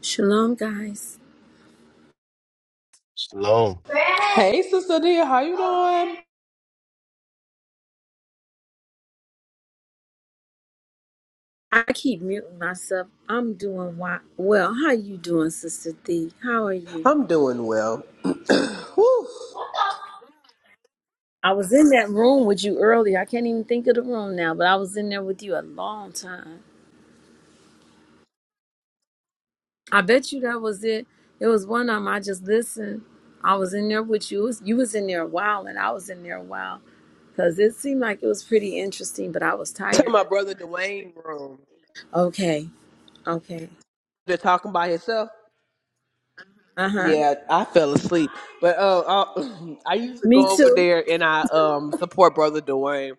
Shalom, guys. Shalom. Hey, Sister Dia, how you doing? I keep muting myself. I'm doing wa- well. How you doing, Sister Thee? How are you? I'm doing well. Woo. I was in that room with you earlier. I can't even think of the room now, but I was in there with you a long time. I bet you that was it. It was one of them. I just listened. I was in there with you. It was- You was in there a while, and I was in there a while because it seemed like it was pretty interesting, but I was To tired. my brother Dwayne room. Okay. Okay. They're talking by himself. Uh huh. Yeah, I fell asleep. But uh, I, I used to go Me over too. there and I um support brother Dwayne.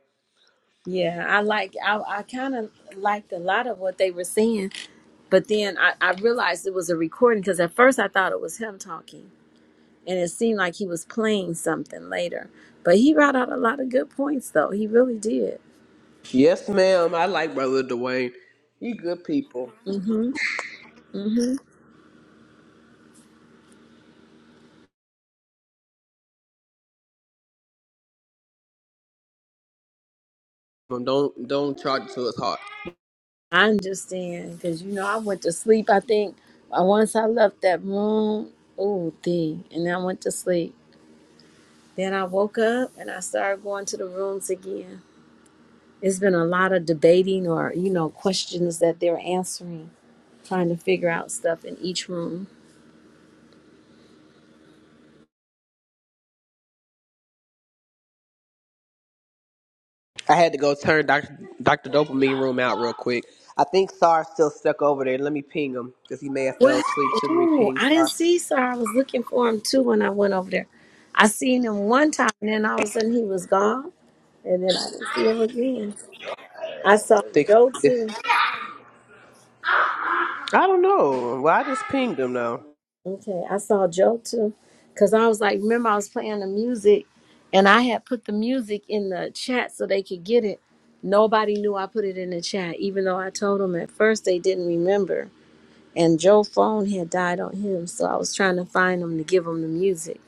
Yeah, I like I I kind of liked a lot of what they were saying, but then I, I realized it was a recording because at first I thought it was him talking, and it seemed like he was playing something later. But he brought out a lot of good points, though he really did. Yes, ma'am. I like brother Dwayne. He good people. Mhm, mhm. Um, Don't don't charge it to his heart. I understand because you know I went to sleep. I think uh, once I left that room, oh, thing, and I went to sleep. Then I woke up and I started going to the rooms again. It's been a lot of debating or, you know, questions that they're answering, trying to figure out stuff in each room. I had to go turn Doctor Doctor Dopamine room out real quick. I think Sar's still stuck over there. Let me ping him because he may have fell What? asleep. So let me Ooh, ping I didn't Sar. see sir. I was looking for him too when I went over there. I seen him one time and then all of a sudden he was gone. And then I didn't see him again. I saw Joe Think. too. I don't know. Well, I just pinged him though. Okay, I saw Joe too, because I was like, remember I was playing the music, and I had put the music in the chat so they could get it. Nobody knew I put it in the chat, even though I told them at first they didn't remember. And Joe's phone had died on him, so I was trying to find him to give him the music.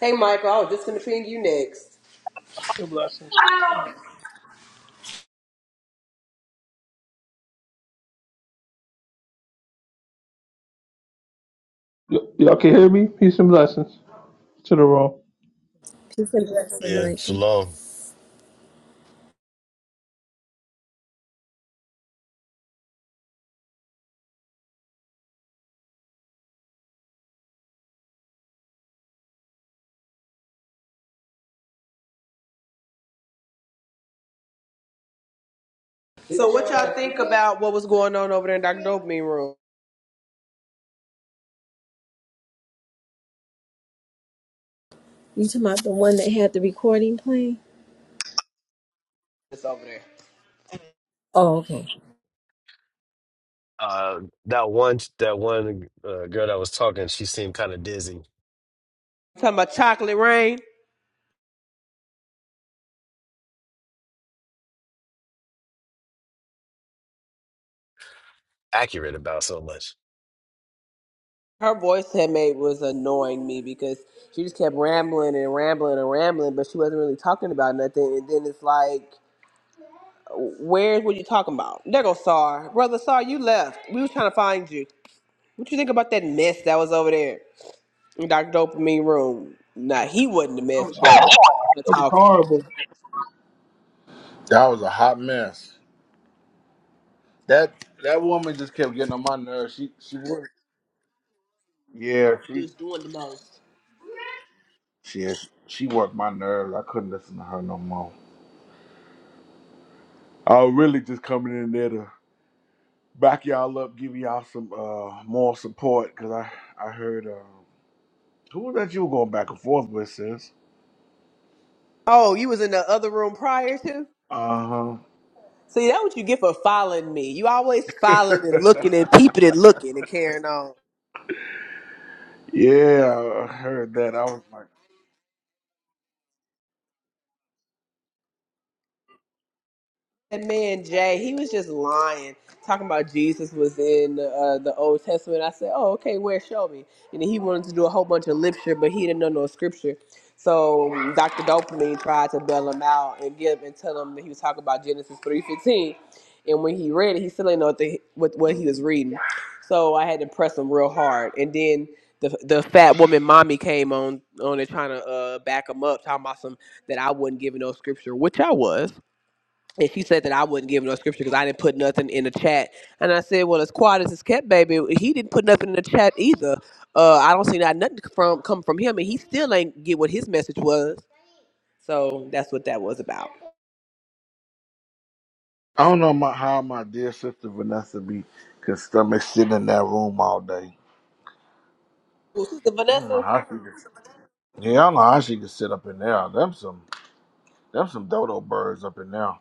Hey, Michael, I was just going to ping you next. Peace and blessings. Y- y'all can hear me? Peace and blessings to the room. Peace and blessing, Yeah, Michael. shalom. So what y'all think about what was going on over there in Dr. Dopamine room? You talking about the one that had the recording playing? It's over there. Oh, okay. Uh, that one, that one uh, girl that was talking, she seemed kind of dizzy. Talking about chocolate rain. Accurate about so much. Her voice had made was annoying me because she just kept rambling and rambling and rambling, but she wasn't really talking about nothing. And then it's like, where's what you talking about? There go Sar, brother Sar, you left. We was trying to find you. What you think about that mess that was over there in Dr. Dopamine room? Nah, he wasn't the That mess, was but horrible. her That was talking. horrible. That was a hot mess. That that woman just kept getting on my nerves. She she worked. Yeah, she just doing the most. she is, she worked my nerves. I couldn't listen to her no more. I was really just coming in there to back y'all up, give y'all some uh more support because I I heard uh, who was that you were going back and forth with, sis? Oh, you was in the other room prior to? Uh huh. See, that what you get for following me. You always following and looking and peeping and looking and carrying on. Yeah, I heard that. I was like, That man Jay, he was just lying, talking about Jesus was in uh, the Old Testament. I said, "Oh, okay, where? Show me." And he wanted to do a whole bunch of literature, but he didn't know no scripture. So Dr. Dopamine tried to bail him out and give and tell him that he was talking about Genesis three fifteen. And when he read it, he still didn't know what, the, what what he was reading. So I had to press him real hard. And then the the fat woman mommy came on on it trying to uh, back him up, talking about some that I wasn't giving no scripture, which I was and she said that I would not give no scripture because I didn't put nothing in the chat. And I said, well, as quiet as it's kept, baby, he didn't put nothing in the chat either. Uh, I don't see not nothing from come from him, and he still ain't get what his message was. So that's what that was about. I don't know my, how my dear sister Vanessa be can stomach sitting in that room all day. Well, Sister Mm, I don't know Vanessa. how she can. Yeah, I know how she could sit up in there. Them some them some dodo birds up in there.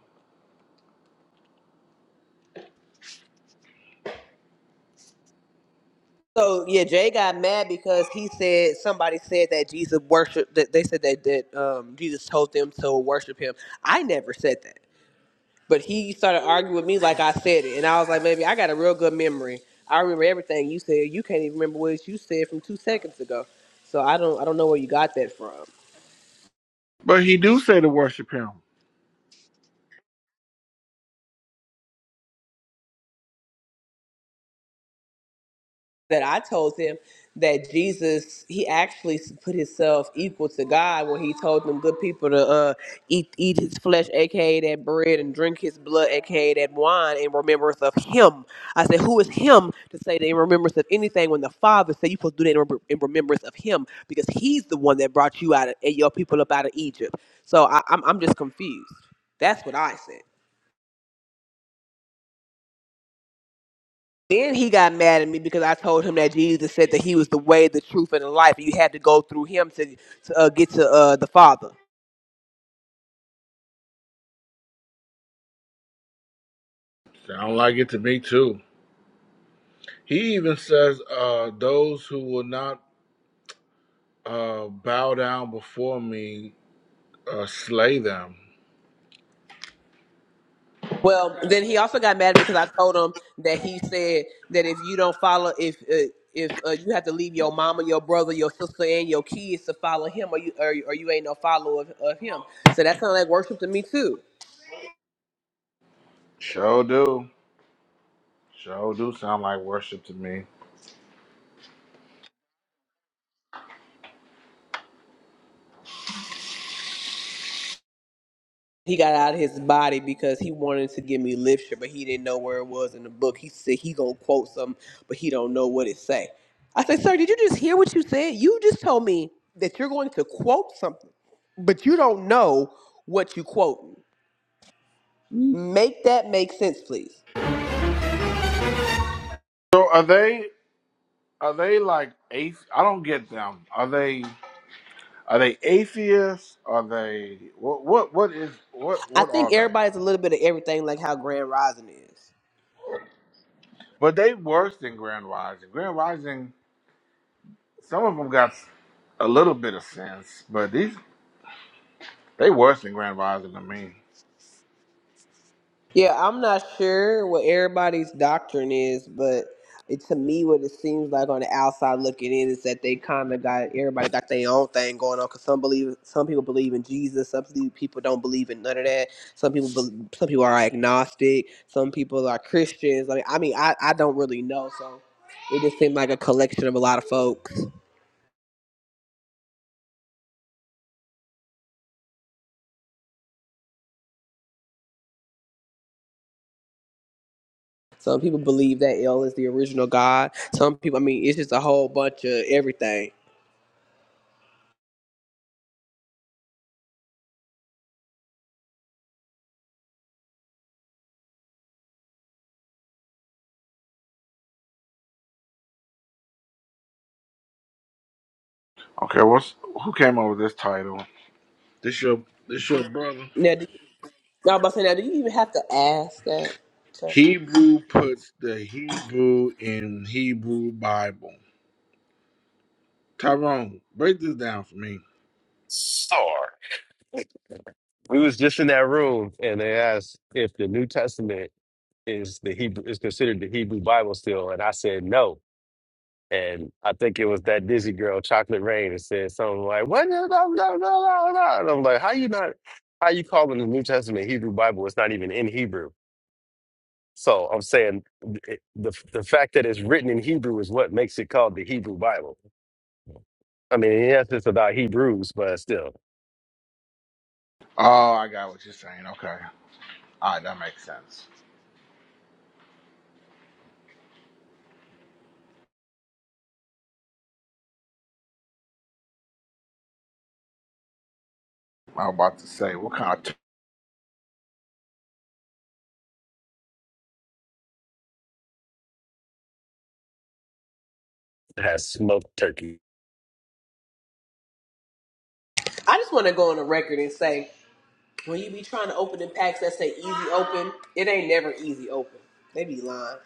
So yeah, Jay got mad because he said somebody said that Jesus worship that they said that that um, Jesus told them to worship him. I never said that. But he started arguing with me like I said it, and I was like, "Baby, I got a real good memory. I remember everything you said. You can't even remember what you said from two seconds ago. So I don't, I don't know where you got that from." But he do say to worship him. that I told him that Jesus, he actually put himself equal to God when he told them good people to uh, eat eat his flesh, aka that bread, and drink his blood, aka that wine, in remembrance of him. I said, who is him to say that in remembrance of anything when the Father said you supposed to do that in, remem- in remembrance of him because he's the one that brought you out of, and your people up out of Egypt. So I, I'm, I'm just confused. That's what I said. Then he got mad at me because I told him that Jesus said that he was the way, the truth, and the life. You had to go through him to, to uh, get to uh, the Father. Sound like it to me too. He even says, uh, those who will not uh, bow down before me, uh, slay them. Well, then he also got mad at me because I told him that he said that if you don't follow, if uh, if uh, you have to leave your mama, your brother, your sister, and your kids to follow him, or you or, or you ain't no follower of, of him. So that sounded like worship to me too. Sure do. Sure do sound like worship to me. he got out of his body because he wanted to give me literature, but he didn't know where it was in the book. He said he gonna quote something, but he don't know what it say. I said, sir, did you just hear what you said? You just told me that you're going to quote something, but you don't know what you quoting. Make that make sense, please. So are they are they like athe- I don't get them. Are they are they atheists? Are they what what what is what I what are think they? everybody's a little bit of everything, like how Grand Rising is. But they worse than Grand Rising. Grand Rising, some of them got a little bit of sense, but these they worse than Grand Rising to me. Yeah, I'm not sure what everybody's doctrine is, but it, to me, what it seems like on the outside looking in is that they kind of got everybody got their own thing going on. Cause some believe, some people believe in Jesus, some pe- people don't believe in none of that. Some people, bel some people are agnostic, some people are Christians. I mean, I mean, I, I don't really know, so it just seemed like a collection of a lot of folks. Some people believe that El is the original God. Some people, I mean, it's just a whole bunch of everything. Okay, what's who came up with this title? This your this your brother. Now, Now, I'm about to say, now, do you even have to ask that? sir? Hebrew puts the Hebrew in Hebrew Bible. Tyrone, break this down for me. Sorry. We was just in that room, and they asked if the New Testament is the Hebrew is considered the Hebrew Bible still, and I said no. And I think it was that dizzy girl, Chocolate Rain, that said something like, "What?" No, no, no, no, no. no." And I'm like, "How you not? How you calling the New Testament Hebrew Bible? It's not even in Hebrew." So I'm saying it- the the fact that it's written in Hebrew is what makes it called the Hebrew Bible. I mean, yes, it's about Hebrews, but still, Oh, I got what you're saying. Okay, all right, that makes sense. I was about to say what kind of. it has smoked turkey. I just want to go on the record and say, when you be trying to open them packs that say easy open, it ain't never easy open. They be lying.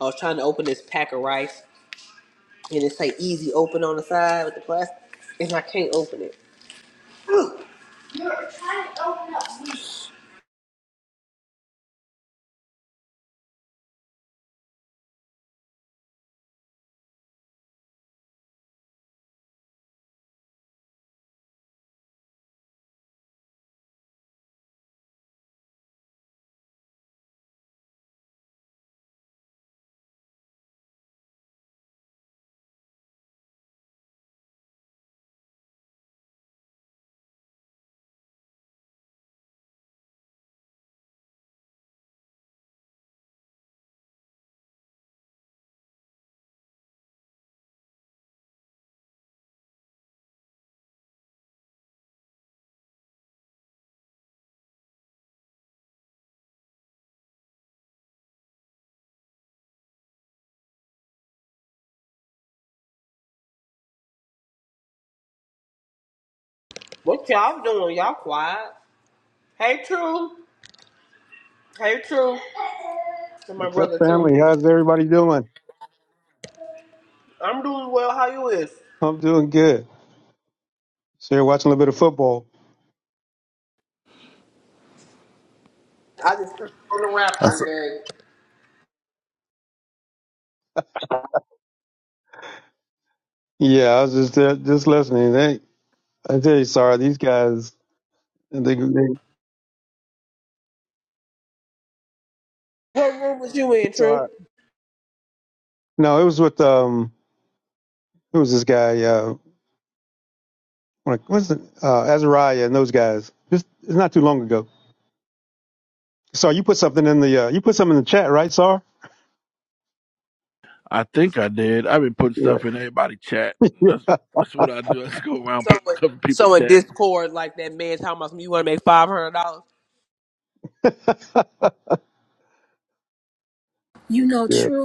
I was trying to open this pack of rice, and it say easy open on the side with the plastic, and I can't open it. Ugh. You're trying to open up meat. What y'all doing? Y'all quiet? Hey, True. Hey, True. And my What's up, brother, True. family? How's everybody doing? I'm doing well. How you is? I'm doing good. So you're watching a little bit of football. I just put on the T- Raptors, man. Yeah, I was just uh, just listening. They, I tell you, sorry, these guys. They, they, What room was you in, True? sorry. No, it was with um, who was this guy? Uh, like, what's the, uh, Azariah and those guys. Just it's not too long ago. Sorry, you put something in the uh, you put something in the chat, right, Sar? I think I did. I've been putting stuff Yeah, in everybody chat. That's yeah, that's what I do. I just go around So putting in, stuff in people so in chat. Discord, like that man talking about some, you want to make five hundred dollars? You know, yeah. true.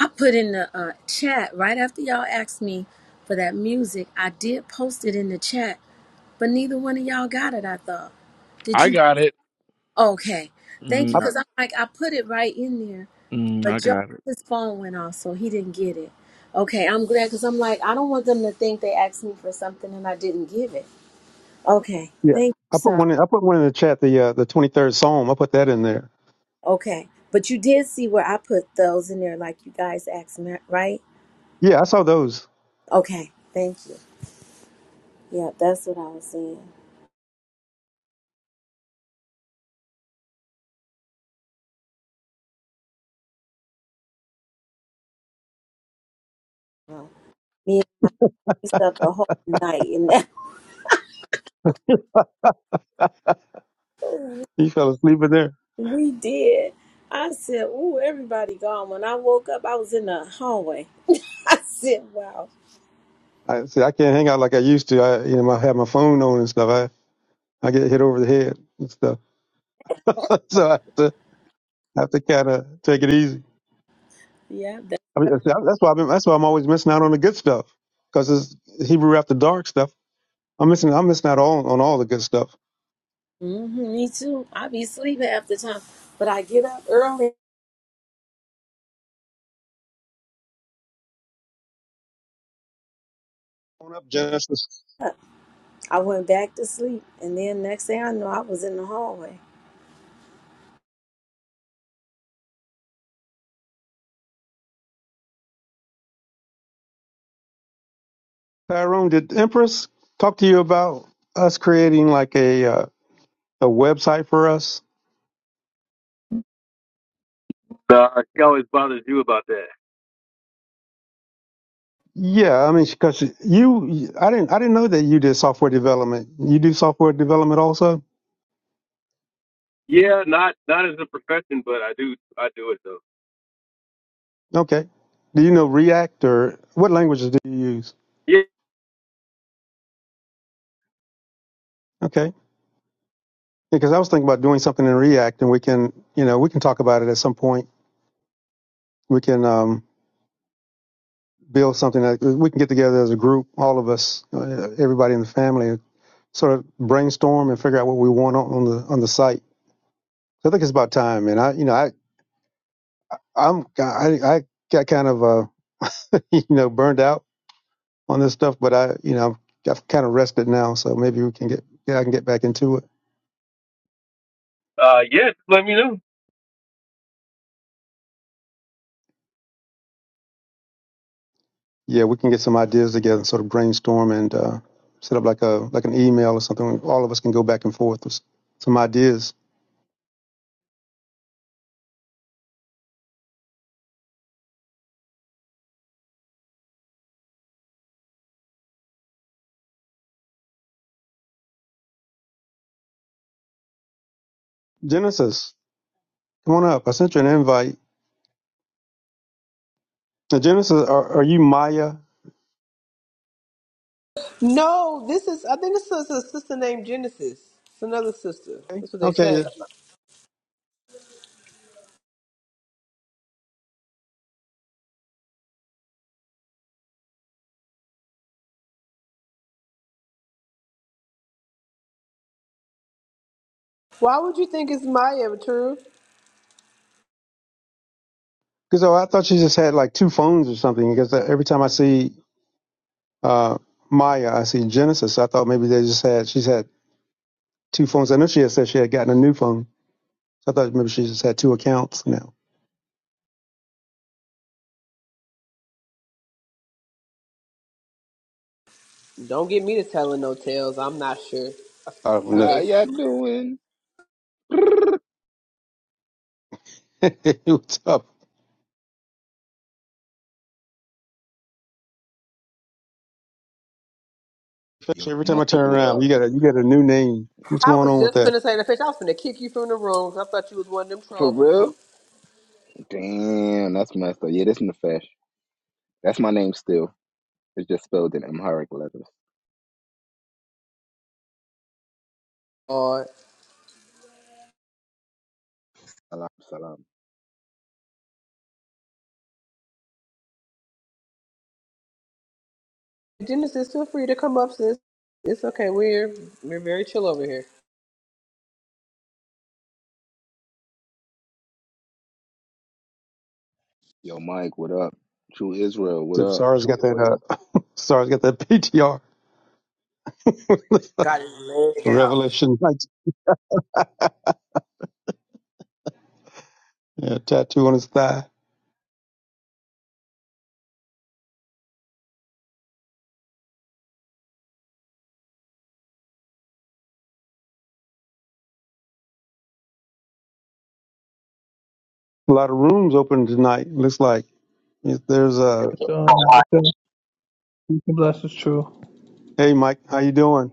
I put in the uh, chat right after y'all asked me for that music. I did post it in the chat But neither one of y'all got it, I thought. Did I you? got it. Okay. Thank you, I, Mm, because I'm I like, I put it right in there. mm, But I Joe, got it. his phone went off, so he didn't get it. Okay, I'm glad, because I'm like, I don't want them to think they asked me for something and I didn't give it. Okay. yeah, Thank you, I put sir. one. In, I put one in the chat. The uh, the 23rd Psalm. I put that in there. Okay. But you did see where I put those in there, like you guys asked me, right? Yeah, I saw those. Okay. Thank you. Yeah, that's what I was saying. Well, Me and we slept the whole night in that. You fell asleep in there. We did. I said, "Ooh, everybody gone." When I woke up, I was in the hallway. I said, "Wow, I see. I can't hang out like I used to. I, you know, I have my phone on and stuff. I, I get hit over the head and stuff. so I have to, I have to kind of take it easy. yeah, that, I mean, see, I- that's why I've been, that's why I'm always missing out on the good stuff because it's Hebrew after dark stuff. I'm missing, I'm missing out all on all the good stuff. hmm me too." I be asleep half the time, but I get up early. On up, Genesis. I went back to sleep, and then next thing I know, I was in the hallway. Tyrone, did Empress talk to you about us creating like a uh, a website for us? Uh, it always bothers you about that. Yeah, I mean, because you, I didn't, I didn't know that you did software development. You do software development also? Yeah, not not as a profession, but I do I do it though. Okay. Do you know React or what languages do you use? Yeah, Okay. Because I was thinking about doing something in React and we can, you know, we can talk about it at some point. We can um, build something that we can get together as a group, all of us, uh, everybody in the family, sort of brainstorm and figure out what we want on, on the on the site. So I think it's about time. And I, you know, I I'm I, I got kind of uh, you know burned out on this stuff, but I, you know, I've kind of rested now, so maybe we can get yeah I can get back into it. uh, yeah. Just let me know. Yeah, we can get some ideas together and sort of brainstorm and uh, set up like a like an email or something. All of us can go back and forth with some ideas. Genesis, come on up. I sent you an invite. Now, Genesis, are, are you Maya? No, this is I think this is a sister named Genesis. It's another sister. Okay, That's what they okay. say. Why would you think it's my amateur? Because I thought she just had like two phones or something. Because every time I see uh, Maya, I see Genesis. I thought maybe they just had she's had two phones. I know she had said she had gotten a new phone. So I thought maybe she just had two accounts now. Don't get me to telling no tales. I'm not sure, I don't but know. How they. y'all doing? Brrr. What's up? Yo, So Every time Mike, I turn what around, up? you got a you got a new name. What's I going was on with just that? finna say the fish. I was finna kick you from the room. 'cause I thought you was one of them For troll people. real? Damn, that's messed up. Yeah, this Nefesh. That's my name still. It's just spelled in Amharic letters. Or Salam, salam. Genesis, feel free to come up, sis. It's okay. We're we're very chill over here. Yo, Mike, what up? True Israel, what up? Sarah's got that. Uh, Sarah's got that PTR Got his leg out. Revelation like, yeah, tattoo on his thigh. A lot of rooms open tonight. Looks like If there's a. But, um, okay, peace and blessings, true. Hey, Mike, how you doing?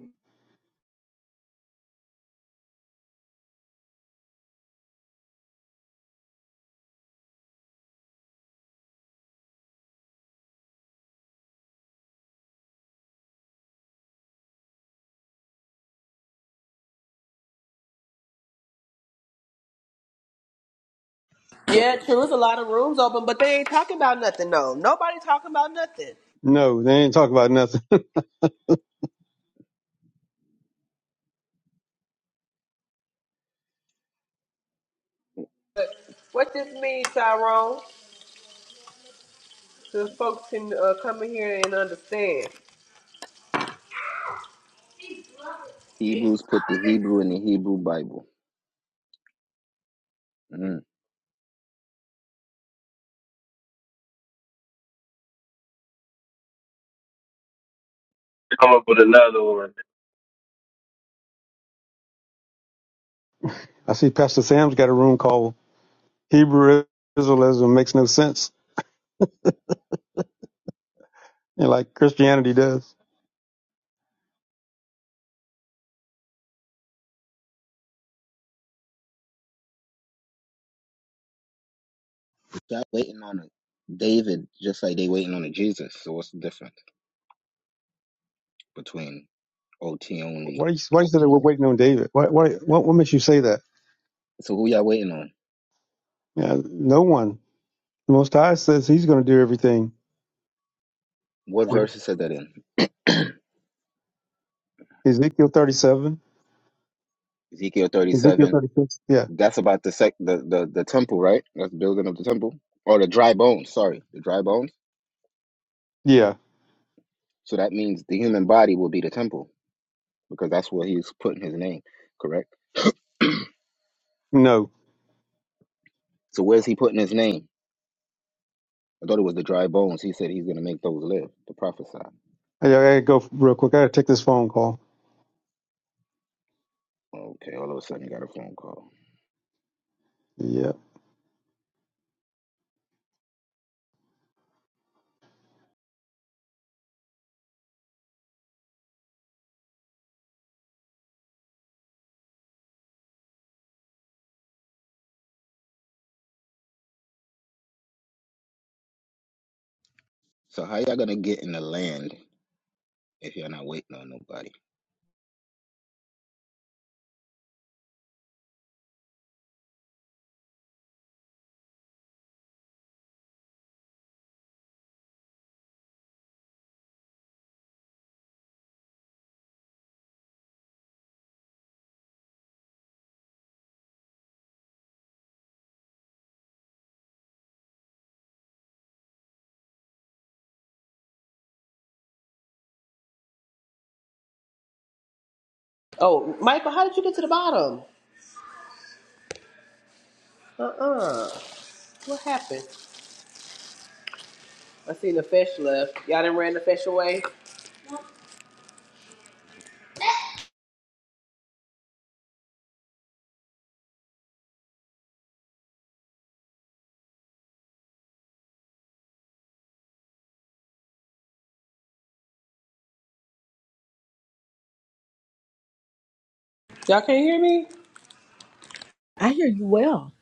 Yeah, true. There's a lot of rooms open, but they ain't talking about nothing, no. Nobody talking about nothing. No, they ain't talking about nothing. But what this mean, Tyrone, so folks can uh, come in here and understand. Hebrews put the Hebrew in the Hebrew Bible. Mm. Come up with another one. I see Pastor Sam's got a room called Hebrew Israelism makes no sense, and like Christianity does. Y'all waiting on a David just like they waiting on a Jesus. So what's the difference between OT only? Why are you, why you say that we're waiting on David? Why, why, what, what makes you say that? So who y'all waiting on? Yeah, no one. The Most High says he's going to do everything. What verse is said that in? Ezekiel 37. Ezekiel Ezekiel 37 36. Yeah. That's about the sec the, the the temple, right? That's building of the temple or the dry bones. Sorry, the dry bones. Yeah. So that means the human body will be the temple because that's where he's putting his name. Correct. No. So where's he putting his name? I thought it was the dry bones. He said he's gonna make those live. The prophesy. I, I gotta go real quick. I gotta take this phone call. Okay. All of a sudden, you got a phone call. Yeah. So how y'all gonna get in the land if you're not waiting on nobody? Oh, Michael, how did you get to the bottom? Uh-uh. What happened? I seen the fish left. Y'all didn't ran the fish away? Y'all can't hear me? I hear you well.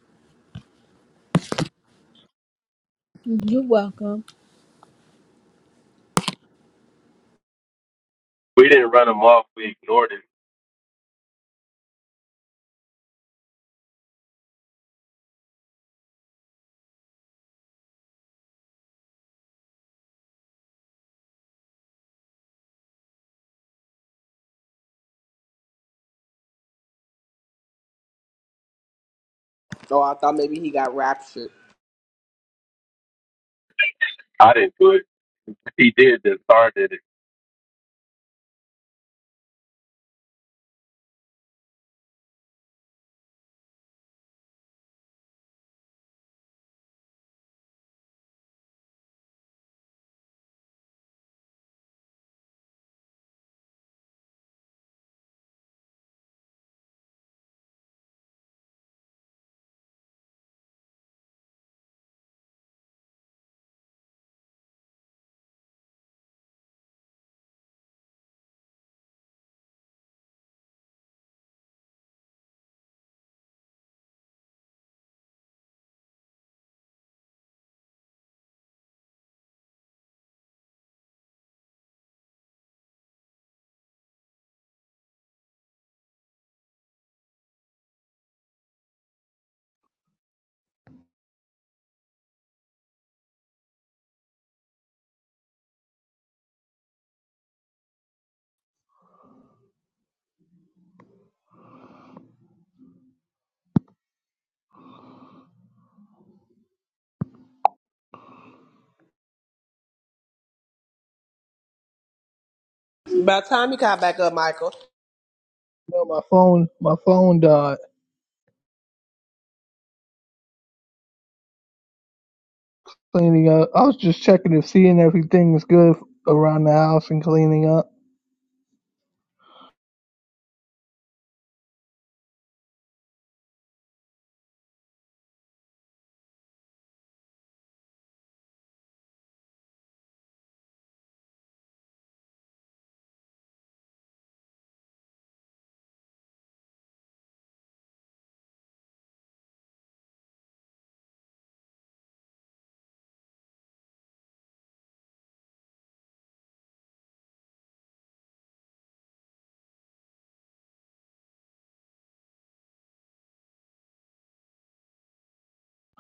You're welcome. We didn't run him off. We ignored him. Oh, I thought maybe he got raptured. I didn't do it. He did. Then Star did it. By the time he got back up, Michael, No, my phone, my phone died cleaning up. I was just checking if seeing everything was good around the house and cleaning up.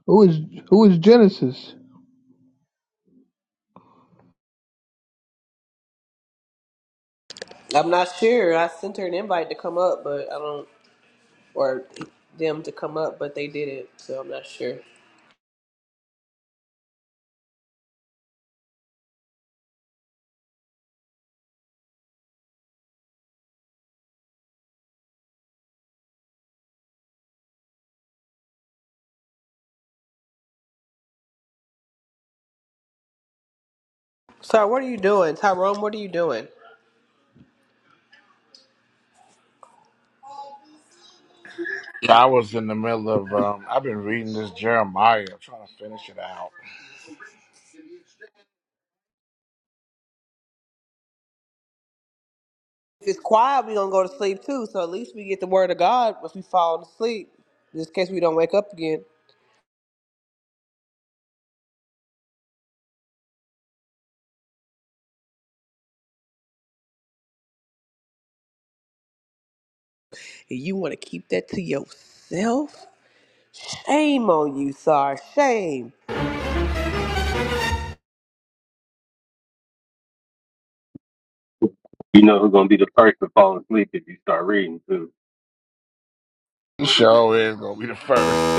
Who is who is Genesis? I'm not sure. I sent her an invite to come up, but I don't. or them to come up, but they didn't, so I'm not sure. So what are you doing, Tyrone? What are you doing? Yeah, I was in the middle of. Um, I've been reading this Jeremiah, trying to finish it out. If it's quiet, we gonna go to sleep too. So at least we get the word of God if we fall asleep, just in case we don't wake up again. And you want to keep that to yourself? Shame on you, Sar. Shame You know who's gonna be the first to fall asleep if you start reading too. The show is gonna be the first.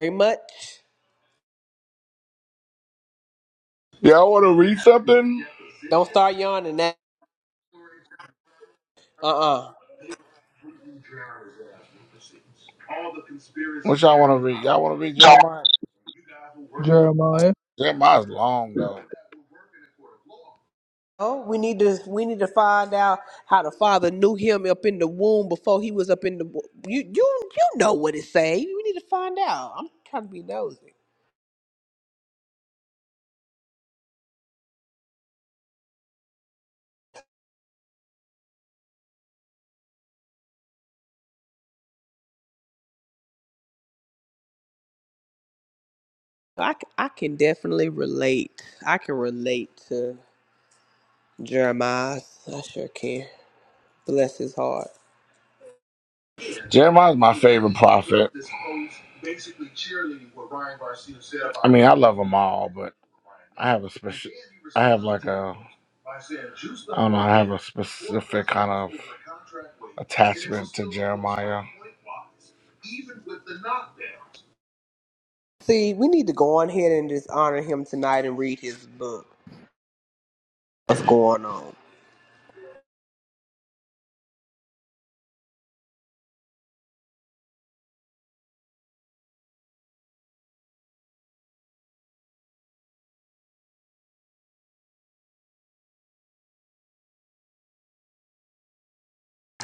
very much. y'all want to read something? Don't start yawning. That uh uh What y'all want to read? Y'all want to read Jeremiah? Jeremiah. Jeremiah's long though. Oh, we need to we need to find out how the father knew him up in the womb before he was up in the wo- you you you know what it say. We need to find out. I'm trying to be nosy. I, c- I can definitely relate. I can relate to Jeremiah. I sure can. Bless his heart. Jeremiah's my favorite prophet. I mean, I love them all, but I have a special. I have like a. I don't know. I have a specific kind of attachment to Jeremiah. See, we need to go on ahead and just honor him tonight and read his book. What's going on?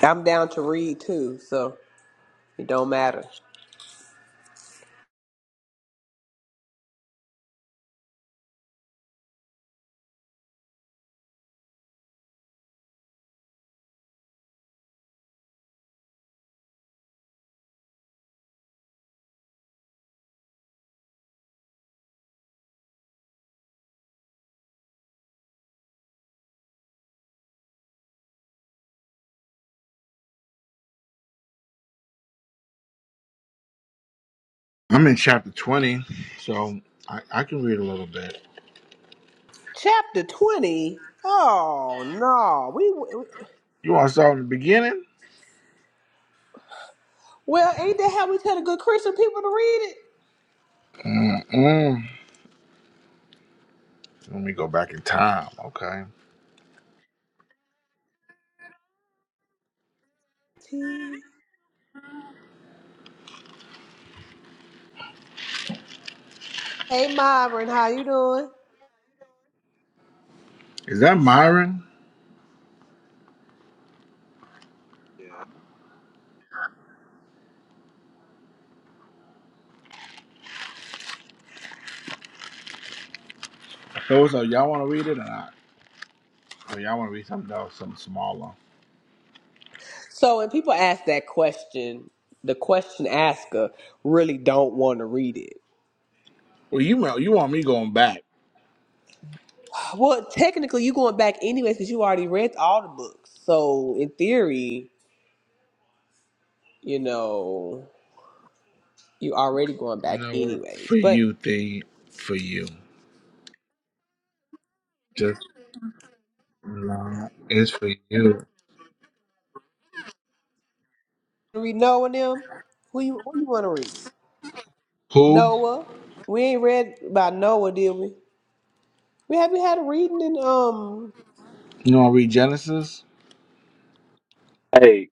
I'm down to read too, so it don't matter. I'm in chapter 20, so I, I can read a little bit. Chapter twenty. Oh no, we. You want to start in the beginning? Well, ain't that how we tell the good Christian people to read it? Mm-mm. Let me go back in time. Okay. T. Hey, Myron, how you doing? Is that Myron? Yeah. Those are y'all want to read it or not? Or y'all want to read something else, something smaller? So when people ask that question, the question asker really don't want to read it. Well, you want you want me going back? Well, technically, you going back anyways because you already read all the books. So in theory, you know, you already going You back know what? For anyways. But you, thing for you. Just nah, it's for you. read Noah and them. Who you who you want to read? Who? Noah. We ain't read about Noah, did we? We haven't had a reading in um. You want to read Genesis? Hey,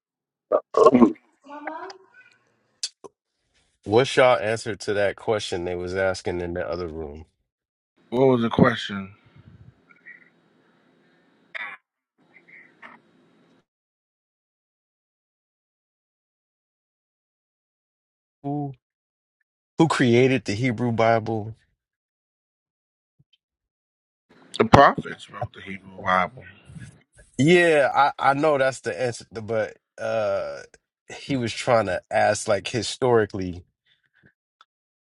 What's y'all answer to that question they was asking in the other room? What was the question? Who who created the Hebrew Bible? The prophets wrote the Hebrew Bible. Yeah, I I know that's the answer, but uh he was trying to ask like historically,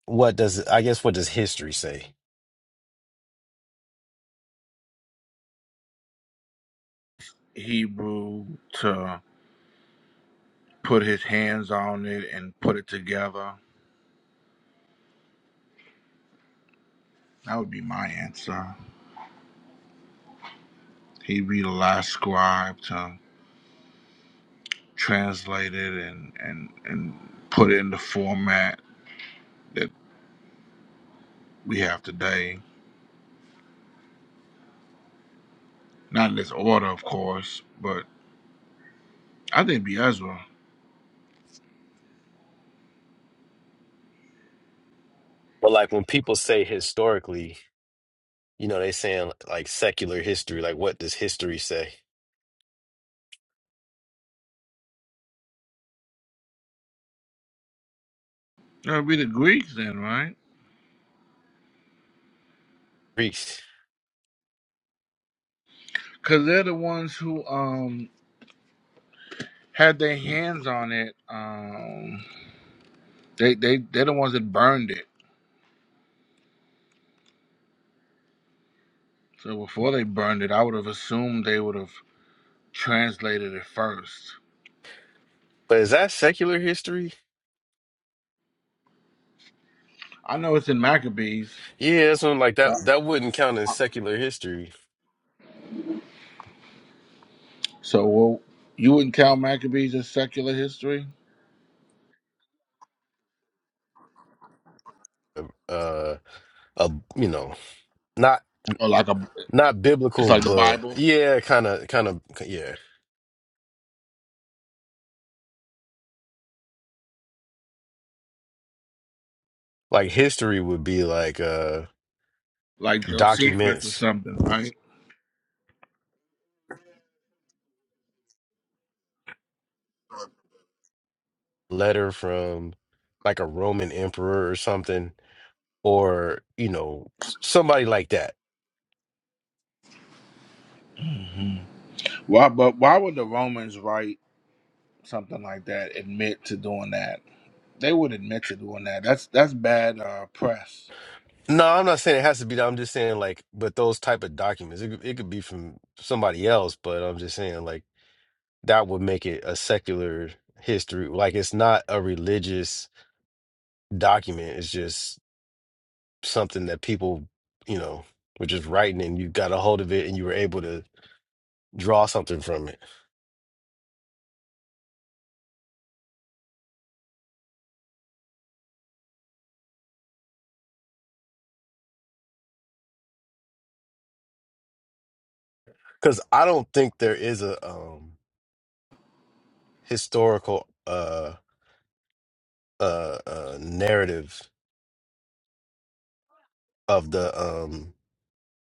what does I guess what does history say? Hebrew to put his hands on it and put it together. That would be my answer. He'd be the last scribe to translate it and and and put it in the format that we have today. Not in this order, of course, but I think Biazwa. But like when people say historically, You know, they saying like secular history, like what does history say? That would be the Greeks then, right? Greek. Because they're the ones who um had their hands on it. Um, they they they're the ones that burned it. So before they burned it, I would have assumed they would have translated it first. But is that secular history? I know it's in Maccabees. Yeah, that's one like that So, that wouldn't count as secular history. so well, you wouldn't count Maccabees as secular history, Uh uh you know, not or like a not it's biblical, like the but Bible, yeah, kind of kind of yeah. Like history would be like uh like Josephus or documents, something, right? letter from like a Roman emperor or something or, you know, s- somebody like that Why? But why would the Romans write something like that? Admit to doing that? They would admit to doing that. That's that's bad uh, press. No, I'm not saying it has to be that. I'm just saying like, but those type of documents, it could, it could be from somebody else, but I'm just saying like that would make it a secular history. Like it's not a religious document. It's just something that people, you know, were just writing and you got a hold of it and you were able to draw something from it. Because I don't think there is a um historical uh uh uh narrative of the um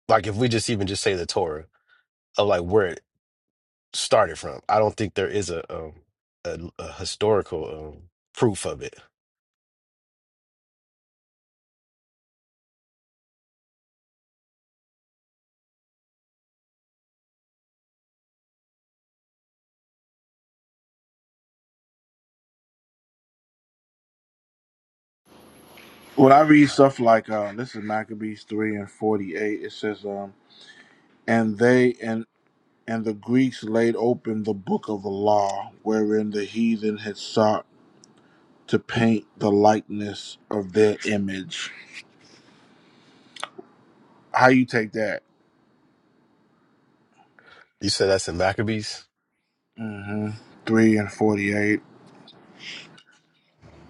like if we just even just say the Torah of like where it started from. I don't think there is a um, a, a historical um, proof of it. When I read stuff like uh, this is Maccabees three and forty eight, it says, um, "And they and and the Greeks laid open the book of the law, wherein the heathen had sought to paint the likeness of their image." How you take that? You said that's in Maccabees? hmm Three and forty eight.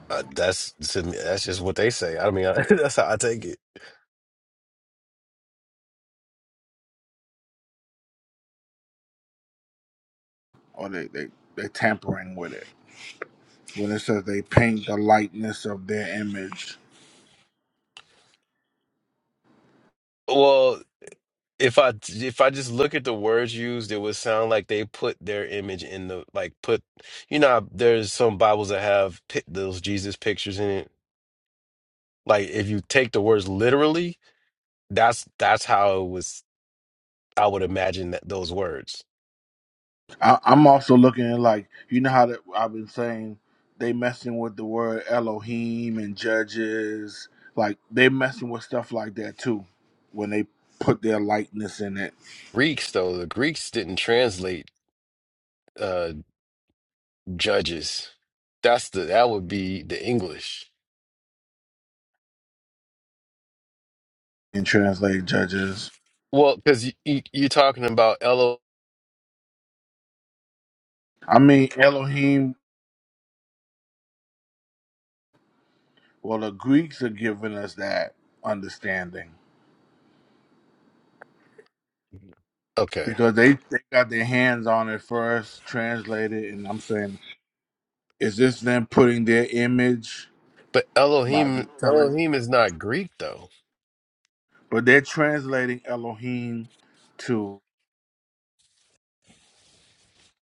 Uh, that's to me, that's just what they say. I mean, I, that's how I take it. Or they they they tampering with it. when it says they paint the likeness of their image. Well, if I if I just look at the words used, it would sound like they put their image in the like put. You know, how there's some Bibles that have pi- those Jesus pictures in it. Like if you take the words literally, that's that's how it was. I would imagine that those words. I, I'm also looking at like you know how that I've been saying they messing with the word Elohim and judges, like they messing with stuff like that too when they put their likeness in it Greeks, though, the Greeks didn't translate. Uh, Judges. That's the that would be the English. and translate judges. Well, because you, you you're talking about Elo. I mean Elohim. Well, the Greeks are giving us that understanding Okay, because they they got their hands on it first, translated, and I'm saying, is this them putting their image? but by Elohim telling, Elohim is not Greek though. but they're translating Elohim to.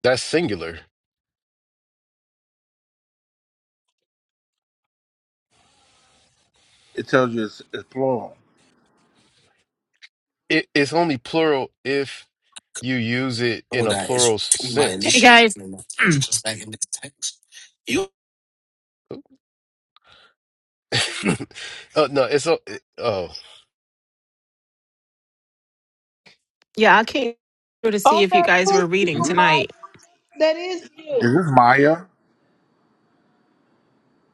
That's singular. It tells you it's, it's plural. It, it's only plural if you use it in a is plural Hey sense. guys. oh no, it's a, oh. yeah, I came through to see Oh, if you that guys is were reading Mhm. you, tonight. That is Is this Maya?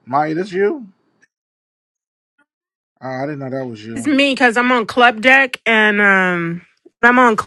Maya, this you? Oh, I didn't know that was It's you. me because I'm on Club Deck and um I'm on.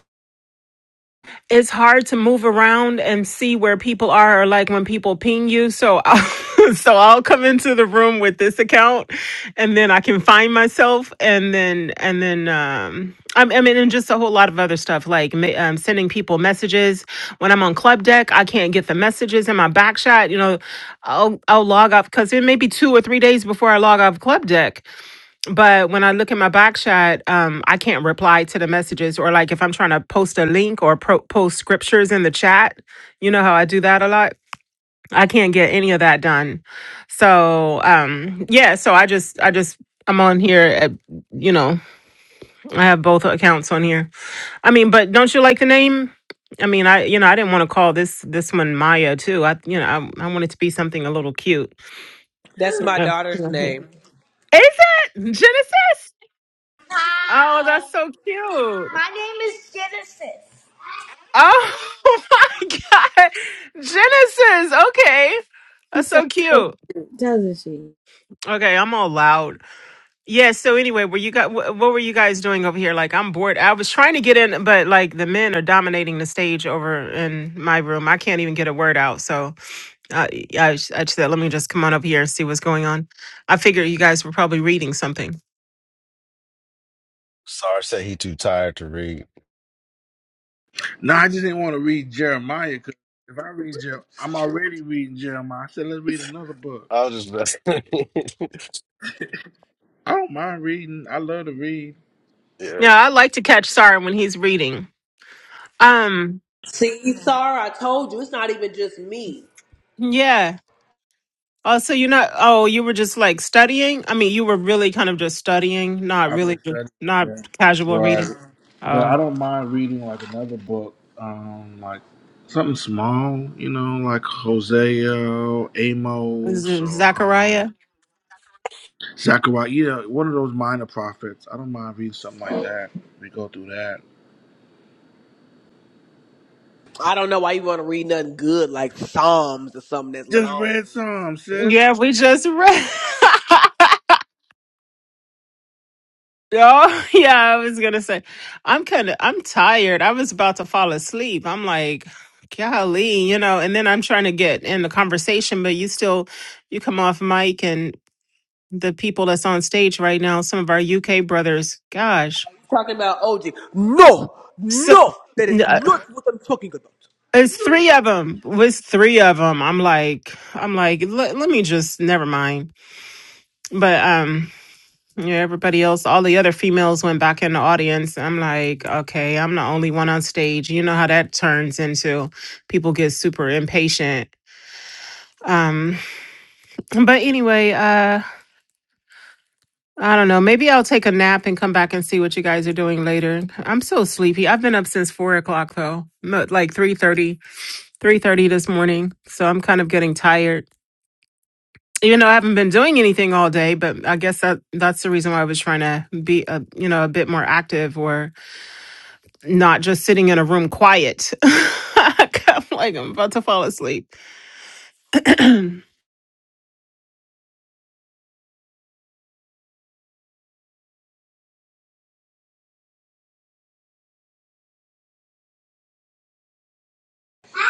it's hard to move around and see where people are or like when people ping you so I'll, so I'll come into the room with this account and then I can find myself and then and then um I I mean, and just a whole lot of other stuff like ma- um, sending people messages. When I'm on Club Deck, I can't get the messages in my back shot. You know, I'll, I'll log off because it may be two or three days before I log off Club Deck but when I look at my back shot, um, I can't reply to the messages or like if I'm trying to post a link or pro- post scriptures in the chat, you know how I do that a lot. I can't get any of that done. So um, yeah, so I just I just I'm on here. At, you know, I have both accounts on here. I mean, but don't you like the name? I mean, I you know I didn't want to call this this one Maya too. I you know I, I wanted to be something a little cute. That's my Yeah. daughter's Is name. it Genesis? Oh, Hi. that's so cute. My name is Genesis. Oh my god. Genesis. Okay. She That's sounds so so cute. cute, doesn't she? Okay, I'm all loud. Yeah, so anyway, were you guys what were you guys doing over here? Like I'm bored. I was trying to get in, but like the men are dominating the stage over in my room. I can't even get a word out. So uh, yeah, I, sh- I said, let me just come on up here and see what's going on. I figure you guys were probably reading something. Sorry, said he too tired to read. No, I just didn't want to read Jeremiah because if I read Jer, I'm already reading Jeremiah. I said let's read another book. I was just messing. I don't mind reading. I love to read. yeah, Yeah, I like to catch Saren when he's reading. Um, See, Sarah, I told you it's not even just me. yeah. Oh, so you're not, oh, you were just like studying? I mean, you were really kind of just studying, not I've been really, ju- studying. not Yeah. casual Right. reading. But Oh, I don't mind reading like another book, um, like something small, you know, like Hosea, Amos, Z- or um, Zachariah? Zechariah. You know, one of those minor prophets. I don't mind reading something like that. We go through that. I don't know why you want to read nothing good like Psalms or something that's Just long. read some, sis. Yeah, we just read. Oh, yeah, I was gonna say, I'm kind of, I'm tired. I was about to fall asleep. I'm like, golly, you know, and then I'm trying to get in the conversation, but you still, you come off mic and the people that's on stage right now, some of our UK brothers, gosh. Talking about OG. No, Sup. no, that is not what I'm talking about. It's three of them. With three of them, I'm like, I'm like, let, let me just never mind. But um, yeah, everybody else, all the other females went back in the audience. I'm like, okay, I'm the only one on stage. You know how that turns into people get super impatient. Um, but anyway, uh, I don't know. Maybe I'll take a nap and come back and see what you guys are doing later. I'm so sleepy. I've been up since four o'clock though, mo- like three thirty, three thirty this morning. So I'm kind of getting tired. even though I haven't been doing anything all day, but I guess that that's the reason why I was trying to be a you know a bit more active or not just sitting in a room quiet. I'm like I'm about to fall asleep.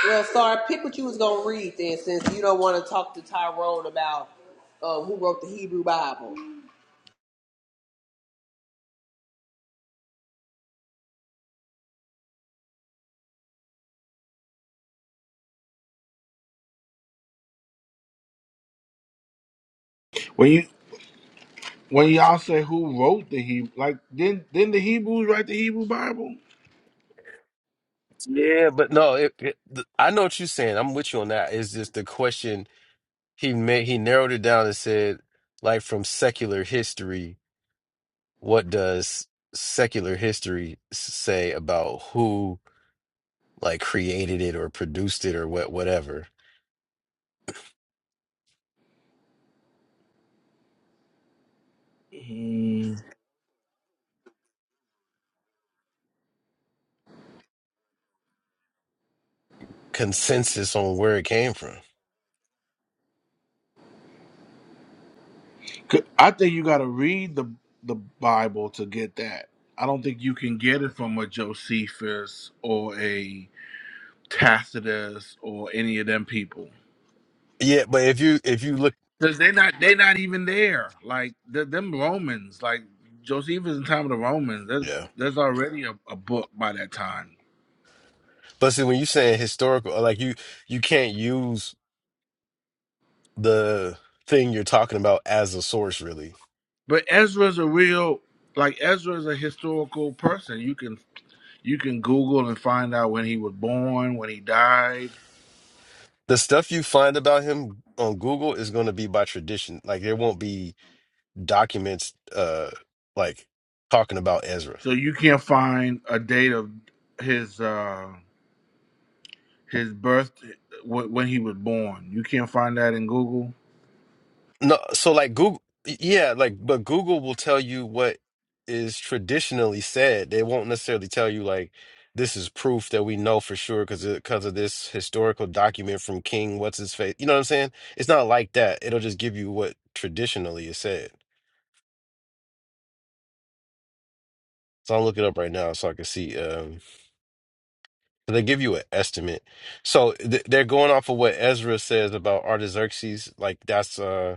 Well, Sarah, pick what you was gonna read then, since you don't want to talk to Tyrone about uh, who wrote the Hebrew Bible. When you when y'all say who wrote the Hebrew, like didn't didn't the Hebrews write the Hebrew Bible? yeah, but no, it, it, I know what you're saying. I'm with you on that. It's just the question He made he narrowed it down and said, like from secular history, what does secular history s- say about who like created it or produced it or what whatever Hmm. consensus on where it came from. C- I think you got to read the the Bible to get that. I don't think you can get it from a Josephus or a Tacitus or any of them people Yeah, but if you if you look, because they're not they're not even there. Like the, them Romans, like Josephus in time of the Romans, there's yeah, there's already a, a book by that time. but see when you saying historical, uh, like you you can't use the thing you're talking about as a source really. But Ezra's a real like Ezra's a historical person. You can you can Google and find out when he was born, when he died The stuff you find about him on Google is going to be by tradition. Like there won't be documents uh like talking about Ezra. So you can't find a date of his uh his birth wh- when he was born. You can't find that in Google. No, so like Google yeah, like but Google will tell you what is traditionally said. They won't necessarily tell you like this is proof that we know for sure because because of this historical document from King what's his face. You know what I'm saying? It's not like that. It'll just give you what traditionally is said. So I'll look it up right now so I can see um they give you an estimate. So th- they're going off of what Ezra says about Artaxerxes like that's uh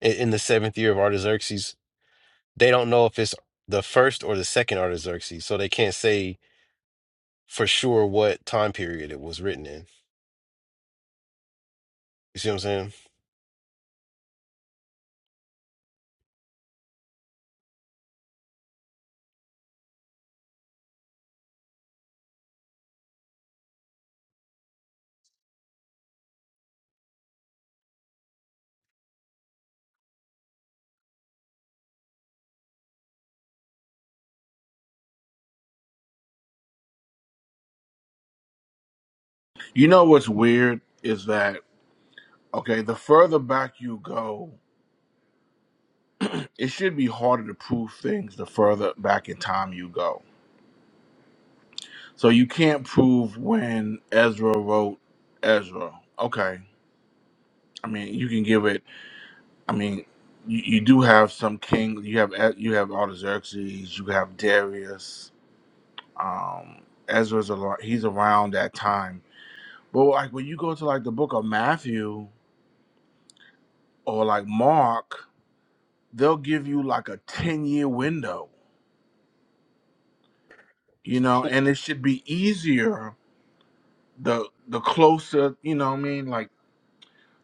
in, in the seventh year of Artaxerxes. They don't know if it's the first or the second Artaxerxes, so they can't say for sure what time period it was written in. You see what I'm saying? You know what's weird is that okay, the further back you go, it should be harder to prove things the further back in time you go. So you can't prove when Ezra wrote Ezra. Okay. I mean, you can give it I mean, you, you do have some king. You have E- you have Artaxerxes. You have Darius um Ezra's a he's around that time. But like when you go to like the book of Matthew or like Mark, they'll give you like a 10 year window, you know, and it should be easier the the closer, you know what I mean? Like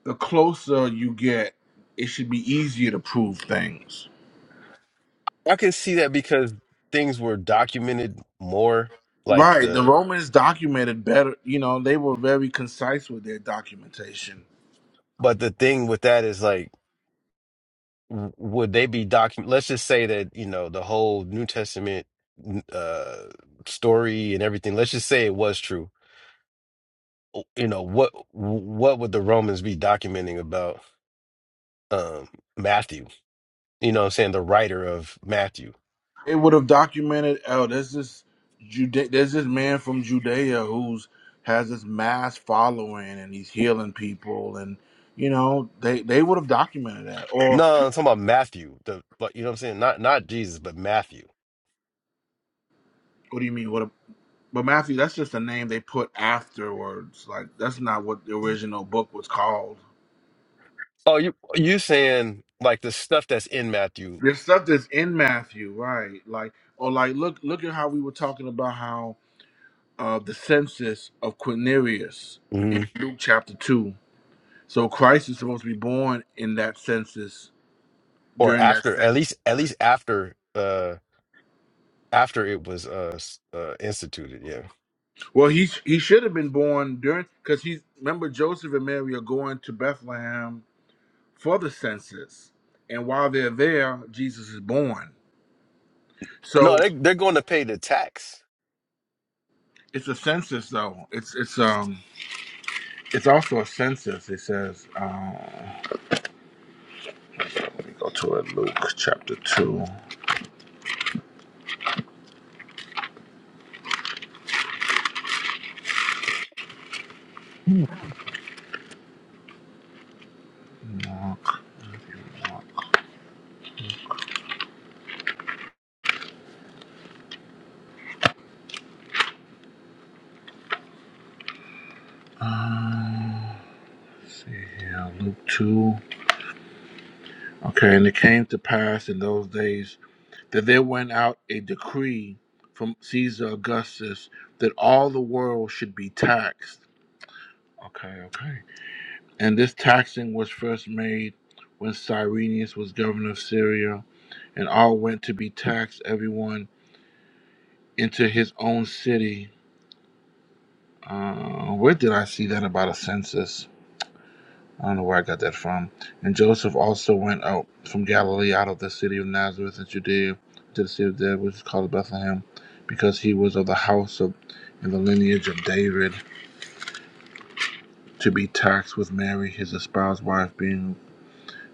the closer you get, it should be easier to prove things. I can see that because things were documented more, like Right. The the. Romans documented better, you know, they were very concise with their documentation But the thing with that is like, w- would they be document? Let's just say that you know the whole New Testament uh story and everything. Let's just say it was true. You know what? What would the Romans be documenting about um Matthew? You know what I'm saying? The writer of Matthew. It would have documented. Oh, there's this Jude. There's this man from Judea who's has this mass following, and he's healing people, and you know they they would have documented that. Or No, I'm talking about Matthew. The but you know what I'm saying? Not not Jesus, but Matthew. what do you mean? What? A, but Matthew, that's just a name they put afterwards. Like that's not what the original book was called. Oh, you you saying like the stuff that's in Matthew There's stuff that's in Matthew, right? Like or like look look at how we were talking about how uh the census of Quirinius in Mhm. Luke chapter two. So Christ is supposed to be born in that census or during that after census, at least at right? least after uh after it was uh, s- uh instituted, yeah. Well, he he should have been born during because he's remember Joseph and Mary are going to Bethlehem for the census, and while they're there, Jesus is born. So No, they they're going to pay the tax. it's a census, though. It's it's um it's also a census. It says uh, let me go to it, Luke chapter two. Mark, uh, let's see here, Luke two. Okay, and it came to pass in those days that there went out a decree from Caesar Augustus that all the world should be taxed. Okay, okay. And this taxing was first made when Cyrenius was governor of Syria, and all went to be taxed, everyone into his own city. Uh, where did I see that about a census? I don't know where I got that from. And Joseph also went out from Galilee, out of the city of Nazareth and Judea, to the city of David, which is called Bethlehem, because he was of the house of and the lineage of David, to be taxed with Mary, his espoused wife, being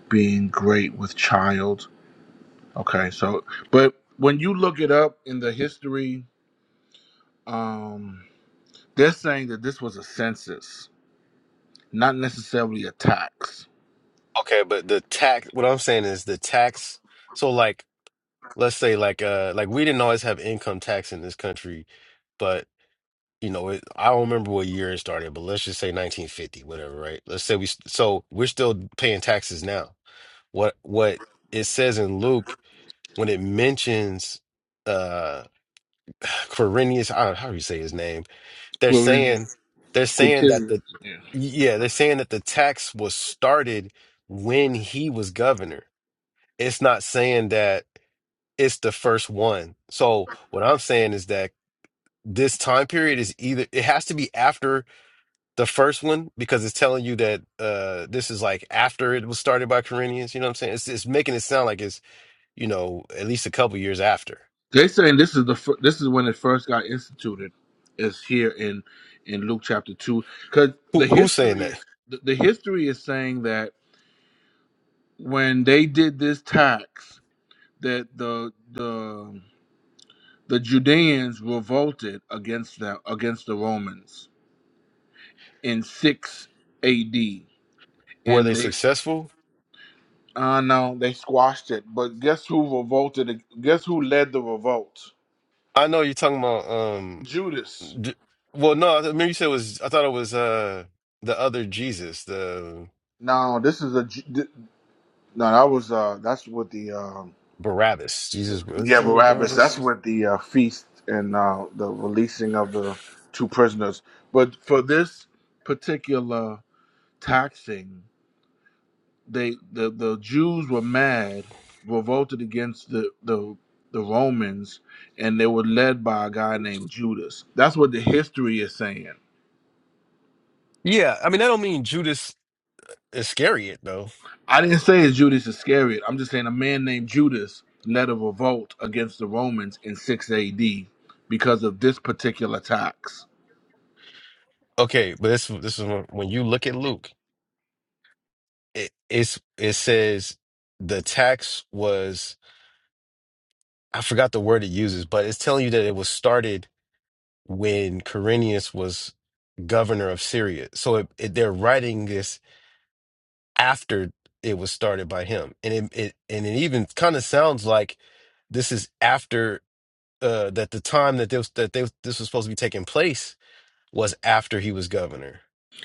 being great with child. Okay, so but when you look it up in the history, um, they're saying that this was a census, not necessarily a tax. Okay, but the tax what I'm saying is the tax so like let's say like uh like we didn't always have income tax in this country you know, it, I don't remember what year it started, but let's just say 1950, whatever, right? Let's say we, so we're still paying taxes now. What, what it says in Luke when it mentions, uh, Quirinius, I don't, how do you say his name? They're saying, Quirinius, they're saying that Quintilius. the, yeah, they're saying that the tax was started when he was governor. It's not saying that it's the first one. So what I'm saying is that this time period is either, it has to be after the first one because it's telling you that uh this is like after it was started by Corinthians. You know what I'm saying? It's it's making it sound like it's you know at least a couple years after. They saying this is the fir- this is when it first got instituted, is here in in Luke chapter two, because Who the who's saying history that? is the, the history is saying that when they did this tax, that the the the Judeans revolted against them against the Romans in six A.D. Were they and they successful? uh no they squashed it. But guess who revolted? Guess who led the revolt? I know you're talking about um. Judas. d- well, no, I remember you said it was. I thought it was uh the other Jesus, the No, this is a Ju- No, that was uh that's what the um Barabbas. Jesus, what's his yeah, name? Barabbas, Barabbas. that's what the uh, feast and uh the releasing of the two prisoners. But for this particular taxing, they the, the Jews were mad, revolted against the, the the Romans, and they were led by a guy named Judas. That's what the history is saying. Yeah, I mean I don't mean Judas Iscariot though. I didn't say it's Judas Iscariot. I'm just saying a man named Judas led a revolt against the Romans in 6 AD because of this particular tax. Okay, but this this is when when you look at Luke. it it's it says the tax was I forgot the word it uses, but it's telling you that it was started when Quirinius was governor of Syria. So it, it, they're writing this after it was started by him, and it, it and it even kind of sounds like this is after uh, that the time that this that they, this was supposed to be taking place was after he was governor.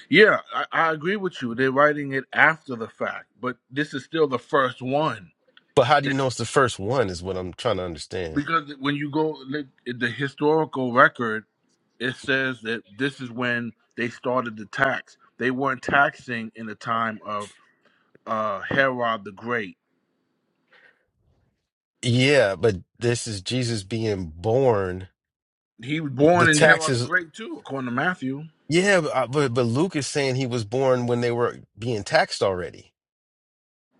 Yeah, I, I agree with you. They're writing it after the fact, but this is still the first one. But how do you They- know it's the first one? Is what I'm trying to understand. Because when you go look at the historical record, it says that this is when they started the tax. They weren't taxing in the time of uh, Herod the Great. Yeah, but this is Jesus being born He was The born in Herod the taxes, Great, too, according to Matthew. yeah, but, I- but but Luke is saying he was born when they were being taxed already.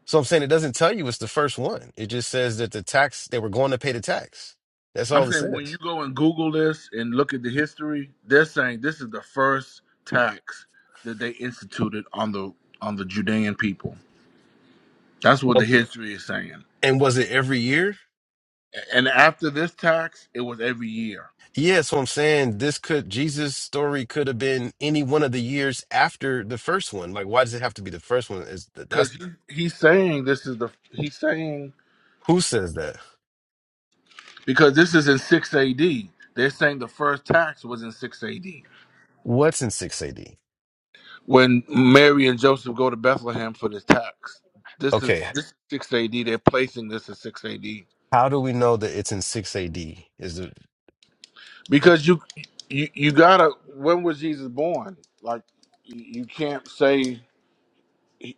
So I'm saying it doesn't tell you it's the first one. It just says that the tax they were going to pay the tax. That's I'm all it saying when you says. go and Google this and look at the history, they're saying this is the first tax that they instituted on the on the Judean people. That's what Oh, the history is saying. And was it every year? And after this tax, it was every year Yeah, so I'm saying this could Jesus' story could have been any one of the years after the first one. Like, why does it have to be the first one? Is that's because he, he's saying this is the he's saying who says that? because this is in six A.D. They're saying the first tax was in six A.D. What's in six AD? when Mary and Joseph go to Bethlehem for this tax. This is Okay, this is six A.D. They're placing this at six A.D. how do we know that it's in six AD? Is the because you you you gotta. When was Jesus born? Like you you can't say.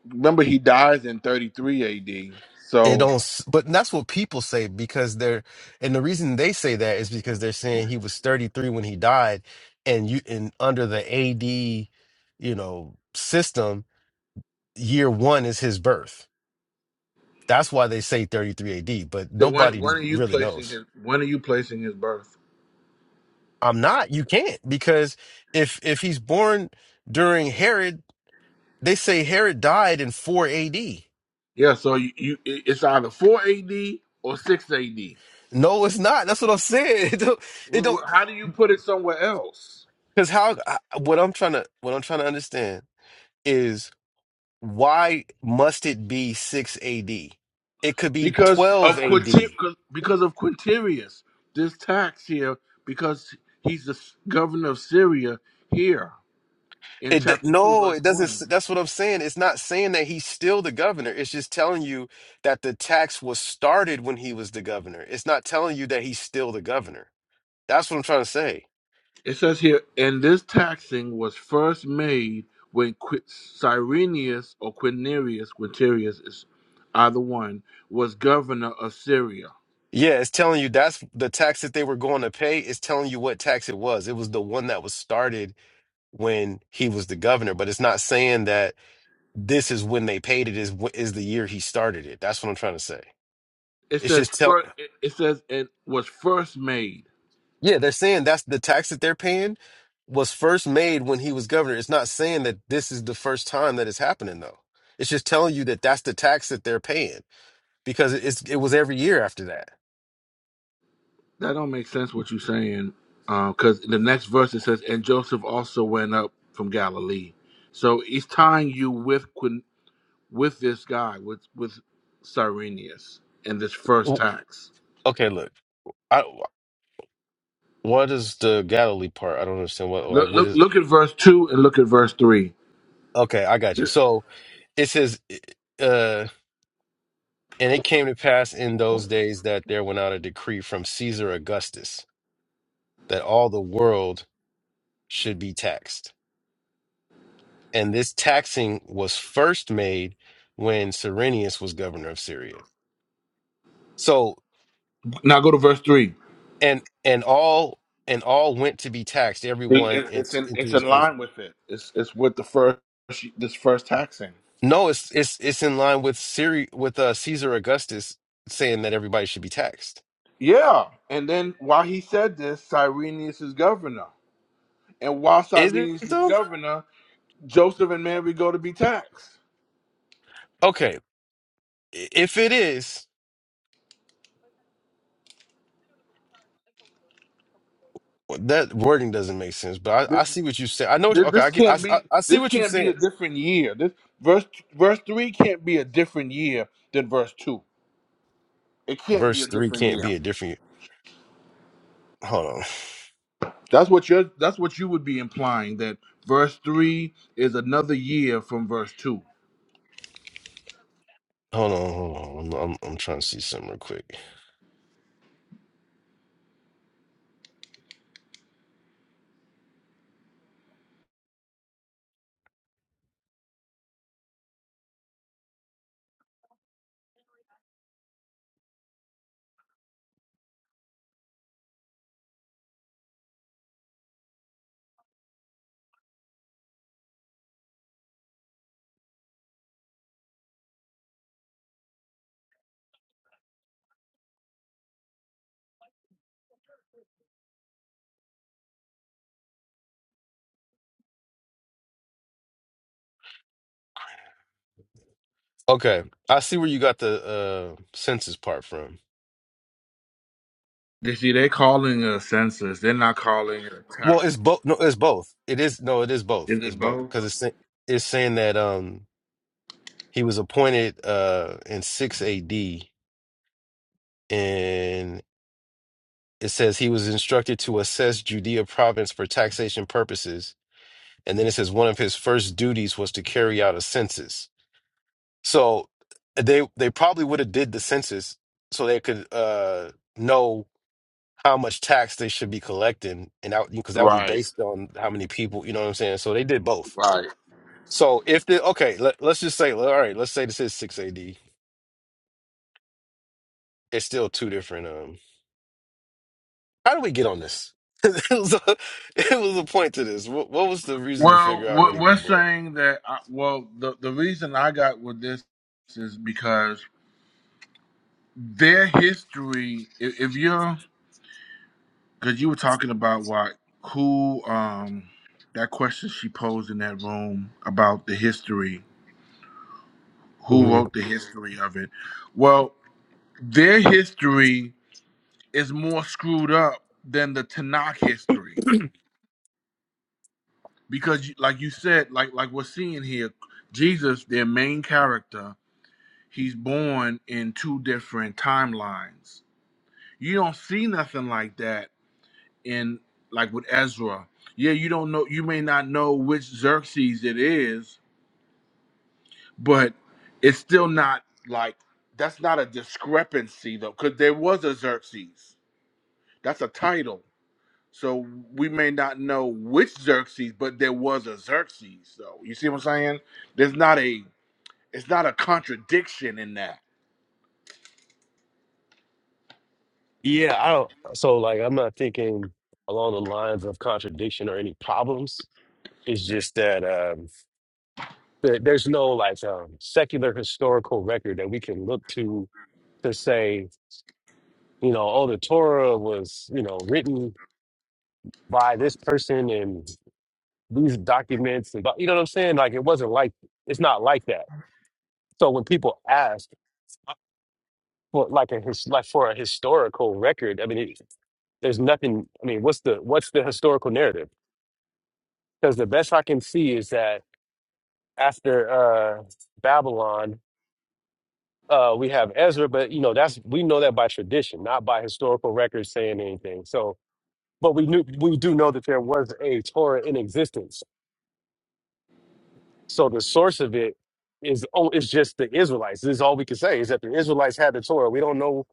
Remember, he dies in thirty three A.D. it So don't s- but that's what people say because they're and the reason they say that is because they're saying he was 33 when he died and you and under the AD you know system year 1 is his birth that's why they say 33 AD but so when nobody when are you really placing knows his when are you placing his birth? I'm not you can't because if if he's born during Herod they say Herod died in 4 AD Yeah, so you, you it- it's either four A.D. or six A.D. no it's not that's what I'm saying it don't it W- don't w- How do you put it somewhere else? cuz how I- what I'm trying to what I'm trying to understand is why must it be 6 AD? It could be Because 12 of AD. Quinti- It because of Quintilius, this tax here because he's the governor of Syria here in d- chapter two no, verse it doesn't one. s- that's what I'm saying. It's not saying that he's still the governor. It's just telling you that the tax was started when he was the governor. It's not telling you that he's still the governor. That's what I'm trying to say. It says here, and this taxing was first made when Qui- Cyrenius or Quirinius, Quintilius is either one, was governor of Syria. Yeah, it's telling you that's the tax that they were going to pay. It's telling you what tax it was. It was the one that was started when he was the governor, but it's not saying that this is when they paid it is wh- is the year he started it. That's what I'm trying to say. It It's says just tell first, it says it was first made. Yeah, they're saying that's the tax that they're paying was first made when he was governor. It's not saying that this is the first time that it's happening though. It's just telling you that that's the tax that they're paying because it's it was every year after that. That don't make sense what you're saying, because the next verse it says, and Joseph also went up from Galilee. So he's tying you with Quin- with this guy with with Cyrenius and this first W- tax. Okay, look. I what is the Galilee part? I don't understand what like Look, what look, is look at verse two and look at verse three. Okay, I got you. So it says uh and it came to pass in those days that there went out a decree from Caesar Augustus that all the world should be taxed. And this taxing was first made when Cyrenius was governor of Syria. So Now go to verse three. and and all and all went to be taxed, It- everyone it- It's into, in into it's his in own. line with it. It's it's with the first this first taxing. No, it's it's it's in line with Syri with uh, Caesar Augustus saying that everybody should be taxed. Yeah, and then while he said this, Cyrenius is governor, and while Is it Cyrenius is though? governor, Joseph and Mary go to be taxed. Okay, i- if it is, well, that wording doesn't make sense. But I, This, I see what you say. I know. what- this, Okay, this I get. I, can't I be I see this what you can't be a said. different year. This verse verse three can't be a different year than verse two. It can't be a Verse three different can't be year. a different. Hold on. That's what you're. That's what you would be implying that verse three is another year from verse two. Hold on, hold on. I'm, I'm I'm trying to see something real quick. Okay, I see where you got the uh census part from. They see, they calling a census. They're not calling it a Well, tax. it's both. No, it's both. It is no, it is both. Is It's it both both? because it's sa- it's saying that um he was appointed uh in six A.D. and it says he was instructed to assess Judea province for taxation purposes, and then it says one of his first duties was to carry out a census. So they they probably would have did the census so they could uh know how much tax they should be collecting, and that because that would be Right, based on how many people. You know what I'm saying? So they did both. right. So if the okay, let, let's just say, all right, let's say this is six AD. It's still two different. Um, how do we get on this? it was a, it was a point to this. What, what was the reason to Well, figure out when we're he was we're born? saying that. uh, Well, the the reason I got with this is because their history. If, if you're, because you were talking about what who um that question she posed in that room about the history, who hmm wrote the history of it. Well, their history is more screwed up than the Tanakh history because like you said like like we're seeing here jesus their main character he's born in two different timelines you don't see nothing like that in like with ezra yeah you don't know you may not know which xerxes it is but it's still not like that's not a discrepancy though because there was a xerxes that's a title so we may not know which xerxes but there was a xerxes though you see what i'm saying there's not a It's not a contradiction in that. Yeah, I don't. So like, I'm not thinking along the lines of contradiction or any problems. It's just that um, there- there's no like um, secular historical record that we can look to to say you know, oh, the Torah was, you know, written by this person and these documents, and you know what I'm saying? Like, it wasn't like it's not like that. There's, I mean, what's the what's the historical narrative? Because the best I can see is that after uh, Babylon, uh, we have Ezra, but you know, that's we know that by tradition, not by historical records saying anything. So, but we knew we do know that there was a Torah in existence So the source of it is oh, it's just the Israelites. This is all we can say is that the Israelites had the Torah. We don't know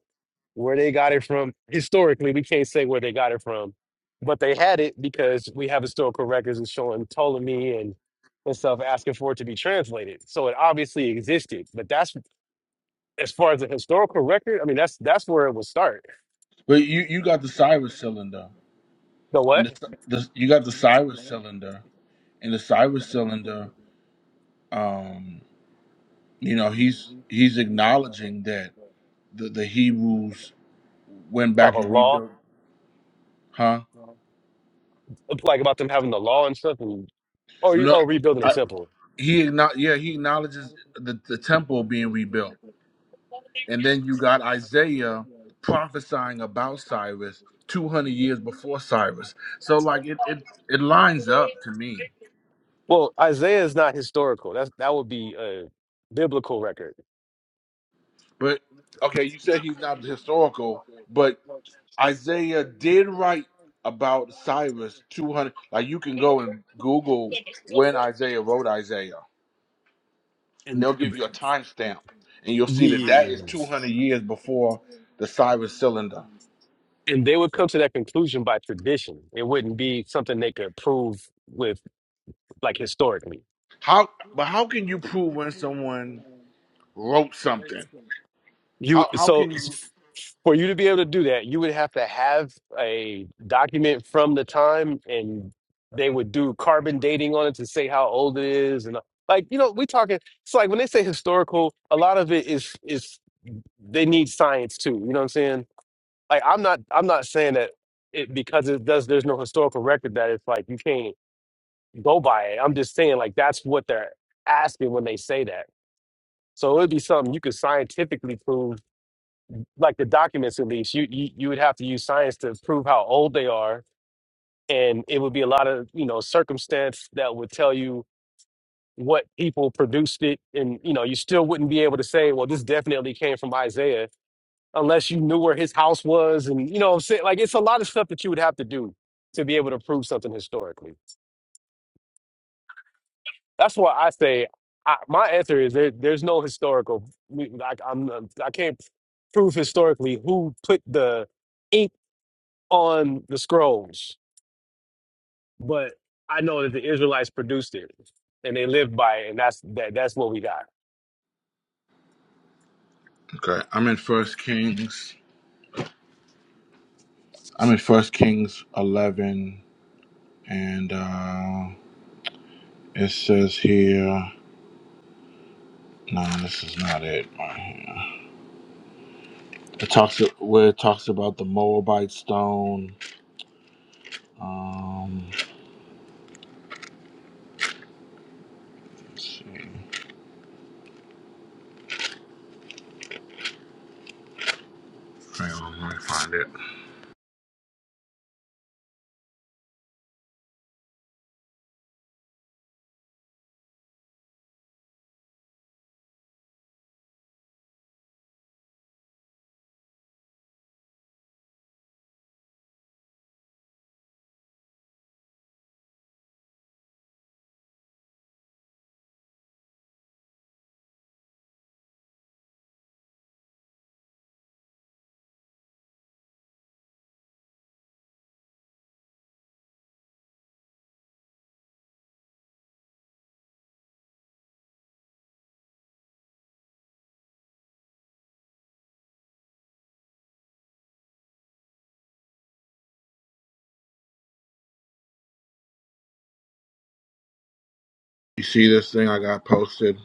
where they got it from. Historically, we can't say where they got it from, but they had it because we have historical records and showing Ptolemy and and stuff asking for it to be translated. So it obviously existed. But that's as far as the historical record. I mean, that's that's where it would start. But you you got the Cyrus cylinder, The and what? the, the you got the Cyrus cylinder, and the Cyrus cylinder. Um, you know he's he's acknowledging that the the Hebrews went Have back a and law rebuilt, huh? like about them having the law and stuff, and or you No, oh rebuilding a I, temple. he acknow- yeah he acknowledges the the temple being rebuilt, and then you got Isaiah prophesying about Cyrus two hundred years before Cyrus. So like it it it lines up to me. Well, Isaiah is not historical. That's that would be a biblical record, But okay, you said he's not historical, but Isaiah did write about Cyrus 200. Like you can go and Google when Isaiah wrote Isaiah, and and they'll give you a timestamp, and you'll see that that is yes. 200 years before the Cyrus cylinder. and they would come to that conclusion by tradition. It wouldn't be something they could prove with like historically. How? But how can you prove when someone wrote something? You How how so can you? s- for you to be able to do that, you would have to have a document from the time, and they would do carbon dating on it to say how old it is, and like you know, we talking. It's like when they say historical, a lot of it is is they need science too. You know what I'm saying? like I'm not I'm not saying that it because it does there's no historical record that it's like you can't go by it. I'm just saying like that's what they're asking when they say that. So it would be something you could scientifically prove, like the documents at least. You you you would have to use science to prove how old they are, and it would be a lot of you know circumstance that would tell you what people produced it, and you know you still wouldn't be able to say, well, this definitely came from Isaiah unless you knew where his house was and you know what I'm saying like it's a lot of stuff that you would have to do to be able to prove something historically. That's why I say I, my answer is there, there's no historical we- like I'm uh, I can't prove historically who put the ink on the scrolls, but I know that the Israelites produced it and they lived by it and that's that that's what we got. Okay, I'm in First Kings. I'm in First Kings 11, and uh, it says here. No, this is not it. right here. It talks where it talks about the Moabite stone. Um, let's see. Hang on, let me find it. You see this thing I got posted?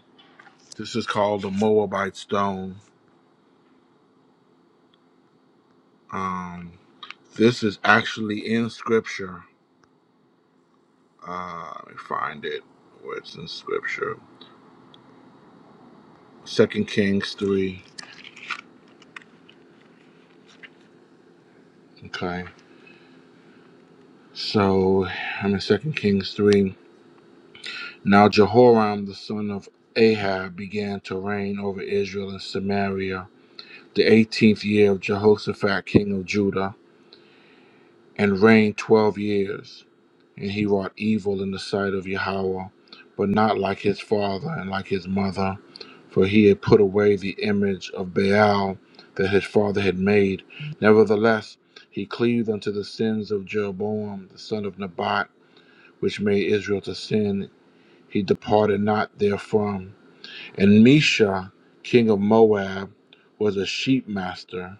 This is called the Moabite stone. Um, this is actually in scripture. Uh, let me find it. Where it's in scripture. Second Kings three. Okay. So I'm in Second Kings three. Now Jehoram the son of Ahab began to reign over Israel and Samaria the eighteenth year of Jehoshaphat king of Judah, and reigned twelve years. And he wrought evil in the sight of Yahweh, but not like his father and like his mother, for he had put away the image of Baal that his father had made. Nevertheless, he cleaved unto the sins of Jeroboam the son of Nebat, which made Israel to sin. He departed not therefrom And Mesha, king of Moab, was a sheep master,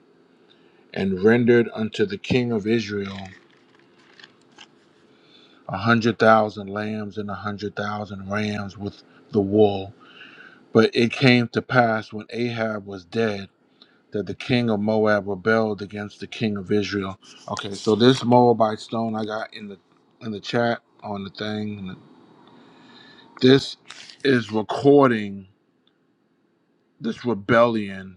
and rendered unto the king of Israel a hundred thousand lambs and a hundred thousand rams with the wool. But it came to pass when Ahab was dead that the king of Moab rebelled against the king of Israel. Okay, so this Moabite stone I got in the in the chat on the thing. This is recording this rebellion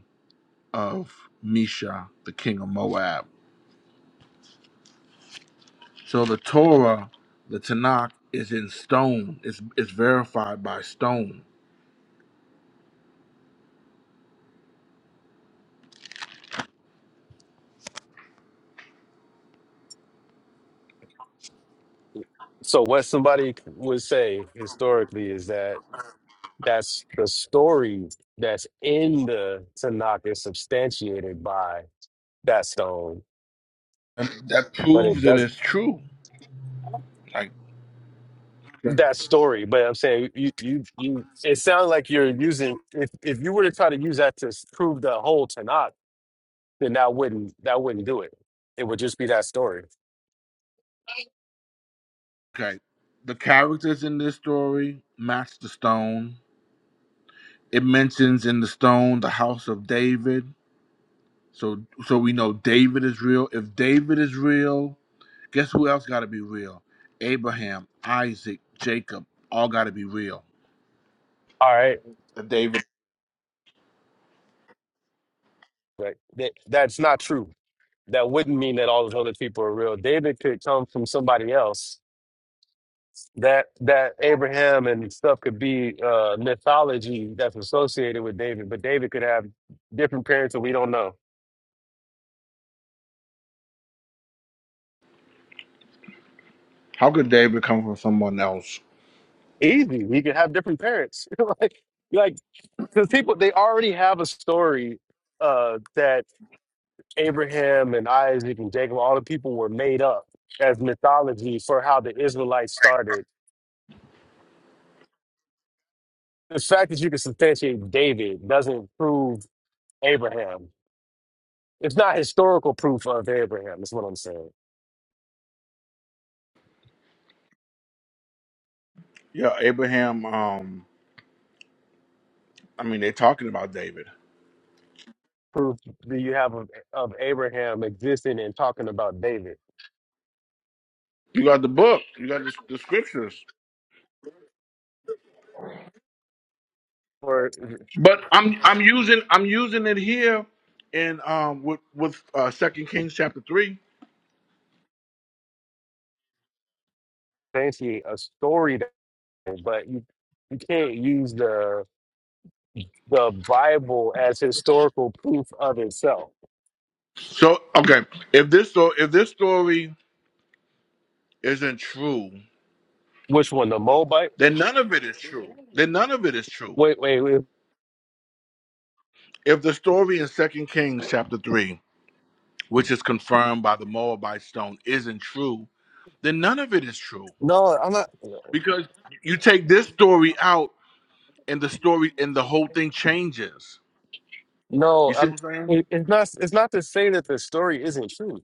of Misha, the king of Moab. So the Torah, the Tanakh, is in stone. It's it's verified by stone, So what somebody would say historically is that That's the story that's in the Tanakh is substantiated by that stone, and that but it proves that does it's true. Like, that story. But I'm saying you, you, you. It sounds like you're using. If if you were to try to use that to prove the whole Tanakh, then that wouldn't that wouldn't do it. It would just be that story. okay, the characters in this story match the stone. It mentions in the stone the house of David. So so we know David is real. If David is real, guess who else got to be real? Abraham, Isaac, Jacob, all got to be real. All right, David. but that, that's not true. That wouldn't mean that all those other people are real. David could come from somebody else that that Abraham and stuff could be uh, mythology that's associated with David, but David could have different parents and we don't know. How could David come from someone else? Easy, he could have different parents. like, like because people they already have a story uh, that Abraham and Isaac and Jacob, all the people were made up as mythology for how the Israelites started. The fact that you can substantiate David doesn't prove Abraham. It's not historical proof of Abraham. Is what I'm saying. Yeah, Abraham. Um, I mean, they're talking about David. proof do you have of, of Abraham existing and talking about David? You got the book. You got the, the scriptures. Or But I'm I'm using I'm using it here in um with with uh, Second Kings chapter three. fancy a story, that- but you you can't use the the Bible as historical proof of itself. So okay, if this so if this story isn't true, Which one, the Moabite? then none of it is true. Then none of it is true. Wait, wait, wait. If the story in Second Kings chapter three, which is confirmed by the Moabite stone, isn't true, then none of it is true No, I'm not. because you take this story out, and the story and the whole thing changes. You No, see I'm. what I'm saying? it- It's not. It's not to say that the story isn't true.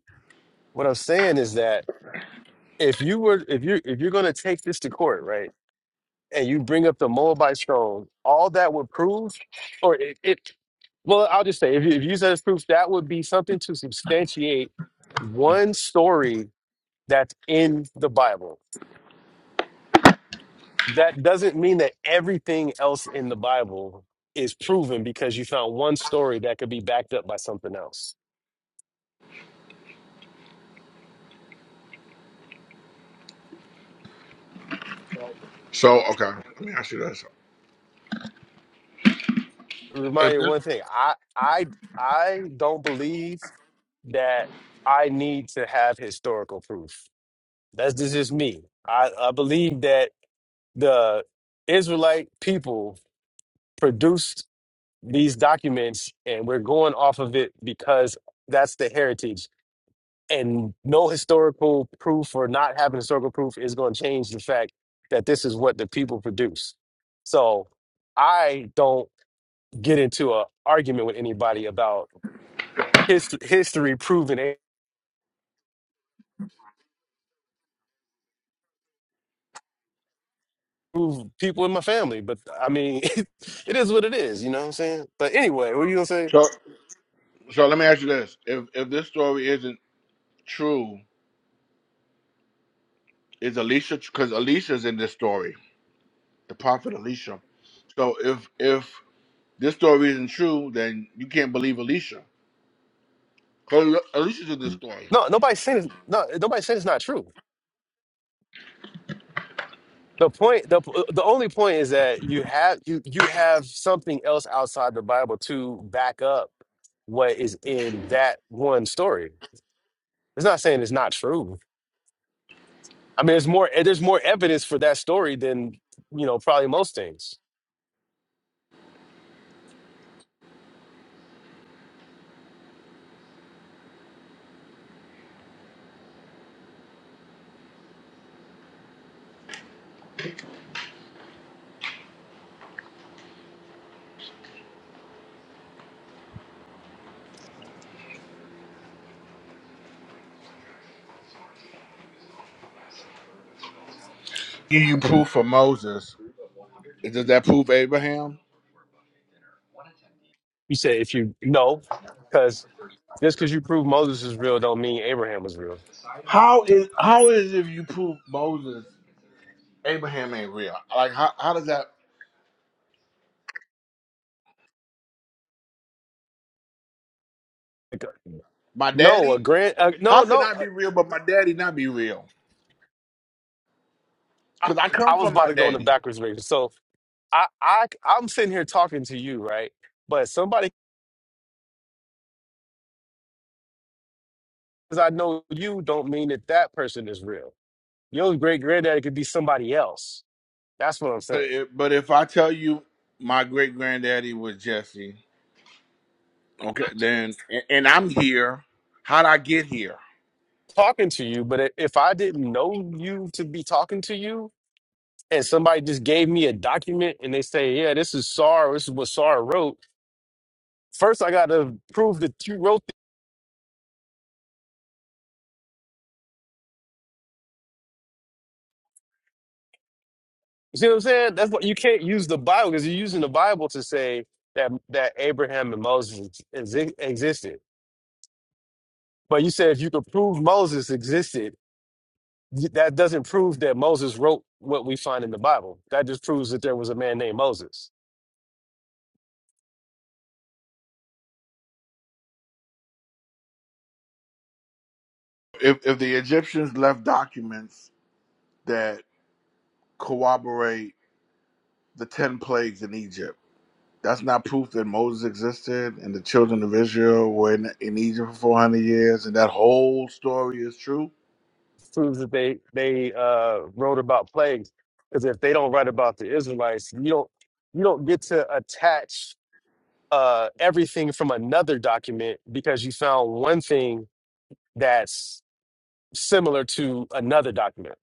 What I'm saying is that if you were, if you, if you're going to take this to court, right? and you bring up the Moabite scroll, all that would prove, or it, it well, I'll just say, if you, if you use that as proof, that would be something to substantiate one story that's in the Bible. That doesn't mean that everything else in the Bible is proven because you found one story that could be backed up by something else. So okay, let me ask you this. Remind If you of this one thing: I, I, I don't believe that I need to have historical proof. That's just is me. I, I believe that the Israelite people produced these documents, and we're going off of it because that's the heritage. And no historical proof or not having historical proof is going to change the fact that this is what the people produce. So I don't get into an argument with anybody about hist- history proving it. prove People in my family, but I mean, it is what it is. You know what I'm saying? But anyway, what are you gonna say? so so let me ask you this. If if this story isn't true, is Alicia because Alicia's in this story, the prophet Alicia. So if if this story isn't true, then you can't believe Alicia. Because Alicia's in this story. No, nobody's saying it's, no, nobody's saying it's not true. The point, the the only point is that you have you you have something else outside the Bible to back up what is in that one story. It's not saying it's not true. I mean, it's more eh, there's more evidence for that story than you know probably most things. Give you proof for Moses. Does that prove Abraham? You say if you no, because just because you prove Moses is real don't mean Abraham was real. How is how is if you prove Moses, Abraham ain't real? Like how how does that my No, a daddy? grand. Uh, no, How can no. I uh, be real but my daddy not be real? I, because I I come was from about my to go in the daddy. backwards way. So I, I, I'm sitting here talking to you, right? But somebody because I know you don't mean that that person is real. Your great granddaddy could be somebody else. That's what I'm But saying. if, but if I tell you my great granddaddy was Jesse, okay, then and, and I'm here. How'd I get here? Talking to you, but i- if I didn't know you to be talking to you, and somebody just gave me a document and they say, "Yeah, this is Sar. This is what Sar wrote." First, I got to prove that you wrote. This. You see what I'm saying? That's what you can't use the Bible because you're using the Bible to say that that Abraham and Moses ex- existed. But you said if you could prove Moses existed, That doesn't prove that Moses wrote what we find in the Bible. That just proves that there was a man named Moses. If if the Egyptians left documents that corroborate the ten plagues in Egypt, that's not proof that Moses existed and the children of Israel were in, in Egypt for four hundred years, and that whole story is true. Proves that they they uh, wrote about plagues. Because if they don't write about the Israelites, you don't you don't get to attach uh, everything from another document because you found one thing that's similar to another document.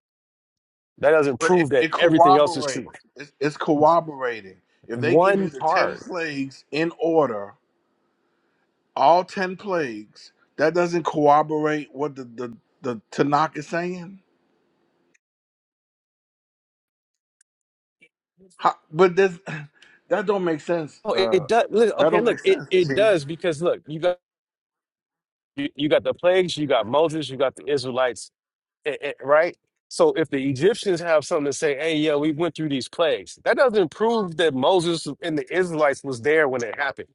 That doesn't But it, prove that it everything else is true. corroborates. It's, it's corroborating. If they give One you the ten part. plagues in order, all 10 plagues, that doesn't corroborate what the, the, the Tanakh is saying? How, but this, that don't make sense. Oh, Uh, it does. Look, that okay, don't look, make it, sense. it G. does because look, you got. You, you got the plagues, you got Moses, you got the Israelites, eh, eh, right? So if the Egyptians have something to say, hey, yeah, we went through these plagues, that doesn't prove that Moses and the Israelites was there when it happened,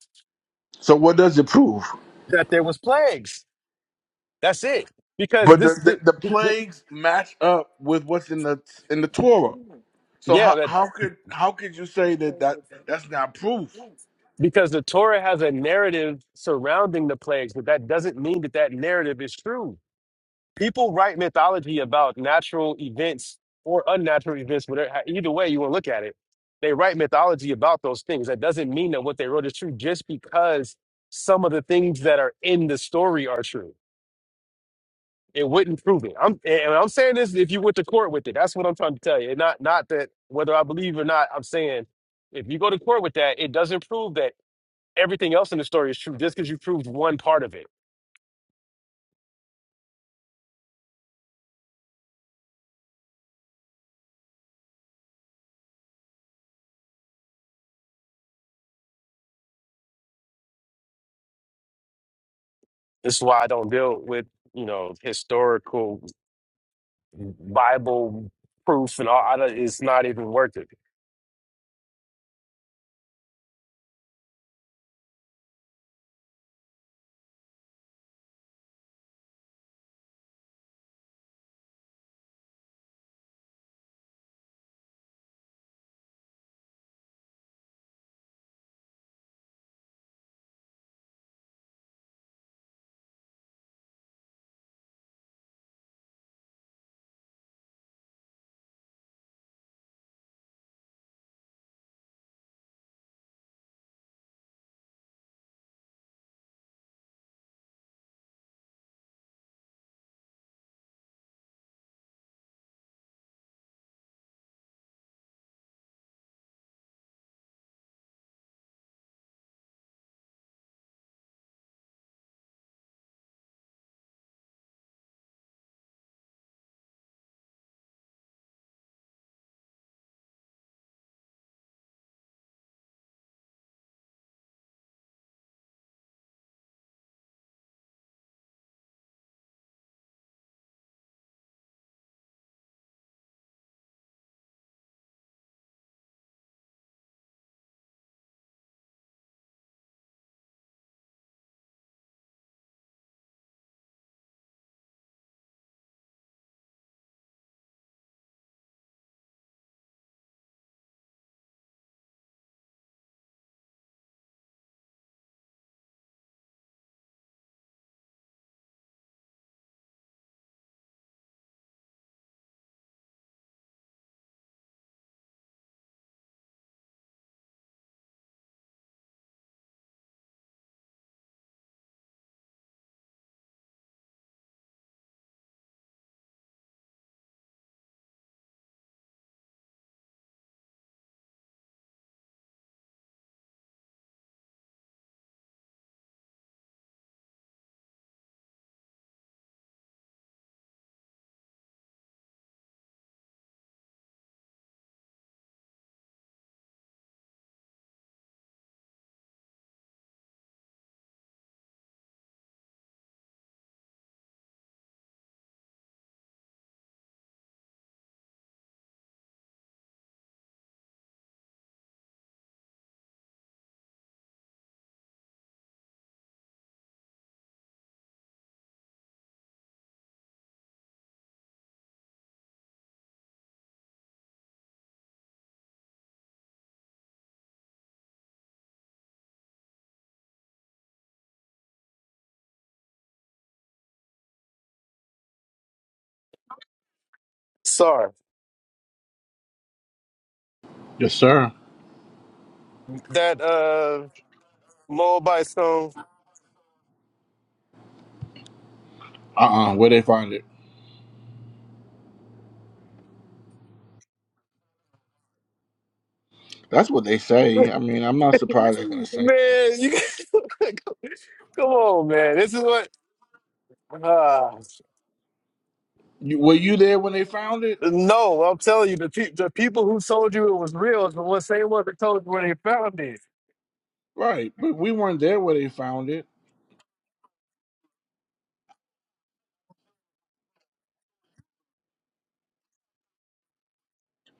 So what does it prove? that there was plagues. That's it. Because But this, the, this, the, the this, this plagues match up with what's in the in the Torah. So yeah, how, that, how could how could you say that, that that's not proof? because the Torah has a narrative surrounding the plagues, but that doesn't mean that that narrative is true People write mythology about natural events or unnatural events, whatever, either way you want to look at it. They write mythology about those things. That doesn't mean that what they wrote is true just because some of the things that are in the story are true. It wouldn't prove it. I'm and I'm saying this if you went to court with it. That's what I'm trying to tell you. And not not that whether I believe or not, I'm saying if you go to court with that, it doesn't prove that everything else in the story is true just because you proved one part of it. This is why I don't deal with, you know, historical Bible proof and all I it's not even worth it. Sorry. Yes, sir. That uh Moabite stone. Uh uh where they find it? That's what they say. I mean, I'm not surprised they're gonna say that. man, you come on, man. This is what uh, You, were you there when they found it? no, I'm telling you, the, pe- the people who told you it was real is the ones same ones that told you where they found it. Right, but we weren't there where they found it.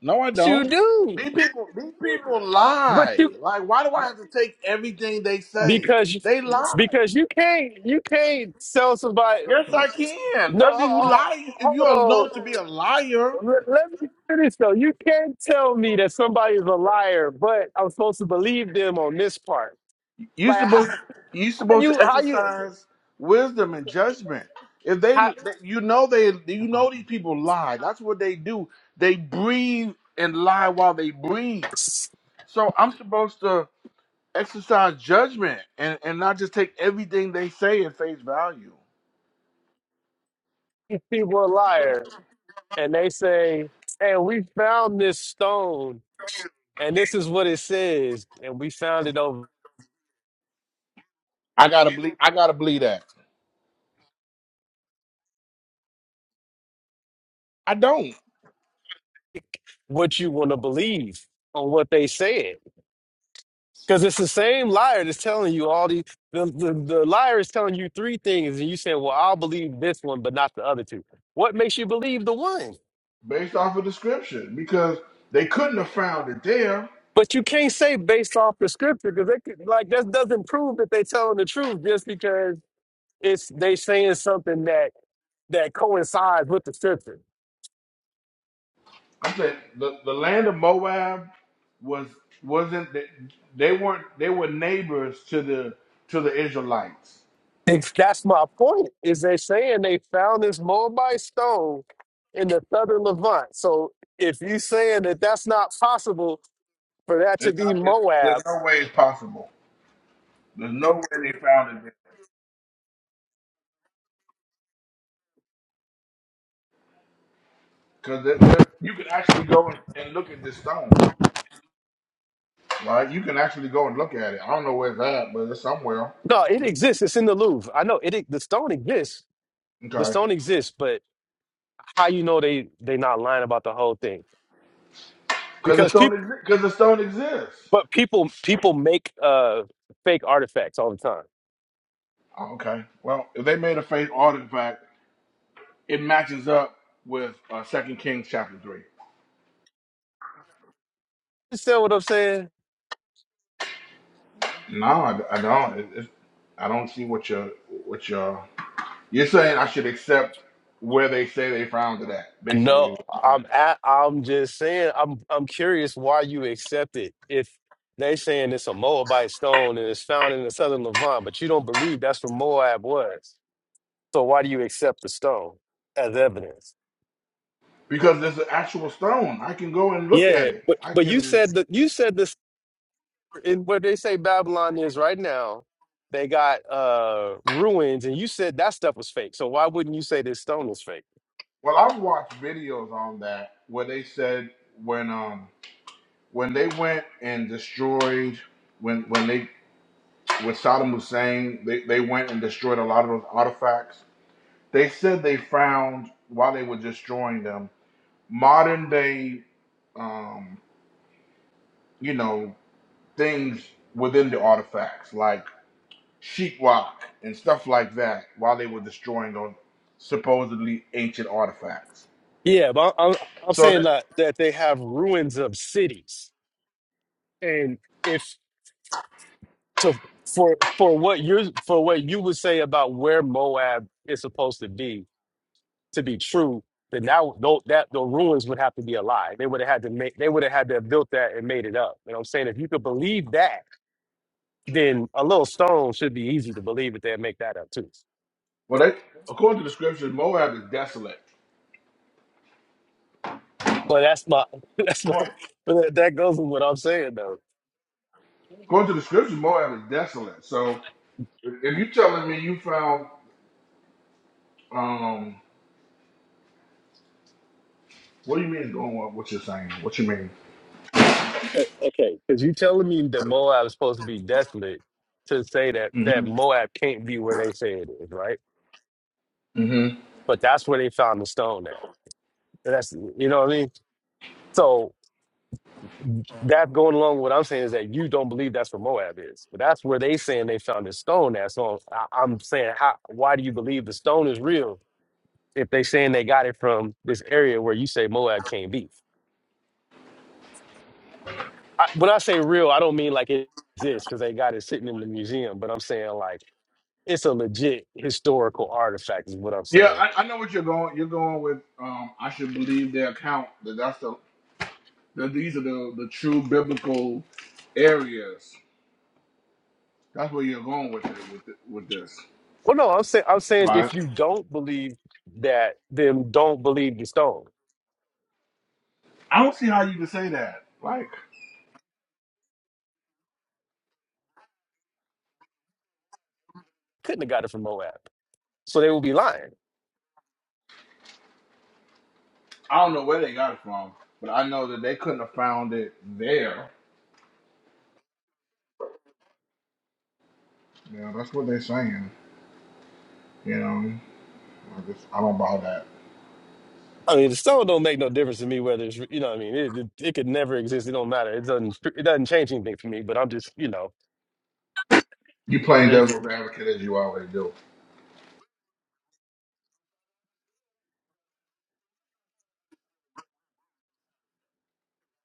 No, I But you don't. do, These people, these people but lie. you Like, why do I have to take everything they say? because you They lie. because you can't you can't sell somebody. Yes, I can. No, If ho- you ho- lie, if you hold are known to on. be a liar, Let let me finish though. You can't tell me that somebody's a liar, but I'm supposed to believe them on this part. you Like how, supposed you how supposed you to how you exercise wisdom and judgment. If they, how you know, they, you know, these people lie. That's what they do. They breathe and lie while they breathe. these So I'm supposed to exercise judgment and and not just take everything they say at face value. people are a liar and they say, "Hey, we found this stone and this is what it says, and we found it over I gotta believe. I gotta believe that. I don't. what you want to believe on what they said." Because it's the same liar that's telling you all these. The, the, the liar is telling you three things, and you say, "Well, I'll believe this one, but not the other two. What makes you believe the one? based off of description because they couldn't have found it there. But you can't say based off the scripture because like that doesn't prove that they're telling the truth just because it's they saying something that that coincides with the scripture. I'm saying the, the land of Moab was wasn't they, they weren't they were neighbors to the to the Israelites. It's- that's my point. Is they're saying they found this Moabite stone in the southern Levant. So if you saying that that's not possible for that to It's be not, it's, there's Moab no way it's possible. There's no way they found it there because there, there- you can actually go and, and look at this stone. Right, you can actually go and look at it. I don't know where it's at, but it's somewhere. No, it exists. It's in the Louvre. I know it. e- The stone exists. The Okay, stone exists, but how you know they they not lying about the whole thing? because the Because people, stone because the stone exists. but people people make uh fake artifacts all the time. Oh, Okay. Well, if they made a faith artifact, it matches up with uh, Second Kings chapter three. You understand what I'm saying? No, I, I don't. It, it, I don't see what you're what you're. You're saying I should accept where they say they found it at, basically. What No, you're I'm saying. at, I'm just saying I'm I'm curious why you accept it if they saying it's a Moabite stone and it's found in the southern Levant, but you don't believe that's where Moab was. So why do you accept the stone as evidence? Because there's an actual stone. I can go and look Yeah, at it. but I but you can. said the you said the in where they say Babylon is right now, they got uh ruins, and you said that stuff was fake. So why wouldn't you say this stone is fake? Well, I've watched videos on that where they said when um when they went and destroyed when when they with Saddam Hussein they, they went and destroyed a lot of those artifacts They said they found while they were destroying them modern day, um, you know, things within the artifacts like sheetrock and stuff like that while they were destroying those supposedly ancient artifacts. Yeah, but I'm I'm I'm So, saying that, that that they have ruins of cities, and if to for for what you're for what you would say about where Moab is supposed to be to be true, then that tho- that the ruins would have to be a lie. They would have had to make they would have had to have built that and made it up. And I'm saying if you could believe that then a little stone should be easy to believe that they'll make that up too. well, they, according to the scriptures, Moab is desolate. But that's my that's my According but that that goes with what I'm saying though. according to the scriptures, Moab is desolate. So, if you're telling me you found, um, what do you mean going up? What you're saying? What you Uh, Okay. Because you telling me that Moab is supposed to be desolate to say that that mean? Moab can't be where they say it is, right? hmm But that's where they found the stone at. And That's you know what I mean? So that going along with what I'm saying is that you don't believe that's where Moab is. But that's where they saying they found the stone at. So I, I'm saying how why do you believe the stone is real if they saying they got it from this area where you say Moab can't be. I, when I say real, I don't mean like it exists because they got it sitting in the museum, but I'm saying like it's a legit historical artifact is what I'm Yeah, saying. I, I know what you're going. You're going with. Um, I should believe their account that that's the that these are the the true biblical areas. That's where you're going with it with it, with this, Well, no, I'm saying I'm saying if right? you don't believe that, then don't believe the stone. I don't see how you can say that. Like, Couldn't have got it from Moab, so they will be lying. I don't know where they got it from, but I know that they couldn't have found it there. Yeah, that's what they're saying. You know, I, just, I don't buy that. I mean, the stone don't make no difference to me whether it's you know what I mean. It, it, it could never exist. It don't matter. It doesn't it doesn't change anything for me. But I'm just you know You playing the devil's advocate as you always do.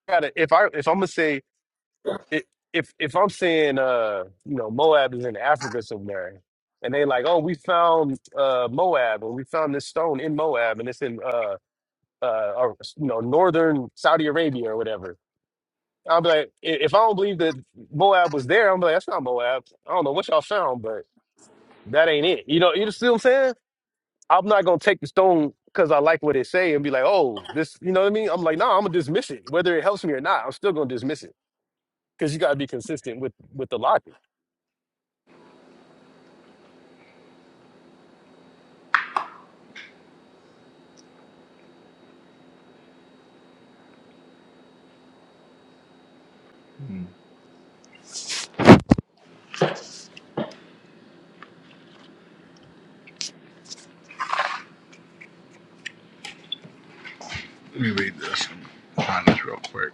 gotta if I if I'm gonna say i- if if I'm saying uh you know Moab is in Africa somewhere, and they like oh we found uh Moab or we found this stone in Moab and it's in uh uh or, you know northern Saudi Arabia or whatever. I'll be like i- if I don't believe that Moab was there, I'm like that's not Moab. I don't know what y'all found, but that ain't it. You know you see what I'm saying? I'm not gonna take the stone because I like what it say and be like oh this you know what I mean? I'm like no, nah, I'm gonna dismiss it whether it helps me or not. I'm still gonna dismiss it because you gotta be consistent with with the logic. Hmm. Let me read this. and Find this real quick.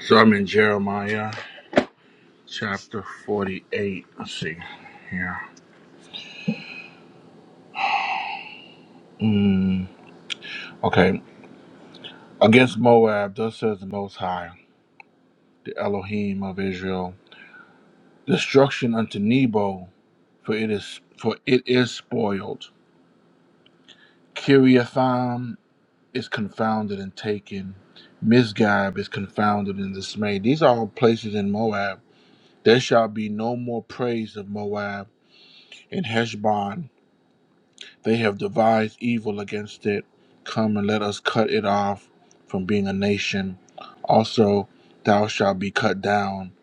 So I'm in Jeremiah. chapter 48. Let's see here. Mm, okay. Against Moab, thus says the Most High, the Elohim of Israel Destruction unto Nebo, for it is for it is spoiled. Kiriatham is confounded and taken. Misgab is confounded and dismayed. These are all places in Moab. There shall be no more praise of Moab in Heshbon They have devised evil against it. Come and let us cut it off from being a nation. Also, thou shalt be cut down,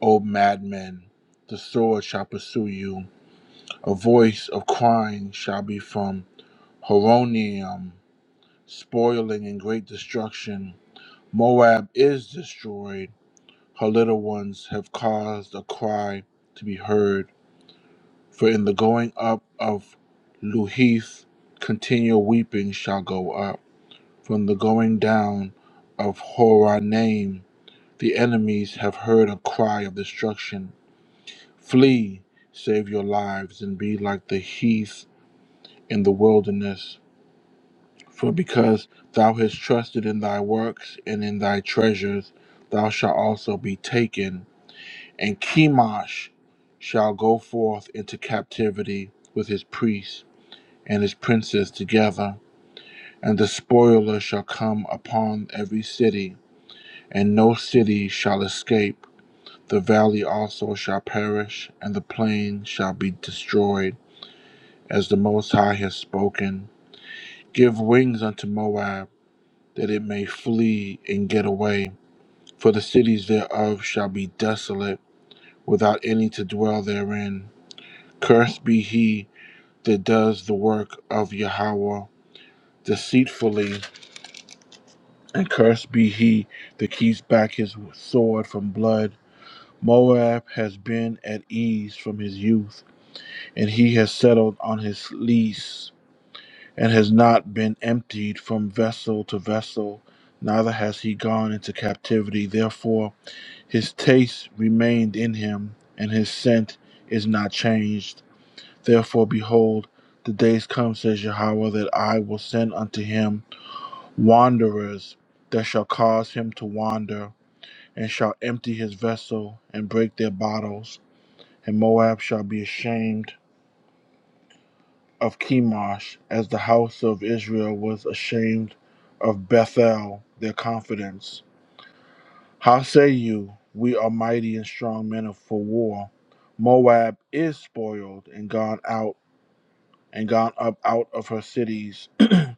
O madmen. The sword shall pursue you. A voice of crying shall be from Horonium, spoiling and great destruction. Moab is destroyed. Her little ones have caused a cry to be heard. For in the going up of Luhith, continual weeping shall go up. From the going down of Horonaim, the enemies have heard a cry of destruction. Flee, save your lives, and be like the heath in the wilderness. For because thou hast trusted in thy works and in thy treasures, thou shalt also be taken. And Chemosh shall go forth into captivity with his priests and his princes together, and the spoiler shall come upon every city. and no city shall escape. The valley also shall perish, and the plain shall be destroyed, as the Most High has spoken. Give wings unto Moab, that it may flee and get away, for the cities thereof shall be desolate, without any to dwell therein. Cursed be he that does the work of Yahweh deceitfully, and cursed be he that keeps back his sword from blood Moab has been at ease from his youth, and he has settled on his lease, and has not been emptied from vessel to vessel, neither has he gone into captivity. Therefore, his taste remained in him, and his scent is not changed. Therefore, behold, the days come, says Yahweh, that I will send unto him wanderers that shall cause him to wander, and shall empty his vessel and break their bottles and Moab shall be ashamed of Chemosh, as the house of Israel was ashamed of Bethel, their confidence. How say you, We are mighty and strong men for war? Moab is spoiled and gone out, and gone up out of her cities, and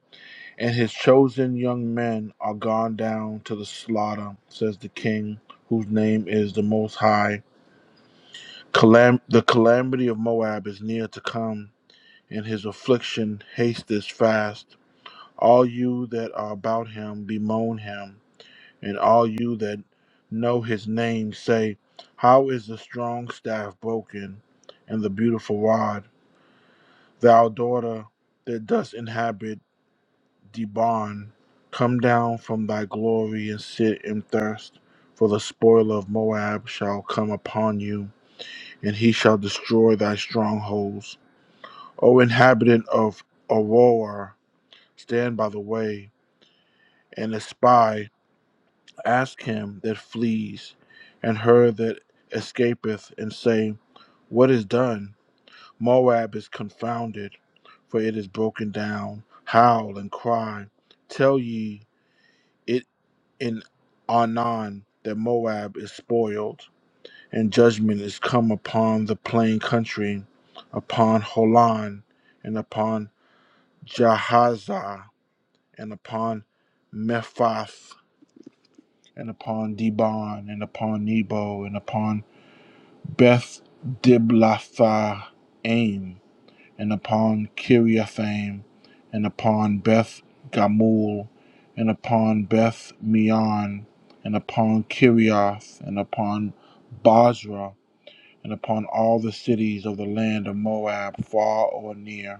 his chosen young men are gone down to the slaughter, says the king, whose name is the Most High. Calam- the calamity of Moab is near to come in his affliction haste this fast. All you that are about him bemoan him, and all you that know his name say, How is the strong staff broken, and the beautiful rod? Thou daughter that dost inhabit Debon, come down from thy glory and sit in thirst, for the spoil of Moab shall come upon you, and he shall destroy thy strongholds. O inhabitant of Aurora, stand by the way, and a spy ask him that flees, and her that escapeth, and say, What is done? Moab is confounded, for it is broken down. Howl and cry. Tell ye it in Anan that Moab is spoiled, and judgment is come upon the plain country, upon Holon, and upon Jahazah, and upon Mephath and upon Dibon, and upon Nebo, and upon Beth Diblatha Aim, and upon Kiriathaim, and upon Beth Gamul, and upon Beth Meon, and upon Kiriath, and upon Basra, and upon all the cities of the land of Moab, far or near.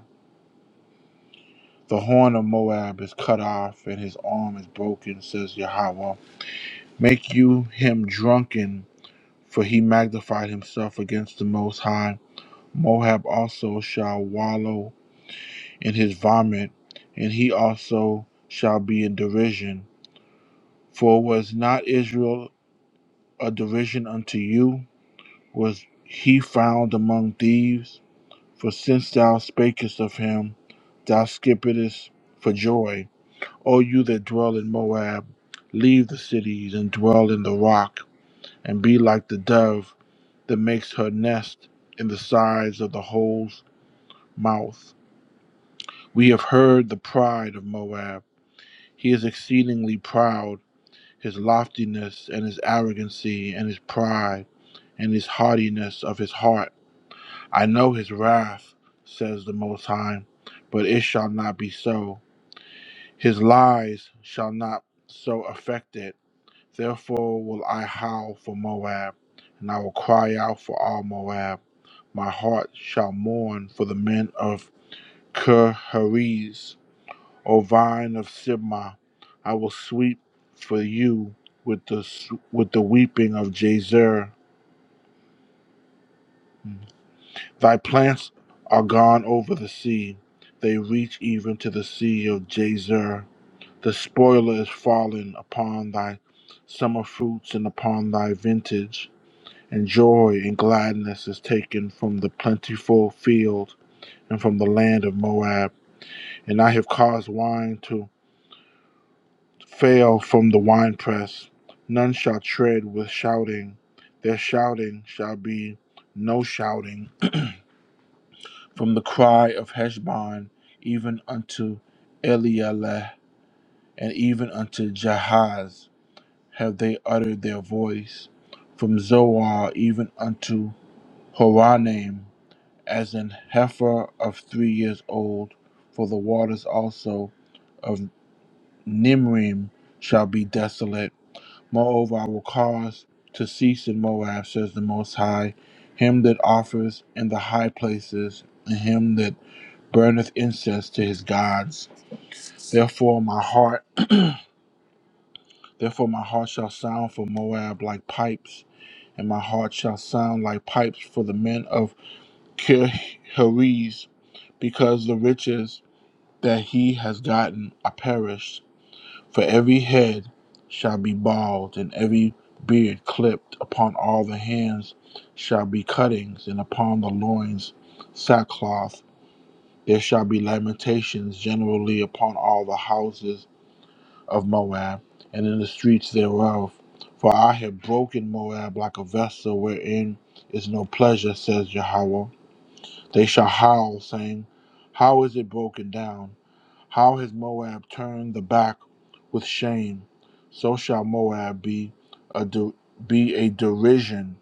The horn of Moab is cut off, and his arm is broken, says Yahweh. Make you him drunken for he magnified himself against the Most High. Moab also shall wallow in his vomit, and he also shall be in derision. For was not Israel a derision unto you? Was he found among thieves? For since thou spakest of him, thou skippedest for joy. O you that dwell in Moab, leave the cities and dwell in the rock, and be like the dove that makes her nest in the sides of the hole's mouth. We have heard the pride of Moab. He is exceedingly proud, his loftiness and his arrogancy and his pride and his haughtiness of his heart. I know his wrath, says the Most High, but it shall not be so. His lies shall not so affect it Therefore will I howl for Moab, and I will cry out for all Moab. My heart shall mourn for the men of Ker Heriz, O vine of Sibmah. I will sweep for you with the with the weeping of Jazer. Thy plants are gone over the sea; they reach even to the sea of Jazer. The spoiler is fallen upon thy summer fruits and upon thy vintage and joy and gladness is taken from the plentiful field and from the land of Moab. And I have caused wine to fail from the winepress. None shall tread with shouting. Their shouting shall be no shouting. From the cry of Heshbon, even unto Elieleh, and even unto Jahaz, have they uttered their voice. From Zoar, even unto Horonaim, as an heifer of three years old, for the waters also of Nimrim shall be desolate. Moreover, I will cause to cease in Moab, says the Most High, him that offers in the high places, and him that burneth incense to his gods. Therefore, my heart, therefore my heart shall sound for Moab like pipes, and my heart shall sound like pipes for the men of Kirheriz, because the riches that he has gotten are perished. For every head shall be bald, and every beard clipped. Upon all the hands shall be cuttings, and upon the loins sackcloth. There shall be lamentations generally upon all the houses of Moab, and in the streets thereof. For I have broken Moab like a vessel wherein is no pleasure, says Jehovah. They shall howl, saying, How is it broken down? How has Moab turned the back with shame? So shall Moab be a de- be a derision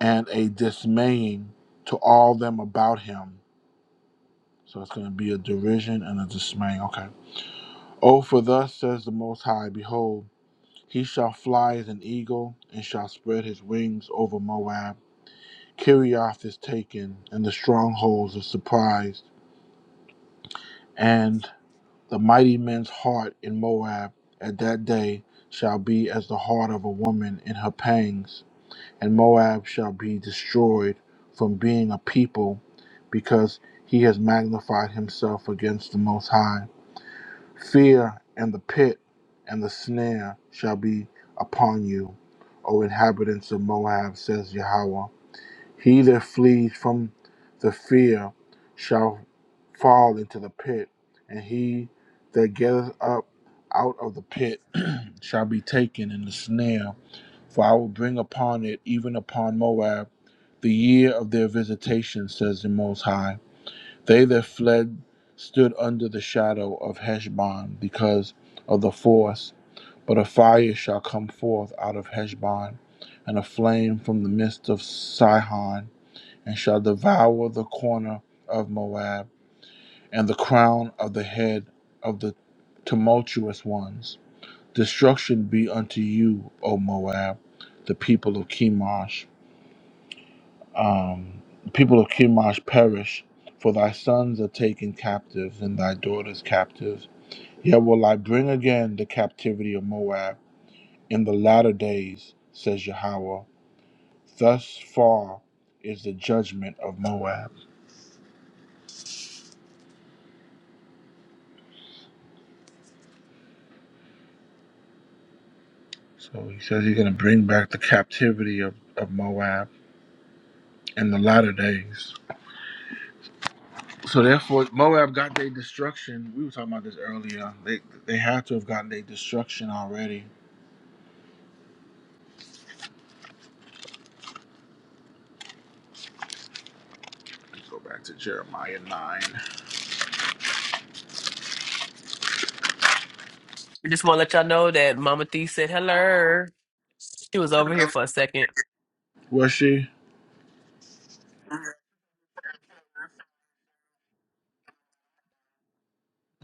and a dismaying to all them about him. So it's going to be a derision and a dismay. Okay. Oh, for thus says the Most High, behold, he shall fly as an eagle and shall spread his wings over Moab. Kirioth is taken, and the strongholds are surprised, and The mighty men's heart in Moab at that day shall be as the heart of a woman in her pangs, and Moab shall be destroyed from being a people because he has magnified himself against the Most High. Fear and the pit and the snare shall be upon you, O inhabitants of Moab, says Yahweh. He that flees from the fear shall fall into the pit, and he that getteth up out of the pit shall be taken in the snare. For I will bring upon it, even upon Moab, the year of their visitation, says the Most High. They that fled stood under the shadow of Heshbon because of the force, but a fire shall come forth out of Heshbon, and a flame from the midst of Sihon and shall devour the corner of Moab and the crown of the head of the tumultuous ones. Destruction be unto you, O Moab, the people of Chemosh. Um, the people of Chemosh perish, for thy sons are taken captives and thy daughters captives. Yet will I bring again the captivity of Moab in the latter days, says Yahweh. Thus far is the judgment of Moab. So he says he's going to bring back the captivity of, of Moab in the latter days. So therefore, Moab got their destruction. We were talking about this earlier. They they had to have gotten their destruction already. Let's go back to Jeremiah nine. I just want to let y'all know that Mama Thee said hello. She was over here for a second. Was she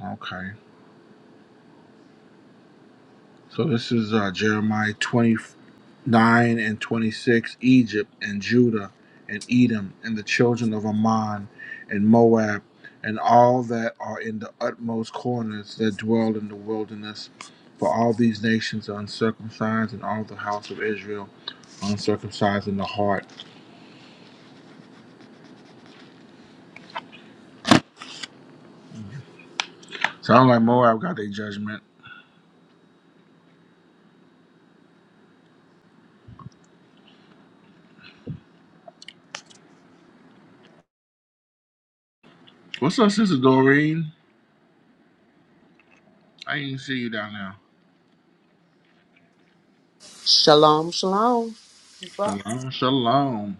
okay? So this is uh, Jeremiah twenty. 9 and 26 Egypt and Judah and Edom and the children of Ammon and Moab and all that are in the utmost corners that dwell in the wilderness. For all these nations are uncircumcised and all the house of Israel are uncircumcised in the heart. Sounds like Moab got their judgment. What's up, Sister Doreen? I didn't see you down there. Shalom, shalom. Shalom, shalom.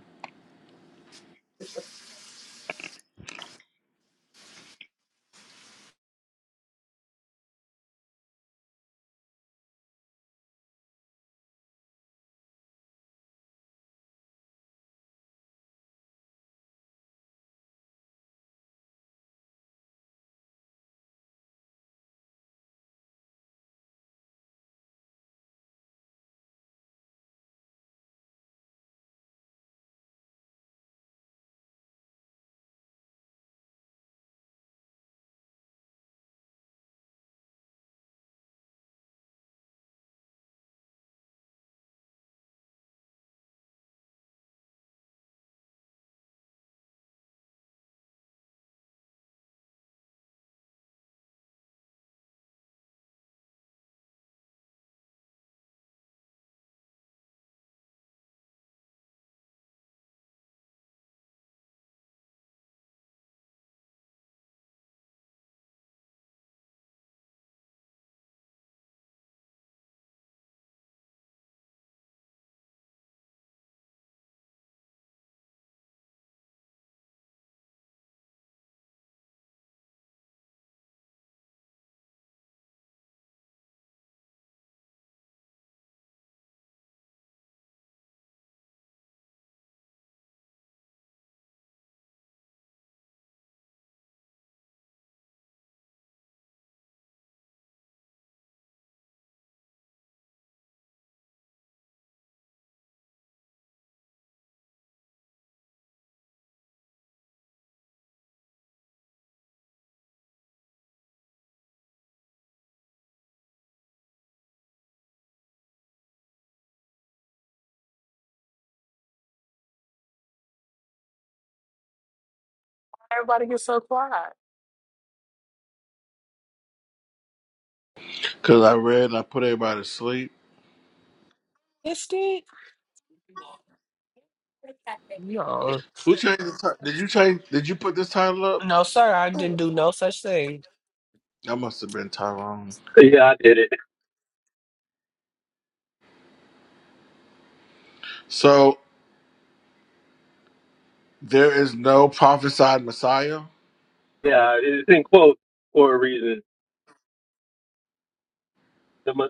Everybody gets so quiet. Cause I read and I put everybody to sleep. Missed it? No. Who changed the title? Did you change? Did you put this title up? No, sir, I didn't do no such thing. That must have been Tyrone. Yeah, I did it. So there is no prophesied Messiah. Yeah, it's in quotes for a reason. The mo-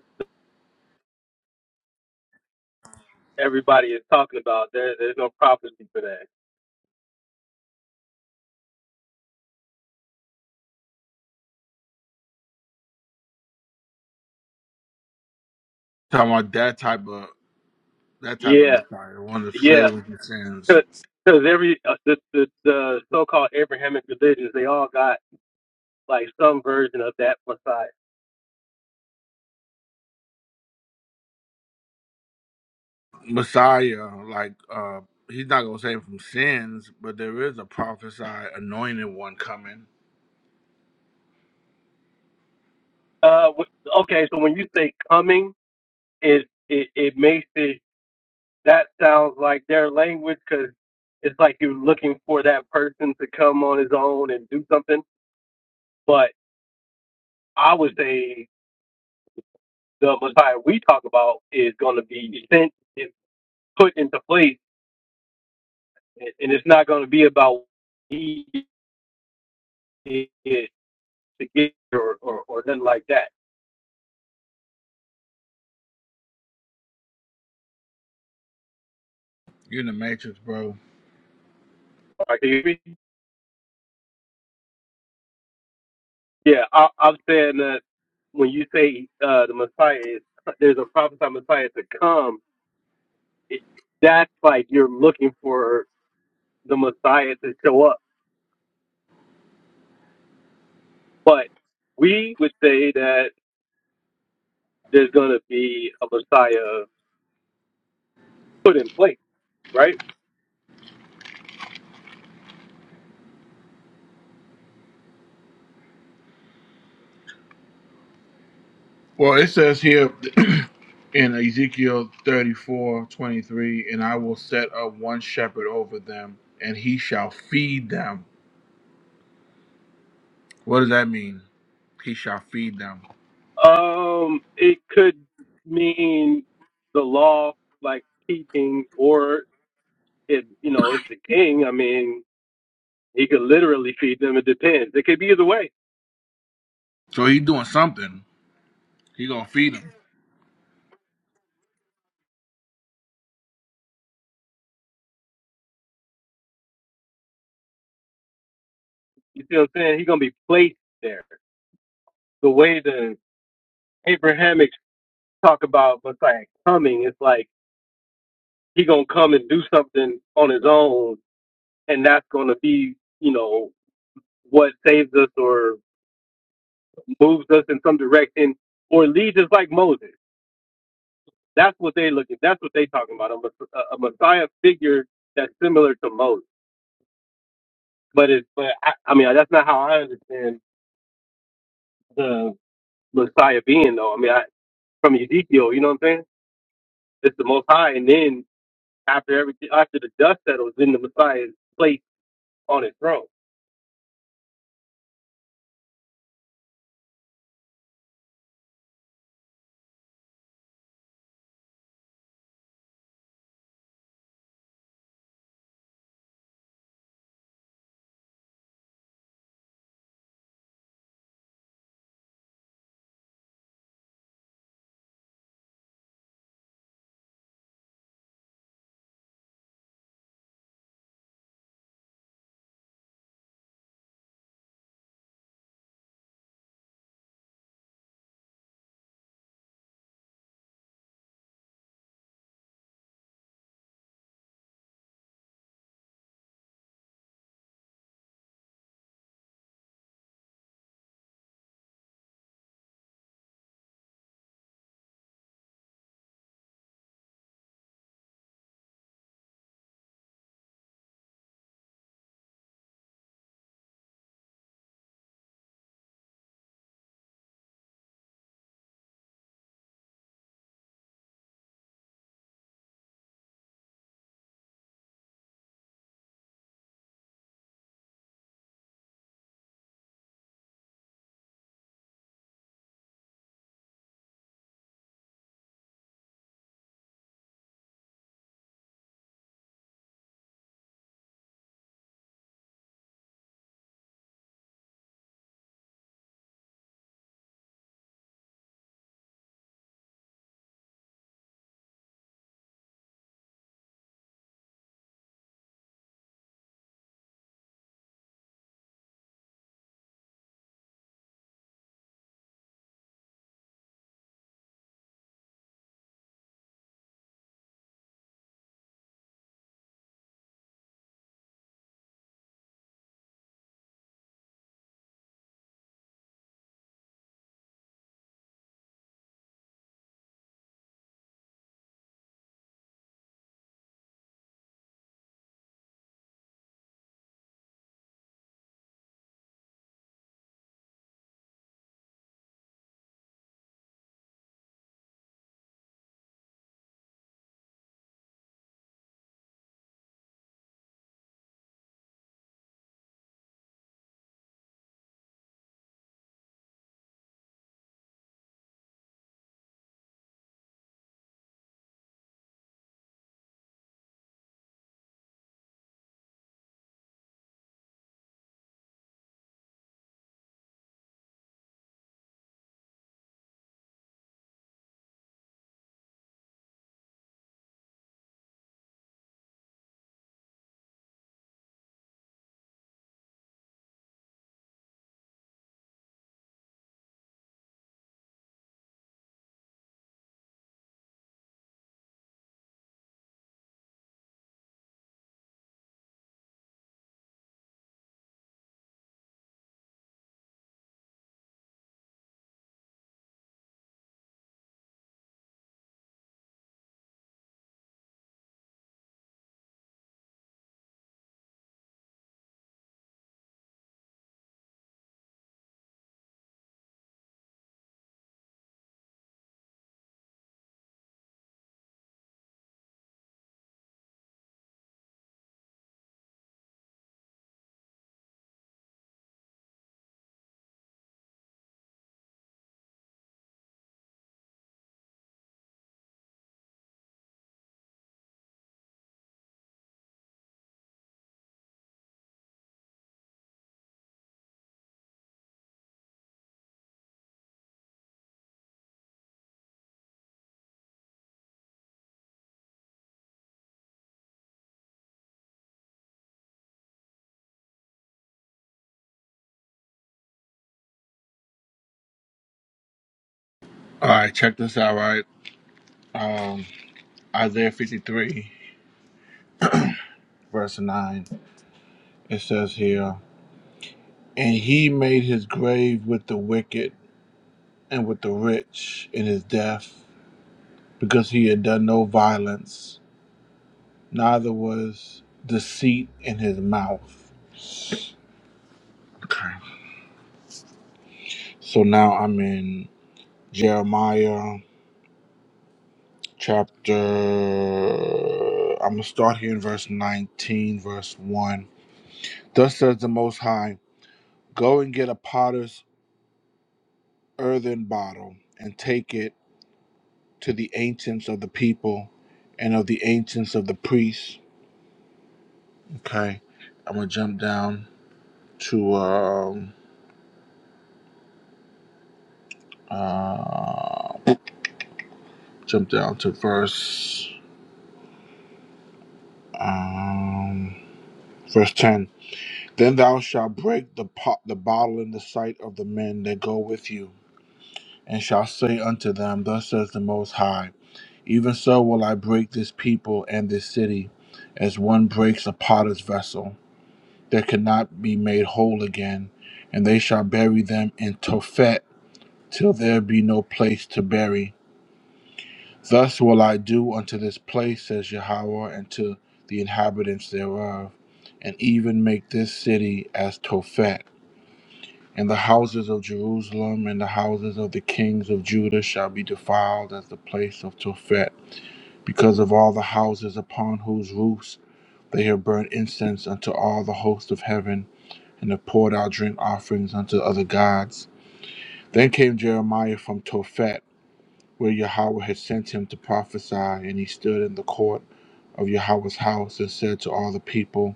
everybody is talking about there. There's no prophecy for that. Talking about that type of that type of Yeah, Messiah, one that yeah. saves him from sins. Because every uh, the, the the so-called Abrahamic religions, they all got like some version of that Messiah. Messiah, like uh he's not gonna save him from sins, but there is a prophesied anointed one coming. Uh, wh- okay. So when you say coming, it it it makes it that sounds like their language because it's like you're looking for that person to come on his own and do something. But I would say the Messiah we talk about is going to be sent and put into place, and, and it's not going to be about he is to get or, or or nothing like that. You're in the matrix, bro. All right, can you hear Yeah, I, I'm saying that when you say uh, the Messiah is there's a prophesied Messiah to come, it, that's like you're looking for the Messiah to show up. But we would say that there's going to be a Messiah put in place, right? Well, it says here in Ezekiel 34 23, and I will set up one shepherd over them, and he shall feed them. What does that mean? He shall feed them. Um, it could mean the law, like teaching, or if you know, it's the king. I mean, he could literally feed them. It depends. It could be either way. So he doing something. He gonna feed him. You see what I'm saying? He's gonna be placed there. The way the Abrahamic talk about Messiah coming. It's like he gonna come and do something on his own, and that's gonna be you know what saves us or moves us in some direction or leads us like Moses. That's what they looking. That's what they talking about. A, mess- a a Messiah figure that's similar to Moses. But it, but I, I mean that's not how I understand the Messiah being though. I mean I, from Ezekiel, you know what I'm saying? It's the Most High, and then after everything, after the dust settles, then the Messiah is placed on his throne. All right, check this out. Right, um, Isaiah fifty three, verse nine. It says here, and he made his grave with the wicked and with the rich in his death, because he had done no violence, neither was deceit in his mouth. Okay. So now I'm in Jeremiah chapter. I'm gonna start here in verse nineteen, verse one Thus says the Most High Go and get a potter's earthen bottle, and take it to the ancients of the people and of the ancients of the priests. Okay, I'm gonna jump down to um uh jump down to verse um verse ten. Then thou shalt break the pot the bottle in the sight of the men that go with you and shall say unto them, Thus says the Most High, Even so will I break this people and this city, as one breaks a potter's vessel, that cannot be made whole again, and they shall bury them in Tophet, till there be no place to bury. Thus will I do unto this place, says Yahweh, and to the inhabitants thereof, and even make this city as Tophet and the houses of Jerusalem and the houses of the kings of Judah shall be defiled as the place of Tophet, because of all the houses upon whose roofs they have burnt incense unto all the host of heaven, and have poured out drink offerings unto other gods. Then came Jeremiah from Tophet, where Yahweh had sent him to prophesy, and he stood in the court of Yahweh's house and said to all the people,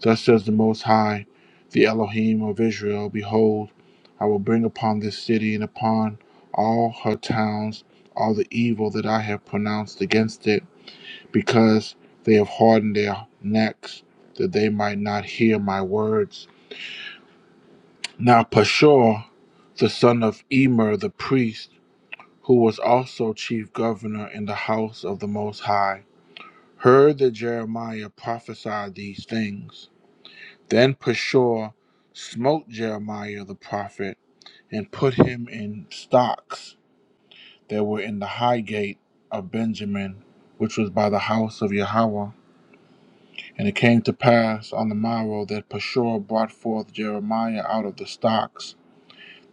Thus says the Most High, the Elohim of Israel Behold, I will bring upon this city and upon all her towns all the evil that I have pronounced against it, because they have hardened their necks, that they might not hear my words. Now Pashur, the son of Emer the priest, who was also chief governor in the house of the Most High, heard that Jeremiah prophesied these things. Then Pashur smote Jeremiah the prophet and put him in stocks that were in the high gate of Benjamin, which was by the house of Yahweh. And it came to pass on the morrow that Pashur brought forth Jeremiah out of the stocks.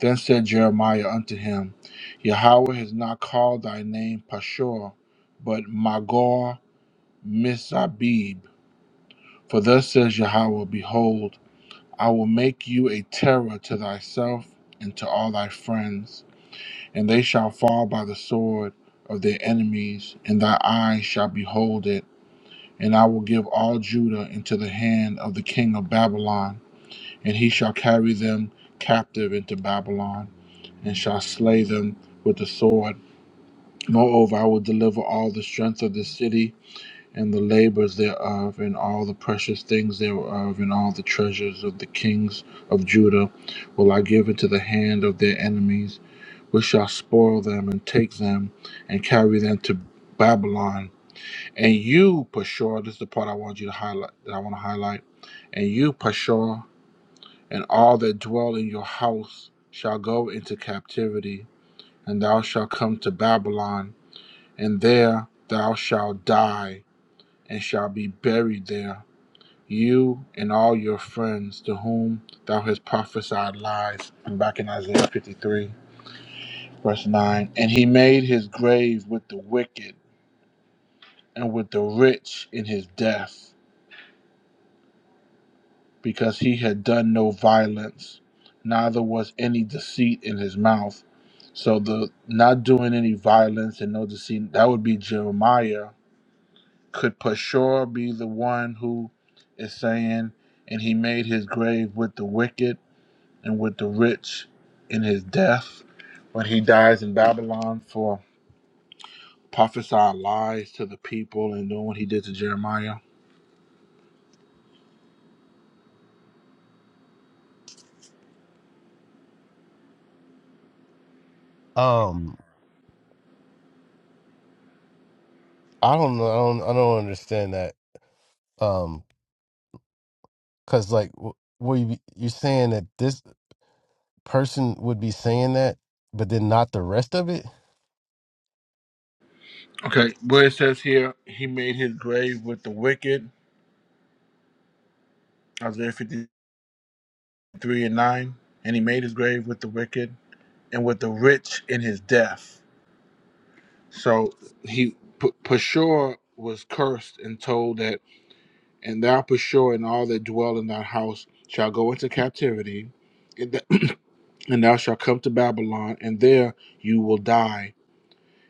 Then said Jeremiah unto him, Yahweh has not called thy name Pashur, but Magor Mizabib. For thus says Yahweh, Behold, I will make you a terror to thyself and to all thy friends, and they shall fall by the sword of their enemies, and thy eyes shall behold it. And I will give all Judah into the hand of the king of Babylon, and he shall carry them captive into Babylon, and shall slay them with the sword. Moreover, I will deliver all the strength of the city and the labors thereof, and all the precious things thereof, and all the treasures of the kings of Judah will I give into the hand of their enemies, which shall spoil them, and take them, and carry them to Babylon. And you, Pashur, this is the part I want you to highlight, that I want to highlight, and you, Pashur, and all that dwell in your house shall go into captivity, and thou shalt come to Babylon, and there thou shalt die, and shall be buried there you and all your friends to whom thou hast prophesied lies. And back in Isaiah 53, verse 9. And he made his grave with the wicked and with the rich in his death, because he had done no violence, neither was any deceit in his mouth. So the not doing any violence and no deceit, that would be Jeremiah. Could Pashur be the one who is saying, and he made his grave with the wicked and with the rich in his death when he dies in Babylon for prophesying lies to the people and doing what he did to Jeremiah. Um, I don't know. I don't. I don't understand that. Um, because like, w- will you you're saying that this person would be saying that, but then not the rest of it? Okay, where it says here, he made his grave with the wicked, Isaiah 53 and 9, and he made his grave with the wicked and with the rich in his death. So he, P- Pashur was cursed and told that, and thou Pashur and all that dwell in thy house shall go into captivity. and that and thou shalt come to Babylon, and there you will die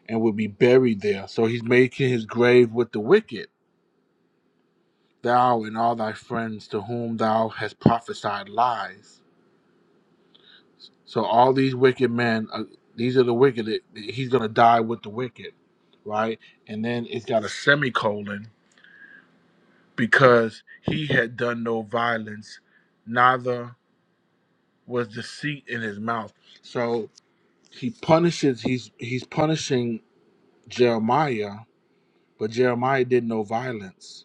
and will be buried there. So he's making his grave with the wicked, thou and all thy friends to whom thou hast prophesied lies. So all these wicked men, uh, these are the wicked. that- that He's gonna die with the wicked, right? And then it's got a semicolon because he had done no violence, neither was deceit in his mouth. So he punishes. He's he's punishing Jeremiah But Jeremiah did no violence.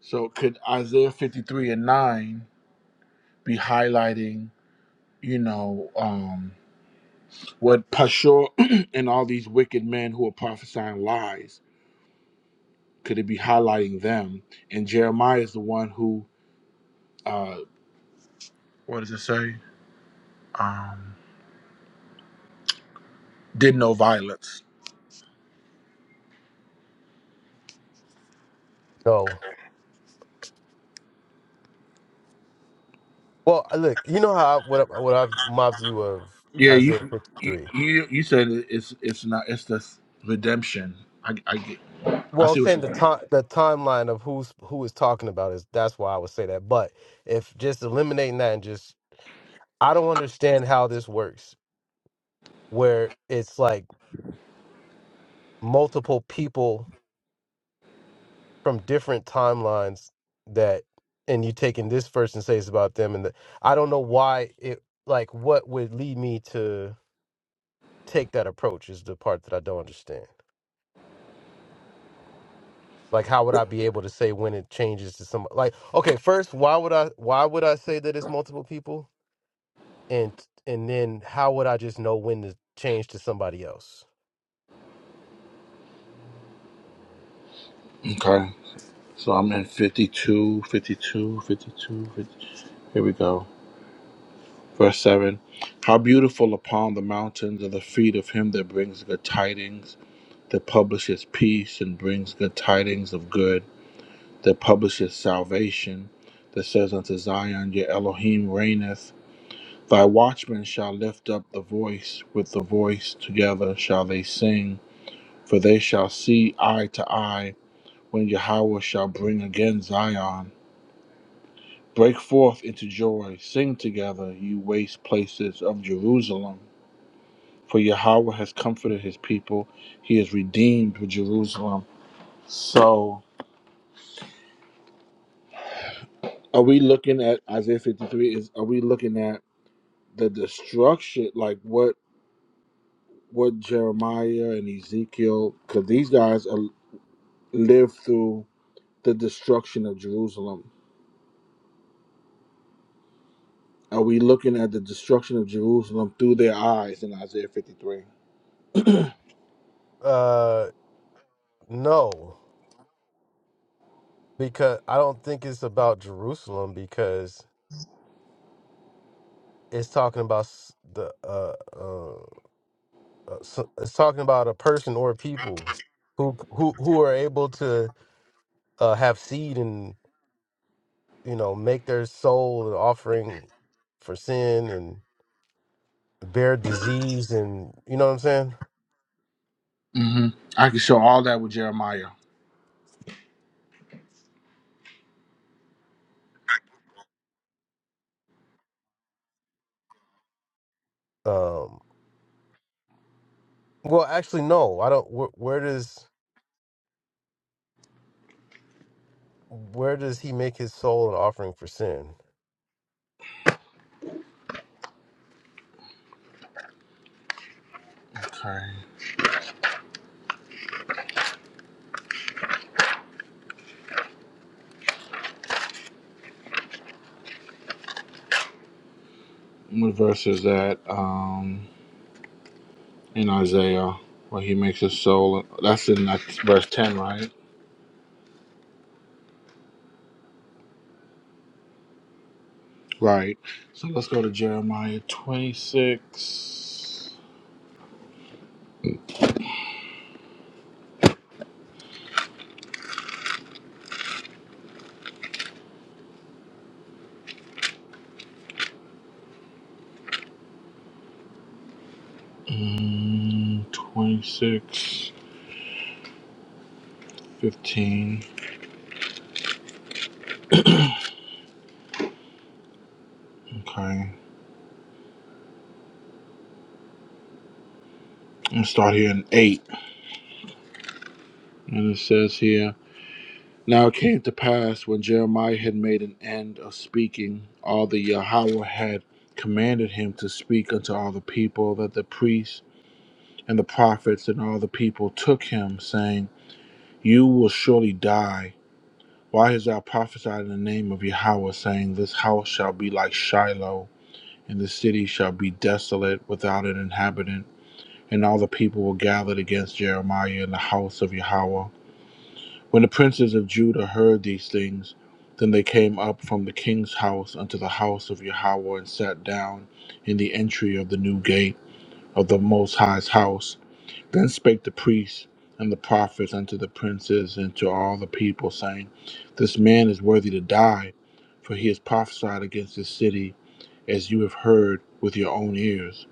So could Isaiah 53 and 9 be highlighting, you know, um, what Pashur and all these wicked men who are prophesying lies, could it be highlighting them? And Jeremiah is the one who, uh, what does it say? Um, did no violence. No. Well, look, you know how I, what I- what I've my view of Yeah, you Isaiah you 53. you, you said it- it's it's not it's the redemption. I, I get I Well, I'm see what saying you're the saying. time the timeline of who's who is talking about is that's why I would say that. But if just eliminating that and just I don't understand how this works, where it's like multiple people from different timelines that and you taking this first and say it's about them and the, I don't know why it like what would lead me to take that approach is the part that I don't understand. Like how would I be able to say when it changes to some like okay, first why would I why would I say that it's multiple people? and and then how would I just know when to change to somebody else? Okay. So I'm in 52, fifty-two, fifty-two, fifty. Here we go. Verse 7 How beautiful upon the mountains are the feet of him that brings good tidings, that publishes peace and brings good tidings of good, that publishes salvation, that says unto Zion, Your Elohim reigneth. Thy watchmen shall lift up the voice, with the voice together shall they sing, for they shall see eye to eye when Yahweh shall bring again Zion. Break forth into joy, sing together, you waste places of Jerusalem. For Yahweh has comforted his people, he has redeemed with Jerusalem. So, are we looking at Isaiah 53? Is Are we looking at the destruction, like what what Jeremiah and Ezekiel, because these guys are, lived through the destruction of Jerusalem? Are we looking at the destruction of Jerusalem through their eyes in Isaiah 53? Uh, no, because I don't think it's about Jerusalem because it's talking about s- the uh, uh uh, s- it's talking about a person or people who who who are able to uh have seed and you know make their soul an offering for sin and bear disease and you know what I'm saying? hmm I can show all that with Jeremiah. Um, well, actually, no, I don't. Where, where does where does he make his soul an offering for sin? Okay. What verse is that? Um, in Isaiah, where he makes his soul. That's in like, verse 10, right? Right. So let's go to Jeremiah 26. Mm, 26, fifteen. Okay. I'm start here in 8. And it says here Now it came to pass when Jeremiah had made an end of speaking, all the Yahweh had commanded him to speak unto all the people that the priests And the prophets and all the people took him, saying, You will surely die. Why hast thou prophesied in the name of Yahweh, saying, This house shall be like Shiloh, and the city shall be desolate without an inhabitant? And all the people were gathered against Jeremiah in the house of Yahweh. When the princes of Judah heard these things, then they came up from the king's house unto the house of Yahweh and sat down in the entry of the new gate of the Most High's house. Then spake the priests and the prophets unto the princes and to all the people, saying, This man is worthy to die, for he has prophesied against this city, as you have heard with your own ears.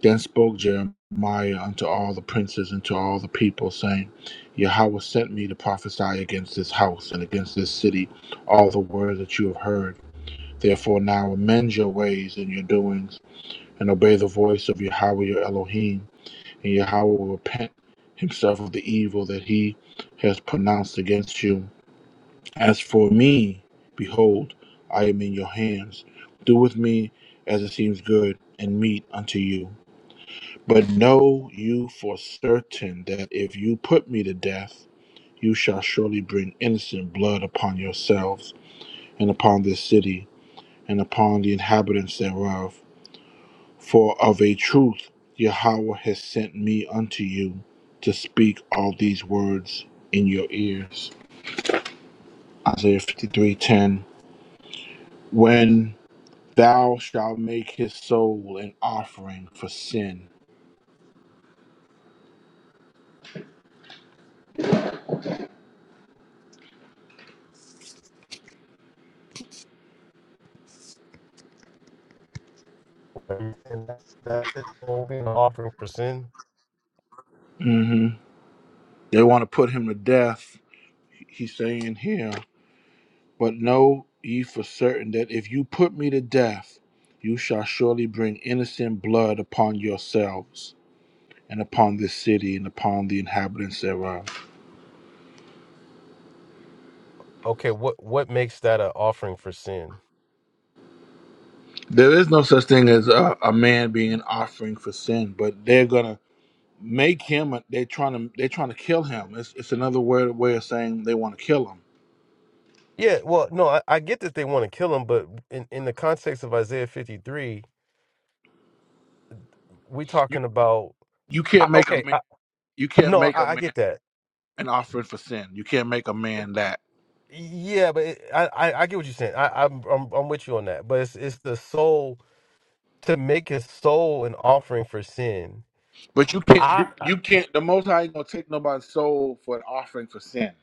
Then spoke Jeremiah unto all the princes and to all the people, saying, Yahweh sent me to prophesy against this house and against this city all the words that you have heard. Therefore now amend your ways and your doings, and obey the voice of Yahweh your Elohim and Yahweh will repent himself of the evil that he has pronounced against you. As for me, behold, I am in your hands. Do with me as it seems good and meet unto you. But know you for certain that if you put me to death, you shall surely bring innocent blood upon yourselves, and upon this city, and upon the inhabitants thereof For of a truth Yahweh has sent me unto you to speak all these words in your ears. Isaiah 53:10. When thou shalt make his soul an offering for sin. And that, that his soul being an offering for sin. hmm They want to put him to death. He's saying here, but know ye for certain that if you put me to death, you shall surely bring innocent blood upon yourselves and upon this city and upon the inhabitants thereof. Okay, what what makes that an offering for sin? There is no such thing as a, a man being an offering for sin, but they're gonna make him. a- They're trying to. They're trying to kill him. It's, it's another word way of saying they want to kill him. Yeah, well, no, I, I get that they want to kill him, but in, in the context of Isaiah fifty three, we You talking about you I, can't make a okay, man. I, You can't no, make a I, I man get that. an offering for sin. You can't make a man that. Yeah, but it, I, I I get what you're saying. I, I'm I'm I'm with you on that. But it's it's the soul to make his soul an offering for sin. But you can't. I You, I you can't. The Most High ain't gonna take nobody's soul for an offering for sin.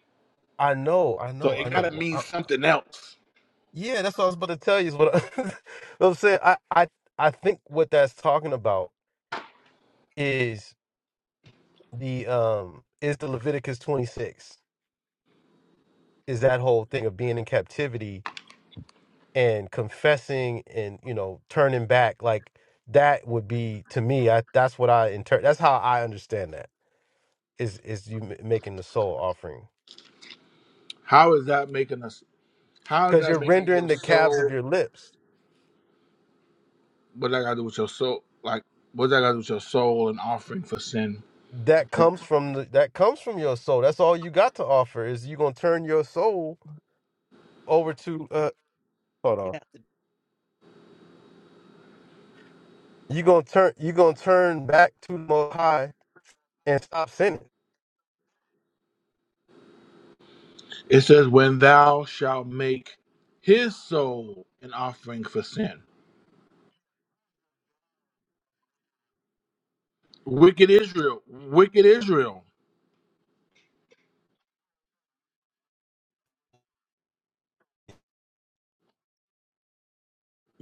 I know, I So know, I it gotta know. mean something else. Yeah, that's what I was about to tell you. Is what, I, what I'm saying. I, I I think what that's talking about is the um is the Leviticus 26 is that whole thing of being in captivity and confessing and you know turning back like that would be to me. I that's what I inter that's how I understand that is is you m- making the soul offering How is that making us? How is because you're that making rendering your the calves of soul? your lips. What that got to do with your soul? Like what that got to do with your soul and offering for sin? That comes from the, that comes from your soul. That's all you got to offer is you gonna turn your soul over to uh hold on. Yeah. You gonna turn you gonna turn back to the most high and stop sinning. It says, When thou shalt make his soul an offering for sin. Wicked Israel, wicked Israel,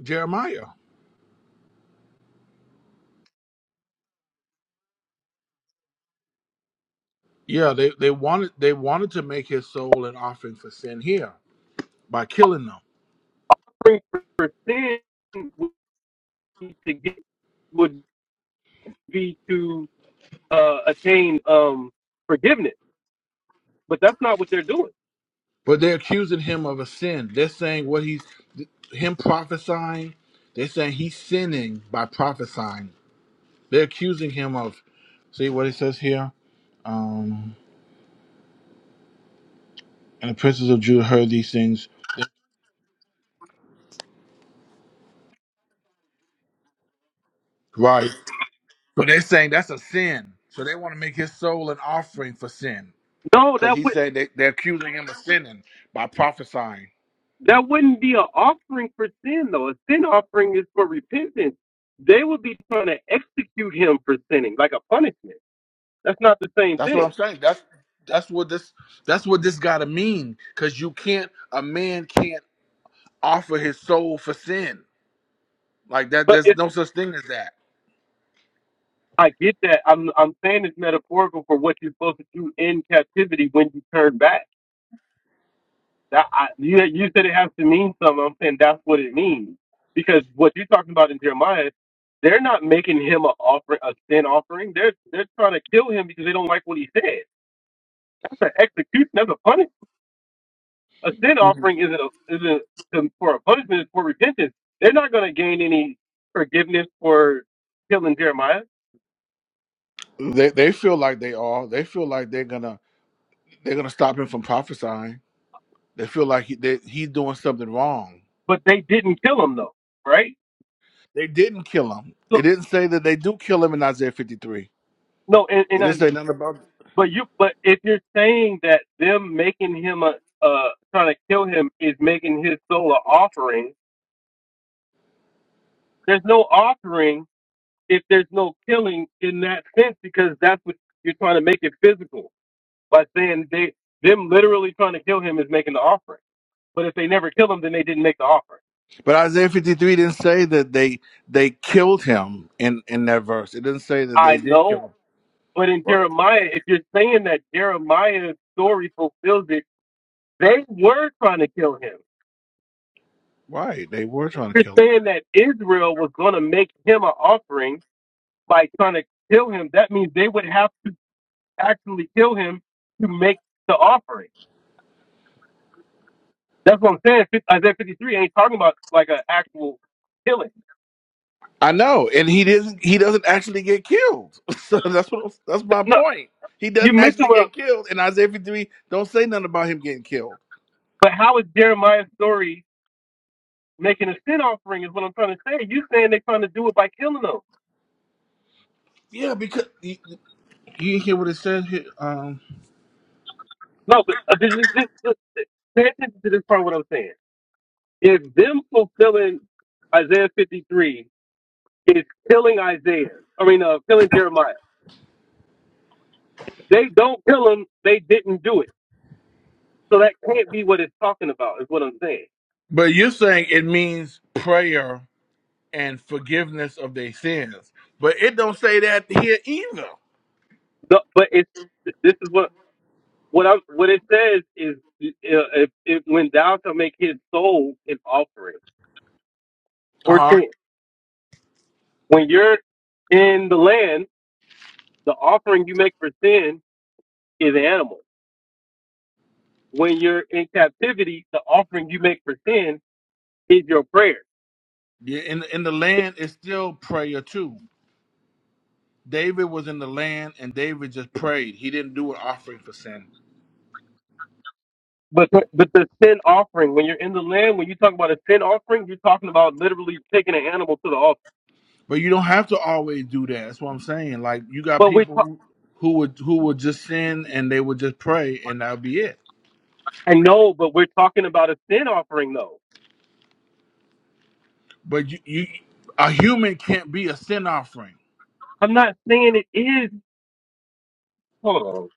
Jeremiah. Yeah, they, they wanted they wanted to make his soul an offering for sin here by killing them. Bring for sin would be to get would be to uh, attain um, forgiveness, but that's not what they're doing. But they're accusing him of a sin. They're saying what he's him prophesying, they're saying he's sinning by prophesying. They're accusing him of see what it says here? Um and the princes of Judah heard these things. Right. So they're saying that's a sin. So they want to make his soul an offering for sin. No, Because that he's would saying they, they're accusing him of sinning by prophesying. that wouldn't be an offering for sin though. A sin offering is for repentance. They would be trying to execute him for sinning, like a punishment. That's not the same That's what thing. I'm saying. That's that's what this that's what this gotta mean. Cause you can't a man can't offer his soul for sin. Like that But there's no such thing as that. I get that. I'm I'm saying it's metaphorical for what you're supposed to do in captivity when you turn back. That I, you you said it has to mean something. I'm saying that's what it means because what you're talking about in Jeremiah, they're not making him a offer a sin offering. They're they're trying to kill him because they don't like what he said. That's an execution. That's a punishment. A sin offering isn't a isn't to- for a punishment. It's for repentance. They're not going to gain any forgiveness for killing Jeremiah, They they feel like they are. They feel like they're gonna they're gonna stop him from prophesying. They feel like he, they, he's doing something wrong. but they didn't kill him though, right? They didn't kill him. So It didn't say that they do kill him in Isaiah 53. no, in, It in Isaiah. didn't say nothing about. But you, but if you're saying that them making him a, uh, trying to kill him is making his soul an offering, there's no offering if there's no killing in that sense because that's what you're trying to make it physical by saying they them literally trying to kill him is making the offering. But if they never kill him, then they didn't make the offering. But Isaiah 53 didn't say that they they killed him in in that verse. It didn't say that they I did kill know, him. but in Jeremiah, if you're saying that Jeremiah's story fulfills it, they were trying to kill him. Right, they were If trying to you're kill him. saying that Israel was going to make him an offering by trying to kill him, that means they would have to actually kill him to make the offering. That's what I'm saying. Isaiah 53 ain't talking about like an actual killing. I know, and he didn't. He doesn't actually get killed. so that's what that's my No, point. He you're doesn't missing actually what. I'm, get killed, and Isaiah 53 don't say nothing about him getting killed. but how is Jeremiah's story making a sin offering? Is what I'm trying to say. You saying they're trying to do it by killing them? Yeah, because you, you hear what it says here. Um, No, but uh, just, just just pay attention to this part. of What I'm saying. If them fulfilling Isaiah 53 is killing Isaiah, I mean, uh, killing Jeremiah. If They don't kill him. They didn't do it. So that can't be what it's talking about, is what I'm saying. but you're saying it means prayer and forgiveness of their sins, but it don't say that here either. No, but it's this is what what I am what it says is uh, if, if when thou shalt make his soul an offering Uh for huh. sin. When you're in the land, the offering you make for sin is animal. When you're in captivity, the offering you make for sin is your prayer. Yeah, in in the land it's still prayer too. David was in the land and David just prayed. He didn't do an offering for sin. But the, but the sin offering, when you're in the land, when you talk about a sin offering, you're talking about literally taking an animal to the altar. But you don't have to always do that. That's what I'm saying. Like you got But we, people talk- who, who would who would just sin and they would just pray and that'll be it. I know, but we're talking about a sin offering, though. But you, you a human can't be a sin offering. I'm not saying it is. Hold on.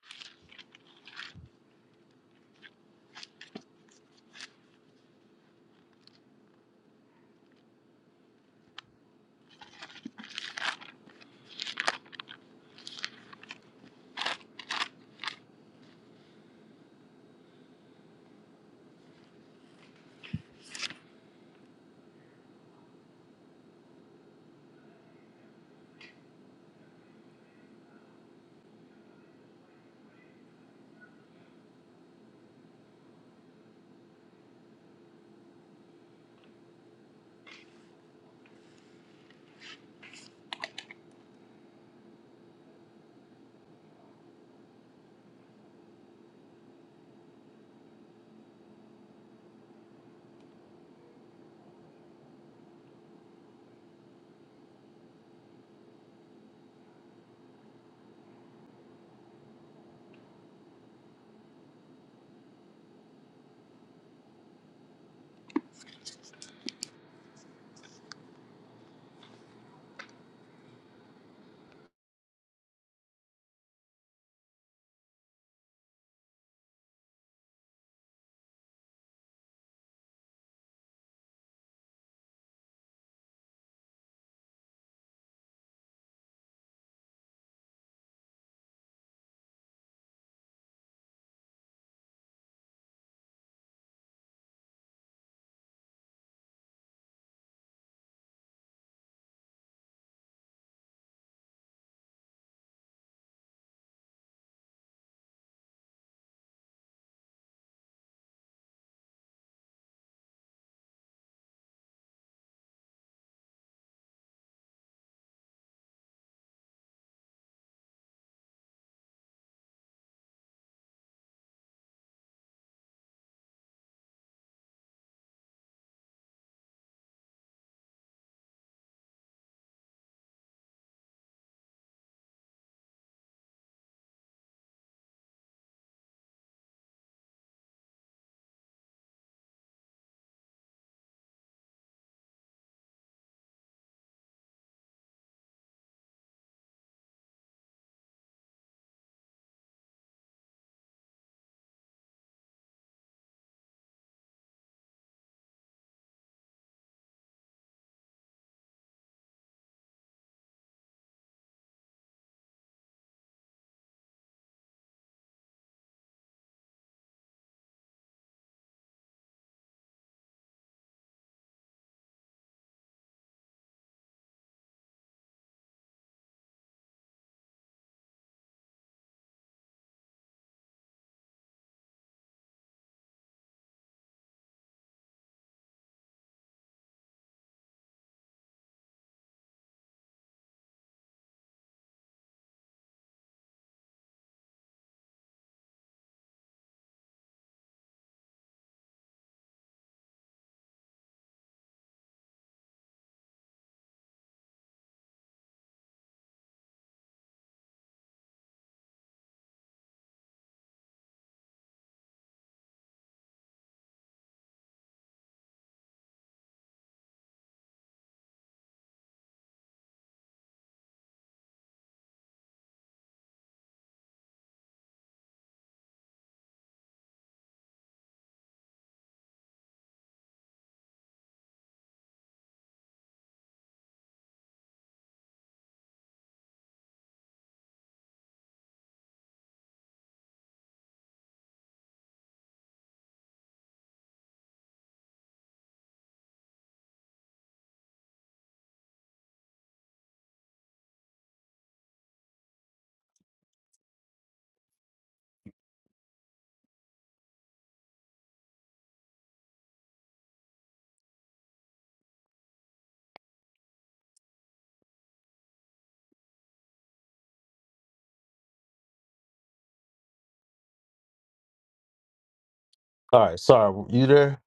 All right, sorry, you there?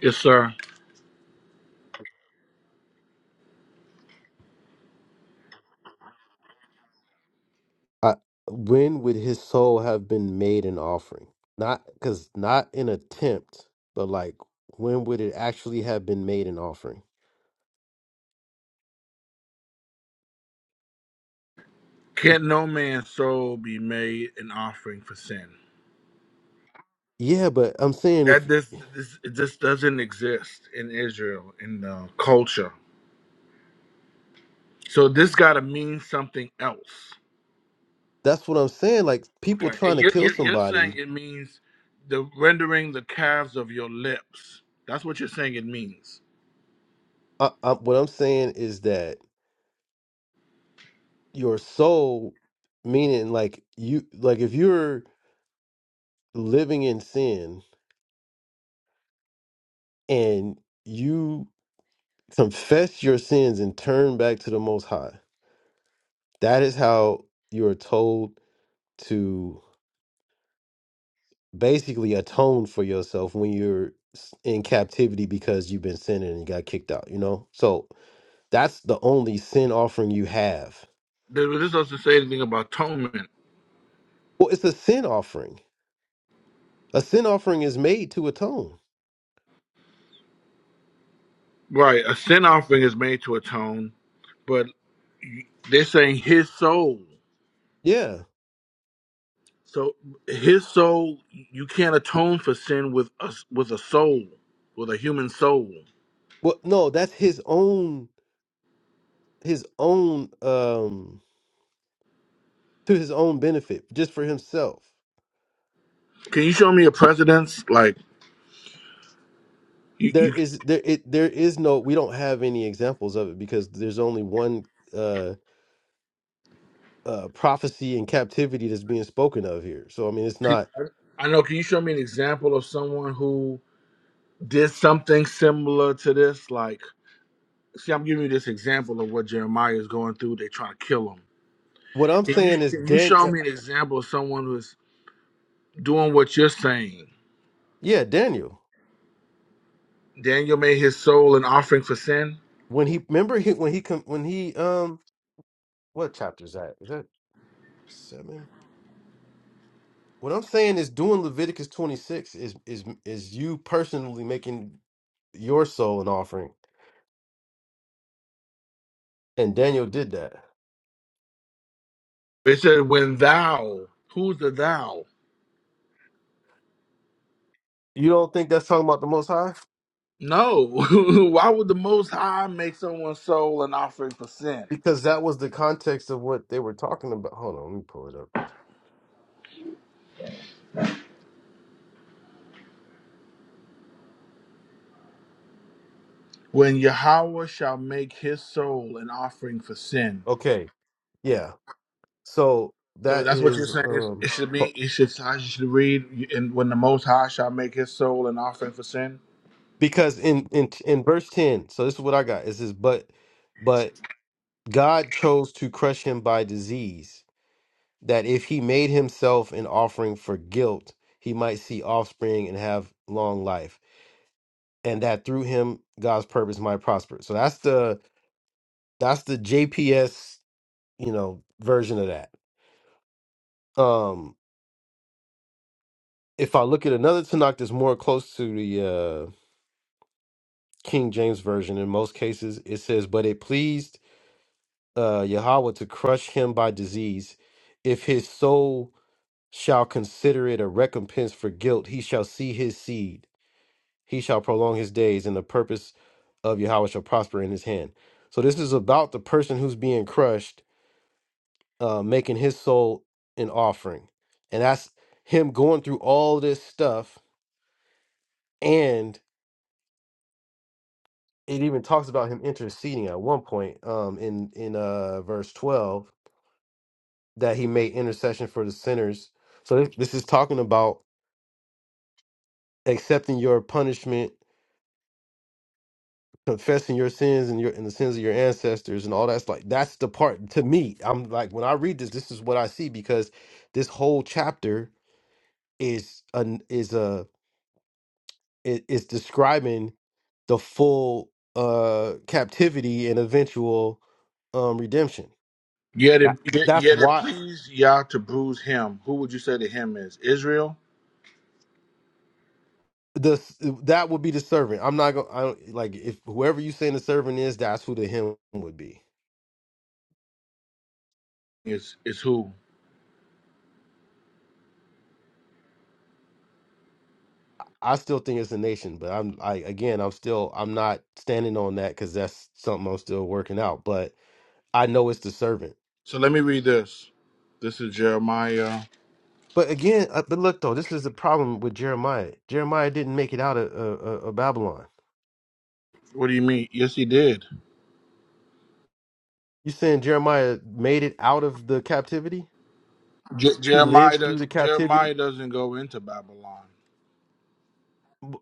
Yes, sir. I, when would his soul have been made an offering? Not because not an attempt, but like when would it actually have been made an offering? Can not no man's soul be made an offering for sin? Yeah, but I'm saying That if this this it just doesn't exist in Israel in the culture. So this got to mean something else. that's what I'm saying, like people Okay, and trying to you're, kill you're you're saying somebody. it means the rendering the calves of your lips. That's what you're saying it means. I, I, what I'm saying is that your soul, meaning like you, like if you're living in sin and you confess your sins and turn back to the Most High. That is how you are told to basically atone for yourself when you're s- in captivity because you've been sinning and you got kicked out, you know? So that's the only sin offering you have. Th- This doesn't say anything about atonement, Well, it's a sin offering. A sin offering is made to atone. right? A sin offering is made to atone, but they're saying his soul. Yeah. So his soul, you can't atone for sin with a s- with a soul, with a human soul. Well, no, that's his own his own um to his own benefit, just for himself. Can you show me a precedence? Like you, there you is there it there is no we don't have any examples of it because there's only one uh uh prophecy and captivity that's being spoken of here so i mean it's not I know. Can you show me an example of someone who did something similar to this? Like. see, I'm giving you this example of what Jeremiah is going through. They're trying to kill him. what i'm If you, saying is if you dan show yeah me an example of someone who's doing what you're saying, yeah, daniel Daniel made his soul an offering for sin. when he remember he when he com- when he um what chapter is that is that seven what i'm saying is doing leviticus 26 is is is you personally making your soul an offering and daniel did that It said, when thou, who's the thou? you don't think that's talking about the most high No. Why would the Most High make someone's soul an offering for sin? because that was the context of what they were talking about. Hold on, let me pull it up. When Yahweh shall make his soul an offering for sin. Okay, yeah. So So that that's what you're is saying. is- um It should be, it should, I should read, and when the Most High shall make his soul an offering for sin. because in in in verse ten. So this is what I got. It says, but but God chose to crush him by disease, that if he made himself an offering for guilt, he might see offspring and have long life, and that through him God's purpose might prosper. So that's the that's the JPS you know version of that. Um if I look at another Tanakh that's more close to the uh, King James version, in most cases it says, "But it pleased uh, Yahweh to crush him by disease. If his soul shall consider it a recompense for guilt, he shall see his seed. He shall prolong his days, and the purpose of Yahweh shall prosper in his hand." So this is about the person who's being crushed, uh, making his soul an offering, and that's him going through all this stuff and it even talks about him interceding at one point um in in uh verse 12 that he made intercession for the sinners so this, this is talking about accepting your punishment confessing your sins and your and the sins of your ancestors and all that's like that's the part to me i'm like when i read this this is what i see because this whole chapter is an is a i- is describing the full uh captivity and eventual um redemption Yet that it, yet that's yet it why pleased Yah to bruise him. Who would you say the him is? Israel the that would be the servant. I'm not gonna I don't, like if whoever you saying the servant is, that's who the him would be. is is who? I still think it's a nation, but I'm I again I'm still I'm not standing on that because that's something I'm still working out. But I know it's the servant. So let me read this. This is Jeremiah. But again, uh, but look though, this is the problem with Jeremiah. Jeremiah didn't make it out of, uh, uh, of Babylon. What do you mean? Yes, he did. You saying Jeremiah made it out of the captivity? Je- He Jeremiah lived do- through the captivity. Jeremiah doesn't go into Babylon.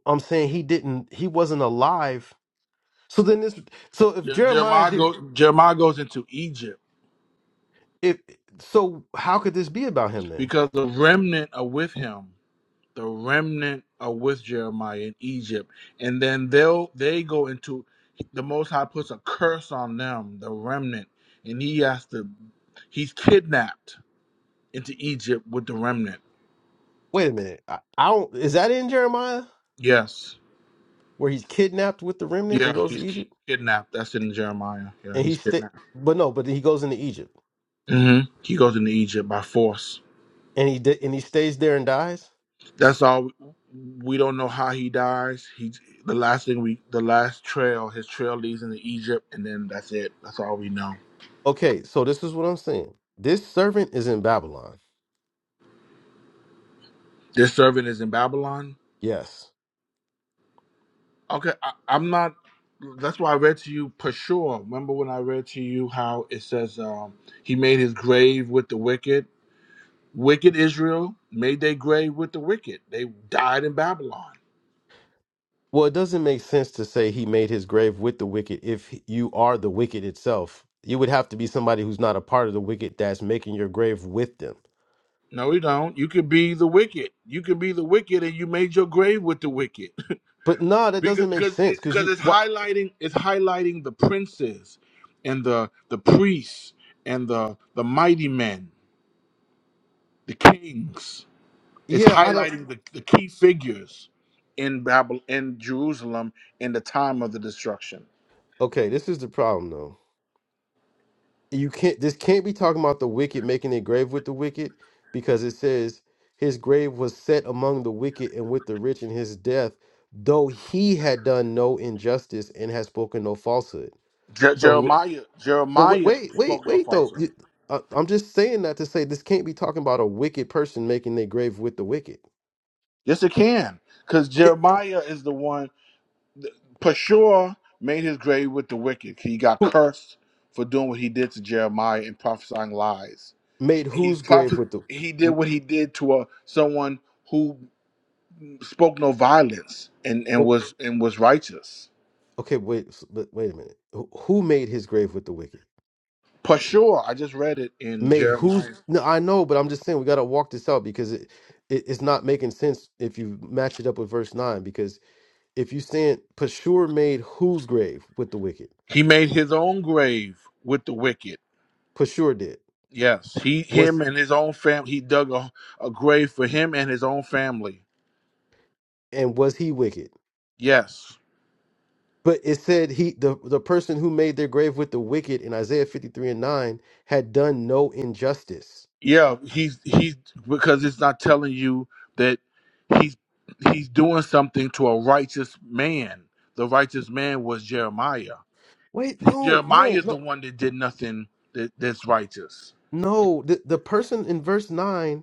I'm saying he didn't. He wasn't alive. So then this. So if Je- Jeremiah Jeremiah did. goes Jeremiah goes into Egypt If so, how could this be about him then? because the remnant are with him. the remnant are with Jeremiah in Egypt, and then they'll they go into the Most High puts a curse on them, the remnant, and he has to he's kidnapped into Egypt with the remnant. Wait a minute. I, I don't. Is that in Jeremiah Yes, where he's kidnapped with the remnant and yeah, goes to he's ki- Egypt? kidnapped. That's in Jeremiah. Yeah, And he he's stay, kidnapped. but no, but he goes into Egypt hmm He goes into Egypt by force. and he di- and he stays there and dies. That's all. We don't know how he dies. He the last thing we the last trail his trail leads into Egypt, and then that's it. That's all we know. Okay, so this is what I'm saying. This servant is in Babylon. This servant is in Babylon Yes. Okay, I, I'm not. That's why I read to you Peshur. Remember when I read to you how it says um, he made his grave with the wicked. Wicked Israel made their grave with the wicked. They died in Babylon. Well, it doesn't make sense to say he made his grave with the wicked if you are the wicked itself. You would have to be somebody who's not a part of the wicked that's making your grave with them. No, you don't. You could be the wicked. You could be the wicked, and you made your grave with the wicked But no, that because doesn't make because sense it, because 'cause you. it's Wh- highlighting it's highlighting the princes and the the priests and the the mighty men, the kings. It's yeah, I don't. highlighting the, the key figures in Babel in Jerusalem in the time of the destruction. Okay, this is the problem though. You can't this can't be talking about the wicked making a grave with the wicked because it says his grave was set among the wicked and with the rich in his death, though he had done no injustice and had spoken no falsehood. Je- So, wh- Jeremiah but wait, Jeremiah wait, wait, spoke no wait though. falsehood. You- I, I'm just saying that to say this can't be talking about a wicked person making their grave with the wicked. Yes, it can, because It, Jeremiah is the one. Pashur made his grave with the wicked. He got who cursed for doing what he did to Jeremiah and prophesying lies. made And he whose grave prophet with the? he did m- what he did to a someone who spoke no violence and, and Oh, was and was righteous. okay, wait, s- but wait a minute. Who who made his grave with the wicked? Pashur, I just read it in made who's Jeremiah. no, I know, but I'm just saying we got to walk this out because it, it it's not making sense if you match it up with verse nine. Because if you saying Pashur made whose grave with the wicked, He made his own grave with the wicked. Pashur did Yes, he, was him, and his own family. He dug a, a grave for him and his own family. and was he wicked? Yes, But it said he the the person who made their grave with the wicked in Isaiah 53 and nine had done no injustice. yeah. He's he's because it's not telling you that he's he's doing something to a righteous man. The righteous man was Jeremiah. Wait, no, Jeremiah no, is the no, one that did nothing that, that's righteous. no. The the person in verse nine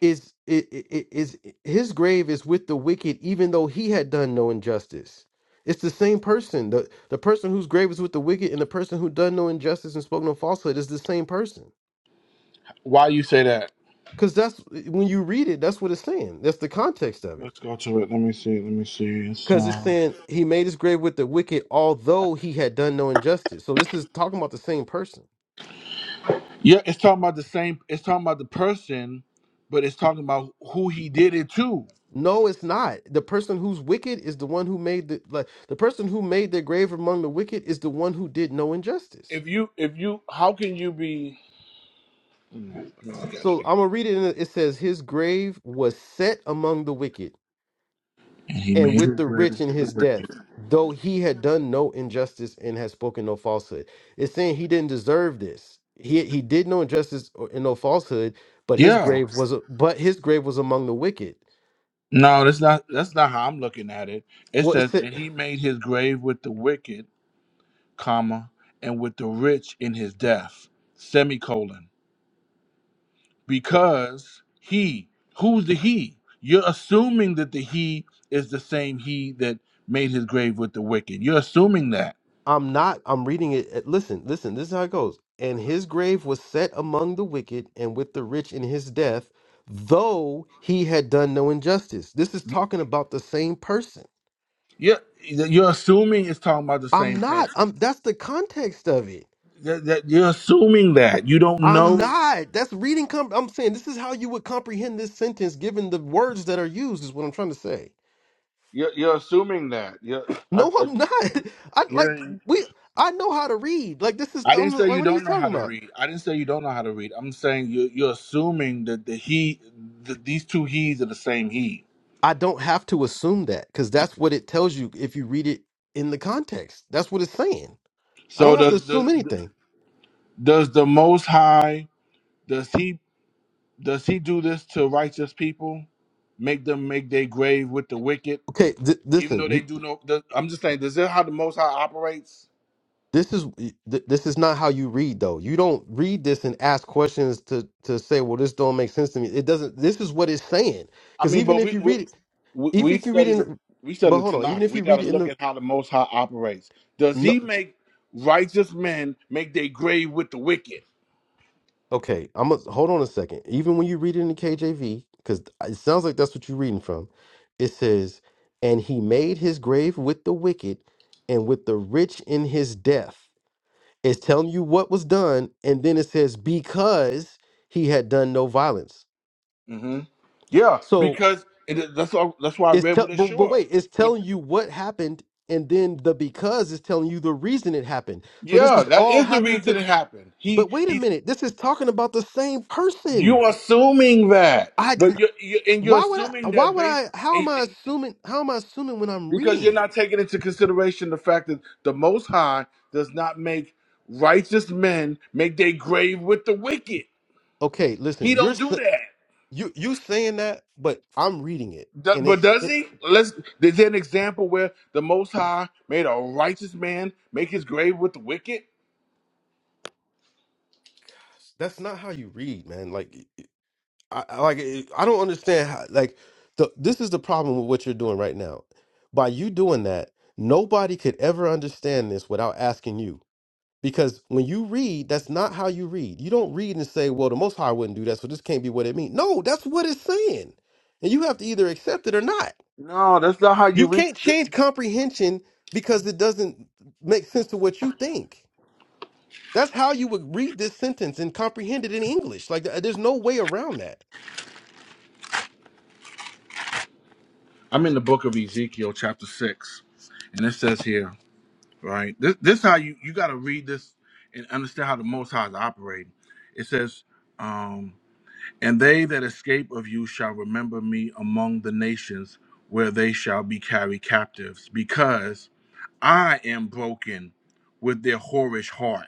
is i- i- i- is his grave is with the wicked even though he had done no injustice it's the same person the the person whose grave is with the wicked and the person who done no injustice and spoke no falsehood is the same person Why you say that? because that's when you read it that's what it's saying that's the context of it Let's go to it. Let me see. Let me see. It's because it's uh, saying he made his grave with the wicked although he had done no injustice so this is talking about the same person Yeah, it's talking about the same. It's talking about the person, but it's talking about who he did it to. no it's not the person who's wicked is the one who made the like the person who made their grave among the wicked is the one who did no injustice If you, if you, how can you be? Mm, I got it. So again. I'm gonna read it. In the, it says, "His grave was set among the wicked, And he and made with it. the rich in his death, though he had done no injustice and had spoken no falsehood." It's saying he didn't deserve this. He he did no injustice or, and no falsehood, but his Yeah. grave was a- but his grave was among the wicked. No, that's not. That's not how I'm looking at it. It Well, it says, said. and he made his grave with the wicked, comma, and with the rich in his death, semicolon, because he. Who's the he? You're assuming that the he is the same he that made his grave with the wicked. You're assuming that. I'm not. I'm reading it. eh, Listen, listen. This is how it goes. And his grave was set among the wicked and with the rich in his death, though he had done no injustice. This is talking about the same person. Yeah, you're assuming it's talking about the same I'm not. person. I'm. That's the context of it. That, that- you're assuming that you don't I'm know. not. That's reading. Com- I'm saying this is how you would comprehend this sentence given the words that are used. Is what I'm trying to say. You're, you're assuming that. You're, I, No, I, I'm not. I like you're, we. I know how to read. Like this is. I I'm didn't say like, you what are you don't know talking how to about? read. I didn't say you don't know how to read. I'm saying you, you're assuming that the he, the, these two he's are the same he. I don't have to assume that because that's what it tells you if you read it in the context. That's what it's saying. I don't So have to does assume the anything. does the Most High does he does he do this to righteous people? Make them make their grave with the wicked, Okay, th- even though listen. they You, do no. Does, I'm just saying, does that how the Most High operates? this is th- this is not how you read though. You don't read this and ask questions to to say, well, this don't make sense to me. It doesn't. This is what it's saying. I Because mean, even but if we you we read it, we even we if you read study it, the in, we but study the hold on. Even Tanakh. if We you got read it to in look the at how the Most High operates. Does no. He make righteous men make their grave with the wicked? Okay, I'm gonna hold on a second. Even when you read it in the KJV, because it sounds like that's what you're reading from, it says, "And he made his grave with the wicked, and with the rich in his death." It's telling you what was done, and then it says, "Because he had done no violence." hmm Yeah, So because it, is- that's all, that's why I it's read tell, with but, but Ashura. wait, it's But telling you what happened, and then the because is telling you the reason it happened. So this yeah, is that all is the happening reason to. it happened. He But wait a he, minute, this is talking about the same person. you're assuming that, I but you you and you're Why would I? assuming Why that would based. I? How am I assuming? How am I assuming when I'm Because reading you're it? not taking into consideration the fact that the Most High does not make righteous men make their grave with the wicked. Okay, listen, He you're don't do s- that. you you saying that, but I'm reading it, Do- and but it's does it, he? Let's. Is there an example where the Most High made a righteous man make his grave with the wicked? that's not how you read, man. Like, I I- like eh, I don't understand how. Like, the this is the problem with what you're doing right now. By you doing that, nobody could ever understand this without asking you. Because when you read, that's not how you read. You don't read and say, "Well, the Most High wouldn't do that, so this can't be what it means." No, that's what it's saying, and you have to either accept it or not. No, that's not how you You read. can't change comprehension because it doesn't make sense to what you think. That's how you would read this sentence and comprehend it in English. Like th- there's no way around that. I'm in the book of Ezekiel, chapter six, and it says here, right? This, this how you you got to read this and understand how the Most High is operating. It says. um, And they that escape of you shall remember me among the nations where they shall be carried captives, because I am broken with their whorish heart.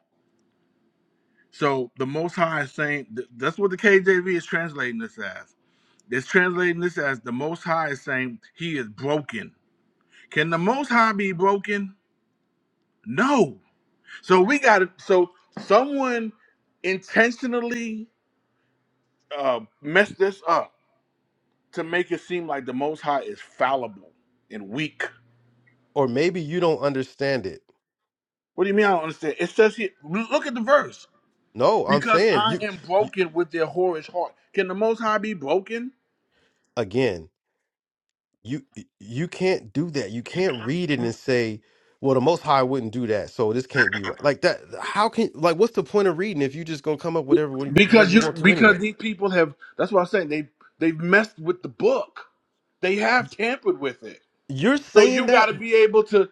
So the Most High is saying, th- that's what the KJV is translating this as. It's translating this as the Most High is saying he is broken. Can the Most High be broken? No. So we got to, so someone intentionally uh, messed this up to make it seem like the Most High is fallible and weak. Or maybe you don't understand it. What do you mean? I don't understand. It says here, look at the verse. No, I'm Because saying I you, am you broken with their whorish heart. Can the Most High be broken? again, you you can't do that. You can't read it and say, "Well, the Most High wouldn't do that, so this can't be right." Like that. How can like what's the point of reading if you just gonna come up whatever whatever Because you you, want to anyway? because these people have. That's what I'm saying. They they've messed with the book. They have tampered with it. You're So saying you got that to be able to,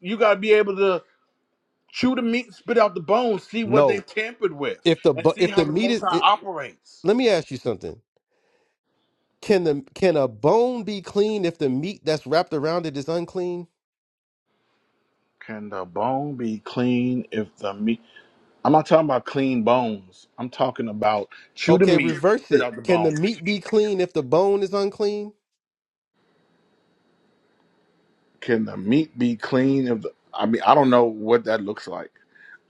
you got to be able to chew the meat, spit out the bones, see what they no. tampered with, If the and bu- see if how the the meat Most is, High it, operates. let me ask you something Can the can a bone be clean if the meat that's wrapped around it is unclean? Can the bone be clean if the meat? I'm not talking about clean bones. I'm talking about chew the Okay, meat, reverse spit it. out the Can the bones. meat be clean if the bone is unclean? Can the meat be clean? If the, I mean, I don't know what that looks like.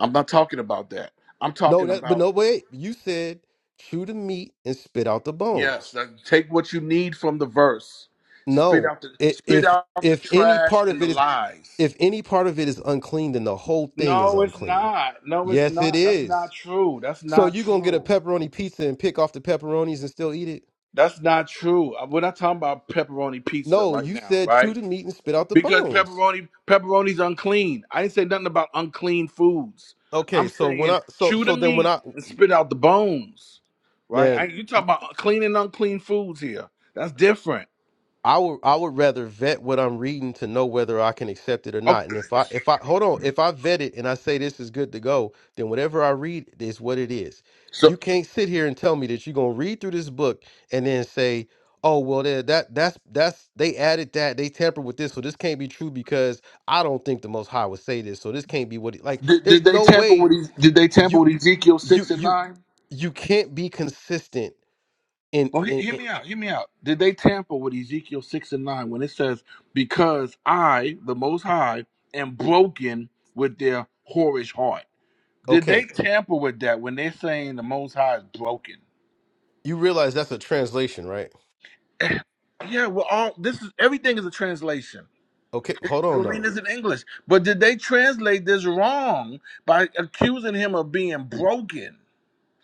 I'm not talking about that. I'm No, talking that but about no wait. You said chew the meat and spit out the yes. bones. that- take what you need from the verse. Spit No, out the i- spit if out the if any trash part of and the it is lies. if any part of it is unclean, then the whole thing is No, it's unclean. not. No, it's Yes, it not. That's not is. true. That's So not you gonna get a true. pepperoni pizza and pick off the pepperonis and still eat it? That's not true. Uh, We're not talking about pepperoni pizza No, right you now, said right? chew the meat and spit out the Because bones. pepperoni pepperoni's unclean. I didn't say nothing about unclean foods. Okay, I'm so when saying I so chew the so then when meat I and spit out the bones. Right? I, Man, you talking about clean and unclean foods here. That's different. I would I would rather vet what I'm reading to know whether I can accept it or Okay. not. And if I if I hold on, if I vet it and I say this is good to go, then whatever I read is what it is. So You can't sit here and tell me that you're gonna read through this book and then say, "Oh, well, that that that's that's they added that they tampered with this, so this can't be true because I don't think the Most High would say this, so this can't be what." It, like, did, there's did they no tamper way with Ez- did they tamper you with Ezekiel you six and you nine? you can't be consistent in Well, he, in, hear in me out. Hear me out. Did they tamper with Ezekiel six and nine when it says, "Because I, the Most High, am broken with their whorish heart"? Did okay they tamper with that when they're saying the Most High is broken? You realize that's a translation, right? Yeah, well, all this is everything is a translation. Okay, hold on We're reading though. this in English, but did they translate this wrong by accusing him of being broken?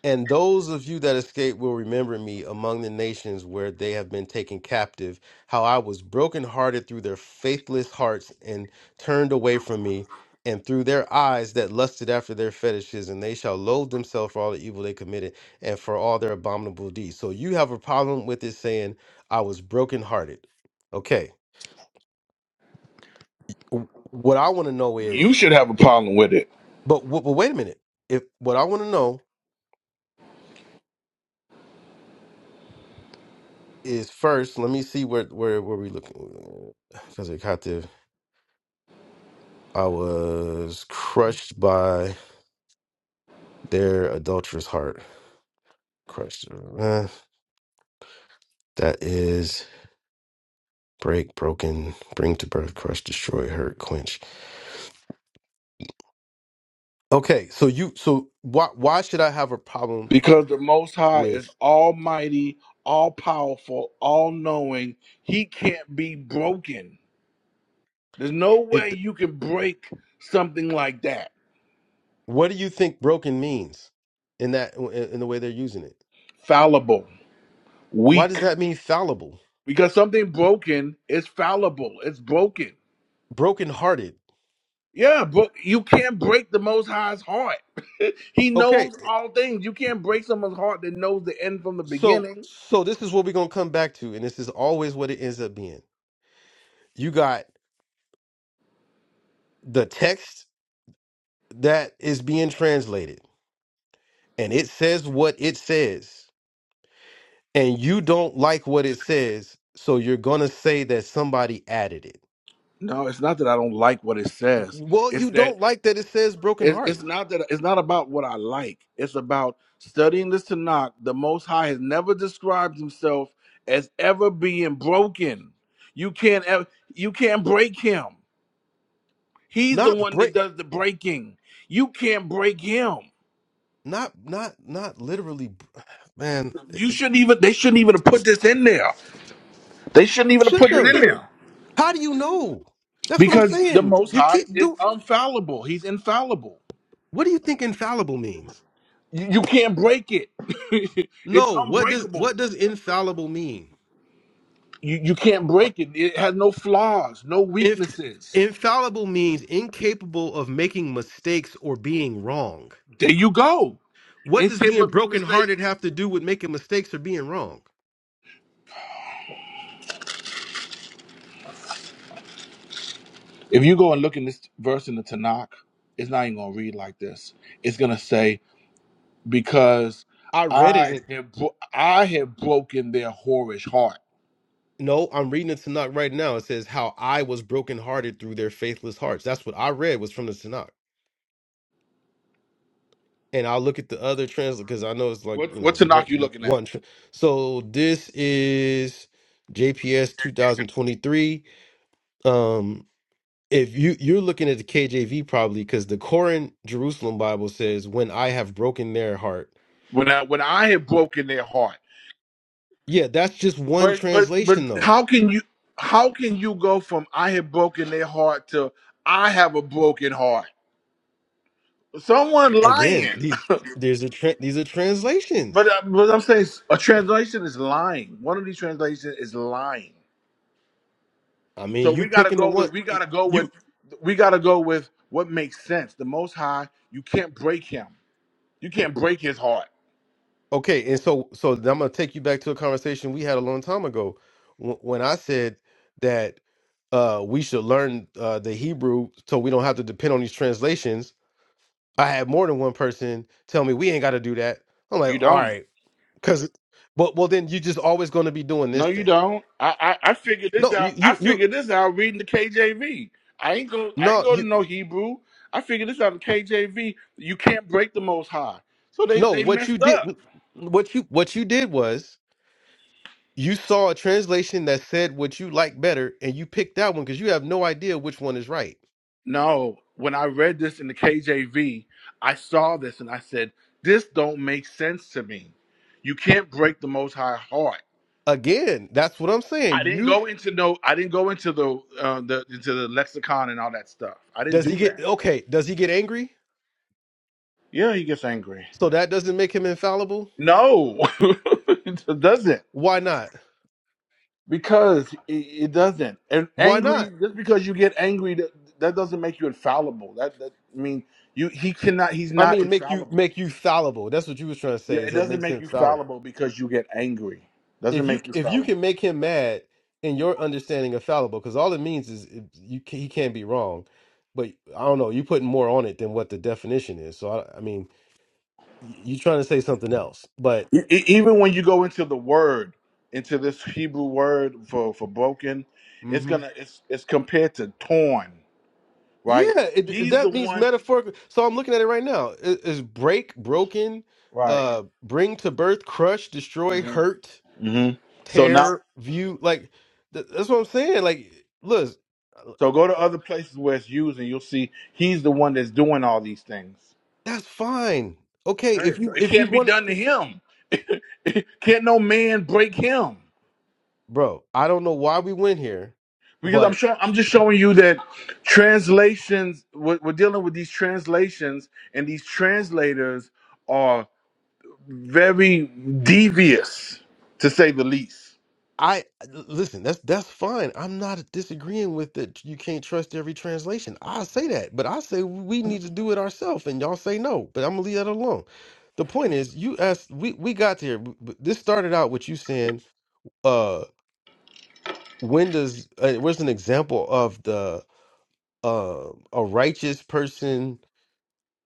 And those of you that escape will remember me among the nations where they have been taken captive, how I was brokenhearted through their faithless hearts and turned away from me, and through their eyes that lusted after their fetishes, and they shall loathe themselves for all the evil they committed and for all their abominable deeds. So you have a problem with it saying, I was brokenhearted. Okay. W- What I want to know You is, should have a problem with it but, w- but wait a minute. If what I want to know is first. Let me see where where where we looking. Because I got to, I was crushed by their adulterous heart. Crushed. Uh, that is break, broken, bring to birth, crush, destroy, hurt, quench. Okay, so you so why why should I have a problem because the Most High is with Almighty, All Powerful, All Knowing. He can't be broken. There's no way it? you can break something like that. What do you think broken means in that in in the way they're using it? Fallible, Why weak. does that mean fallible, Because something broken is fallible. It's broken. broken hearted? Yeah, bro- you can't break the Most High's heart. he Okay, knows all things. You can't break someone's heart that knows the end from the So beginning. so this is what we're gonna come back to, and this is always what it ends up being. You got the text that is being translated, and it says what it says, and you don't like what it says, so you're gonna say that somebody added it. No, it's not that I don't like what it says. Well, It's you that don't like that it says it's, it's brokenhearted. not that it's not about what I like. It's about studying this Tanakh. The Most High has never described Himself as ever being broken. You can't ever, you can't break Him. He's the Not one that break does the breaking. You can't break Him. not not not literally br- man. It, You it shouldn't even. They shouldn't even have put this in there. They shouldn't even have shouldn't put it have. in there How do you know? That's what I'm because the saying. Most You High keep is do infallible. He's infallible. what do you think infallible means? You, you can't break it. it's No, what does unbreakable. what does infallible mean? You you can't break it. It has no flaws, no If weaknesses. infallible means incapable of making mistakes or being wrong. There you go. What It's does capable being of being mistakes. brokenhearted have to do with making mistakes or being wrong? If you go and look in this verse in the Tanakh, it's not even gonna read like this. It's gonna say because I read it. I in- have bro- I have broken their whorish heart. No, I'm reading the Tanakh right now. It says how I was brokenhearted through their faithless hearts. That's what I read was from the Tanakh. And I'll look at the other translation because I know it's like you What what know Tanakh you one. looking at? one tr- so this is JPS 2023. Um. if you you're looking at the KJV probably because the Koran Jerusalem Bible says, "When I have broken their heart." When I when I have broken their heart. Yeah, that's just one But but but translation though. how can you how can you go from I have broken their heart to I have a broken heart? Someone Again, lying. these there's a tra- these are But translations. uh, but I'm saying a translation is lying. One of these translations is lying. I mean, So you we gotta picking the go one with we gotta go with you we gotta go with what makes sense. The Most High, you can't break him. You can't break his heart. okay, and so so I'm gonna take you back to a conversation we had a long time ago wh- when I said that uh, we should learn uh, the Hebrew so we don't have to depend on these translations. I had more than one person tell me we ain't got to do that. I'm like, You all don't. right. Cause, but well, then you just always going to be doing No, this. you Then don't. I, I I figured this no, out. you, I you you figured this out reading the KJV. I ain't go. I no ain't go to you no Hebrew. I figured this out in KJV. You can't break the Most High. So they no they what you messed did up. what you what you did was you saw a translation that said what you like better, and you picked that one because you have no idea which one is right. No, when I read this in the KJV, I saw this and I said, "This don't make sense to me. You can't break the Most High heart." Again, that's what I'm saying. I didn't You go into no. I didn't go into the uh, the into the lexicon and all that stuff. I didn't does he do get that. okay? Does he get angry? Yeah, he gets angry. So that doesn't make him infallible. No, it doesn't. Why not? Because it, it doesn't. And Why not? angry, just because you get angry, that, that doesn't make you infallible. That, that I mean, you he cannot. He's I not mean, make you infallible. make you fallible. That's what you was trying to Yeah, say. Is it that doesn't makes make him you fallible? fallible because you get angry. Doesn't if you make you if you fallible. can make him mad in your understanding of fallible, because all it means is it- you ca- he can't be wrong. But I don't know, you putting more on it than what the definition is. So I, I mean, you're trying to say something else, but E- e- even when you go into the word, into this Hebrew word for for broken, it's Mhm. gonna it's it's compared to torn. Right? yeah, it, it- He's the that means one. metaphorical. So I'm looking at it right now. Is, is break, broken, Right. uh, bring to birth, crush, destroy, hmm hurt, hmm So now. tear, view. Like th- that's what I'm saying. Like, look, So go to other places where it's used, and you'll see he's the one that's doing all these things. that's fine. Okay, if Okay, so you it if you can't be want. done to him. can't no man break him bro. I don't know why we went here, because I'm but showing. I'm just showing you that translations. We're, we're dealing with these translations, and these translators are very devious, to say the least. I listen. That's that's fine. I'm not disagreeing with that. You can't trust every translation. I say that, but I say we need to do it ourselves, and y'all say no. But I'm gonna leave that alone. The point is, you asked. We we got here. b- b- This started out with you saying, uh, when does uh, where's an example of the uh a righteous person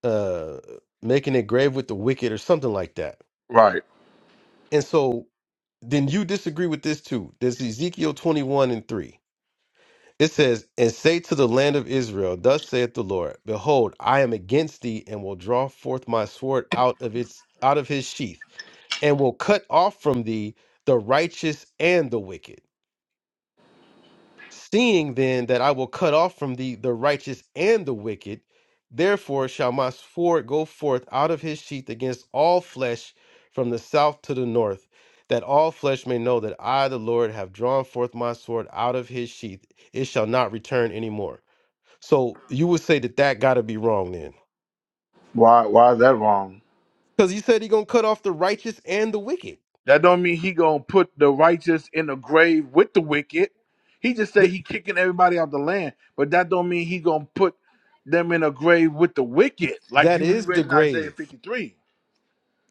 uh making a grave with the wicked or something like that Right? And so then you disagree with this too. This is Ezekiel 21 and 3. It says, And say to the land of Israel, Thus saith the Lord, Behold, I am against thee, and will draw forth my sword out of its out of his sheath, and will cut off from thee the righteous and the wicked Seeing then that I will cut off from thee the righteous and the wicked, therefore shall my sword go forth out of his sheath against all flesh from the south to the north, that all flesh may know that I, the Lord, have drawn forth my sword out of his sheath. It shall not return any more. So you would say that that got to be wrong then. Why? Why is that wrong? Because he said he going to cut off the righteous and the wicked. That don't mean he gonna put the righteous in the grave with the wicked. He just say Th- he kicking everybody out the land, but that don't mean he gonna put them in a grave with the wicked, like that you we is the read in Isaiah grave. fifty three.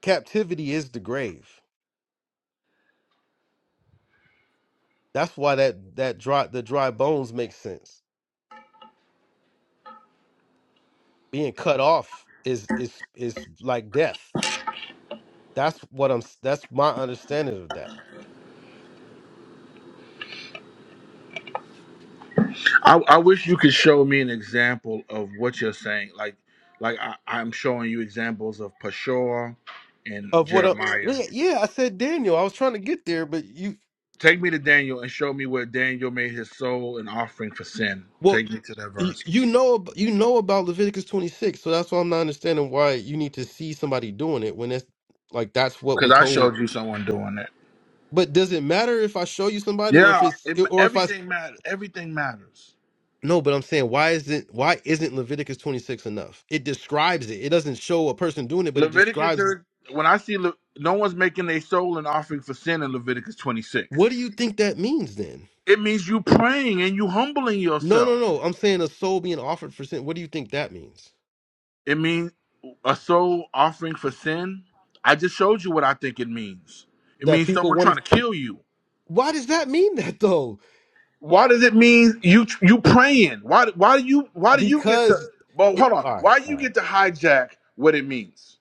Captivity is the grave. That's why that, that dry, the dry bones make sense being cut off is is is like death. That's what I'm. That's my understanding of that. I, I wish you could show me an example of what you're saying. Like, like I, I'm showing you examples of Peshua and Of what? I, Jeremiah. yeah, yeah. I said Daniel. I was trying to get there, but you. Take me to Daniel and show me where Daniel made his soul an offering for sin. Well, Take me to that you, verse you know. ab- You know about Leviticus 26, so that's why I'm not understanding why you need to see somebody doing it when it's like that's what we're because I told. showed you someone doing that. But does it matter if I show you somebody or if Yeah, it's it, or if I? everything matters. Everything matters. No, but I'm saying why isn't why isn't Leviticus 26 enough? It describes it. It doesn't show a person doing it, but it Leviticus, describes there- when I see Le, no one's making a soul an offering for sin in Leviticus What 26, do you think that means then? it means you praying and you humbling No, yourself. no, no. I'm saying a soul being offered for sin. What do you think that means? It means a soul offering for sin. I just showed you what I think it means. It That means people someone trying want to kill you. Why does that mean that though? Why does it mean you you praying? Why why do you why do you get to? because Well, it hold on. All right, Why do all you right. get to hijack what it means?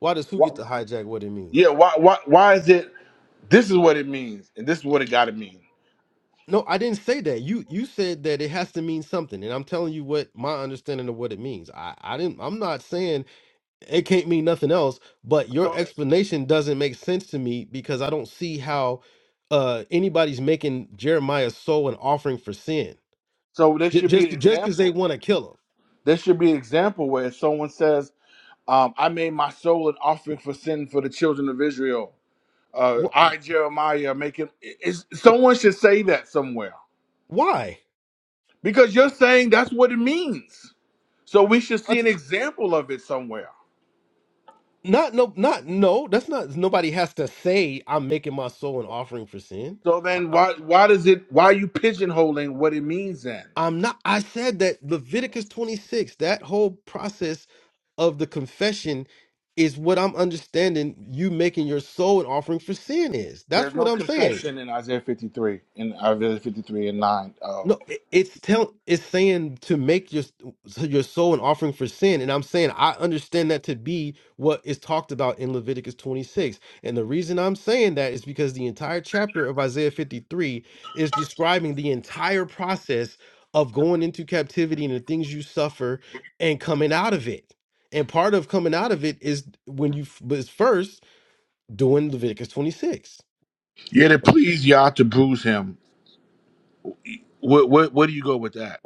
Why does who get to hijack what it Yeah, means? why why why is it this is what it means and this is what it gotta mean. No, I didn't say that. You you said that it has to mean something, and I'm telling you what my understanding of what it means. I I didn't. I'm not saying it can't mean nothing else, but your So explanation doesn't make sense to me because I don't see how uh anybody's making Jeremiah's soul an offering for sin. so there J- should just be an just because they example. want to kill There should be an example where someone says, um, I made my soul an offering for sin for the children of Israel. Uh, him. Wh- I Jeremiah make him it's, someone should say that somewhere. Why? Because you're saying that's what it means. So we should I see an example of it somewhere. Not no, not no. That's not. Nobody has to say I'm making my soul an offering for sin. So I, then why why does it why are you pigeonholing what it means then? I'm not. I said that Leviticus 26. That whole process of the confession is what I'm understanding. You making your soul an offering for sin is. That's There's what no I'm saying. confession in Isaiah 53, in Isaiah 53 and 9. Oh. No, it, it's tell it's saying to make your so your soul an offering for sin, and I'm saying I understand that to be what is talked about in Leviticus 26. And the reason I'm saying that is because the entire chapter of Isaiah 53 is describing the entire process of going into captivity and the things you suffer and coming out of it. And part of coming out of it is when you was first doing Leviticus 26. Yet it pleased Yah to bruise him. What, what, where do you go with that?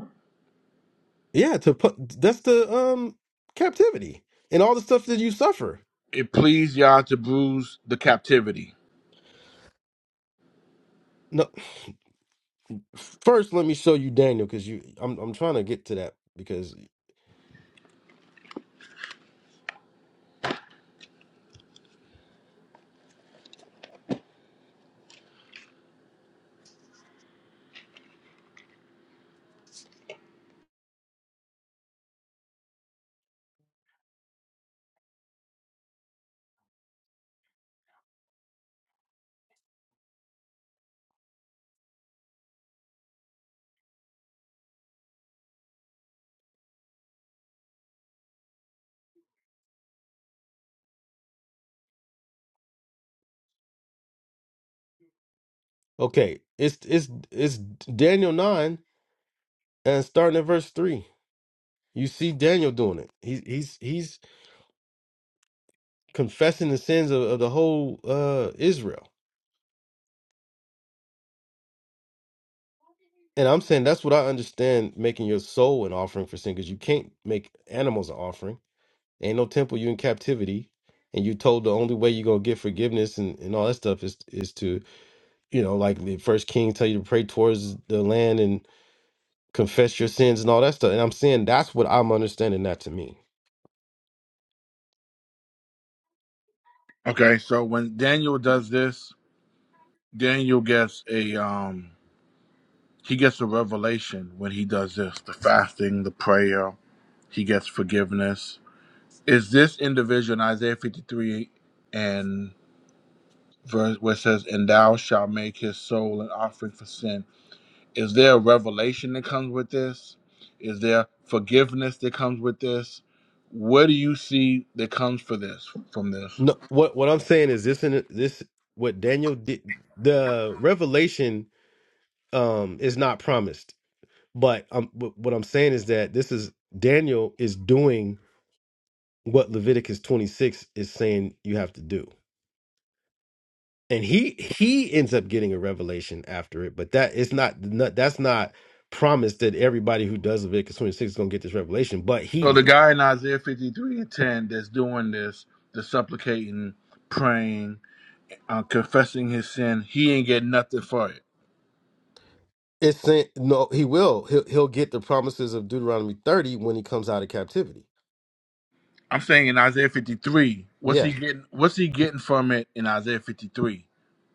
Yeah, to put that's the um captivity and all the stuff that you suffer. It pleased Yah to bruise the captivity. No, first let me show you Daniel because you I'm I'm trying to get to that because okay, it's it's it's Daniel nine and starting at verse three. You see Daniel doing it. He's he's he's confessing the sins of, of the whole uh Israel. And I'm saying that's what I understand making your soul an offering for sin because you can't make animals an offering Ain't no temple. You in captivity, and you told the only way you are gonna get forgiveness and, and all that stuff is is to you know like the First King tell you to pray towards the land and confess your sins and all that stuff. And I'm saying that's what I'm understanding that to mean. Okay, so when Daniel does this, Daniel gets a, um, he gets a revelation when he does this the fasting, the prayer, he gets forgiveness. Is this individual in Isaiah 53 and verse where it says, And thou shalt make his soul an offering for sin? Is there a revelation that comes with this? Is there forgiveness that comes with this? What do you see that comes for this from this? No, what what I'm saying is this and this what Daniel did the revelation um is not promised but um wh- what i'm saying is that this is daniel is doing what leviticus 26 is saying you have to do and he he ends up getting a revelation after it but that it's not not- that's not promised that everybody who does leviticus 26 is going to get this revelation but he So the did guy in Isaiah 53 and 10 that's doing this, the supplicating, praying, uh, confessing his sin, he ain't getting nothing for it. it's saying no he will he'll, he'll get the promises of deuteronomy 30 when he comes out of captivity I'm saying in Isaiah 53, what's yeah he getting? What's he getting from it in Isaiah 53?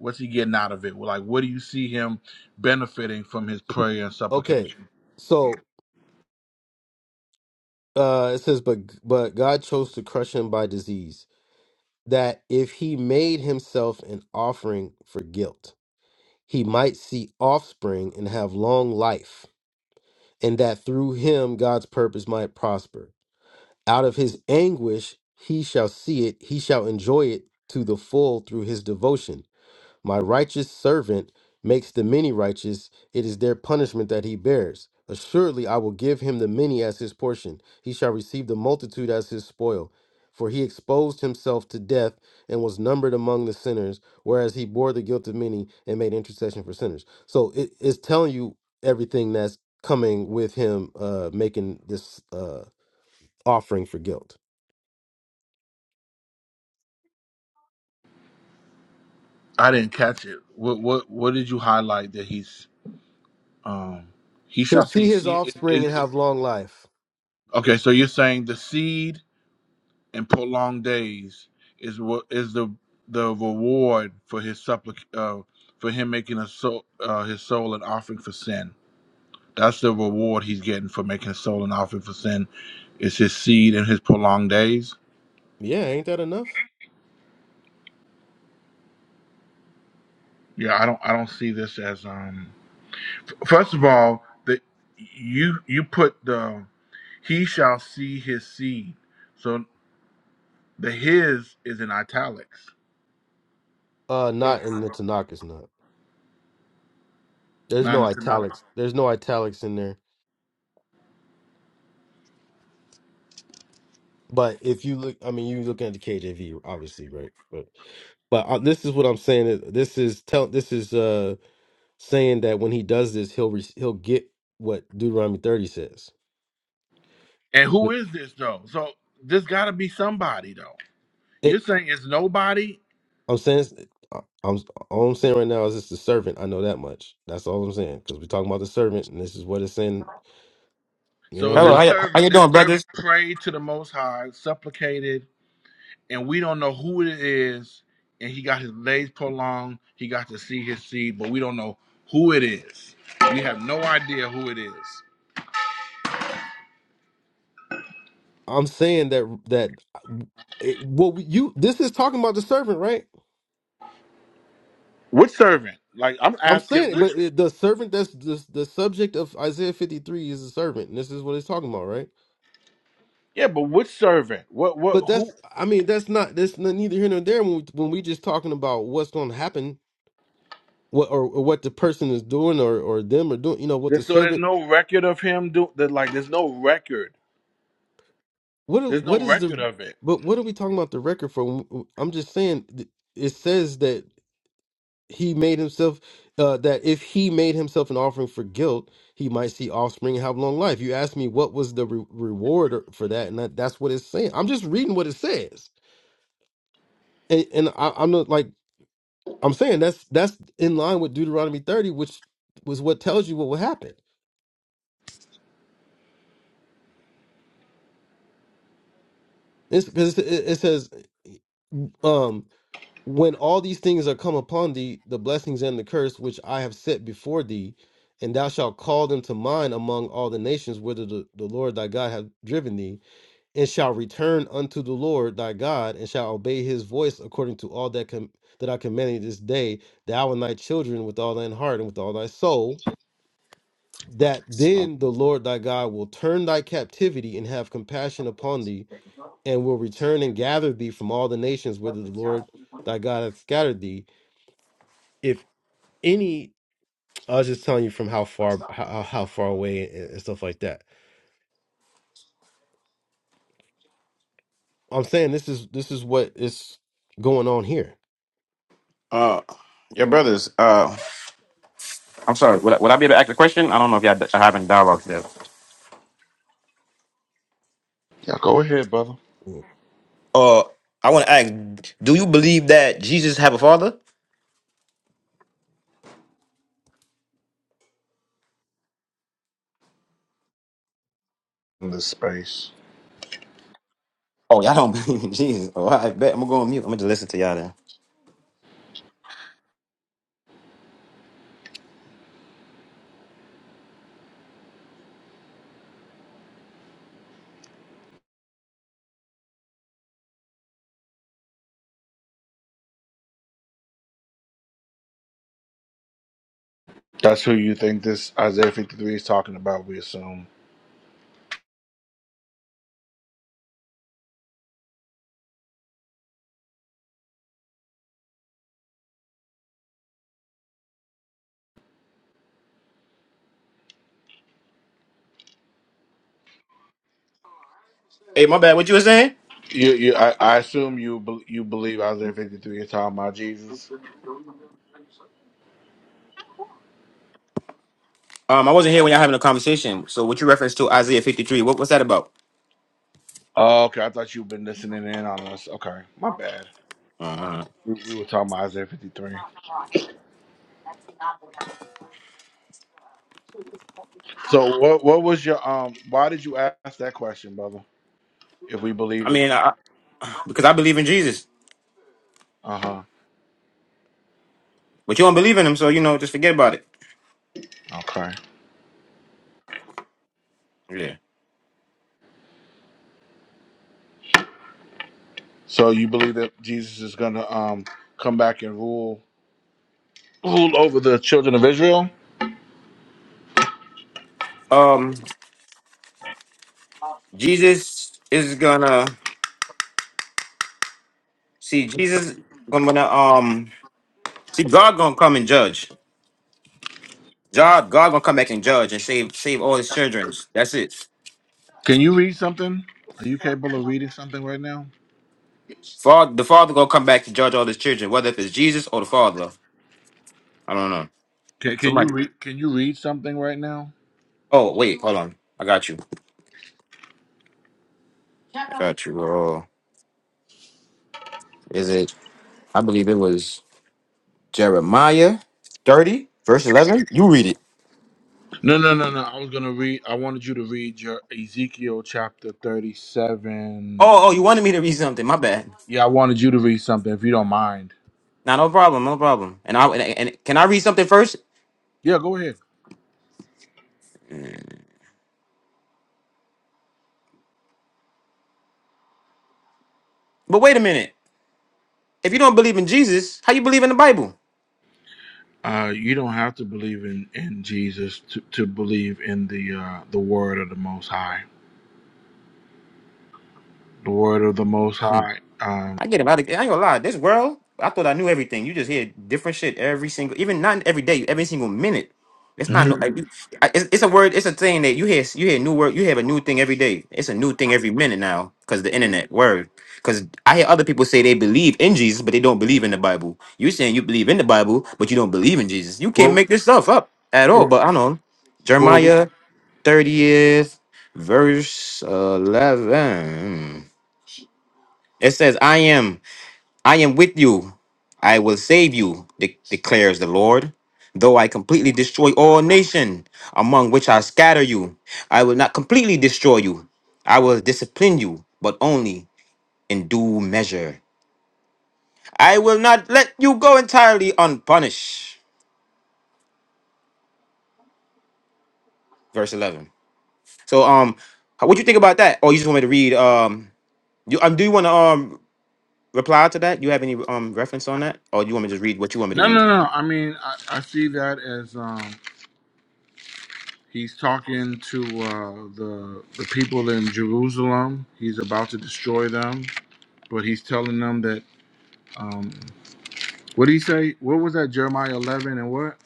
What's he getting out of it? Like, what do you see him benefiting from his prayer and okay supplication? so uh it says but but god chose to crush him by disease that if he made himself an offering for guilt, he might see offspring and have long life, and that through him God's purpose might prosper. Out of his anguish he shall see it, he shall enjoy it to the full through his devotion. My righteous servant makes the many righteous. It is their punishment that he bears. Assuredly, I will give him the many as his portion. He shall receive the multitude as his spoil. For he exposed himself to death and was numbered among the sinners, whereas he bore the guilt of many and made intercession for sinners. So it is telling you everything that's coming with him uh, making this uh, offering for guilt. I didn't catch it. What what what did you highlight that he's um he He'll shall see see his seed offspring is, and is have long life. okay. So you're saying the seed and prolonged days is what is the the reward for his supplic uh, for him making a soul uh, his soul an offering for sin. That's the reward he's getting for making his soul an offering for sin. Is his seed and his prolonged days. Yeah, ain't that enough? Yeah, I don't I don't see this as um First of all, the you you put the he shall see his seed. So the his is in italics. Uh, So, not in the Tanakh, it's not. There's no Nine to nine. italics. There's no italics in there. But if you look, I mean, you looking at the KJV, obviously, right? But but uh, this is what I'm saying. is- This is tell. This is uh saying that when he does this, he'll re- he'll get what Deuteronomy 30 says. And who But is this though? So this gotta be somebody though. You're it, saying it's nobody. I'm saying, is- I- I'm all I'm saying right now is it's the servant. I know that much. That's all I'm saying because we're talking about the servant, and this is what it's saying. You So know what I Hello, this how, mean? y- how servant, you this doing, servant brothers? prayed to the most high, supplicated, and we don't know who it is. And he got his days prolonged. He got to see his seed, but we don't know who it is. We have no idea who it is. I'm saying that that it, what you this is talking about the servant, right? Which servant? Like I'm I'm asking saying, which but it- the servant that's the, the subject of Isaiah 53 is a servant, and this is what it's talking about, right? yeah, but which servant? What what But who that's, I mean, that's not that's not neither here nor there when we, when we just talking about what's going to happen, what or, or what the person is doing or or them are doing, you know, what the there's, so there's servant, no record of him do that like there's no record. what are- There's what no is record the, of it. but what are we talking about the record for? I'm just saying, th- it says that. he made himself uh, that if he made himself an offering for guilt, he might see offspring and have long life. You asked me what was the re- reward for that, and that, that's what it's saying. I'm just reading what it says, and, and I, I'm not like I'm saying that's that's in line with Deuteronomy 30, which was what tells you what will happen. It's because it, it says, um, when all these things are come upon thee, the blessings and the curse which I have set before thee, and thou shalt call them to mind among all the nations whither the, the Lord thy God hath driven thee, and shalt return unto the Lord thy God, and shalt obey his voice according to all that com- that I command thee this day, thou and thy children with all thine heart and with all thy soul. That then the Lord thy God will turn thy captivity and have compassion upon thee, and will return and gather thee from all the nations whither the Lord thy God hath scattered thee, if any i was just telling you from how far how, how far away and, and stuff like that i'm saying this is this is what is going on here Uh, your brothers. Uh, I'm sorry, would I, would I be able to ask a question? I don't know if y'all are having dialogue there. Yeah, go ahead, brother. uh, I want to ask: Do you believe that Jesus have a father? In this space. Oh, y'all don't believe in Jesus. Oh, I bet. I'm going to go on mute. I'm going to just listen to y'all then. That's who you think this Isaiah 53 is talking about, we assume. Hey, my bad. What you were saying? You, you I, I assume you bel- you believe Isaiah 53 is talking about Jesus. Um, I wasn't here when y'all having a conversation. So what you referenced to Isaiah 53, what was that about? Oh, okay. I thought you've been listening in on us. Okay. My bad. uh We, we were talking about Isaiah 53. So what what was your um why did you ask that question, brother? If we I believe mean, I, because I believe in Jesus, Uh huh. but you don't believe in him, so, you know, just forget about it. Okay. Yeah. So you believe that Jesus is gonna um come back and rule rule over the children of Israel? Um, Jesus is gonna. See, Jesus gonna um see God gonna come and judge. God, God gonna come back and judge and save save all his children. That's it. Can you read something? Are you capable of reading something right now? Father, the Father gonna come back to judge all his children, whether if it's Jesus or the Father. I don't know. Can Can you Somebody. read Can you read something right now? Oh wait, hold on. I got you. I got you. Oh, is it? I believe it was Jeremiah thirty verse eleven. You read it. No, no, no, no. I was gonna read. I wanted you to read your Ezekiel chapter thirty-seven. Oh, oh, you wanted me to read something. My bad. Yeah, I wanted you to read something if you don't mind. Nah, no problem, no problem. And I and, and can I read something first? Yeah, go ahead. But wait a minute. If you don't believe in Jesus, how you believe in the Bible? Uh, you don't have to believe in in Jesus to, to believe in the uh, the word of the Most High. the word of the Most Hmm. High. Um, I get about it. I ain't gonna lie. This world, I thought I knew everything. You just hear different shit every single, even not every day, every single minute. It's not no. like, you- Mhm. I- It's, it's a word. It's a thing that you hear. You hear new word. You have a new thing every day. It's a new thing every minute now because the internet word. Because I hear other people say they believe in Jesus, but they don't believe in the Bible. You saying you believe in the Bible, but you don't believe in Jesus. You can't well, make this stuff up at all. well, But I know well, we- Jeremiah thirtieth verse eleven. It says, "I am." I am with you. I will save you, de- declares the Lord. Though I completely destroy all nation among which I scatter you, I will not completely destroy you. I will discipline you, but only in due measure. I will not let you go entirely unpunished. Verse 11. So, um, what you think about that? Or you just want me to read? Um, you um, do you want to um reply to that? You have any um reference on that, or you want me to just read what you want me to no, read? no, no. I mean, I, I see that as um, he's talking to uh, the the people in Jerusalem. He's about to destroy them, but he's telling them that. Um, what did he say? What was that? Jeremiah eleven and what?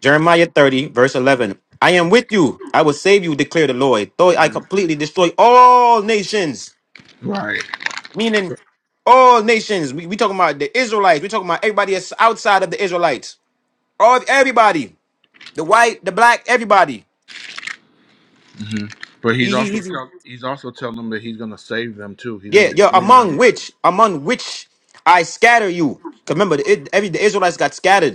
Jeremiah 30, verse 11. I am with you. I will save you, declare the Lord. Though I Mhm. completely destroy all nations, Right. meaning all nations. We, we talking about the Israelites. we talking about everybody that's outside of the Israelites. All everybody, the white, the black, everybody. hmm But he's He- he- also he's- tell, he's also telling them that he's going to save them too. He's going to yeah, yeah. redeem Among them. which, among which I scatter you. 'Cause Remember, the, every the Israelites got scattered.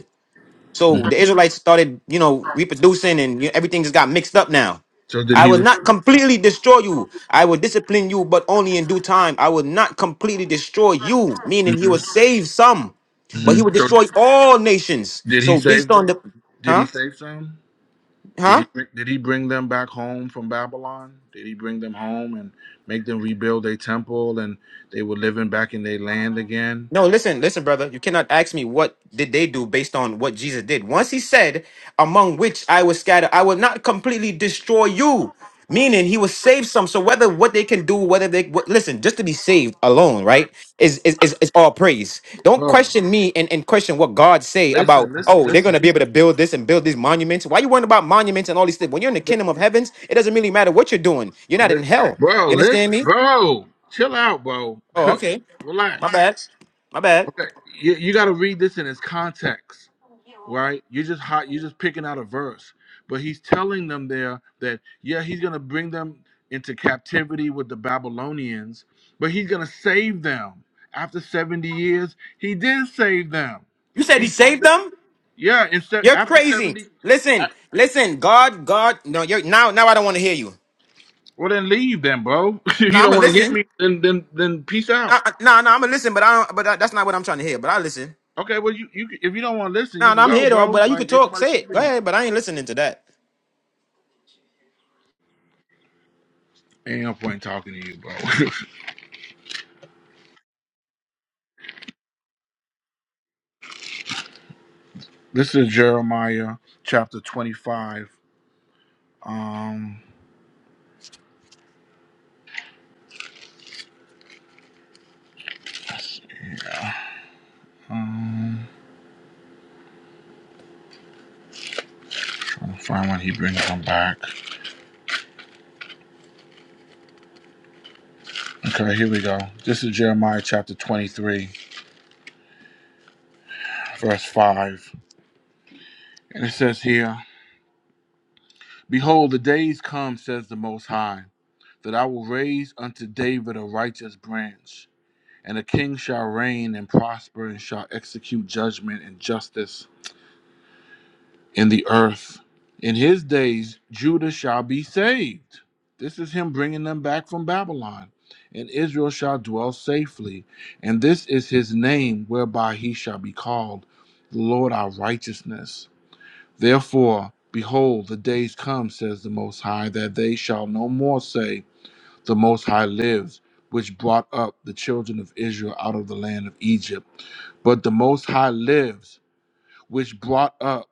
So Mhm. the Israelites started, you know, reproducing and you know, everything just got mixed up now. So did I he? will not completely destroy you. I will discipline you, but only in due time. I will not completely destroy you, meaning he will mhm, save some, but he will mhm. So destroy all nations. Did he So based save on them? the Did he huh? save them? Did Huh? he bring- did he bring them back home from Babylon? Did he bring them home and make them rebuild their temple and they were living back in their land again? No, listen, listen, brother. You cannot ask me what did they do based on what Jesus did. Once he said, among which I was scattered, I will not completely destroy you. Meaning he will save some. So whether what they can do, whether they what, listen, just to be saved alone, right? Is is is, is all praise. Don't Bro, question me and, and question what God say about, listen, listen, oh, they're listen, gonna be able to build this and build these monuments. Why you worrying about monuments and all these things? When you're in the kingdom of heavens, it doesn't really matter what you're doing. You're not Li- in hell. You bro, understand listen, me? bro, chill out, bro, Oh, okay. My relax. bad. My bad. Okay, you, you got to read this in its context. right? You're just hot. You're just picking out a verse, but he's telling them there that yeah, he's gonna bring them into captivity with the Babylonians, but he's gonna save them after seventy years. He did save them. You said he He brought saved them. them? Yeah, instead You're after crazy. seventy. Listen, listen, God, God, no, you're now, now I don't want to hear you. Well, then leave then, bro. if No, you I'm don't gonna want to get listen. me, then then then peace No, out. no, I'm gonna listen, but I don't, but that- that's not what I'm trying to hear. But I listen. Okay, well you you if you don't want to listen, No, you no, can I'm go, here though. bro. But you Like could ain't talk, nobody say it. Go keeping you. ahead. But I ain't listening to that. Ain't no point talking to you, bro. this is Jeremiah chapter twenty five Um, um, trying to find when he brings them back. Okay, here we go. This is Jeremiah chapter 23, verse 5. And it says here, Behold, the days come, says the Most High, that I will raise unto David a righteous branch, and a king shall reign and prosper and shall execute judgment and justice in the earth. In his days, Judah shall be saved. This is him bringing them back from Babylon. And Israel shall dwell safely. And this is his name whereby he shall be called the Lord our righteousness. Therefore, behold, the days come, says the Most High, that they shall no more say, The Most High lives, which brought up the children of Israel out of the land of Egypt. But the Most High lives, which brought up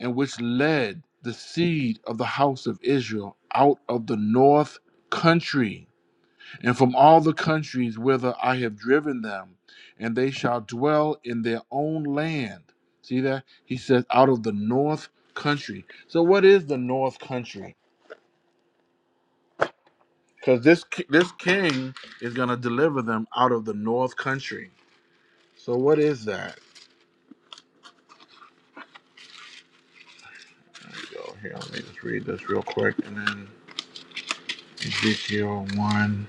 and which led the seed of the house of Israel out of the north country and from all the countries whither I have driven them, and they shall dwell in their own land. See that? He says, out of the north country. So, what is the north country? Because this ki- this king is going to deliver them out of the north country. So, what is that? There we go. Here, let me just read this real quick, and then Ezekiel one.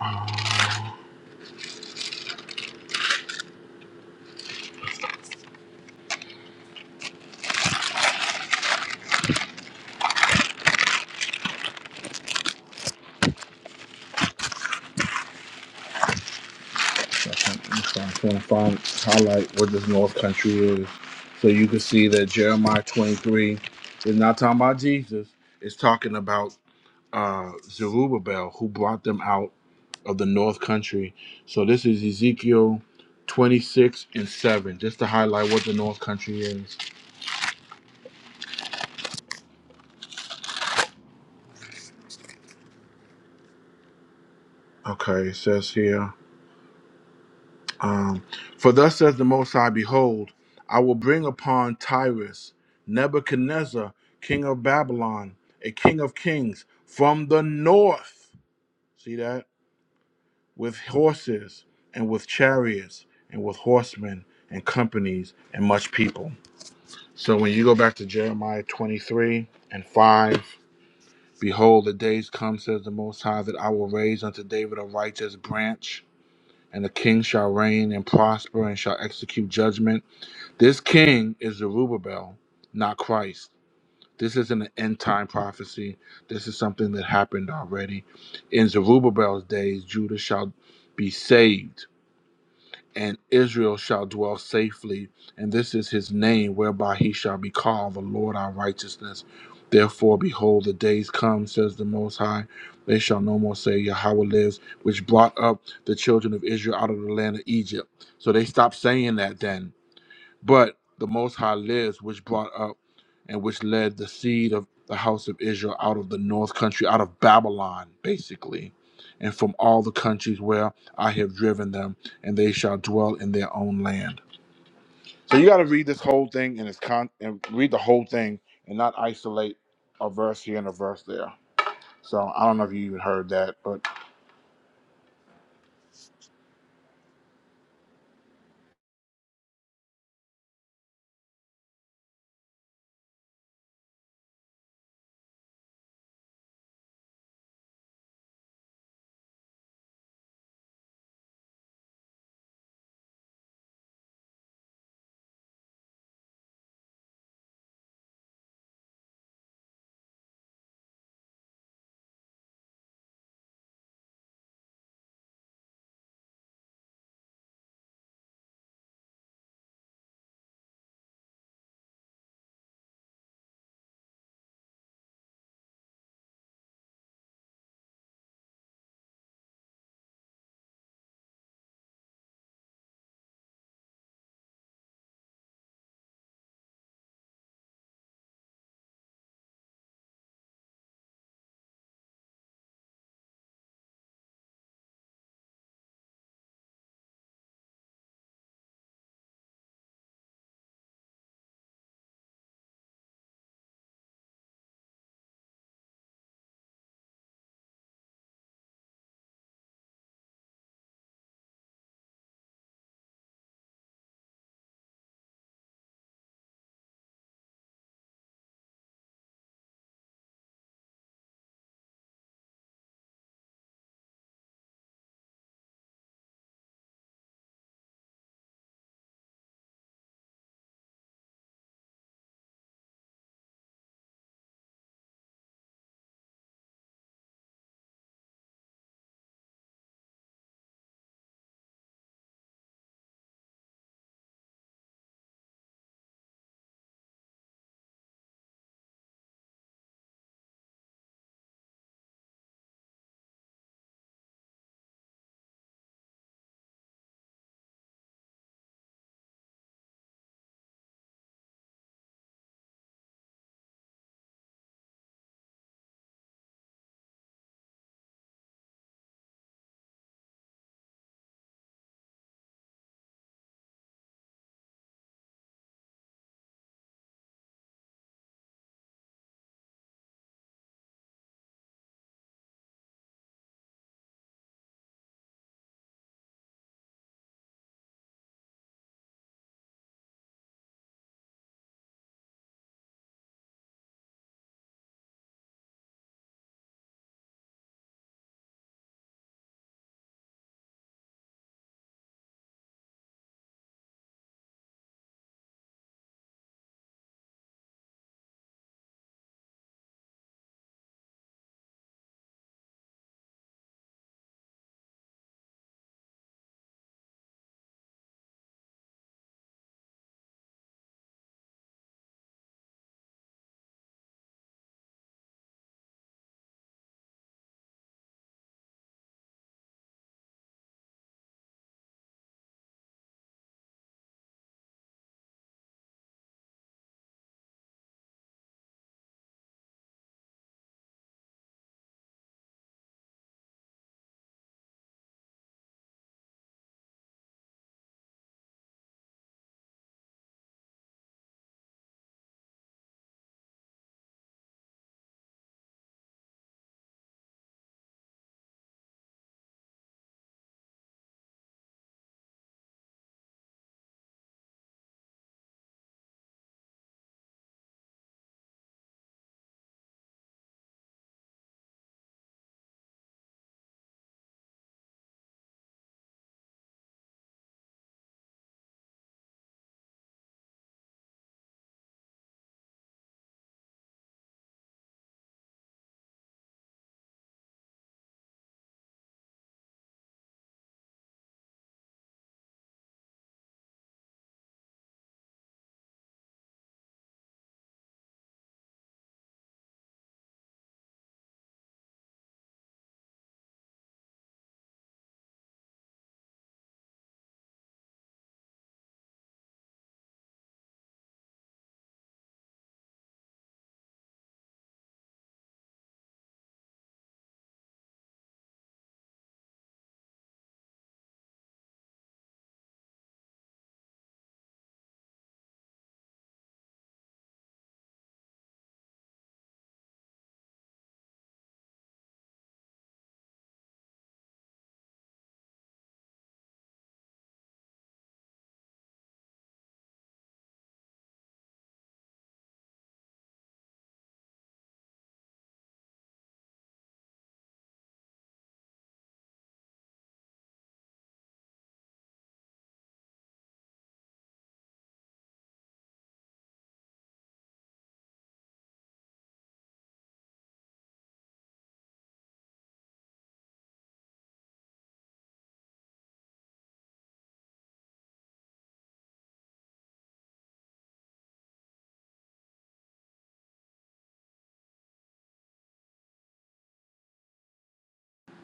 Uh, I am trying to find highlight what this North Country is, so you can see that Jeremiah 23 is not talking about Jesus. It's talking about uh, Zerubbabel, who brought them out of the North Country. So this is Ezekiel 26 and 7, just to highlight what the North Country is. Okay, it says here. Um, For thus says the Most High, Behold, I will bring upon Tyrus Nebuchadnezzar, king of Babylon, a king of kings, from the north. See that? With horses and with chariots and with horsemen and companies and much people. So when you go back to Jeremiah 23 and 5, Behold, the days come, says the Most High, that I will raise unto David a righteous branch, and the king shall reign and prosper and shall execute judgment This king is Zerubbabel, not Christ. This isn't an end time prophecy. This is something that happened already. In Zerubbabel's days, Judah shall be saved, and Israel shall dwell safely. And this is his name, whereby he shall be called the Lord our righteousness. Therefore, behold, the days come, says the Most High. They shall no more say, Yahweh lives, which brought up the children of Israel out of the land of Egypt. So they stopped saying that then but the Most High lives, which brought up and which led the seed of the house of Israel out of the north country, out of Babylon, basically, and from all the countries where I have driven them, and they shall dwell in their own land. So you got to read this whole thing in its con and read the whole thing and not isolate a verse here and a verse there. So I don't know if you even heard that, but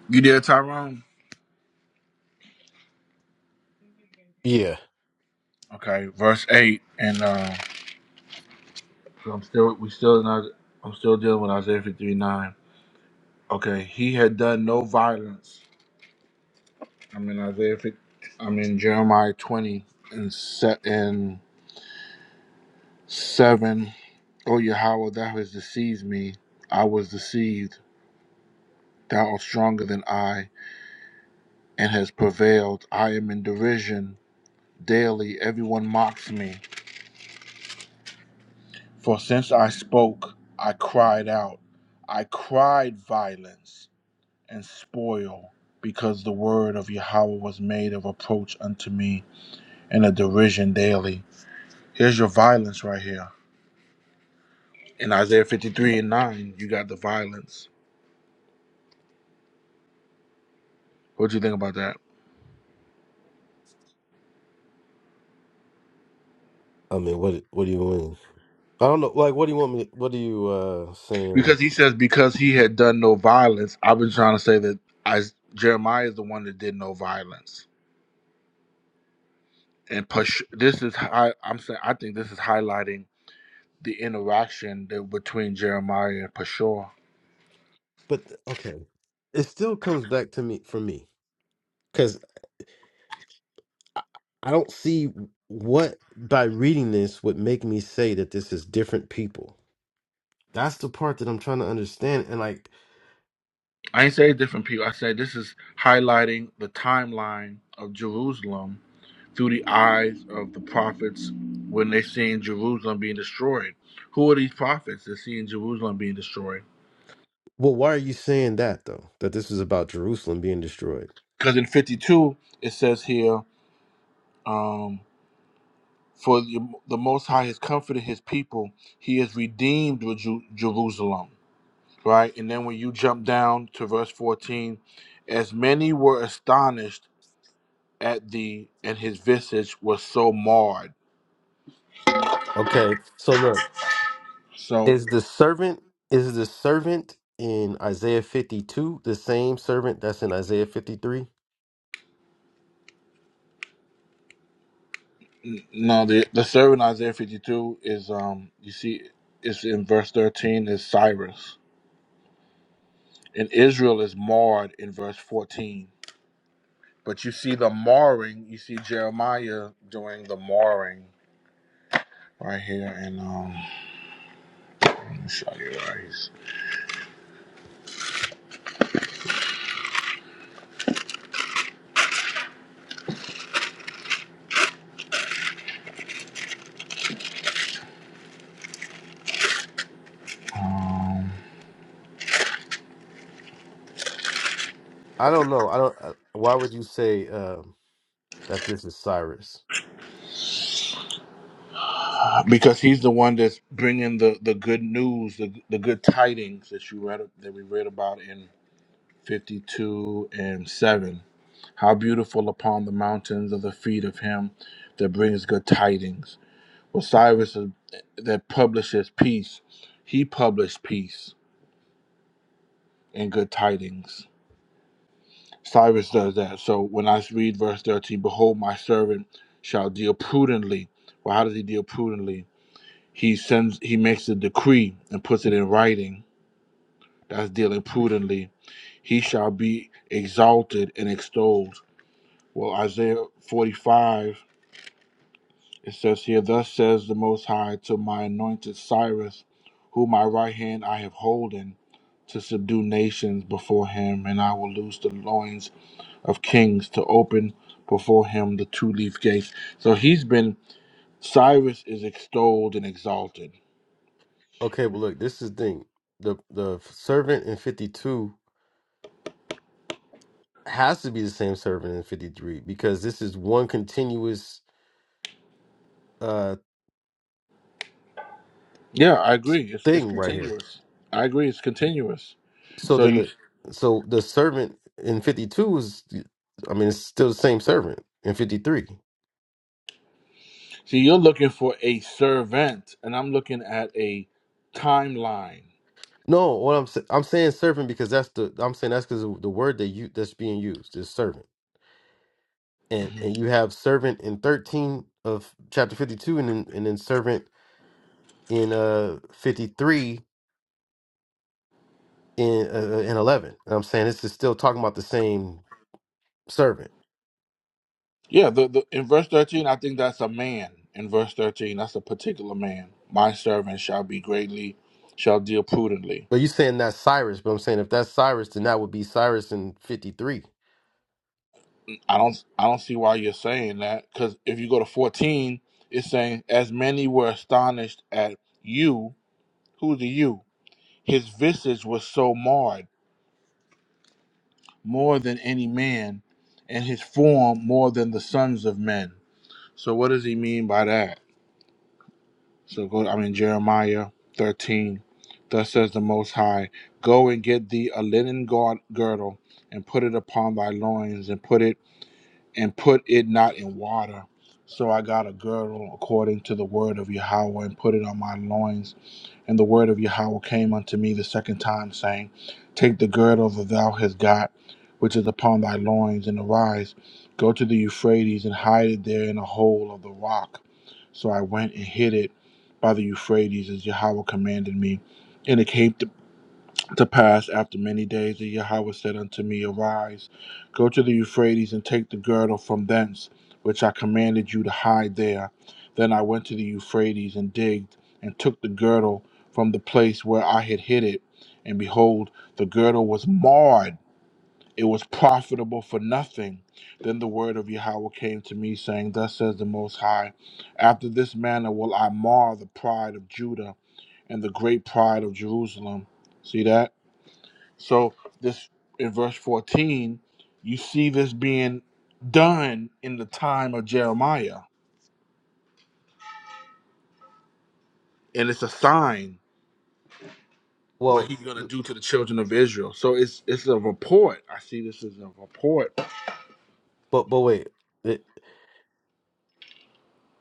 you did, Tyrone. yeah Okay, verse eight, and uh, so I'm still we still not I'm still dealing with Isaiah 53:9. Okay, he had done no violence. I'm in Isaiah. 50, I'm in Jeremiah 20 and set in seven. O Yahweh, thou hast deceived me. I was deceived. Thou art stronger than I, and hast prevailed. I am in derision daily. Everyone mocks me. For since I spoke, I cried out. I cried violence and spoil, because the word of Yahweh was made of approach unto me. and a derision daily. Here's your violence right here. In Isaiah 53 and 9, you got the violence. What do you think about that? i mean what what do you mean i don't know like what do you want me what are you uh saying Because he says, because he had done no violence, I've been trying to say that I, Jeremiah is the one that did no violence. And push, this is, hi- I'm saying, I think this is highlighting the interaction that, between Jeremiah and Pashur. but okay it still comes back to me for me because I, I don't see what by reading this would make me say that this is different people that's the part that i'm trying to understand and like I ain't say different people. I say this is highlighting the timeline of Jerusalem through the eyes of the prophets when they're seeing Jerusalem being destroyed. Who are these prophets that's seeing Jerusalem being destroyed? well why are you saying that though that this is about jerusalem being destroyed Because in 52, it says here, um, for the, the Most High has comforted his people, he has redeemed with Ju- Jerusalem, right? And then when you jump down to verse 14, as many were astonished at thee, and his visage was so marred. Okay, so look, so. is the servant is the servant in Isaiah 52 the same servant that's in Isaiah 53? N- No, the the servant Isaiah fifty two is um you see it's in verse thirteen is Cyrus. And Israel is marred in verse fourteen. But you see the marring, you see Jeremiah doing the marring right here and um let me show you where he's um I don't know. I don't uh, why would you say um that this is Cyrus? because he's the one that's bringing the the good news, the the good tidings that you read that we read about 52 and 7. How beautiful upon the mountains are the feet of him that brings good tidings. Osiris is, that publishes peace, he published peace and good tidings. Cyrus does that. So when I read verse 13, behold, my servant shall deal prudently. Well, how does he deal prudently? He sends, he makes a decree and puts it in writing. That's dealing prudently. He shall be exalted and extolled Well, Isaiah 45, it says here, Thus says the Most High to my anointed Cyrus, whom my right hand I have holden, to subdue nations before him, and I will loose the loins of kings to open before him the two leaf gates. So he's been, Cyrus is extolled and exalted. Okay, well look, this is the thing. The the servant in 52 has to be the same servant in 53 because this is one continuous uh Yeah, I agree. It's, it's thing right here. continuous. I agree. It's continuous. So So then you the so the servant in 52 is I mean it's still the same servant in 53. see, you're looking for a servant, and I'm looking at a timeline. No, what I'm sa- I'm saying servant because that's the I'm saying that's because the word that you that's being used is servant, and and you have servant in thirteen of chapter fifty two, and then and then servant in uh fifty three in uh, uh, in eleven. And I'm saying this is still talking about the same servant, Yeah, the, the in verse thirteen, I think that's a man. In verse thirteen, that's a particular man. My servant shall be greatly, shall deal prudently. but you saying that's Cyrus, but I'm saying if that's Cyrus, then that would be Cyrus in fifty three. I don't I don't see why you're saying that because if you go to fourteen, it's saying as many were astonished at you. Who's the you? His visage was so marred more than any man, and his form more than the sons of men. So what does he mean by that? So go, I mean, Jeremiah 13. Thus says the Most High, Go and get thee a linen gard- girdle, and put it upon thy loins, and put it and put it not in water. So I got a girdle according to the word of Yahweh, and put it on my loins and the word of Yahweh came unto me the second time, saying, Take the girdle that thou hast got, which is upon thy loins, and arise, go to the Euphrates, and hide it there in a hole of the rock. So I went and hid it by the Euphrates, as Yahweh commanded me, and it came to pass after many days, and Yahweh said unto me, Arise, go to the Euphrates, and take the girdle from thence, which I commanded you to hide there. Then I went to the Euphrates, and digged, and took the girdle from the place where I had hid it. And behold, the girdle was marred. It was profitable for nothing. Then the word of Yahweh came to me, saying, Thus says the Most High, After this manner will I mar the pride of Judah and the great pride of Jerusalem. See that? So this in verse 14, you see this being done in the time of Jeremiah, and it's a sign what Well, he's going to do to the children of Israel. So it's it's a report. I see this as a report but but wait, it,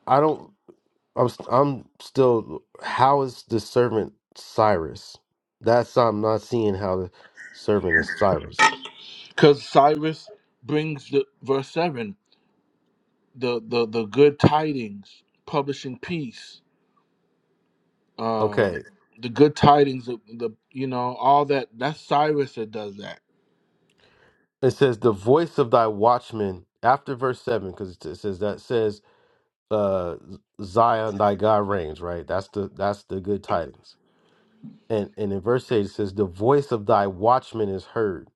I don't. I'm st- I'm still. How is the servant Cyrus? That's I'm not seeing how the servant is Cyrus. cuz Cyrus brings the verse 7, the the the good tidings, publishing peace. Uh the, Okay, the good tidings the, the you know all that that's Cyrus that does that. it says the voice of thy watchman after verse seven because it says that says uh Zion thy God reigns. Right. That's the that's the good tidings. And and in verse eight it says the voice of thy watchman is heard.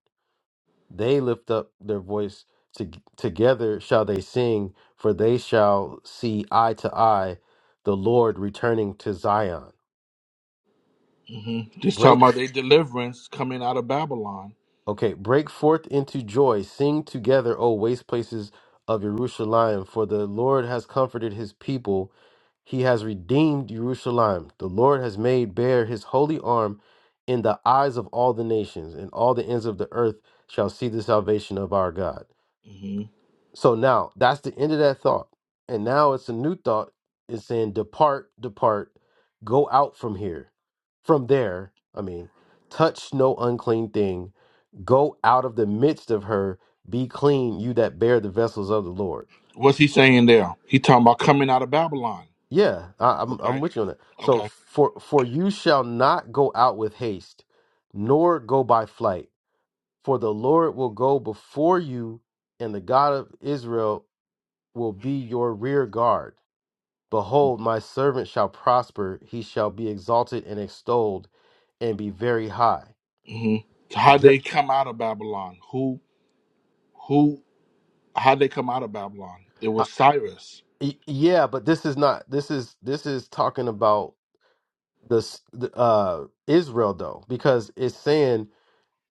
They lift up their voice to, together shall they sing, for they shall see eye to eye the Lord returning to Zion. Mhm. Just talking Break about their deliverance coming out of Babylon. okay, break forth into joy, sing together, O waste places of Jerusalem, for the Lord has comforted his people. He has redeemed Jerusalem. The Lord has made bare his holy arm in the eyes of all the nations, and all the ends of the earth shall see the salvation of our God. Mm-hmm. So now that's the end of that thought. And now it's a new thought. It's saying, Depart, depart, go out from here. From there, I mean, touch no unclean thing, go out of the midst of her, be clean, you that bear the vessels of the Lord. What's he saying there? He talking about coming out of Babylon. Yeah, I, I'm, I'm Okay. with you on that. So, Okay. for, for you shall not go out with haste, nor go by flight, for the Lord will go before you, and the God of Israel will be your rear guard. Behold, my servant shall prosper, he shall be exalted and extolled and be very high. hmm So how Ju- they come out of Babylon? Who who? How they come out of Babylon? It I- was Cyrus. y- yeah, but this is not this is this is talking about this the, uh Israel though because it's saying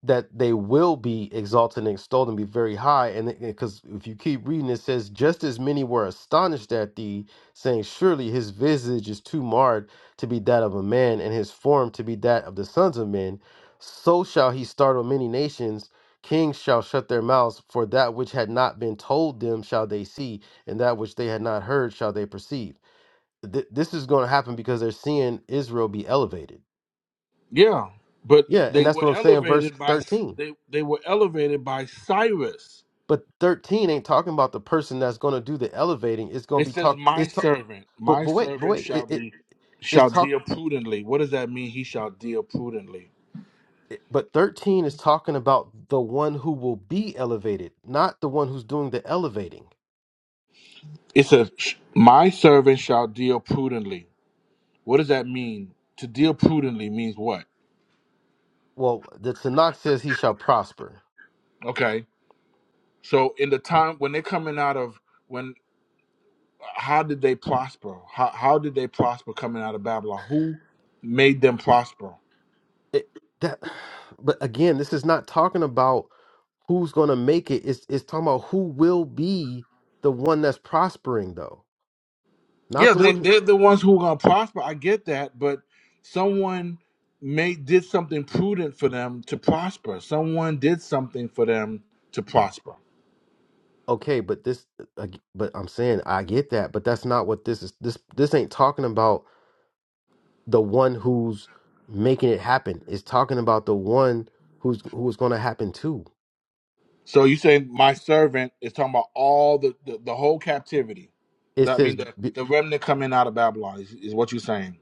that they will be exalted and extolled and be very high. And because if you keep reading, it says, just as many were astonished at thee, saying, Surely his visage is too marred to be that of a man, and his form to be that of the sons of men. So shall he startle many nations. Kings shall shut their mouths, for that which had not been told them shall they see, and that which they had not heard shall they perceive. Th- this is going to happen because they're seeing Israel be elevated. Yeah, but Yeah, and they that's were what I'm saying, verse elevated by 13. they they were elevated by Cyrus. But 13 ain't talking about the person that's going to do the elevating. It's going to It be says, talk. "My It's talk. servant, But my but wait, but servant wait. It, shall it be it's shall talk. deal prudently." What does that mean? He shall deal prudently. it- But 13 is talking about the one who will be elevated, not the one who's doing the elevating. It says, sh- "My servant shall deal prudently." What does that mean? To deal prudently means what? Well, the Tanakh says he shall prosper. Okay So in the time when they're coming out of when how did they prosper? How how did they prosper coming out of Babylon? Who made them prosper? It that. But again, this is not talking about who's going to make it. It's it's talking about who will be the one that's prospering though, not Yeah, the they one. they're the ones who are gonna prosper. I get that, but someone made did something prudent for them to prosper. Someone did something for them to prosper. Okay, but this, uh, ag- but I'm saying I get that, but that's not what this is. This this ain't talking about the one who's making it happen. It's talking about the one who's who is going to happen to. So you say my servant is talking about all the the, the whole captivity. It That says mean the, b- the remnant coming out of Babylon is, is what you're saying.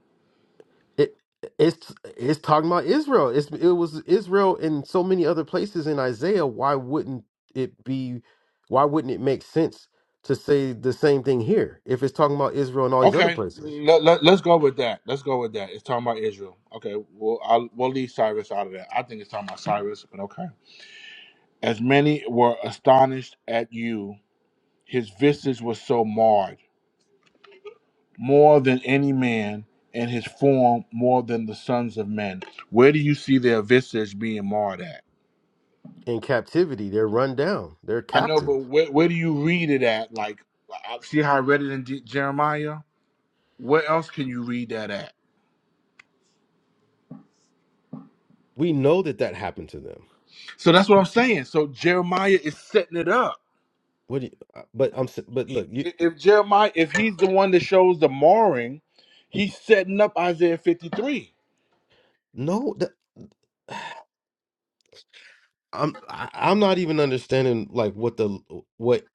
it it's it's talking about Israel. It's it was Israel in so many other places in Isaiah. Why wouldn't it be? Why wouldn't it make sense to say the same thing here if it's talking about Israel and all these other Okay, places let, let, us go with that. Let's go with that. It's talking about Israel. Okay, we'll I'll, we'll leave Cyrus out of that. I think it's talking about Cyrus, but okay. As many were astonished at you, his visage was so marred, more than any man, and his form more than the sons of men. Where do you see their visage being marred at? in captivity? They're run down. They're I know, but captive. where, where do you read it at? Like, I- see how I read it in D- Jeremiah. Where else can you read that at? We know that that happened to them. So that's what I'm saying. So Jeremiah is setting it up What? Do you, uh, but I'm. s- But he- look, you you- if Jeremiah, if he's the one that shows the marring, he's setting up Isaiah 53. no. That, I'm. I, I'm not even understanding like what the what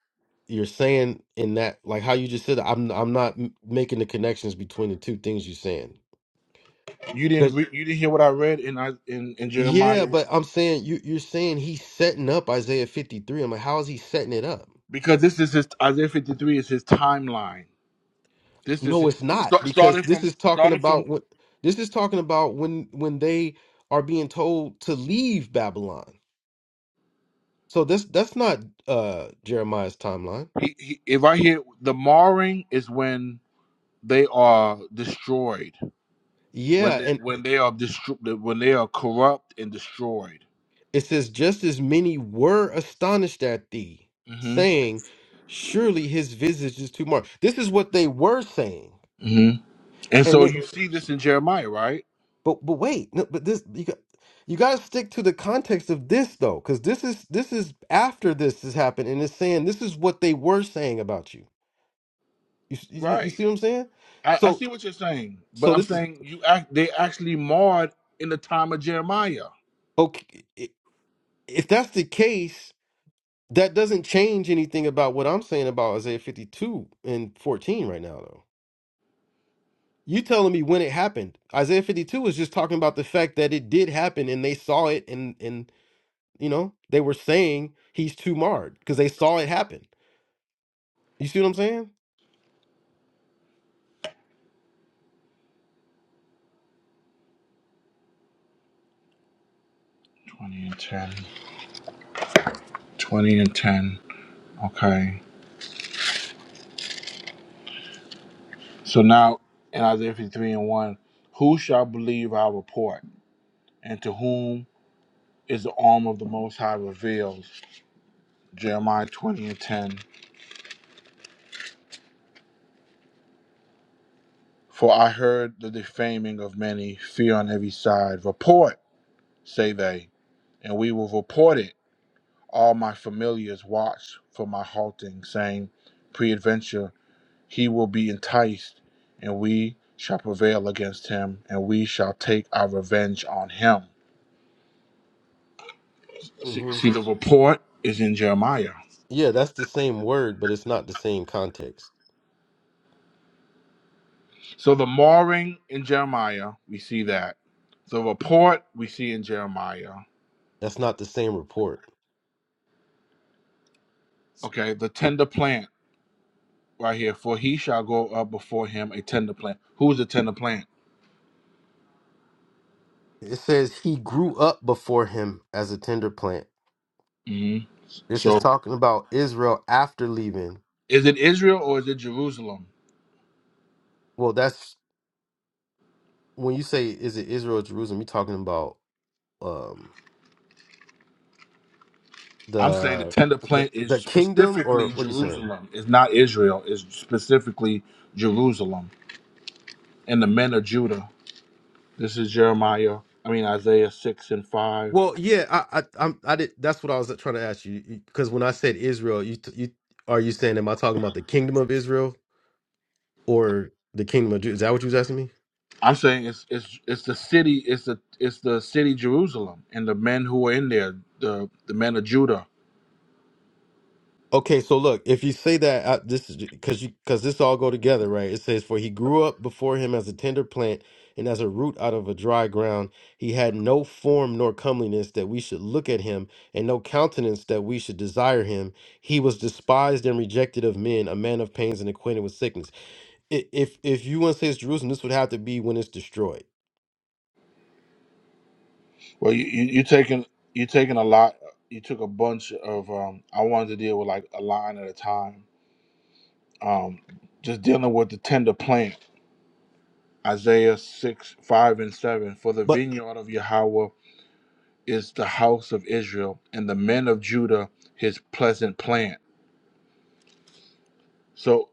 you're saying in that like how you just said. it. I'm. I'm not m- making the connections between the two things you're saying. You didn't Because re- you didn't hear what I read in Is- in, in yeah, Jeremiah but I'm saying you you're saying he's setting up Isaiah 53. I'm like, how is he setting it up? because this is his Isaiah 53 is his timeline. This is No, it's not start, because starting this from is talking starting about from what this is talking about when when they are being told to leave Babylon. So this that's not uh Jeremiah's timeline. he, he, if I hear the marring is when they are destroyed when Yeah, they, and when they are destro- when they are corrupt and destroyed. it says just as many were astonished at thee, hmm saying, Surely his visage is too marked. This is what they were saying. hmm And And so then you see this in Jeremiah, right? but but wait, no, but this you got you gotta stick to the context of this though, because this is this is after this has happened, and it's saying this is what they were saying about you. You s- you, you Right. see what I'm saying? I, I So see what you're saying, but so I'm this is saying you act they actually marred in the time of Jeremiah. okay. i- If that's the case, That doesn't change anything about what I'm saying about Isaiah 52 and 14 right now, though. You telling me when it happened. Isaiah 52 is just talking about the fact that it did happen and they saw it and and you know, they were saying he's too marred because they saw it happen. You see what I'm saying? 20 and 10. 20 and 10. Okay. So now in Isaiah 53 and 1, who shall believe our report? And to whom is the arm of the Most High revealed? Jeremiah 20 and 10. For I heard the defaming of many, fear on every side. Report, say they, and we will report it All my familiars watch for my halting, saying, Preadventure, he will be enticed, and we shall prevail against him, and we shall take our revenge on him. See, Mm-hmm. see the report is in Jeremiah. Yeah, that's the same word, but it's not the same context. So the marring in Jeremiah, we see that. The report we see in Jeremiah. That's not the same report. Okay, the tender plant right here. For he shall go up before him a tender plant. Who is the tender plant? It says he grew up before him as a tender plant. hmm This is So talking about Israel after leaving. is it Israel or is it Jerusalem? Well, that's when you say is it Israel or Jerusalem, you're talking about um I'm saying the the tender the plant is the kingdom or specifically what are you saying? Jerusalem. It's not Israel. It's specifically Jerusalem and the men of Judah. This is Jeremiah. I mean Isaiah six and five. Well, yeah, I I I'm, I did that's what I was trying to ask you because when I said Israel, you t- you are you saying am I talking about the kingdom of Israel or the kingdom of Judah? Is that what you was asking me? I'm saying it's it's it's the city. It's the it's the city Jerusalem and the men who are in there. The the men of Judah. Okay, so look, if you say that uh, this is because you because this all go together, right? It says, "For he grew up before him as a tender plant, and as a root out of a dry ground. He had no form nor comeliness that we should look at him, and no countenance that we should desire him. He was despised and rejected of men, a man of pains and acquainted with sickness." I- If if you want to say it's Jerusalem, this would have to be when it's destroyed. Well, you you, you taking you taking a lot. You took a bunch of. Um, I wanted to deal with like a line at a time. Um, just dealing with the tender plant Isaiah 6, 5 and 7. For the But vineyard of Yahweh is the house of Israel, and the men of Judah his pleasant plant. So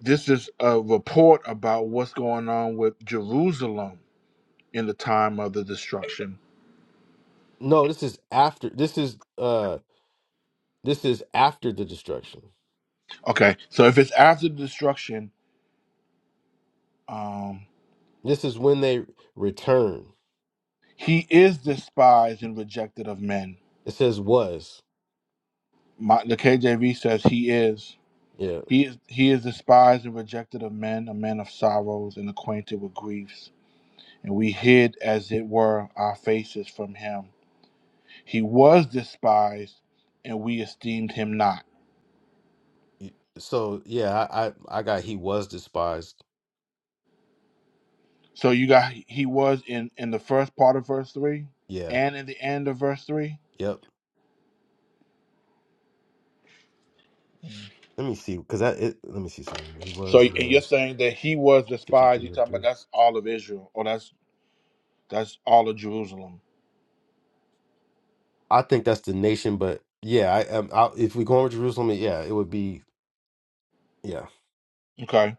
this is a report about what's going on with Jerusalem in the time of the destruction. no, this is after. This is uh, this is after the destruction. Okay, so if it's after the destruction, um, This is when they return. he is despised and rejected of men. It says was. My, the KJV says he is. Yeah. He is, he is despised and rejected of men, a man of sorrows and acquainted with griefs and we hid, as it were, our faces from him. He was despised, and we esteemed him not. You- So yeah, I I, I got he was despised. So you got he was in in the first part of verse three, Yeah. and in the end of verse three. Yep. Let me see because that it, let me see something. He So was he and you're was saying that he was fifty despised. three You're and talking about three. that's all of Israel, or that's that's all of Jerusalem. I think that's the nation, but yeah, I, um I if we go over Jerusalem, yeah, it would be yeah. Okay,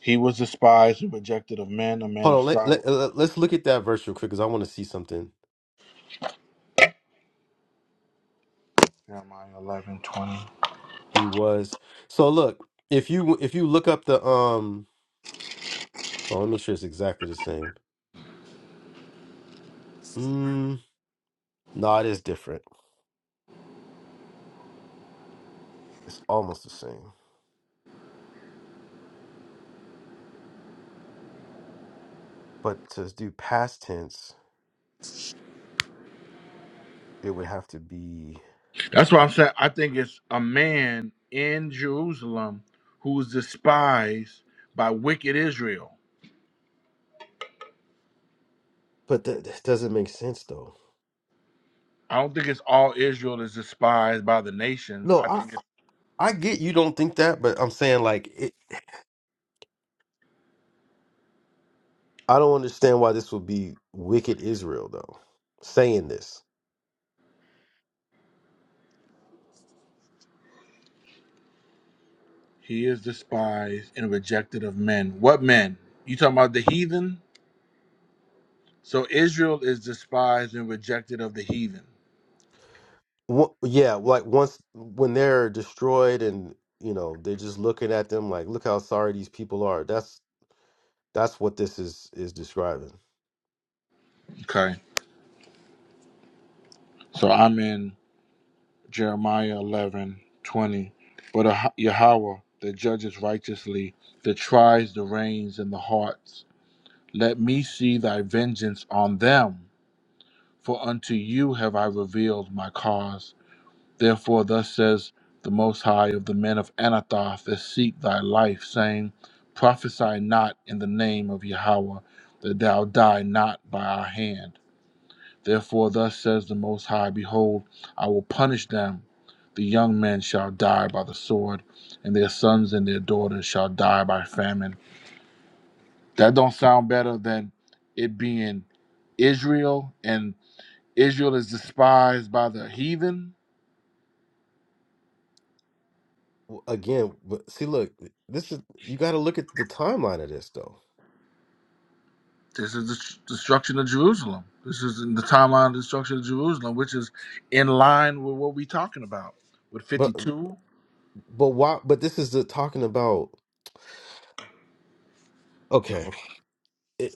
he was despised and rejected of men, a man Hold of on, let, let, sorrow. let let's look at that verse real quick because I want to see something. Jeremiah 11 20. He was so look if you if you look up the um. Oh, let me make sure it's exactly the same. Mm, no, it is different. It's almost the same. But to do past tense, it would have to be. That's why I'm saying I think it's a man in Jerusalem who's despised by wicked Israel. But that, that doesn't make sense though. I don't think it's all Israel is despised by the nations. No, I I think it's, I get you don't think that, but I'm saying like it, I don't understand why this would be wicked Israel though. Saying this, he is despised and rejected of men. What men? You talking about the heathen? So Israel is despised and rejected of the heathen. Wha- yeah, like once when they're destroyed and you know they're just looking at them like, look how sorry these people are. That's that's what this is is describing. Okay. So I'm in Jeremiah 11 20, But Ah- Yahweh that judges righteously, that tries the reins and the hearts Let me see thy vengeance on them, for unto you have I revealed my cause. Therefore, thus says the Most High of the men of Anathoth that seek thy life, saying, Prophesy not in the name of Yahweh, that thou die not by our hand. Therefore, thus says the Most High, Behold, I will punish them. The young men shall die by the sword, and their sons and their daughters shall die by famine that don't sound better than it being Israel and Israel is despised by the heathen. W- Again, but see, look, this is you got to look at the timeline of this though. This is the destruction of Jerusalem. This is in the timeline of destruction of Jerusalem, which is in line with what we're talking about with But 52. but why? But this is the talking about. Okay. It-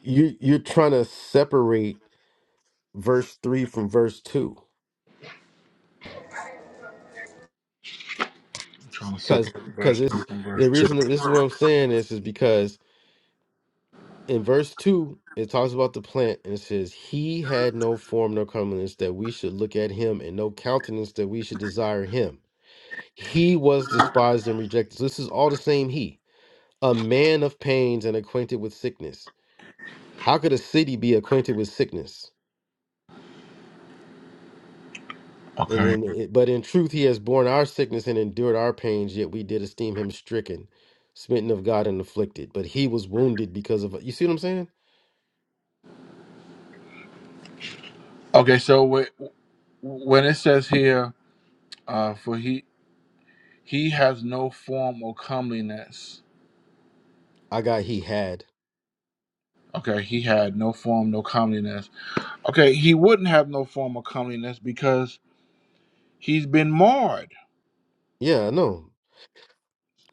You you're trying to separate verse 3 from verse 2 I'm trying to cuz separate cuz verse 2 it's from verse the 2. reason that this is what I'm saying is is because in verse 2 it talks about the plant and it says he had no form nor comeliness that we should look at him and no countenance that we should desire him. He was despised and rejected. So this is all the same he, a man of pains and acquainted with sickness. How could a city be acquainted with sickness? And Okay. then, it- but in truth, he has borne our sickness and endured our pains, yet we did esteem him stricken, smitten of God, and afflicted. But he was wounded because of, you see what I'm saying? Okay, so wh- when it says here, uh, for he he has no form or comeliness. I got he had. Okay, he had no form, no comeliness Okay, he wouldn't have no form of comeliness because he's been marred. Yeah, I know.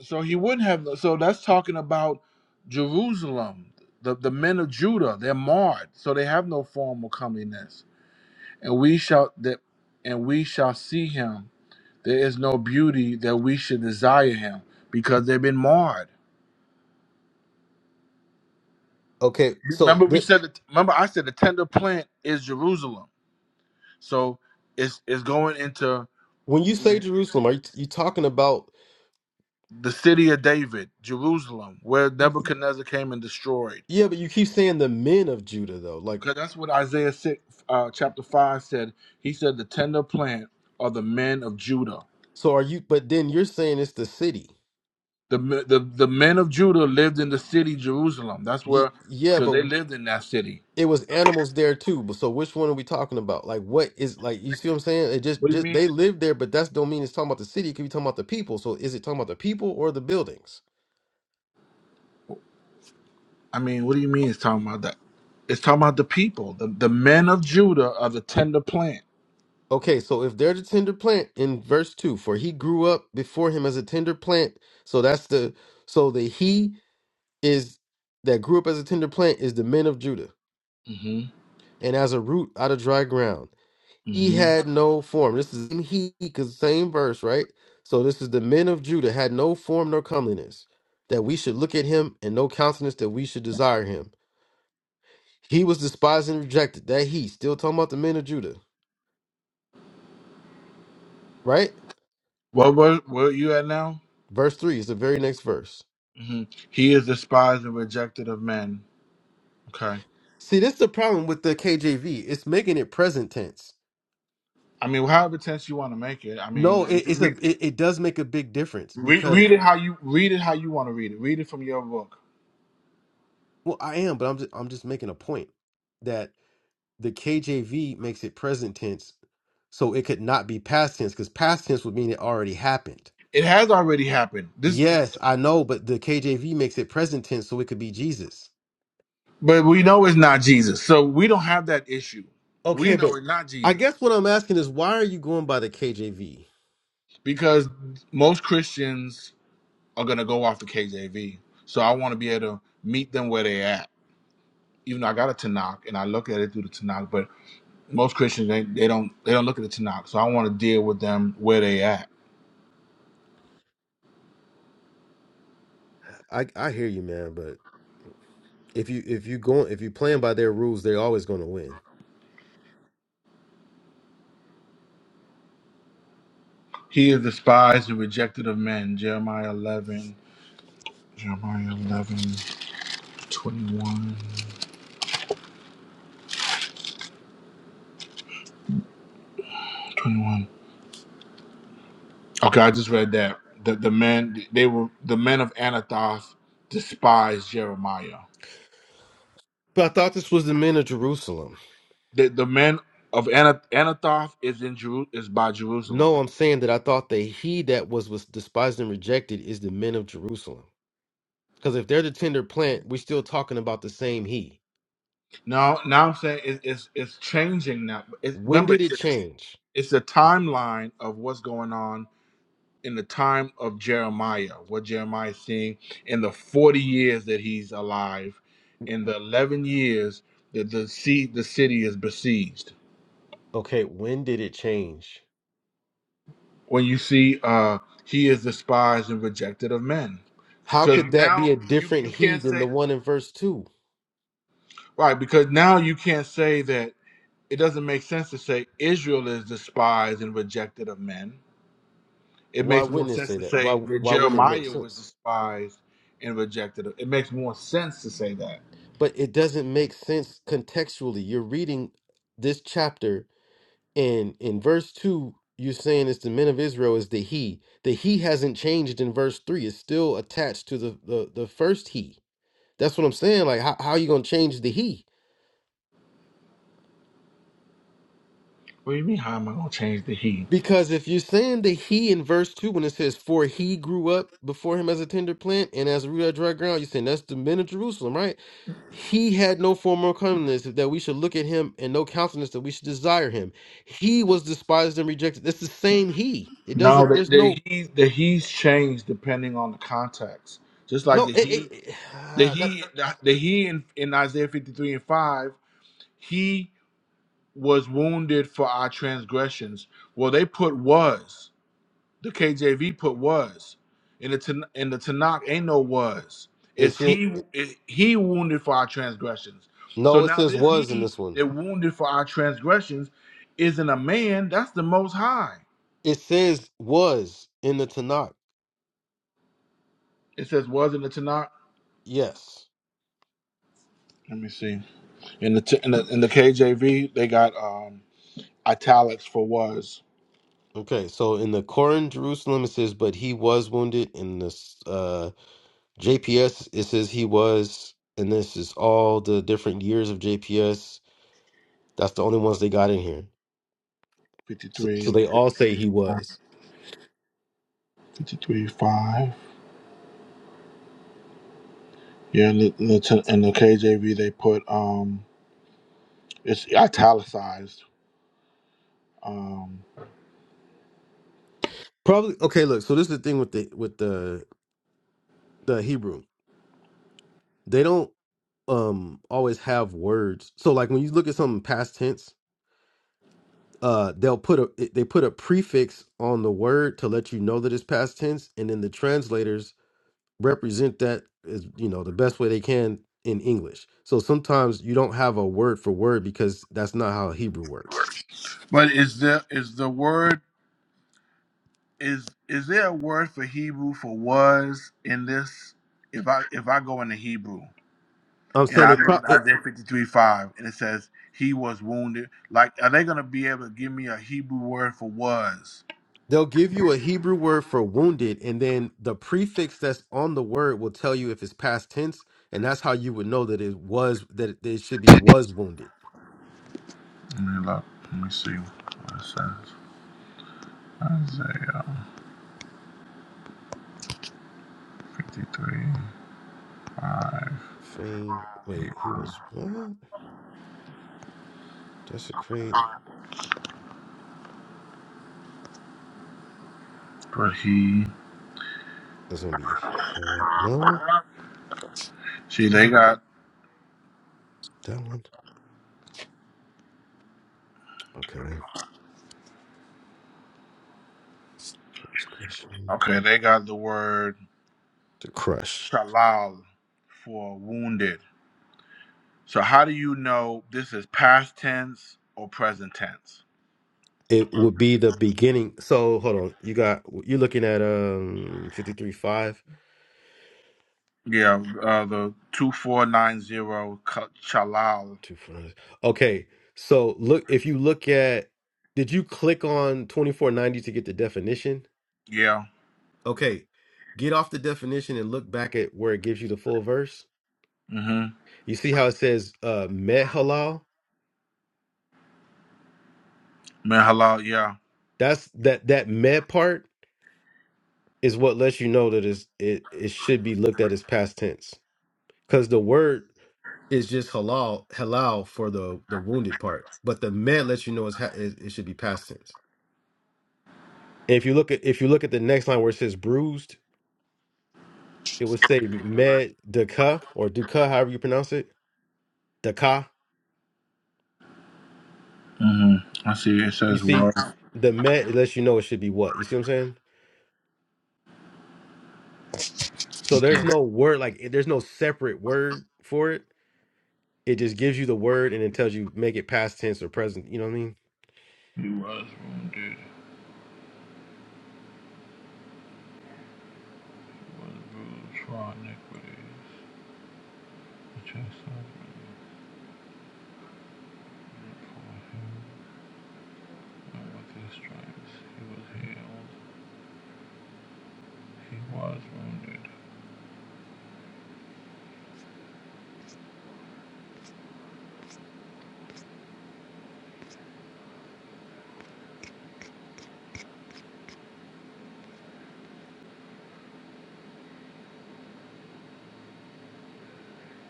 So he wouldn't have. So that's talking about Jerusalem, the, the men of Judah. They're marred, so they have no form of comeliness. And we shall that, and we shall see him. There is no beauty that we should desire him because they've been marred. Okay, so Remember, we th- said. That, remember, I said the tender plant is Jerusalem. So it's it's going into. when you say Jerusalem, are you, you talking about, the city of David, Jerusalem, where Nebuchadnezzar came and destroyed. yeah, but you keep saying the men of Judah, though. Like, Because that's what Isaiah 6, uh, chapter 5 said. He said, The tender plant are the men of Judah. so are you, but then you're saying it's the city. The, me- the, the men of Judah lived in the city, Jerusalem. That's Y- where, yeah, because but they lived in that city. it was animals there too. But so which one are we talking about? Like what is like you see what I'm saying? It just What do you just mean? they lived there, but that's don't mean it's talking about the city. It could be talking about the people. So is it talking about the people or the buildings? I mean, what do you mean it's talking about that? It's talking about the people. The, the men of Judah are the tender plant. Okay, so if they're the tender plant in verse two, for he grew up before him as a tender plant. So that's the so the he is that grew up as a tender plant is the men of Judah, hmm and as a root out of dry ground. He hmm had no form. This is in he, because same verse, right? So this is the men of Judah had no form nor comeliness, that we should look at him, and no countenance that we should desire him. He was despised and rejected. That he, still talking about the men of Judah, right? Well, where, where are you at now? Verse three is the very next verse. hmm He is despised and rejected of men. Okay See, this is the problem with the KJV. It's making it present tense. I mean, however tense you want to make it. I No, mean, it, it's a it, it does make a big difference read, because read it how you read it how you want to read it. Read it from your book. well, I am, but I'm just I'm just making a point that. the KJV makes it present tense, so it could not be past tense because past tense would mean it already happened. It has already happened. This, Yes, I know, but the KJV makes it present tense, so it could be Jesus. but we know it's not Jesus, so we don't have that issue. We Okay, but know it's not I Jesus guess what I'm asking is why are you going by the KJV? because most Christians are gonna go off the KJV. So I want to be able to meet them where they at. Even though I got a Tanakh and I look at it through the Tanakh, but most Christians they, they don't they don't look at the Tanakh. So I want to deal with them where they at. I I hear you, man, but if you if you going if you playing by their rules, they're always going to win. He is despised and rejected of men. Jeremiah 11 Jeremiah 11 21 21. Okay, I just read that. The, the men they were the men of Anathoth despised Jeremiah. But I thought this was the men of Jerusalem. The, the men of Anath- Anathoth is in Jeru- is by Jerusalem. No, I'm saying that I thought that he that was was despised and rejected is the men of Jerusalem. Because if they're the tender plant, we're still talking about the same he. Now now I'm saying it, it's it's changing now. It's, When remember did it's it change? it's a timeline of what's going on in the time of Jeremiah, what Jeremiah is seeing in the 40 years that he's alive, in the 11 years that the sea, the city is besieged. Okay, when did it change? When you see uh, he is despised and rejected of men, How because could that be a now you different you he can't than say the one in verse two? right because now you can't say that it doesn't make sense to say Israel is despised and rejected of men. It Why makes more wouldn't it sense say to that? Why say that why wouldn't it make Jeremiah was sense? despised and rejected. of- It makes more sense to say that But it doesn't make sense contextually. You're reading this chapter And in verse 2, you're saying it's the men of Israel is the he. The he hasn't changed in verse 3. It's still attached to the the, the first he. That's what I'm saying. Like, how, how are you going to change the he? What do you mean? How am I gonna change the he? Because if you're saying the he in verse 2, when it says, For he grew up before him as a tender plant and as a root out of dry ground, you're saying that's the men of Jerusalem, right? He had no form or comeliness that we should look at him and no countenance that we should desire him. He was despised and rejected. That's the same he. It No, doesn't, the, there's the no he the he's changed depending on the context. Just like No, the it, it, he it the ah, that he the, the he in, in Isaiah fifty three and five, he was wounded for our transgressions. Well, they put was the KJV put was in the Tan- in the Tanakh ain't no was. it It's said he it, he wounded for our transgressions. So no. It now says this was in he this one. that wounded for our transgressions isn't a man. That's the Most High. It says was in the Tanakh. It says was in the Tanakh. Yes. Let me see. In the t- in the, in the KJV, they got um italics for was Okay. So in the Koran, Jerusalem, it says, but he was wounded. In this uh, JPS, it says he was, and this is all the different years of JPS. That's the only ones they got in here. fifty So, so three, they all say he was 5. Yeah, in the, in the T- in the KJV, they put um it's italicized. Um, probably okay. Look, so this is the thing with the with the the Hebrew. They don't um always have words. So like when you look at something past tense uh they'll put a they put a prefix on the word to let you know that it's past tense and then the translators represent that as you know the best way they can in english so sometimes you don't have a word for word because that's not how hebrew works but is there is the word is is there a word for Hebrew for was in this? If I if I go into Hebrew. i'm And saying I it, pro- look at it Isaiah 53 5, and it says, He was wounded. Like, are they going to be able to give me a Hebrew word for was? they'll give you a hebrew word for wounded and then the prefix that's on the word will tell you if it's past tense and that's how you would know that it was that it, that it should be was wounded Let me look. Let me see what it says. Isaiah 53 5. fain wait he Hebrew. was what desecrate But he, It's gonna be head. No, see, sort they of got, that one. Okay, transgression okay, they got the word to crush. shalal for wounded. So, how do you know this is past tense or present tense? It would be the beginning. So hold on, you got you're looking at um fifty three five Yeah, uh, the 2490 shalal. two front. Okay, so look if you look at did you click on twenty four ninety to get the definition? Yeah. Okay, get off the definition and look back at where it gives you the full verse. Mm-hmm. You see how it says uh med halal? Man, halal, yeah. That's that that meh part is what lets you know that it's, it it should be looked at as past tense because the word is just halal halal for the the wounded part, but the med lets you know it's ha- it, it should be past tense. And if you look at if you look at the next line where it says bruised, it would say med duka or duka, however you pronounce it, duka. Mm-hmm. I see it You says was. see, the med it lets you know it should be what. You see what I'm saying? So there's Okay. no word like there's no separate word for it It just gives you the word and it tells you make it past tense or present. You know what I mean? He was wounded, was bruised for our iniquities. The chastisement for him, and with his stripes he was healed. He was wounded,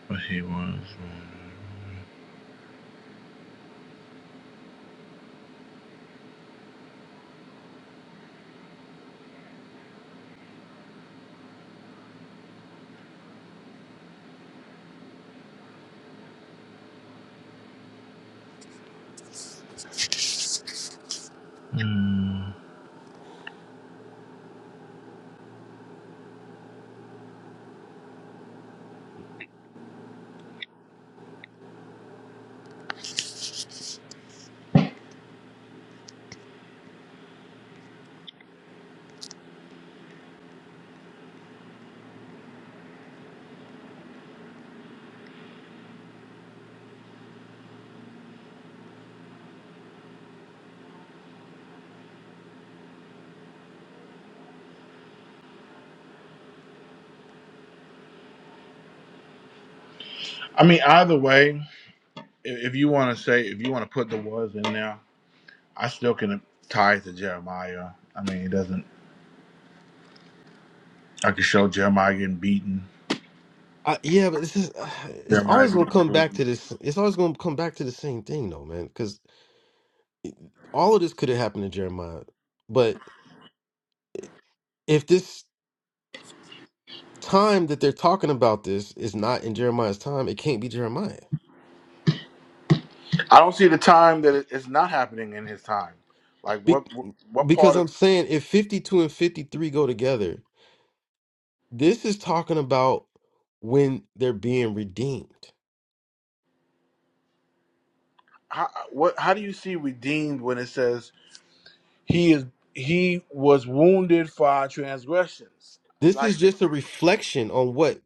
but he was wounded. Mm. I mean, either way, i- if you want to say, if you want to put the was in there, I still can tie it to Jeremiah. I mean, it doesn't. I could show Jeremiah getting beaten. I, yeah, but it's just, it's Jeremiah always being gonna come bruised. back to this. It's always gonna come back to the same thing, though, man. Because all of this could have happened to Jeremiah, but if this time that they're talking about this is not in Jeremiah's time, it can't be Jeremiah. I don't see the time that it- it's not happening in his time. Like Be- what what because part of I'm saying if 52 and 53 go together, this is talking about when they're being redeemed. how what how do you see redeemed when it says he is he was wounded for our transgressions? This Like is just a reflection on what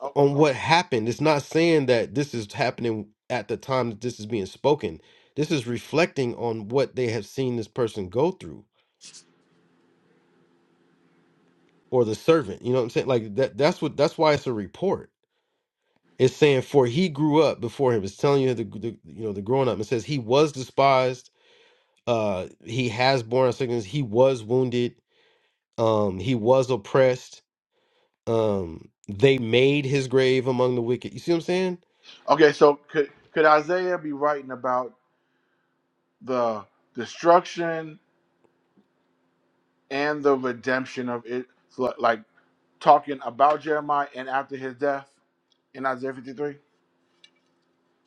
o- on o- what happened. It's not saying that this is happening at the time that this is being spoken. This is reflecting on what they have seen this person go through or the servant. You know what I'm saying? Like that that's what that's why it's a report It's saying for he grew up before him. It's telling you the, the you know the growing up. It says he was despised. Uh, he has borne our sickness. He was wounded. Um, he was oppressed. Um, they made his grave among the wicked. You see what I'm saying? okay, so could could Isaiah be writing about the destruction and the redemption of it? so, Like talking about Jeremiah and after his death in Isaiah fifty three.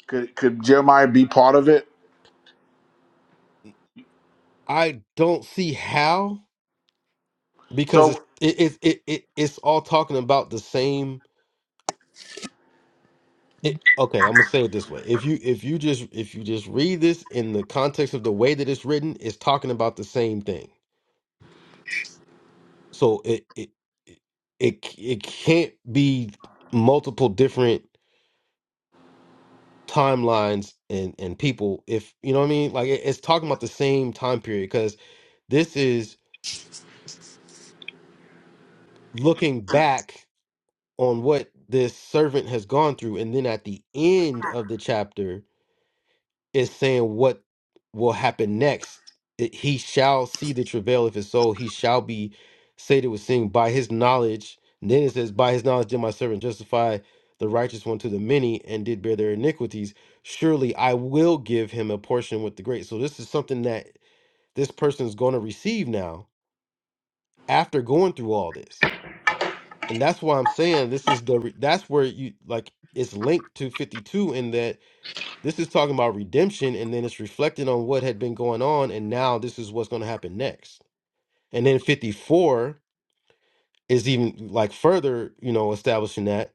Could could Jeremiah be part of it? I don't see how because it's So it it it, it it's all talking about the same. It, okay, I'm gonna say it this way. If you if you just if you just read this in the context of the way that it's written, it's talking about the same thing So it it it it it can't be multiple different timelines and and people if you know what I mean. Like it, it's talking about the same time period because this is looking back on what this servant has gone through, and then at the end of the chapter is saying what will happen next. It, he shall see the travail of his soul. He shall be sated with sin by his knowledge. And then it says, By his knowledge did my servant justify the righteous one to the many and did bear their iniquities. Surely I will give him a portion with the great. So this is something that this person is going to receive now after going through all this. And that's why I'm saying this is the, re- that's where you like, it's linked to 52 in that this is talking about redemption, and then it's reflecting on what had been going on, and now this is what's going to happen next. And then 54 is even like further, you know, establishing that.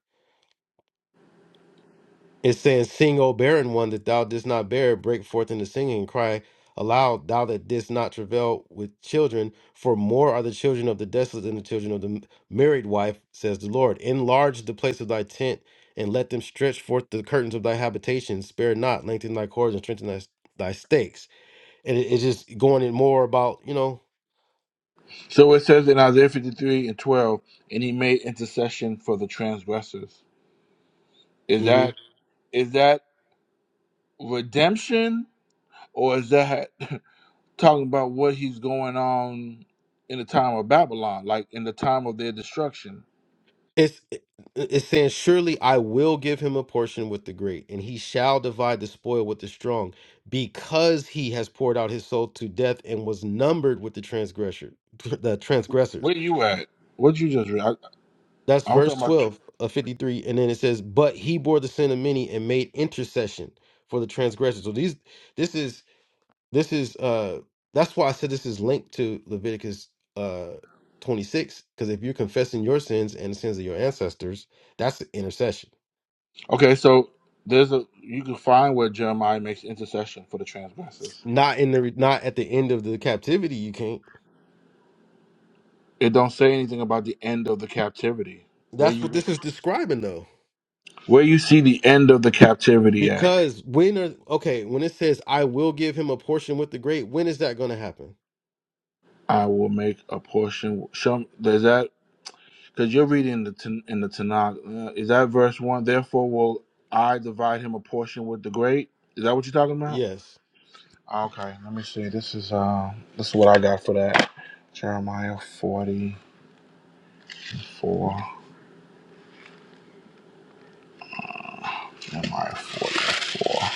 It's saying, Sing, O barren one, that thou didst not bear, break forth into singing, and cry aloud, thou that didst not travail with children, for more are the children of the desolate than the children of the m- married wife, says the Lord. Enlarge the place of thy tent, and let them stretch forth the curtains of thy habitation. Spare not, lengthen thy cords, and strengthen thy, thy stakes and it, it's just going in more about you know So it says in Isaiah 53 and 12, and he made intercession for the transgressors. Is hmm that is that redemption or is that talking about what he's going on in the time of Babylon, like in the time of their destruction? it's it- it's saying surely i will give him a portion with the great and he shall divide the spoil with the strong because he has poured out his soul to death and was numbered with the transgressor the transgressors Where you at? What you just read? I, that's I was talking verse about. 12 of 53 and then it says but he bore the sin of many and made intercession for the transgressors so these this is This is uh that's why I said this is linked to Leviticus uh 26 because if you're confessing your sins and the sins of your ancestors, that's intercession. Okay, so there's a you can find where Jeremiah makes intercession for the transgressors. Not in the not at the end of the captivity you can't. It don't say anything about the end of the captivity. Where That's you what get, this is describing though. where you see the end of the captivity at? Because when are okay, when it says I will give him a portion with the great, when is that going to happen? I will make a portion. Show does that because you're reading the Tan- in the Tanakh. Uh, is that verse one? Therefore, will I divide him a portion with the great? Is that what you're talking about? Yes. Okay, let me see. This is uh, this is what I got for that. Jeremiah 44. Jeremiah 44.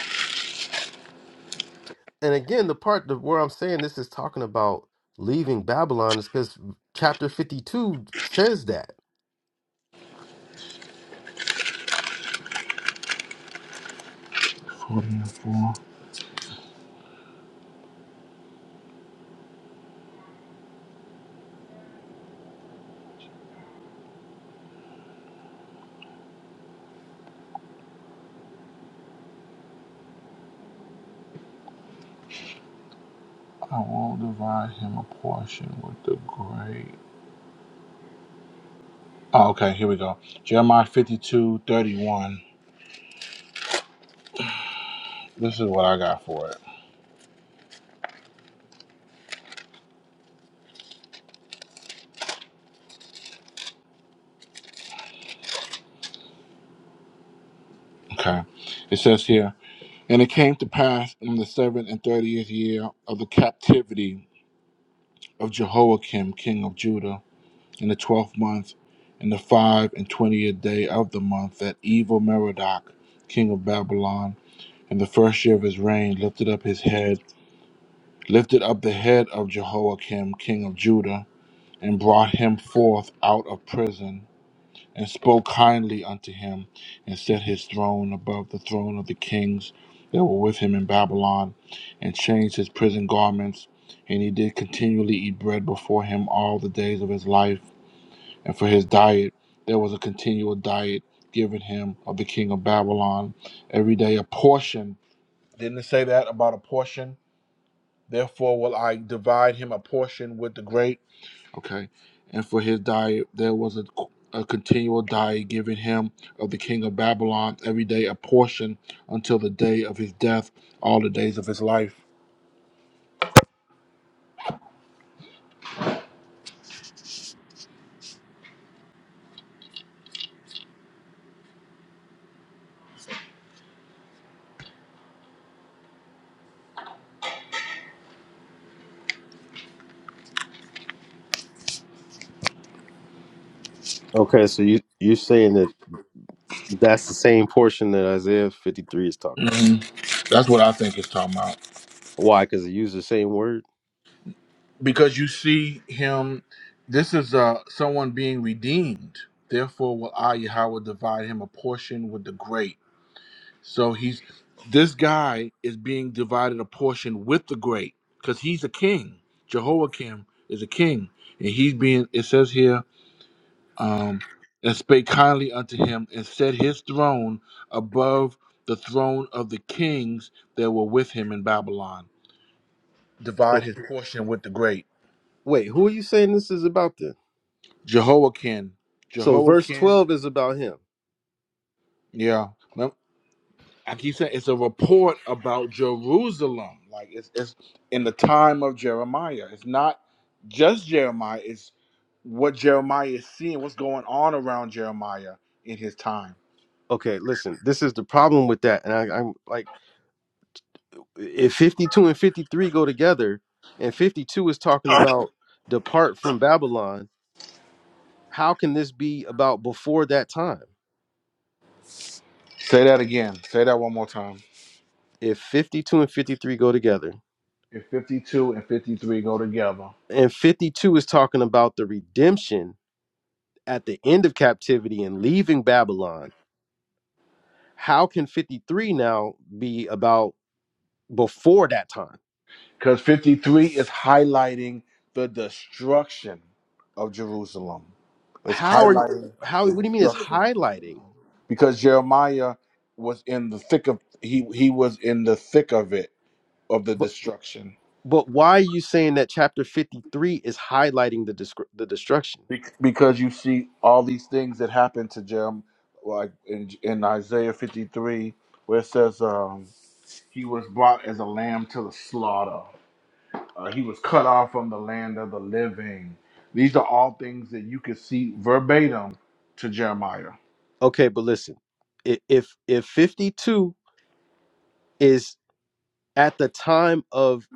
And again, the part of where I'm saying this is talking about leaving Babylon is cuz chapter 52 says that. 44. I will divide him a portion with the great. Oh, okay, here we go. Jeremiah 52 31. This is what I got for it. Okay. It says here. And it came to pass in the seventh and thirtieth year of the captivity of Jehoiakim, king of Judah, in the twelfth month, in the five and twentieth day of the month, that evil Merodach, king of Babylon, in the first year of his reign, lifted up his head, lifted up the head of Jehoiakim, king of Judah, and brought him forth out of prison. and spoke kindly unto him, and set his throne above the throne of the kings that were with him in Babylon, and changed his prison garments. And he did continually eat bread before him all the days of his life. And for his diet, there was a continual diet given him of the king of Babylon. Every day a portion. Didn't it say that about a portion? Therefore, will I divide him a portion with the great Okay. And for his diet, there was a, a continual diet given him of the king of Babylon every day a portion until the day of his death, all the days of his life. Okay, so you you're saying that that's the same portion that Isaiah 53 is talking about. hmm That's what I think it's talking about. Why? Because it uses the same word. Because you see him, this is uh, someone being redeemed. Therefore, will I, Yahweh, divide him a portion with the great. So he's this guy is being divided a portion with the great because he's a king. Jehoiakim is a king, and he's being. It says here, um, and spake kindly unto him, and set his throne above the throne of the kings that were with him in Babylon. Divide So his portion with the great wait, who are you saying this is about then? Jehoiakim. So verse Jehoiakim, 12 is about him. yeah. I keep saying it's a report about Jerusalem. Like it's it's in the time of Jeremiah. It's not just Jeremiah, it's what Jeremiah is seeing, what's going on around Jeremiah in his time. Okay, listen, this is the problem with that, and I, I'm like, if 52 and 53 go together, and 52 is talking about depart from Babylon, how can this be about before that time? Say that again. Say that one more time. If 52 and 53 go together, If 52 and 53 go together. and 52 is talking about the redemption at the end of captivity and leaving Babylon, how can 53 now be about before that time? Because 53 is highlighting the destruction of Jerusalem. It's How are highlighting how what the do you mean it's destruction highlighting? because Jeremiah was in the thick of he he was in the thick of it of the But destruction but why are you saying that chapter 53 is highlighting the descri- the destruction? Bec- because you see all these things that happened to Jeremiah like in, in Isaiah 53 where it says um, he was brought as a lamb to the slaughter uh, he was cut off from the land of the living these are all things that you could see verbatim to Jeremiah Okay, but listen. i- If if 52 is at the time of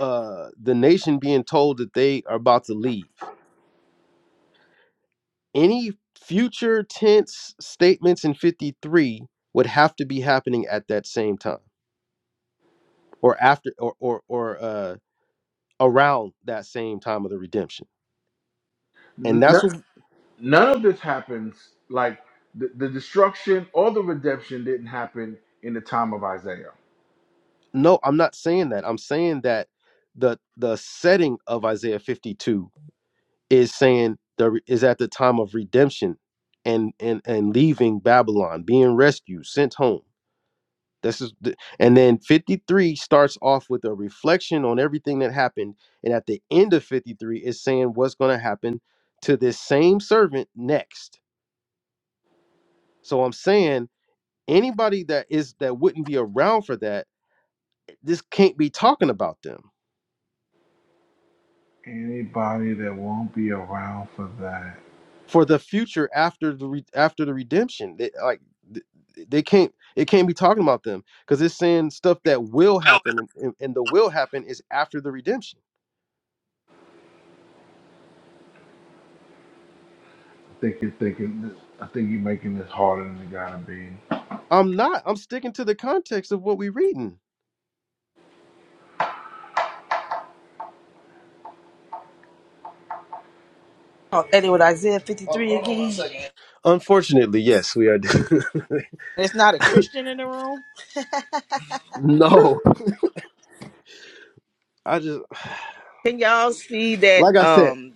uh the nation being told that they are about to leave any future tense statements in 53 would have to be happening at that same time or after or or, or uh around that same time of the redemption and that's what none of this happens like the, the destruction or the redemption didn't happen in the time of Isaiah. no i'm not saying that i'm saying that the the setting of isaiah 52 is saying the re- is at the time of redemption and and and leaving babylon being rescued sent home This is the, and then 53 starts off with a reflection on everything that happened, and at the end of 53 is saying what's going to happen to this same servant next. So I'm saying anybody that is that wouldn't be around for that, this can't be talking about them for the future after the re, after the redemption. They, like th- they can't it can't be talking about them because it's saying stuff that will happen and, and and the will happen is after the redemption. I think you're thinking I think you're making this harder than it gotta be. I'm not. I'm sticking to the context of what we're reading. Oh, and it with Isaiah 53 again. Unfortunately, yes, we are. It's not a Christian in the room. No. I just, Can y'all see that like I said, um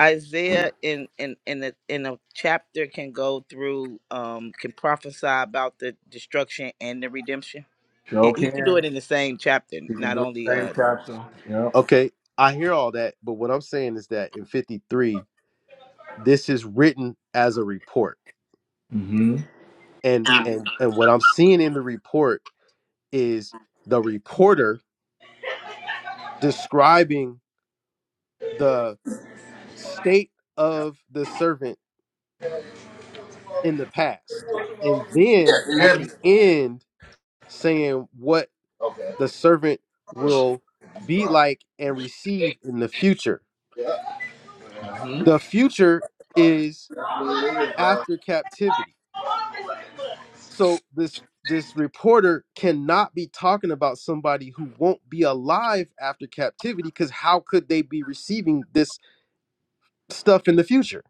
Isaiah in in in the in a chapter can go through um can prophesy about the destruction and the redemption? Show Yeah, He could do can. it in the same chapter, You can not do the only same uh chapter. Yep. okay, I hear all that, but what I'm saying is that in 53, this is written as a report, hmm and and and what I'm seeing in the report is the reporter describing the state of the servant in the past, and Yeah, then you at hear me? the end saying what Okay. the servant will be like and receive in the future. Yeah. hmm the future is after captivity so this this reporter cannot be talking about somebody who won't be alive after captivity because how could they be receiving this stuff in the future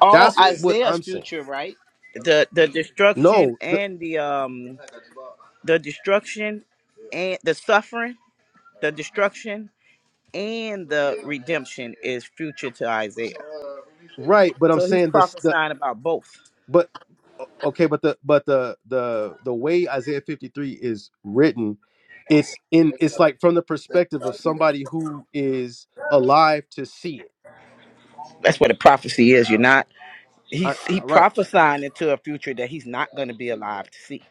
all that's what Isaiah's i'm saying future, right? The the destruction no the, and the um the destruction and the suffering The destruction and the redemption is future to Isaiah. right but i'm So he's saying this the prophesying about both. but o- okay but the but the the the way isaiah 53 is written it's in it's like from the perspective of somebody who is alive to see it That's what a prophecy is. You're not I, he's I, he right prophesying into a future that he's not going to be alive to see.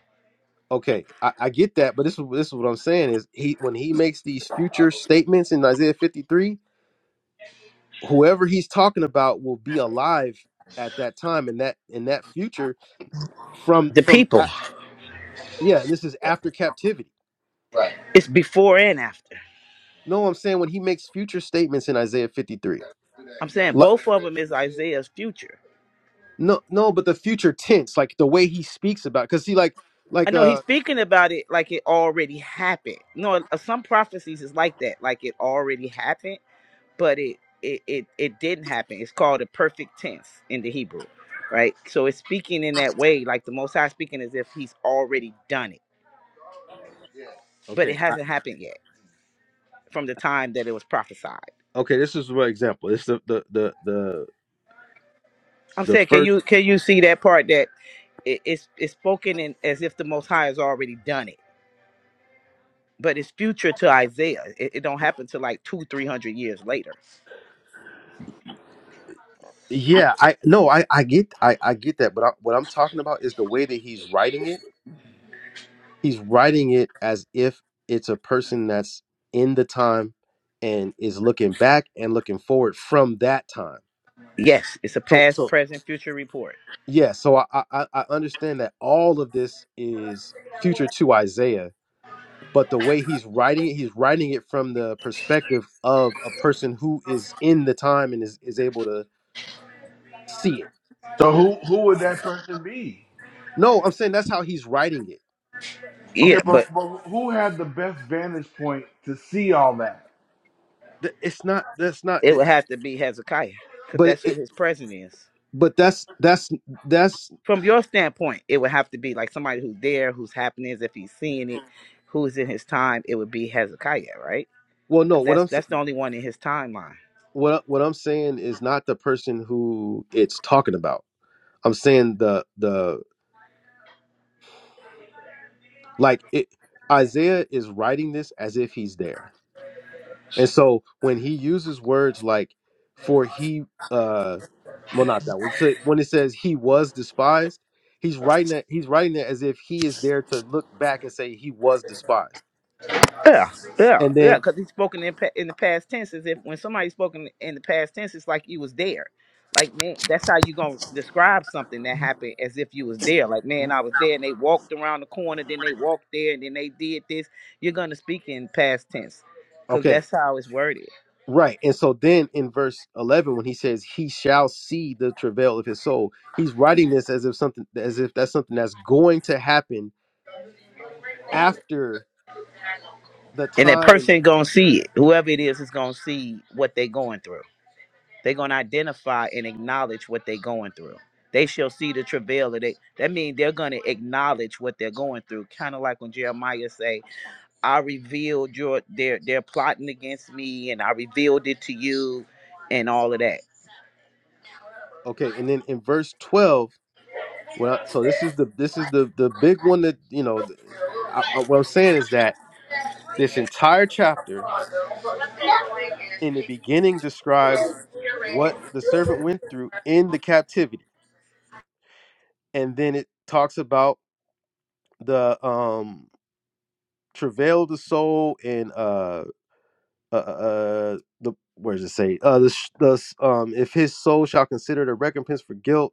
Okay, I, I get that, but this is this is what I'm saying is he when he makes these future statements in Isaiah 53, whoever he's talking about will be alive at that time in that in that future from The from people. a- yeah, and this is after captivity. It's before and after. No, I'm saying when he makes future statements in Isaiah 53. I'm saying Like, both of them is Isaiah's future. no, no, but the future tense, like the way he speaks about, because see, like, I like know he's uh, speaking about it like it already happened. No, uh, some prophecies is like that, like it already happened. but it it it, it didn't happen. It's called a perfect tense in the Hebrew, right? So it's speaking in that way, like the Most High speaking as if He's already done it, but it okay, I, hasn't happened yet from the time that it was prophesied. okay, this is one example. This is the the the the I'm the saying, can first. you can you see that part that it, it's it's spoken in as if the Most High has already done it, but it's future to Isaiah. It, it don't happen till like two three hundred years later. Yeah, I no, I I get I I get that, but I, what I'm talking about is the way that he's writing it. He's writing it as if it's a person that's in the time and is looking back and looking forward from that time. Yes, it's a So past, so present, future report. yeah, so I I, I I understand that all of this is future to Isaiah, but the way he's writing it, he's writing it from the perspective of a person who is in the time and is is able to see it. So who who would that person be? No, I'm saying that's how he's writing it Okay, Yeah, but, but but who had the best vantage point to see all that? th- it's not that's not it it, would have to be Hezekiah because but it, that's who it his present is. but that's that's that's from your standpoint, it would have to be like somebody who's there, who's happening, if he's seeing it, who's in his time. It would be Hezekiah, right? well no Because what i'm that's s- that's the only one in his timeline. what I- what i'm saying is not the person who it's talking about i'm saying the the like it isaiah is writing this as if he's there and so when he uses words like for he uh well not that one so when it says he was despised he's writing that he's writing it as if he is there to look back and say he was despised Yeah, yeah, and yeah. then Because he's spoken in pa- in the past tense as if when somebody's spoken in the past tense, it's like you was there. Like man, that's how you gonna describe something that happened as if you was there. Like man, I was there, and they walked around the corner, then they walked there, and then they did this. You're gonna speak in past tense, because okay that's how it's worded. Right. And so then in verse 11 when he says he shall see the travail of his soul, he's writing this as if something as if that's something that's going to happen after the And that time. person gonna see it. Whoever it is is gonna see what they going through. they gonna identify and acknowledge what they going through. They shall see the travail of they that means they're gonna acknowledge what they're going through. Kind of like when Jeremiah say, I revealed your they're they're plotting against me and I revealed it to you and all of that. Okay, and then in verse 12, well, so this is the this is the the big one that, you know, th- I, I- what I'm saying is that this entire chapter in the beginning describes what the servant went through in the captivity. And then it talks about the um travail of the soul and uh uh, uh the where does it say uh the, sh- the s- um if his soul shall consider the recompense for guilt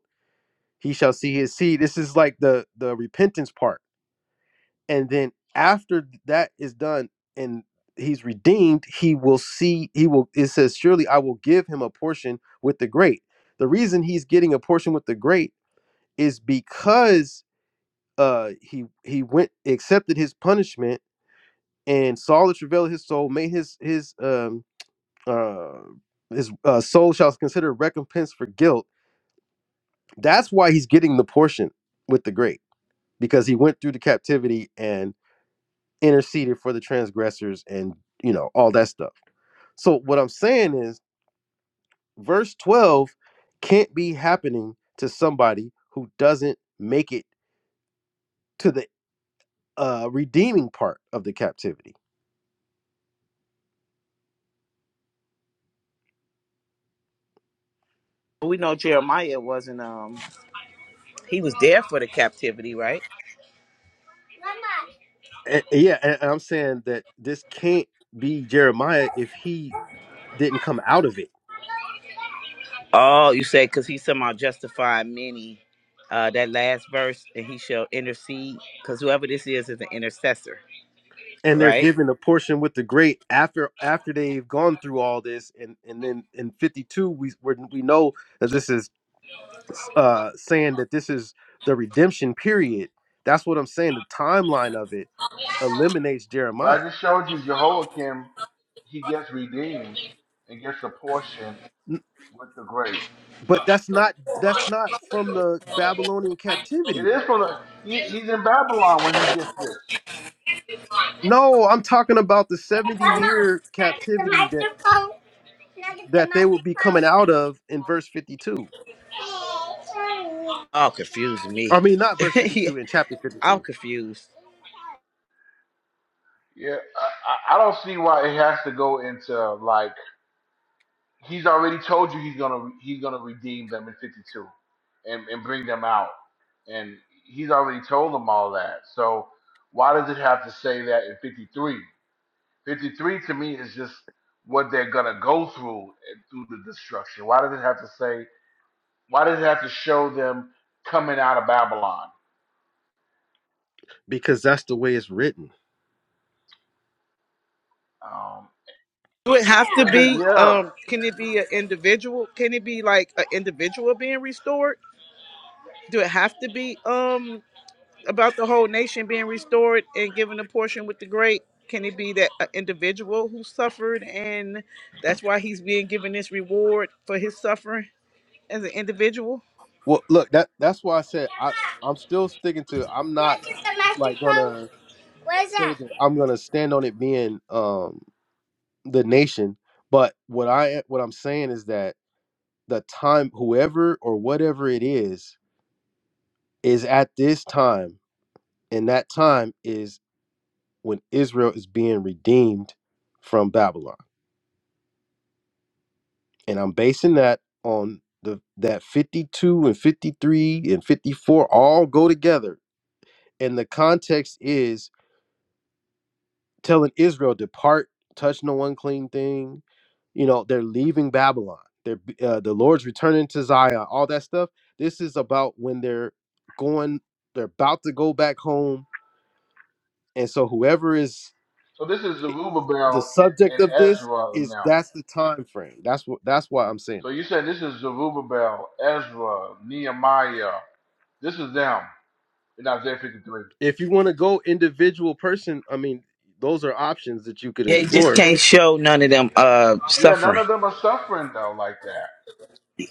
he shall see his seed this is like the the repentance part and then after that is done and he's redeemed he will see he will it says surely i will give him a portion with the great the reason he's getting a portion with the great is because uh he he went accepted his punishment and saw the travail of his soul made his his um uh, his uh, soul shall consider recompense for guilt. That's why he's getting the portion with the great because he went through the captivity and interceded for the transgressors and you know all that stuff. So what I'm saying is verse 12 can't be happening to somebody who doesn't make it to the uh, redeeming part of the captivity. We know Jeremiah wasn't um he was there for the captivity, right? And, yeah, and and I'm saying that this can't be Jeremiah if he didn't come out of it Oh, you said because he somehow justified many. Uh, that last verse, and he shall intercede, because whoever this is is an intercessor, and they're right? given a portion with the great after after they've gone through all this and and then in 52 we we're, we know that this is uh saying that this is the redemption period that's what i'm saying the timeline of it eliminates But jeremiah I just showed you Jehoiakim, he gets redeemed and gets a portion N- with the great. but that's not that's not from the babylonian captivity It is though from the he, he's in Babylon when he gets this. no i'm talking about the 70 Mama, year can I get the captivity that microphone? Can I get the that they will be microphone? coming out of in verse 52 Oh, confuse me. i mean not verse Yeah, 52 in chapter 52 I'm confused. Yeah, I, I I don't see why it has to go into like he's already told you he's gonna he's gonna redeem them in fifty two, and and bring them out, and he's already told them all that. So why does it have to say that in fifty three? Fifty three to me is just what they're gonna go through and through the destruction. Why does it have to say? Why does it have to show them coming out of Babylon? because that's the way it's written. Um, Do it have to does it? be? Yeah, Um, can it be an individual? Can it be like an individual being restored? Do it have to be? Um, about the whole nation being restored and given a portion with the great? Can it be that an individual who suffered and that's why he's being given this reward for his suffering as an individual? Well, look, that that's why I said I I'm still sticking to. I'm not like gonna say that I'm gonna stand on it being um the nation, but what I what I'm saying is that the time, whoever or whatever it is, is at this time, and that time is when Israel is being redeemed from Babylon, and I'm basing that on the that 52 and 53 and 54 all go together and the context is telling Israel depart, touch no unclean thing. You know, they're leaving Babylon. They're uh, the Lord's returning to Zion. All that stuff. This is about when they're going. They're about to go back home, and so whoever is So this is eh, the Zerubbabel and, subject and of this Ezra and is them. that's the time frame. That's what that's why I'm saying So you said this is Zerubbabel, Ezra, Nehemiah. This is them in Isaiah 53. it. If you want to go individual person, I mean, those are options that you could They just explore. can't show none of them uh Yeah, none suffering. of them are suffering though like that.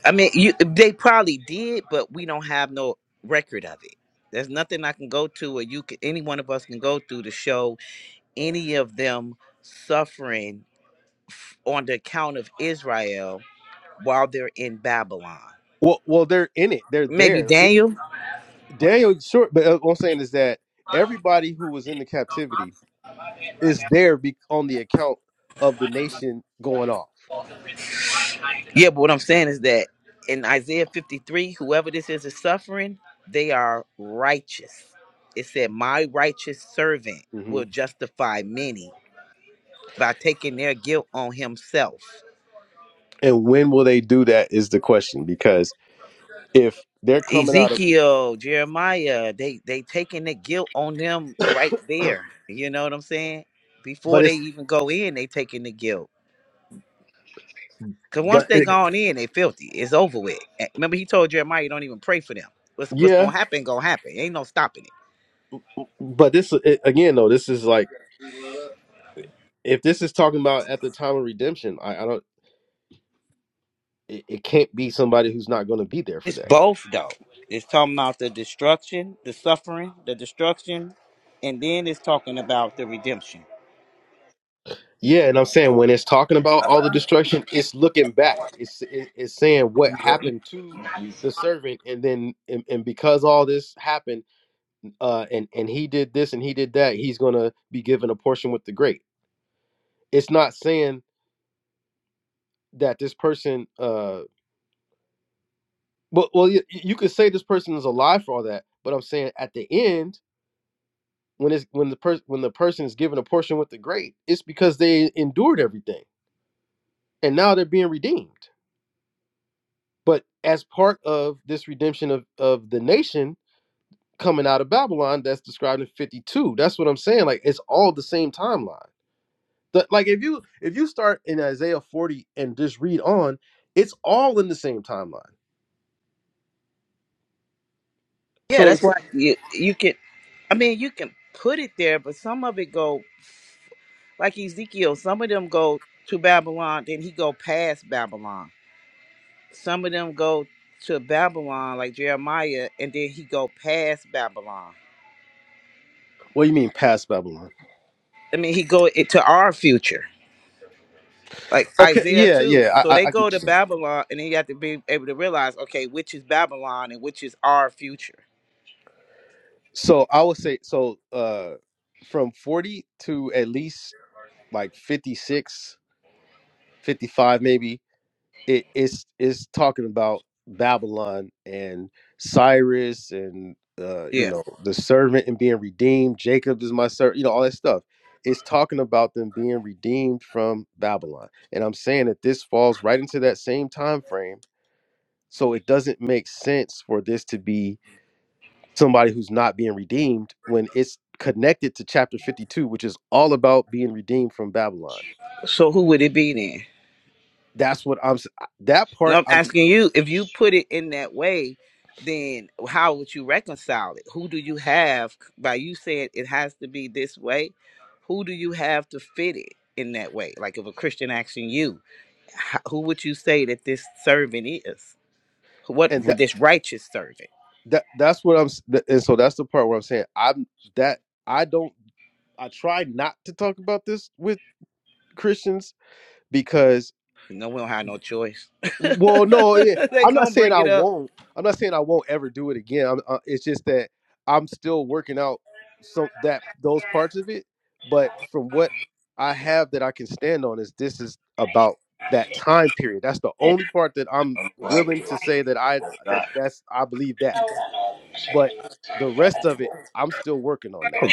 I mean, you they probably did, but we don't have no record of it. There's nothing I can go to or you can any one of us can go through to show any of them suffering on the account of Israel while they're in Babylon. Well, well, they're in it. They're Maybe there. It- Daniel. Daniel, sure, but uh, what I'm saying is that everybody who was in the captivity is there be- on the account of the nation going off. Yeah, but what I'm saying is that in Isaiah 53, whoever this is is suffering, they are righteous. It said, My righteous servant hmm will justify many by taking their guilt on himself. And when will they do that is the question because if they're coming out of, Ezekiel, Jeremiah, they they taking the guilt on them right there. You know what I'm saying? but Before they it's, even go in, they taking the guilt. Cause once but they it, gone in, they filthy. It's over with. And Remember, he told Jeremiah, "You don't even pray for them. What's what's gonna yeah, happen? Gonna happen. Ain't no stopping it." but this it, again though, this is like if this is talking about at the time of redemption, I, I don't, it, it can't be somebody who's not going to be there for It's that. both though. It's talking about the destruction, the suffering, the destruction, and then it's talking about the redemption. Yeah, and I'm saying when it's talking about all the destruction, it's looking back. It's it- it's saying what happened to the servant, and then and, and because all this happened, uh, and and he did this and he did that, he's gonna be given a portion with the great. It's not saying that this person, uh, well, well, you, you could say this person is alive for all that, but I'm saying at the end when it's when the person when the person is given a portion with the great, it's because they endured everything, and now they're being redeemed. But as part of this redemption of, of the nation coming out of Babylon, that's described in 52. That's what I'm saying. Like it's all the same timeline. The- like if you if you start in Isaiah 40 and just read on, it's all in the same timeline. Yeah, So that's why you you can. I mean, you can put it there, but some of it go like Ezekiel. Some of them go to Babylon, then he go past Babylon. Some of them go to Babylon, like Jeremiah, and then he go past Babylon. what do you mean past Babylon? I mean, he go into our future, like Okay, Isaiah yeah, too. yeah, So I, I, they I get go to what you're saying. Babylon, and then you have to be able to realize, okay, which is Babylon and which is our future. So I would say so uh from 40 to at least like 56, 55 maybe, it, it's it's talking about Babylon and Cyrus and uh, you Yeah. know the servant and being redeemed. Jacob is my servant. You know all that stuff. It's talking about them being redeemed from Babylon, and I'm saying that this falls right into that same time frame. So it doesn't make sense for this to be somebody who's not being redeemed when it's connected to chapter 52, which is all about being redeemed from Babylon. So who would it be then? That's what I'm s- that And part. I'm I'm asking you, if you put it in that way, then how would you reconcile it? Who do you have by you saying it has to be this way? Who do you have to fit it in that way? Like if a Christian asking you, how, who would you say that this servant is? What and that. this righteous servant? that that's what I'm s- th- and so that's the part where I'm saying I'm that I don't I try not to talk about this with Christians because No, we don't have no choice. well no yeah, they I'm not gonna saying bring I it up. won't I'm not saying I won't ever do it again I'm, uh, it's just that I'm still working out some that those parts of it but from what I have that I can stand on is this is about that time period that's the only part that I'm I'm glad willing to say that I that to. that's I believe that But the rest of it, I'm still working on that.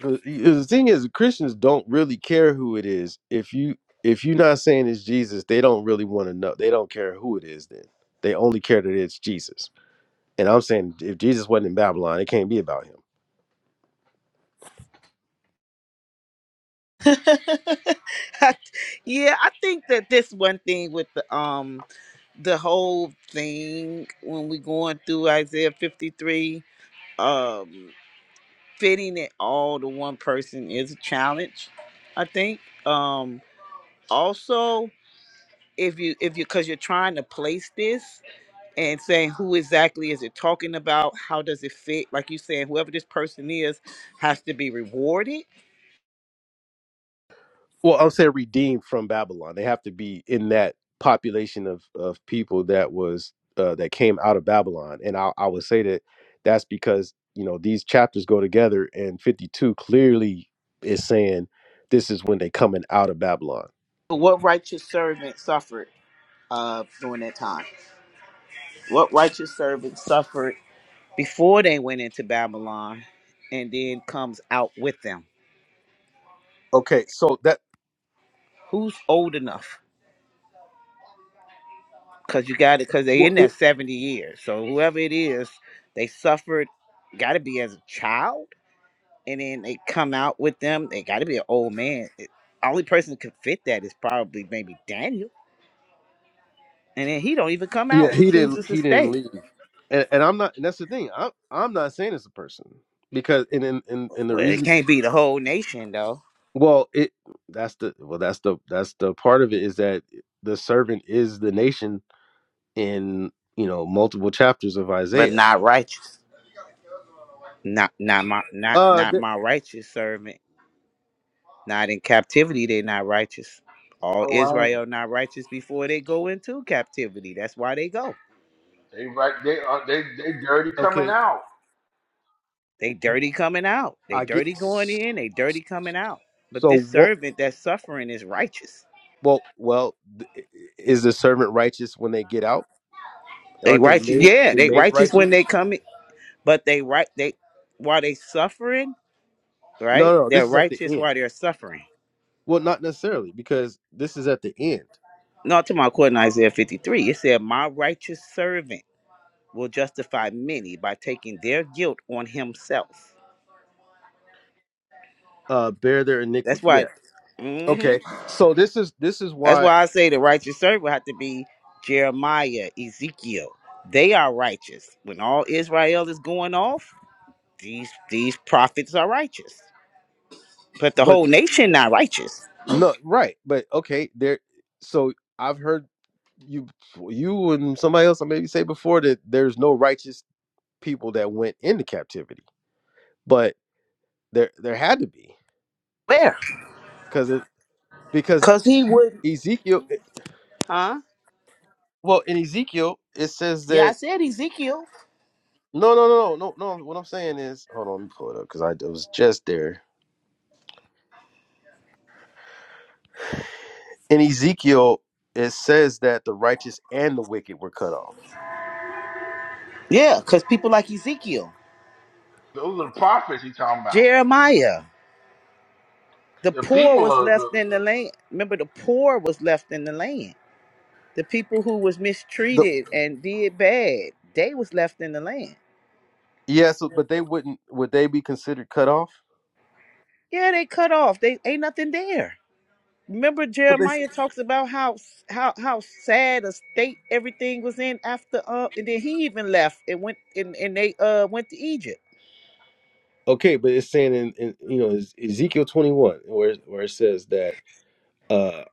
'Cause The thing is, Christians don't really care who it is. If you if you're not saying it's Jesus, they don't really want to know. They don't care who it is. Then they only care that it's Jesus. And I'm saying, if Jesus wasn't in Babylon, it can't be about him. That's not. I- yeah, I think that this one thing with the um the whole thing when we going through Isaiah 53, um, fitting it all to one person is a challenge, I think. Um, also if you if you because you're trying to place this and saying who exactly is it talking about how does it fit like you saying whoever this person is has to be rewarded Well, I'll say redeemed from Babylon. They have to be in that population of of people that was uh, that came out of Babylon, and I, I would say that that's because you know these chapters go together, and fifty two clearly is saying this is when they coming out of Babylon. But what righteous servant suffered uh during that time what righteous servant suffered before they went into babylon and then comes out with them Okay, so that who's old enough because you got it because they in well, it, that 70 years so whoever it is they suffered got to be as a child and then they come out with them. They got to be an old man. It, only person that could fit that is probably maybe Daniel, and then he don't even come out. yeah, He he didn't chooses to he didn't stay. leave, and and I'm not, and that's the thing. I'm I'm not saying it's a person because and and and, and the Well, it reason can't be the whole nation though, Well, it that's the well that's the that's the part of it is that the servant is the nation in you know multiple chapters of but Isaiah. not righteous. Not not my not Uh, not th- my righteous servant. Not in captivity, they're not righteous. All Oh, I ain't. Israel not righteous before they go into captivity. That's why they go. They right, they are they they dirty coming okay, out. They dirty coming out. They I get. dirty going in. They dirty coming out. But So this what? servant that's suffering is righteous Well, well, th- is the servant righteous when they get out? They Aren't they righteous, made yeah, they they made righteous when they righteous? come, in, but they right they while they suffering, No, right? no, no, They're this is at the righteous end. while they're suffering. Well, not necessarily because this is at the end. Not to my according to Isaiah 53. It said, My righteous servant will justify many by taking their guilt on himself. Uh, bear their That's iniquity. Yeah. why hmm Okay. So this is this is that's why. why I say the righteous servant have to be Jeremiah, Ezekiel. They are righteous. When all Israel is going off, these these prophets are righteous. But the But whole nation not righteous. No, right. But okay, there so I've heard you you and somebody else I maybe say before that there's no righteous people that went into captivity. But there there had to be cuz it because Cause he would. Ezekiel Huh? well, in Ezekiel it says Yeah, I that said Ezekiel. no, no, no, no, no, no. What I'm saying is, hold on, let me pull it up because I was just there. In Ezekiel, it says that the righteous and the wicked were cut off. Yeah, cause people like Ezekiel, Those are the prophets he talking about. Jeremiah. The The poor people was are the, left in the the land. Remember, the poor was left in the land. The people who was The, mistreated and did bad, they was left in the land. yes, but they wouldn't. Would they be considered cut off? Yeah, they cut off. They ain't nothing there. Remember, Jeremiah talks about how how how sad a state everything was in after uh, and then he even left and went and, and they uh went to Egypt. Okay, but it's saying in, in you know Ez- Ezekiel twenty one where where it says that uh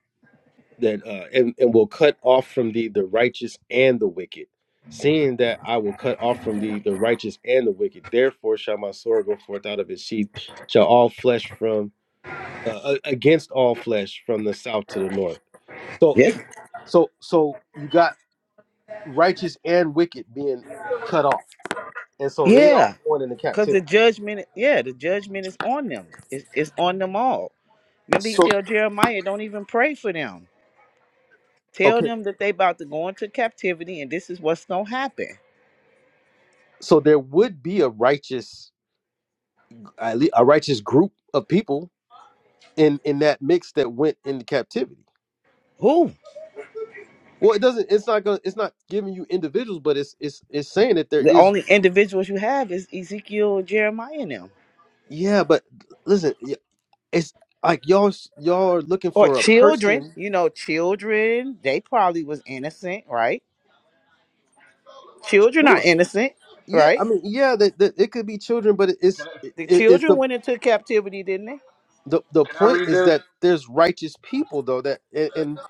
that uh and, and will cut off from thee the righteous and the wicked, seeing that I will cut off from thee the righteous and the wicked. Therefore shall my sword go forth out of its sheath, shall all flesh from uh, a- against all flesh from the south to the north. So Yeah, it- so so you got righteous and wicked being cut off, and so they yeah. all going into Cause the captivity. judgment, yeah, the judgment is on them. It's, it's on them all. Remember, he So tell Jeremiah, don't even pray for them. Tell okay, them that they about to go into captivity, and this is what's gonna happen. so there would be a righteous at least a righteous group of people in in that mix that went into captivity. Who? Well, it doesn't. It's not going. It's not giving you individuals, but it's it's it's saying that there The is. only individuals you have is Ezekiel Jeremiah and them, Yeah, but listen, y- it's like y'all s- y'all are looking or for a children. person. You know, children. They probably was innocent, right? Children are Sure. innocent, Yeah, I right? mean, yeah, that, that it could be children, but it's it, The it's children the went into captivity, didn't they? the the point is that there's righteous people though that and, and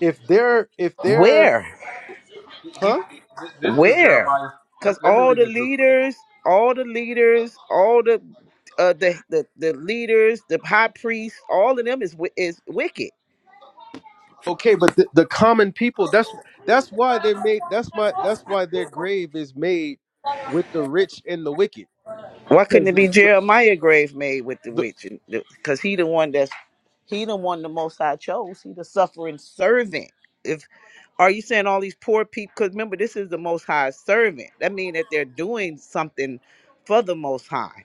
if they're if they're Where? huh? Where? Because all the leaders, all the leaders, all the uh, the, the the leaders, the high priests, all of them is wi- is wicked. Okay, but the, the common people, that's that's why they're made that's my that's why their grave is made with the rich and the wicked. Why couldn't Because it be the, the, Jeremiah grave made with the the witch? Because he the one that's he the one the Most High chose. He the suffering servant. If are you saying all these poor people? Because remember, this is the Most High servant. That means that they're doing something for the Most High.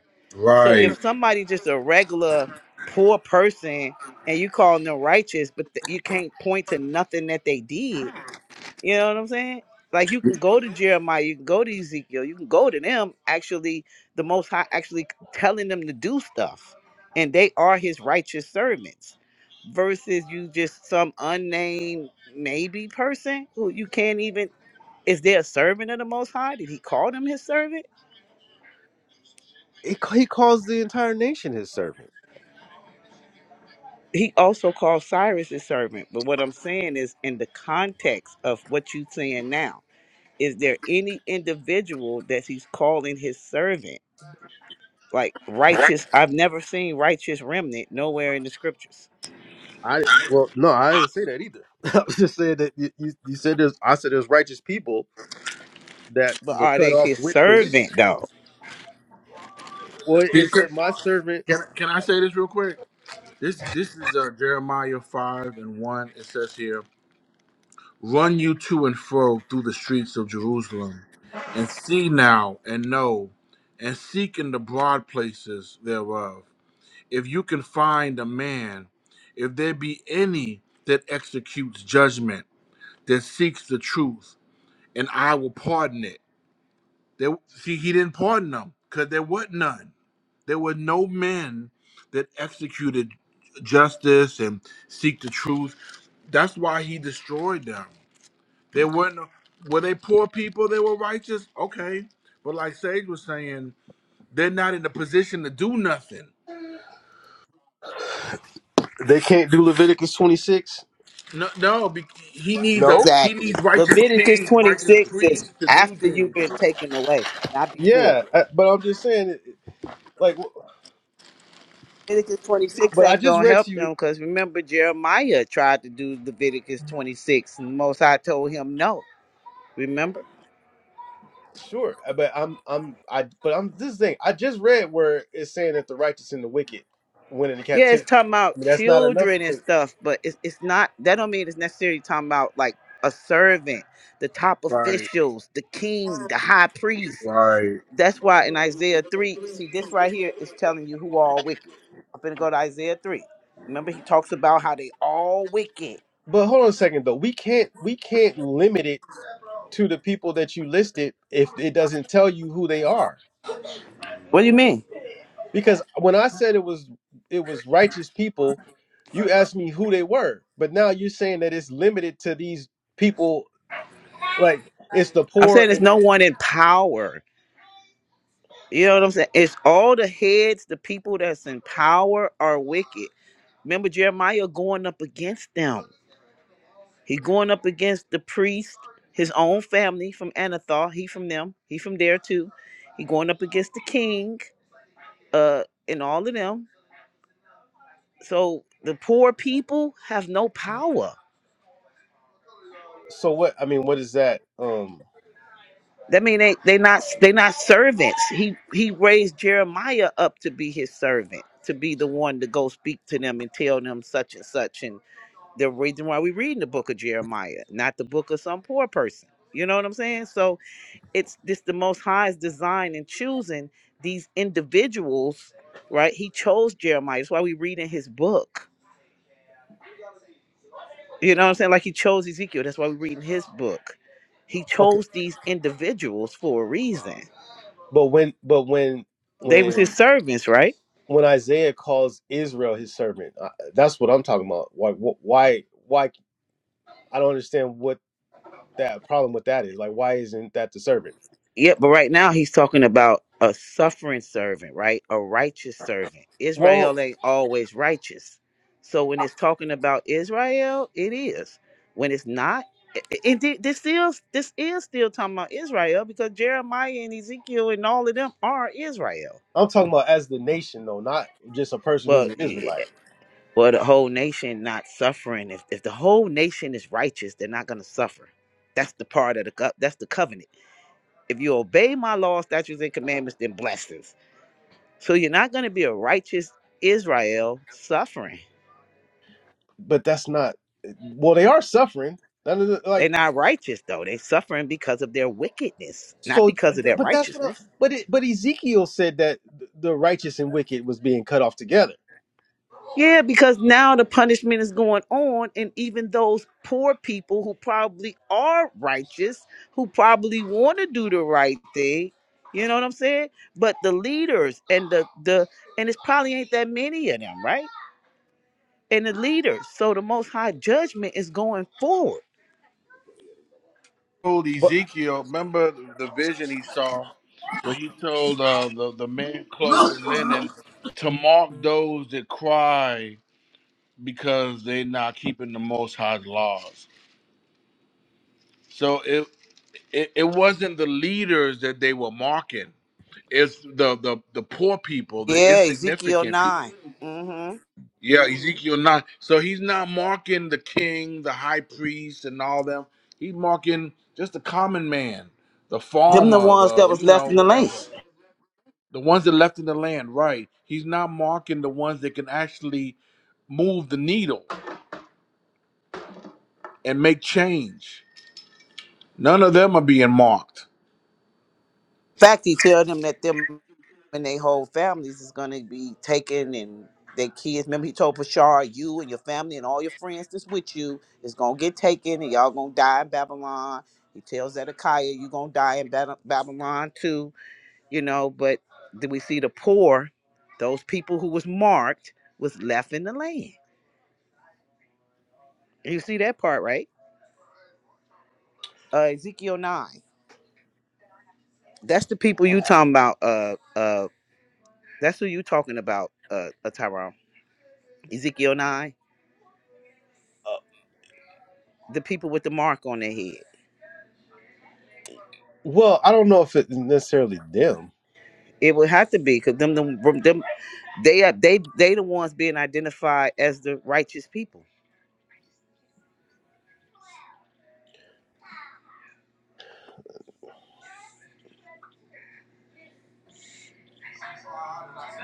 So if Right. somebody just a regular poor person and you calling them righteous, but th- you can't point to nothing that they did, you know what I'm saying? Like you can go to Jeremiah, you can go to Ezekiel, you can go to them. Actually, the Most High actually telling them to do stuff, and they are His righteous servants. Versus you just some unnamed maybe person who you can't even is there a servant of the Most High? Did He call them His servant? he, ca- he calls the entire nation his servant. he also called Cyrus his servant. But what I'm saying is, in the context of what you're saying now, is there any individual that he's calling his servant? Like righteous, I've never seen righteous remnant nowhere in the scriptures. I well no, I didn't say that either. I was just saying that you, you, you said there's I said there's righteous people that But were are cut they off his with the wicked. servant though? Well, it You could- said my servant Can, can I say this real quick? This this is uh, Jeremiah five and one. It says here. Run you to and fro through the streets of Jerusalem, and see now and know, and seek in the broad places thereof. If you can find a man, if there be any that executes judgment, that seeks the truth, and I will pardon it. There, see, he didn't pardon them because there was none. There were no men that executed justice and seek the truth. That's why he destroyed them. They weren't were they poor people? They were righteous. Okay, but like Sage was saying, they're not in the position to do nothing. they can't do Leviticus 26. No, no. be- He needs a No. he Exactly. needs righteous Leviticus kings, righteous 26 is priests to do after you've things. been taken away, not before. Yeah, I- but I'm just saying it- like w- Leviticus 26 but I ain't just gonna read to help you them because remember Jeremiah tried to do Leviticus 26 and the Most High told him no. Remember? Sure, uh, but I'm I'm I but I'm this is the thing I just read where it's saying that the righteous and the wicked went into Yeah, it's captivity. talking I about mean that's not enough. children and to- stuff, but it's it's not. That don't mean it's necessarily talking about like a servant, the top Right, officials, the king, the high priest. right. That's why in Isaiah three, see this right here is telling you who all wicked. I'm gonna go to Isaiah three. Remember, he talks about how they all wicked. but hold on a second though. We can't we can't limit it to the people that you listed if it doesn't tell you who they are. What do you mean? Because when I said it was it was righteous people, you asked me who they were. But now you're saying that it's limited to these people like it's the I'm saying poor there's and no one in power. You know what I'm saying? It's all the heads, the people that's in power are wicked. Remember Jeremiah going up against them. He going up against the priest, his own family from Anathoth. He from them. He from there too. He going up against the king, uh, and all of them. So the poor people have no power. so what I mean what is that? Um That mean they they not they not servants. He he raised Jeremiah up to be his servant, to be the one to go speak to them and tell them such and such. And the reason why we reading the book of Jeremiah, not the book of some poor person. You know what I'm saying? So it's this the most high's design in choosing these individuals right he chose jeremiah that's why we read in his book you know what i'm saying like he chose ezekiel that's why we read in his book he okay. chose these individuals for a reason But when but when they was his when servants right when Isaiah calls Israel his servant, uh, that's what I'm talking about. Why, wh- why, why? I don't understand what that problem with that is. Like, why isn't that the servant? Yeah, but right now he's talking about a suffering servant, right? A righteous servant. Well, Israel ain't always righteous. So when it's talking about Israel, it is. When it's not, and this still this is still talking about Israel because Jeremiah and Ezekiel and all of them are Israel. I'm talking about as the nation, though, not just a person who's Well, an yeah, Israelite. well, the whole nation not suffering. If if the whole nation is righteous, they're not gonna suffer. That's the part of the co- that's the covenant. If you obey my laws, statutes, and commandments, then blessings. So you're not going to be a righteous Israel suffering. But that's not. Well, they are suffering. None of the- They're Like, not righteous though. They're suffering because of their wickedness, not so, because of their but that's what. I, righteousness. but it, but Ezekiel said that the righteous and wicked was being cut off together. Yeah, because now the punishment is going on, and even those poor people who probably are righteous, who probably want to do the right thing, you know what I'm saying? But the leaders and the the and it's probably ain't that many of them, right? And the leaders. So the Most High judgment is going forward. Told But Ezekiel, remember the vision he saw where he told uh, the the man clothed in linen to mark uh, those that cry because they're not keeping the Most High's laws. So it, it, it wasn't the leaders that they were mocking. It's the the the poor people, the Yeah, Ezekiel insignificant people. nine. Mm-hmm. Yeah, Ezekiel nine. So he's not marking the king, the high priest, and all them. He's marking just the common man, the Them the farmer, ones the that was you left know in the lane. whatever, In the ones that left in the land. Right. He's not marking the ones that can actually move the needle and make change. None of them are being marked. fact, he tell them that them and their whole families is gonna be taken and their kids. Remember, he told Pashar, you and your family and all your friends that's with you is gonna get taken, and y'all gonna die in Babylon. He tells Zedekiah, you gonna die in Bab- Babylon too. You know, but then we see the poor, those people who was marked, was left in the land. You see that part, right? Uh, Ezekiel nine. That's the people you talking about. Uh, uh. That's who you talking about, uh, uh Tyrone. Ezekiel nine, the people with the mark on their head. well, I don't know if it's necessarily them. It would have to be because them, them, them, they are they they the ones being identified as the righteous people.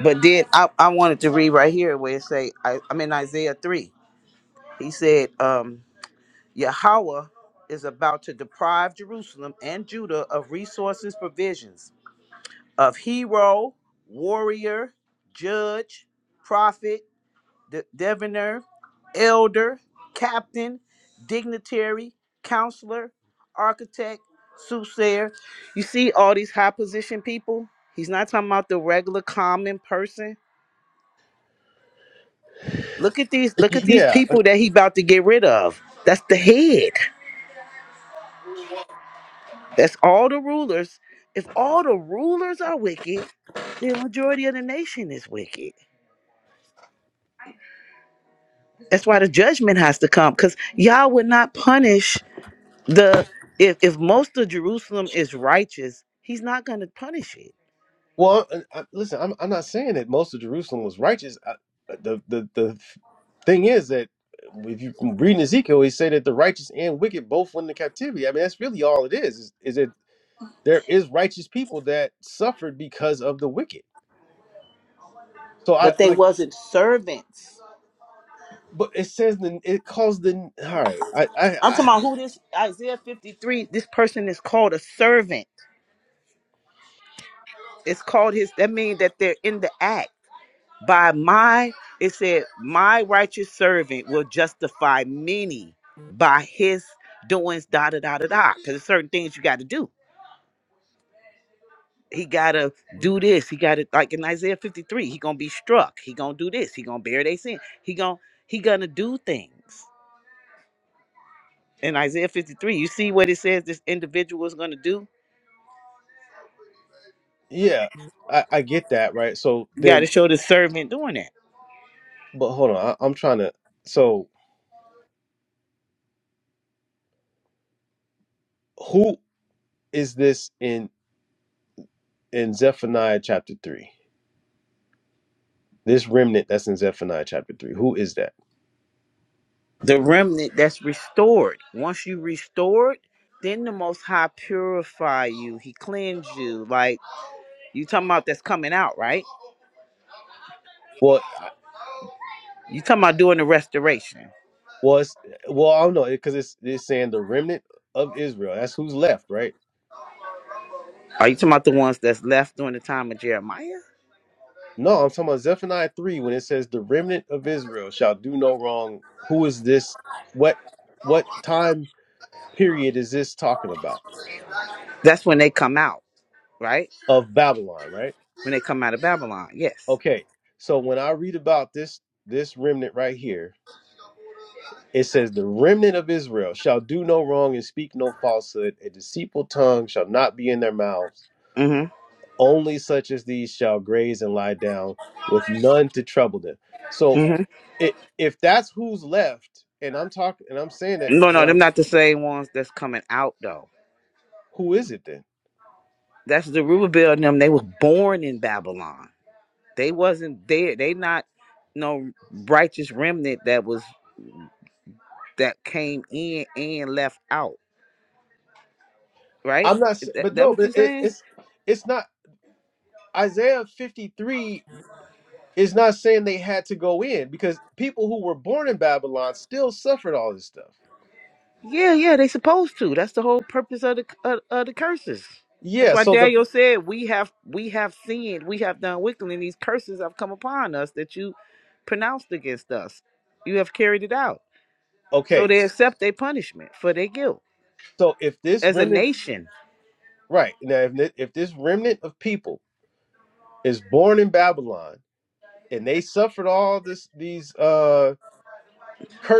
But then I, I wanted to read right here where it say I, I'm in Isaiah three. He said, um, Yahweh is about to deprive Jerusalem and Judah of resources, provisions of hero, warrior, judge, prophet. de- Devoner, Elder, Captain, Dignitary, Counselor, Architect, Soothsayer. You see all these high position people? He's not talking about the regular common person. Look at these, look at these Yeah. people that he about to get rid of. That's the head. That's all the rulers. If all the rulers are wicked, the majority of the nation is wicked. That's why the judgment has to come, because y'all would not punish The if if most of Jerusalem is righteous, he's not going to punish it. Well, I, I- listen, I'm I'm not saying that most of Jerusalem was righteous. I, uh, the the the thing is that uh, if you read in Ezekiel, he say that the righteous and wicked both went into captivity. I mean, that's really all it is. Is, is that there is righteous people that suffered because of the wicked. So I But they like, wasn't servants. but it says the it calls the all right. I I, I'm I talking about who this Isaiah 53. This person is called a servant. It's called his. That means that they're in the act. By my, it said, my righteous servant will justify many by his doings. Da da da da da. Because there's certain things you got to do. he gotta do this. He gotta like in Isaiah 53, he gonna be struck. He gonna do this. He gonna bear their sin. He gonna he gonna do things. In Isaiah 53, you see what it says this individual is gonna do? yeah, I, I get that right. So You gotta then, show the servant doing that. but hold on, I, I'm trying to. So who is this in in Zephaniah chapter three? This remnant that's in Zephaniah chapter three. Who is that? The remnant that's restored. Once you restored, then the most high purify you. He cleanse you. Like you talking about that's coming out, right? Well, I- You talking about doing the restoration. well, it's, well, I don't know because it's it's saying the remnant of Israel. That's who's left, right? Are you talking about the ones that's left during the time of Jeremiah? No, I'm talking about Zephaniah three when it says the remnant of Israel shall do no wrong. Who is this? What what time period is this talking about? That's when they come out, right? Of Babylon, right? when they come out of Babylon. Yes. Okay, so when I read about this this remnant right here, it says, The remnant of Israel shall do no wrong and speak no falsehood. A deceitful tongue shall not be in their mouths Mm-hmm. only such as these shall graze and lie down with none to trouble them so Mm-hmm. it, if that's who's left and i'm talking and i'm saying that No, but no, them not the same ones that's coming out though. who is it then That's the Zerubbabel and them. They was born in Babylon. They wasn't there. They not no righteous remnant that was that came in and left out. Right? i'm not s- That, but that no what you but it, saying? it's it's not isaiah 53 is not saying they had to go in because people who were born in babylon still suffered all this stuff Yeah, yeah, they supposed to. That's the whole purpose of the of, of the curses. That's yeah why so the Daniel said we have we have sinned, we have done wickedly, and these curses have come upon us that you pronounced against us. You have carried it out. So okay they accept their punishment for their guilt so if this as a remnant nation. right now if, thi- if this remnant of people is born in babylon and they suffered all this these uh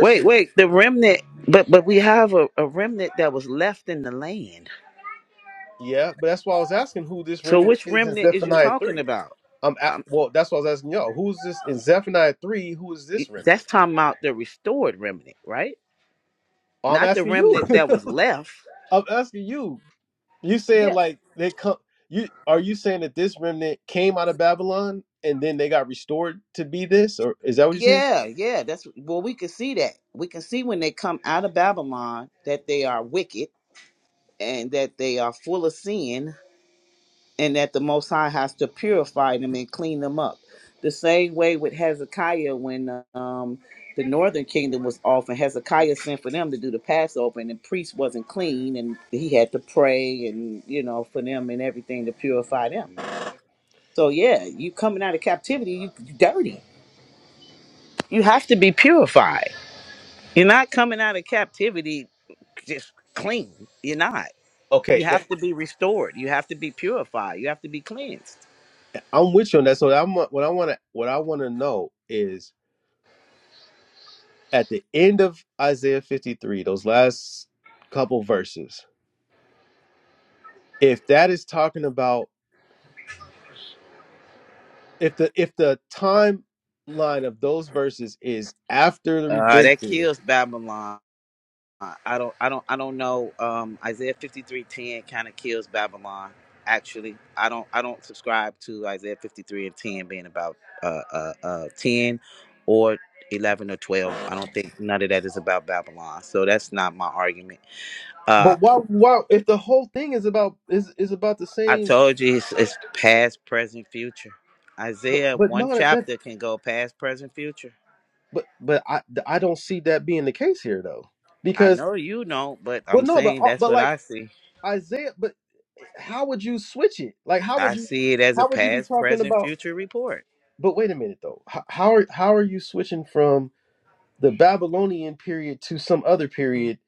Wait, wait, the remnant, but but we have a, a remnant that was left in the land. Yeah, but that's why I was asking who this So remnant which is in remnant is you Zephaniah talking three. about? I'm at, um, well, that's why I was asking y'all. Who's this in Zephaniah three? Who is it- this that's remnant? talking about the restored remnant, right? Oh, I'm Not the asking you. remnant that was left. I'm asking you. You saying Yeah, like they come? You are you saying that this remnant came out of Babylon and then they got restored to be this, or is that what you're saying? Yeah, yeah, that's well, we can see that. We can see when they come out of Babylon that they are wicked and that they are full of sin and that the Most High has to purify them and clean them up. The same way with Hezekiah when um, the northern kingdom was off and Hezekiah sent for them to do the Passover and the priest wasn't clean and he had to pray and, you know, for them and everything to purify them. So, yeah, you coming out of captivity, you you dirty. You have to be purified You're not coming out of captivity just clean. You're not. You Okay, eh, have to be restored. You have to be purified. You have to be cleansed. eh, I'm with you on that. So I'm, what I want to what I want to know is at the end of Isaiah 53, those last couple verses, if that is talking about if the if the timeline of those verses is after the Uh, that redemption, kills Babylon. I don't. I don't. I don't know. Um, Isaiah fifty three ten kind of kills Babylon. Actually, I don't. I don't subscribe to Isaiah fifty three and ten being about uh, uh, uh, ten or eleven or twelve. I don't think none of that is about Babylon. So that's not my argument. Uh. but why why if the whole thing is about is is about the I same told you it's, it's past, present, future. but Isaiah, but one not at that chapter can go past, present, future. but but I I don't see that being the case here though. I Because know you know, but well I'm no but saying uh, that's but what like I see. Isaiah but how would you switch it? Like how would I you see it as a how would you be past, talking present, about future report. but wait a minute though. How how are how are you switching from the Babylonian period to some other period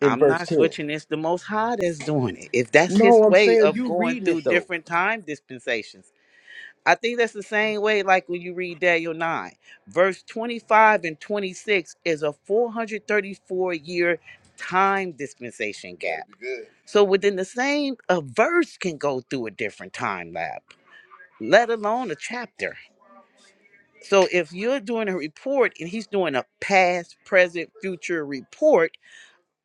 in I'm verse not 10. switching. It's the Most High that's doing it. If that's His No, I'm way saying of you going reading through it though. different time dispensations, I think that's the same way, like when you read Daniel 9, verse 25 and 26 is a 434 year time dispensation Yeah, gap. So within the same, a verse can go through a different time lap, let alone a chapter. So if you're doing a report and he's doing a past, present, future report,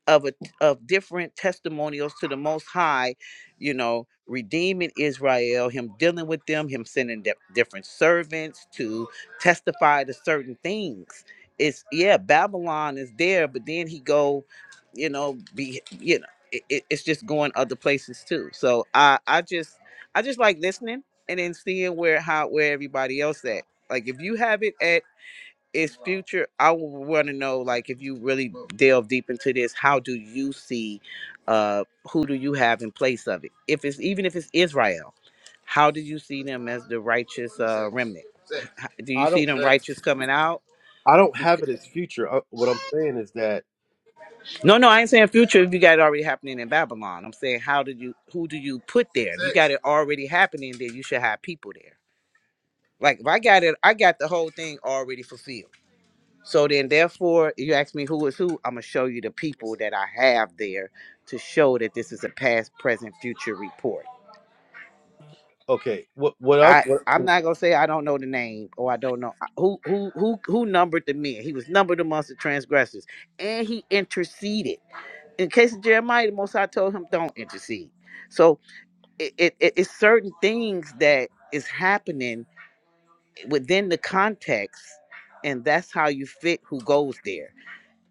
of a of different testimonials to the most high you know redeeming israel him dealing with them him sending di- different servants to testify to certain things it's yeah babylon is there but then he go you know be you know it, it- it's just going other places too so i i just i just like listening and then seeing where how where everybody else at like if you have it at is future i want to know like if you really delve deep into this how do you see uh who do you have in place of it if it's even if it's israel how do you see them as the righteous uh remnant H- do you I see don't them righteous coming out I don't Bec- have it as future. Uh, what I'm saying is that no no i ain't saying future if you got it already happening in babylon i'm saying how did you who do you put there if you got it already happening there. you should have people there like if i got it i got the whole thing already fulfilled So then, therefore, you ask me who is who, I'm going to show you the people that I have there to show that this is a past, present, future report. okay, what what up I, I'm what not gonna say I don't know the name or I don't know who who who who numbered the men. He was numbered amongst the transgressors, and he interceded. In case of Jeremiah, the Most High told him don't intercede. So it, it, it- it's certain things that is happening within the context, and that's how you fit who goes there.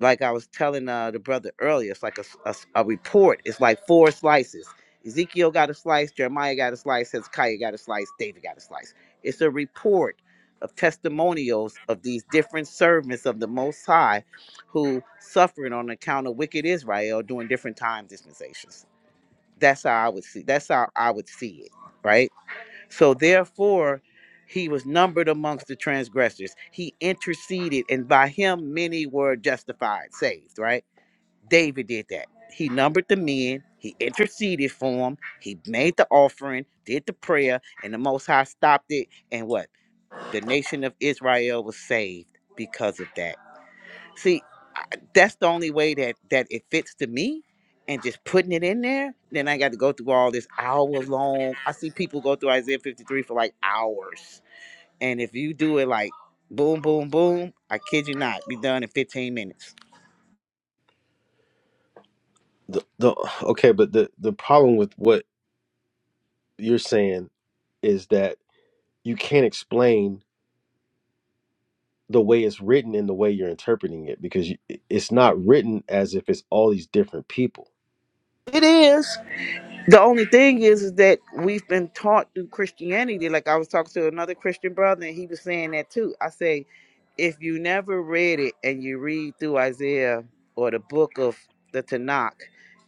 like I was telling uh, the brother earlier, it's like a, s- a s- a report. It's like four slices. Ezekiel got a slice, Jeremiah got a slice, Hezekiah got a slice, David got a slice. It's a report of testimonials of these different servants of the Most High who suffering on account of wicked Israel during different time dispensations. That's how I would see. That's how I would see it, right? So therefore, he was numbered amongst the transgressors. He interceded, and by him many were justified, saved, right? David did that. He numbered the men, he interceded for them, he made the offering, did the prayer, and the Most High stopped it. And what? The nation of Israel was saved because of that. See, I- that's the only way that that it fits to me. And just putting it in there, then I got to go through all this hour long. I see people go through Isaiah 53 for like hours. And if you do it like boom, boom, boom, I kid you not, be done in 15 minutes. the, the okay, but the the problem with what you're saying is that you can't explain the way it's written and the way you're interpreting it because you, it's not written as if it's all these different people. It is. The only thing is, is that we've been taught through Christianity. Like I was talking to another Christian brother, and he was saying that too. I say, if you never read it and you read through Isaiah or the book of the Tanakh,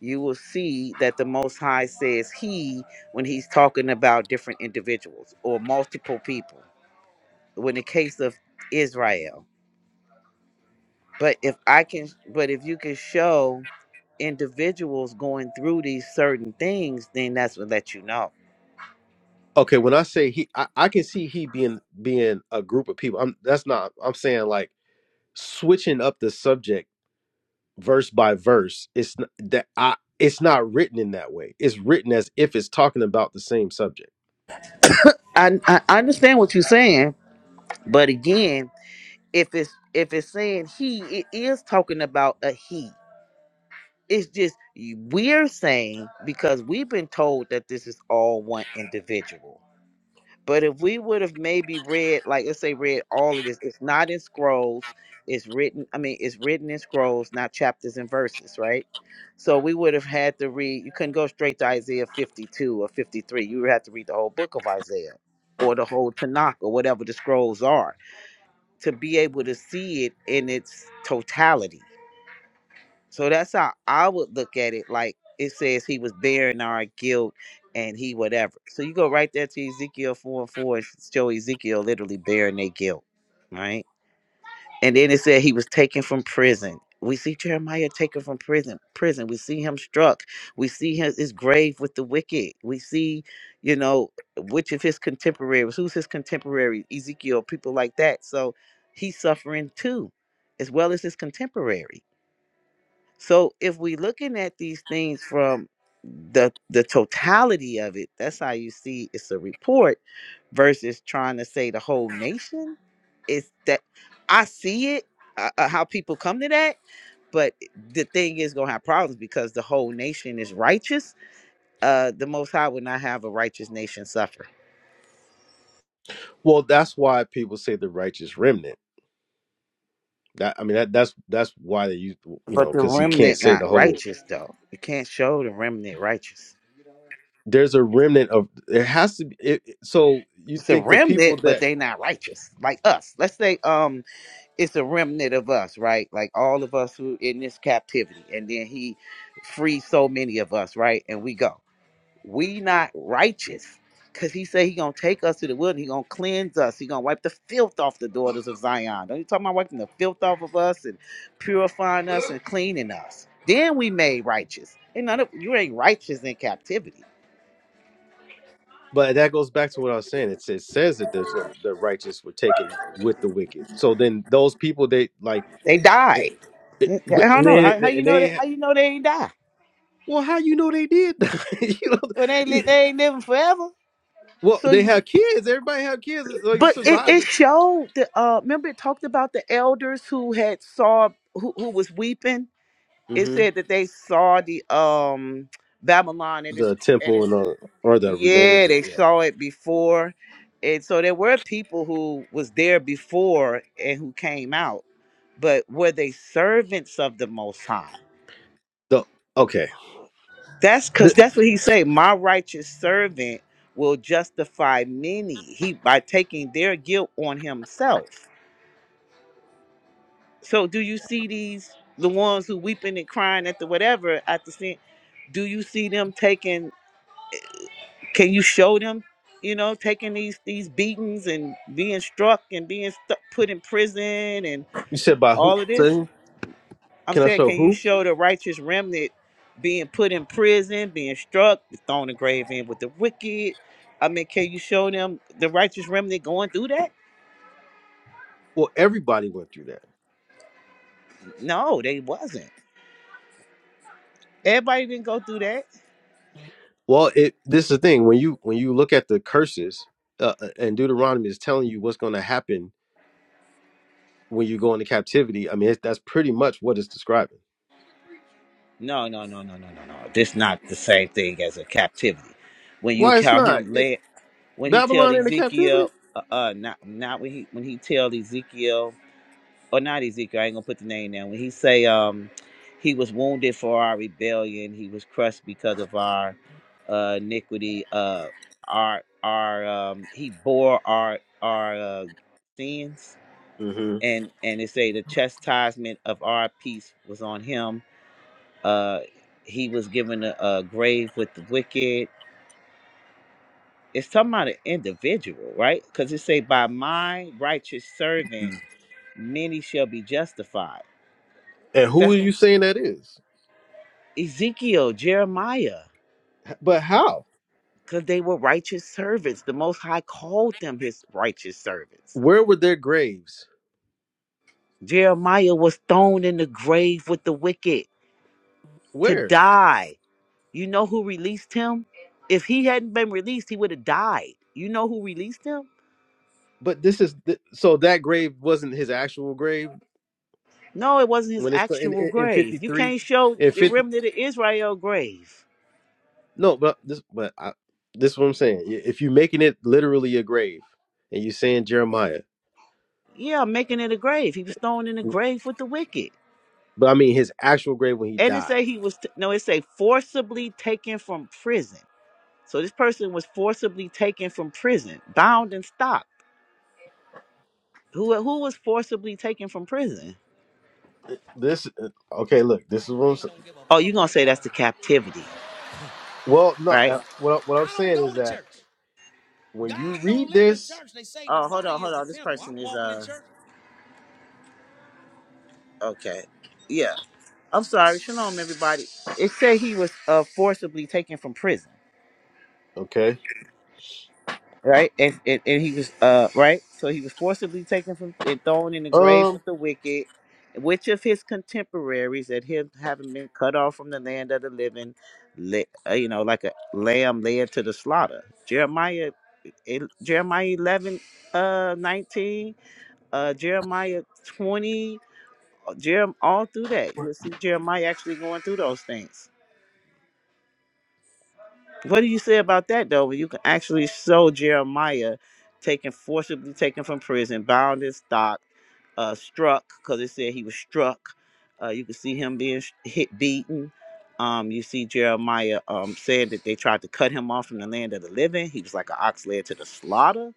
you will see that the Most High says He when He's talking about different individuals or multiple people. When the case of Israel, but if I can, but if you can show individuals going through these certain things, then that's what let you know Okay, when I say he, I, I can see he being being a group of people. I'm that's not. I'm saying like switching up the subject verse by verse it's n- that I, it's not written in that way it's written as if it's talking about the same subject I, I I understand what you're saying, but again, if it's if it's saying he, it is talking about a he. It's just y- we're saying because we've been told that this is all one individual. But if we would have maybe read, like let's say read all of this, it's not in scrolls, it's written, I mean, it's written in scrolls, not chapters and verses, right? So we would have had to read, you couldn't go straight to Isaiah 52 or 53. You would have to read the whole book of Isaiah or the whole Tanakh or whatever the scrolls are to be able to see it in its totality. So that's how I would look at it. Like it says he was bearing our guilt and he whatever. So you go right there to Ezekiel 4 and 4 and show Ezekiel literally bearing their guilt, right? And then it said he was taken from prison. We see Jeremiah taken from prison. Prison. We see him struck. We see his, his grave with the wicked. We see, you know, which of his contemporaries, who's his contemporary, Ezekiel, people like that. So he's suffering too, as well as his contemporary. So if we looking at these things from the the totality of it, that's how you see it's a report versus trying to say the whole nation. It's that I see it uh, uh, how people come to that, but the thing is gonna have problems because the whole nation is righteous. Uh, the Most High would not have a righteous nation suffer, well that's why people say the righteous remnant that i mean that that's that's why they use you know but the because you can't remnant say not the whole righteous though. You can't show the remnant righteous. there's a remnant of there has to be it, it- so you It's a think the people remnant, that but they not righteous like us. Let's say um it's a remnant of us, right? Like all of us who in this captivity, and then he frees so many of us, right? And we go. We not righteous. Cause he said he gonna take us to the wilderness, he gonna cleanse us, he gonna wipe the filth off the daughters of Zion. Don't you talking about wiping the filth off of us and purifying us and cleaning us? Then we made righteous. Ain't none of you ain't righteous in captivity. But that goes back to what I was saying. It says, says that there's some, the righteous were taken with the wicked. So then those people they like, They it, died. it, Yeah, yeah, but I don't and know. they, How, how you and know that they how you know they ain't die? well, how you know they did? you Well they ain't know, li- they ain't living forever. well So they you have kids. Everybody have kids. It's like But it, it survivors. showed the uh remember it talked about the elders who had saw who, who was weeping. It hmm said that they saw the um Babylon at its The at temple its and all, or the remaining. yeah, they Yeah. saw it before. And so there were people who was there before and who came out, but were they servants of the most high? The okay. That's cause The, that's what he said. My righteous servant will justify many. He by taking their guilt on himself. So do you see these the ones who weeping and crying at the whatever at the scene? Do you see them taking? Can you show them? You know, taking these these beatings and being struck and being stu put in prison and you said by who? all of this. So, I'm Can I saying, show can you who? show the righteous remnant being put in prison, being struck, thrown in the grave in with the wicked? I mean, can you show them the righteous remnant going through that? Well, everybody went through that. No, they wasn't. Everybody didn't go through that. Well, it this is the thing when you when you look at the curses uh, uh, and Deuteronomy is telling you what's going to happen when you go into captivity. I mean, it, that's pretty much what it's describing. No, no, no, no, no, no, no. This not the same thing as a captivity. When you Why it's count not him it, led, when he tell Babylon into captivity? Ezekiel, uh, uh not not when he when he tell Ezekiel, or not Ezekiel. I ain't gonna put the name down. When he say, um, he was wounded for our rebellion. He was crushed because of our uh, iniquity. Uh, our our um, he bore our our uh, sins, hmm and and it say the chastisement of our peace was on him uh, he was given a, a grave with the wicked. It's talking about an individual, right? Because it say, "By my righteous servant, many shall be justified." And who are That's you saying that is? Ezekiel, Jeremiah, But how? because they were righteous servants. The Most High called them His righteous servants. Where were their graves? Jeremiah was thrown in the grave with the wicked to Where? die. You know who released him? If he hadn't been released, he would have died. You know who released him? But this is th- so that grave wasn't his actual grave No, it wasn't his when it's in actual in, in grave. fifty You three. can't show In the fifty. remnant of Israel grave. No, but this, but I, this is what I'm saying. I- If you're making it literally a grave, and you're saying Jeremiah, Yeah, making it a grave. He was thrown in the grave with the wicked. but I mean his actual grave when he And it say died. he was t- no, it say forcibly taken from prison. So this person was forcibly taken from prison, bound and stopped. Who who was forcibly taken from prison? This okay? Look, this Like is what I'm Rain don't saying. give a Oh, you fuck gonna who it say that's falls the on. captivity, Well, no, right? I- what I- what I'm I don't saying go is to that church. when you God don't read live in this, church. They say the Oh, hold body on, hold is the on. This temple. person I'm is walking in uh church okay. Yeah. I'm sorry. Shalom, everybody. It said he was uh forcibly taken from prison. okay, right? And, and, and he was uh right, so he was forcibly taken from and thrown in the grave um, with the wicked, which of his contemporaries that him having been cut off from the land of the living, le- uh, you know, like a lamb led to the slaughter. Jeremiah, el- Jeremiah eleven, uh, nineteen, uh, Jeremiah twenty, uh, Jerem all through that. You'll see Jeremiah actually going through those things What do you say about that though? When you can actually show Jeremiah taken forcibly taken from prison, bound and stock, uh, struck because it said he was struck. Uh, you can see him being sh- hit, beaten. Um, you see Jeremiah um, saying that they tried to cut him off from the land of the living. He was like an ox led to the slaughter.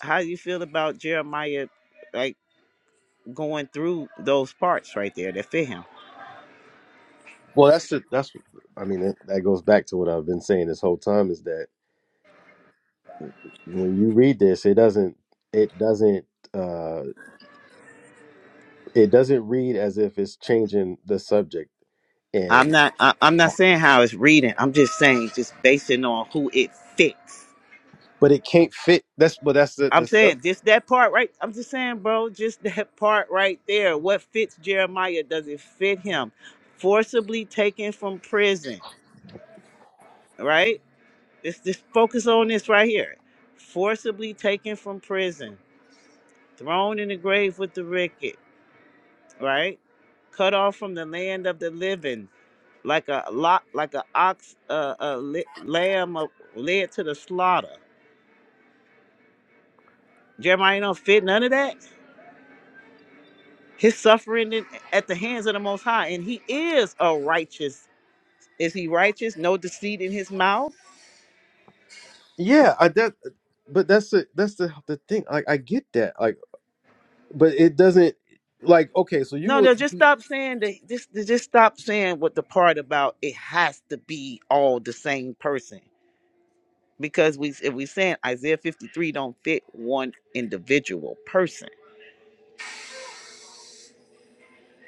How do you feel about Jeremiah, like going through those parts right there that fit him? well, that's the that's what- I mean that, that goes back to what I've been saying this whole time is that when you read this, it doesn't it doesn't uh it doesn't read as if it's changing the subject I'm not. I, I'm not saying how it's reading. I'm just saying just basing on who it fits but it can't fit. That's but that's the I'm that's the, saying just that part right. I'm just saying, bro, just that part right there. What fits Jeremiah doesn't fit him. Forcibly taken from prison, right? Let's just focus on this right here. Forcibly taken from prison, thrown in the grave with the wicked, right? Cut off from the land of the living, like a lot, like a ox, uh, a li- lamb uh, led to the slaughter. Jeremiah don't fit none of that. His suffering in- at the hands of the Most High, and he is a righteous. Is he righteous? No deceit in his mouth. yeah. I that but that's the that's the the thing. Like I get that. Like but it doesn't. Like okay, so you No, would no. Just stop saying that. Just, just stop saying what the part about it has to be all the same person. Because we, if we saying Isaiah fifty three don't fit one individual person.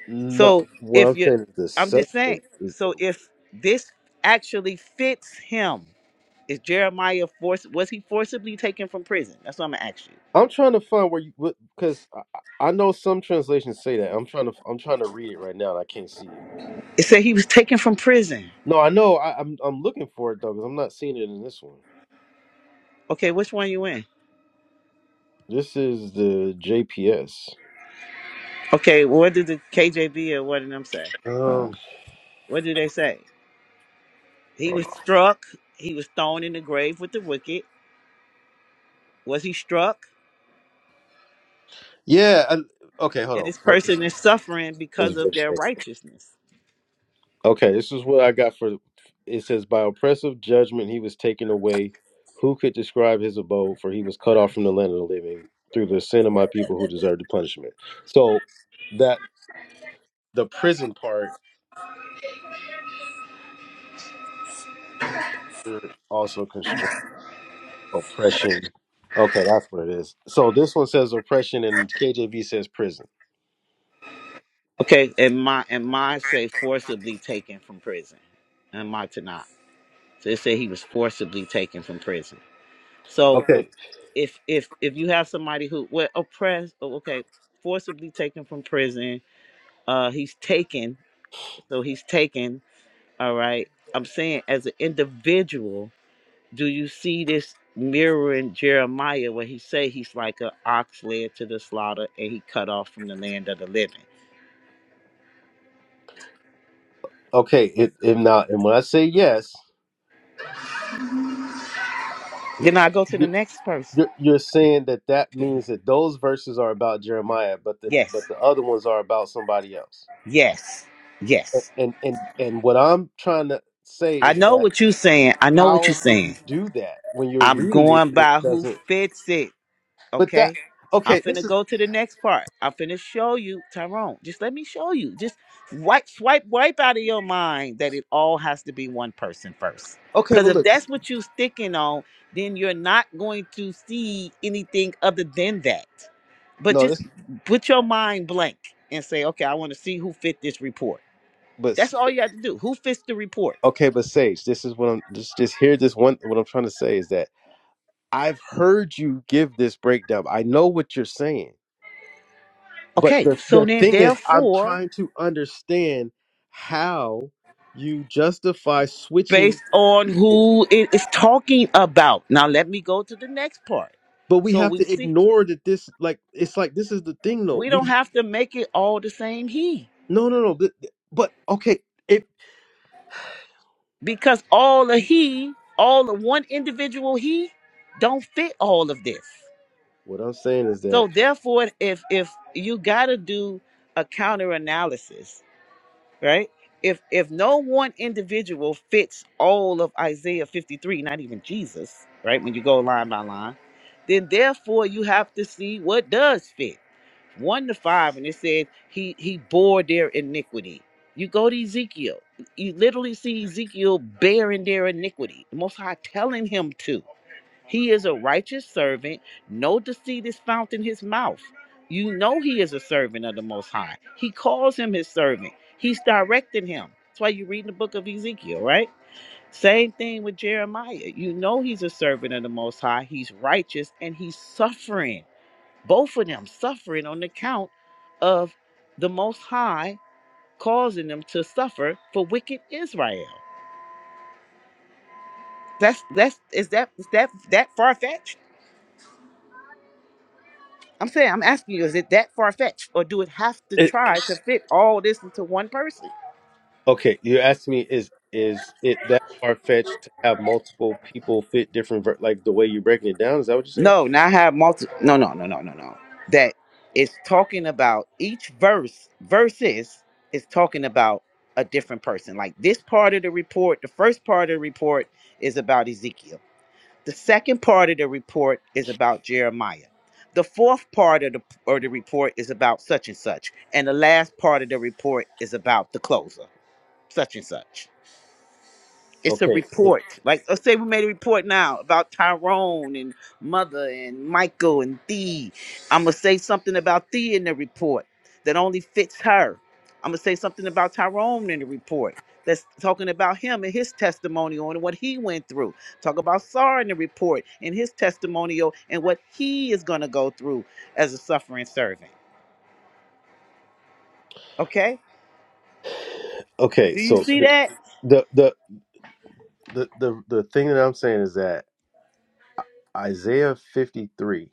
no. So What if I'm you, saying is the I'm just saying. subject. Is, So if this actually fits him, is Jeremiah force? Was he forcibly taken from prison? That's what I'm gonna ask you. I'm trying to find where you because I, I know some translations say that. I'm trying to I'm trying to read it right now and I can't see it. It said he was taken from prison. No, I know. I, I'm I'm looking for it though because I'm not seeing it in this one. Okay, which one you in? This is the JPS. Okay, what did the KJB or what did them say? Um, hold What did they say? He was on. struck. He was thrown in the grave with the wicked. Was he struck? Yeah. I, okay, And hold this on. person is suffering because of Ver- their righteousness. Okay, this is what I got for it says by oppressive judgment he was taken away. Who could describe his abode? For he was cut off from the land of the living through the sin of my people who deserved the punishment. So that the prison part er, also constraint oppression. Okay, that's what it is. So this one says oppression and KJV says prison. Okay, and my and mine say forcibly taken from prison, and my to not. So they say he was forcibly taken from prison. So Okay, if if if you have somebody who well oppressed, oh, okay, forcibly taken from prison, uh, he's taken So he's taken, all right. I'm saying, as an individual, do you see this mirroring Jeremiah where he say he's like an ox led to the slaughter and he cut off from the land of the living? okay. It, if not, and when I say yes, Then I go to the next person. You're, you're saying that that means that those verses are about Jeremiah, but the Yes, but the other ones are about somebody else. yes, yes. And and and what I'm trying to say I is know that what you're saying. I know what you're how can saying. you do that when you're I'm reading it going and it by who doesn't? fits it. But that Okay. I'm okay, this finna is go to the next part. I'm finna show you, Tyrone. Just let me show you. Just wipe, swipe, wipe out of your mind that it all has to be one person first. okay. Because But if look, that's what you're sticking on, then you're not going to see anything other than that. But no, just this put your mind blank and say, okay, I want to see who fit this report. but That's all you have to do. Who fits the report? okay, but Sage, this is what I'm just just hear this one. What I'm trying to say is that I've heard you give this breakdown. I know what you're saying but Okay. the So the then, thing is i'm therefore, trying to understand how you justify switching based on people who it is talking about. Now let me go to the next part. but we So have we to see ignore that this like it's like this is the thing though we don't we have to make it all the same he no no no but, but okay it because all of he, all of one individual he don't fit all of this. what i'm saying is that So therefore if if you got to do a counter analysis right? If if no one individual fits all of Isaiah 53, not even Jesus, right? When you go line by line, then therefore you have to see what does fit. One to five, and it said he he bore their iniquity. You go to Ezekiel, you literally see Ezekiel bearing their iniquity. The Most High telling him to. He is a righteous servant. No deceit is found in his mouth. You know he is a servant of the Most High. He calls him his servant. He's directing him. That's why you read in the book of Ezekiel, right? Same thing with Jeremiah. You know he's a servant of the Most High. He's righteous and he's suffering. Both of them suffering on account of the Most High causing them to suffer for wicked Israel. That's that's is that is that that far fetched? I'm saying, I'm asking you, is it that far fetched, or do it have to it try to fit all this into one person? okay you're asking me is is it that far-fetched to have multiple people fit different ver- like the way you're breaking it down is that what you're saying No, not have multi. No, no, no, no, no, no. That it's talking about each verse. Verses is talking about a different person. Like this part of the report, the first part of the report is about Ezekiel. The second part of the report is about Jeremiah. The fourth part of the or the report is about such and such, and the last part of the report is about the closer, such and such. it's a okay eh, report. Like let's say we made a report now about Tyrone and Mother and Michael and Thee. I'm gonna say something about Thee in the report that only fits her. I'm gonna say something about Tyrone in the report that's talking about him and his testimonial and what he went through. Talk about Sarah in the report and his testimonial and what he is gonna go through as a suffering servant. Okay? okay Do you so see the that? the the the, the, the thing that i'm saying is that Isaiah 53,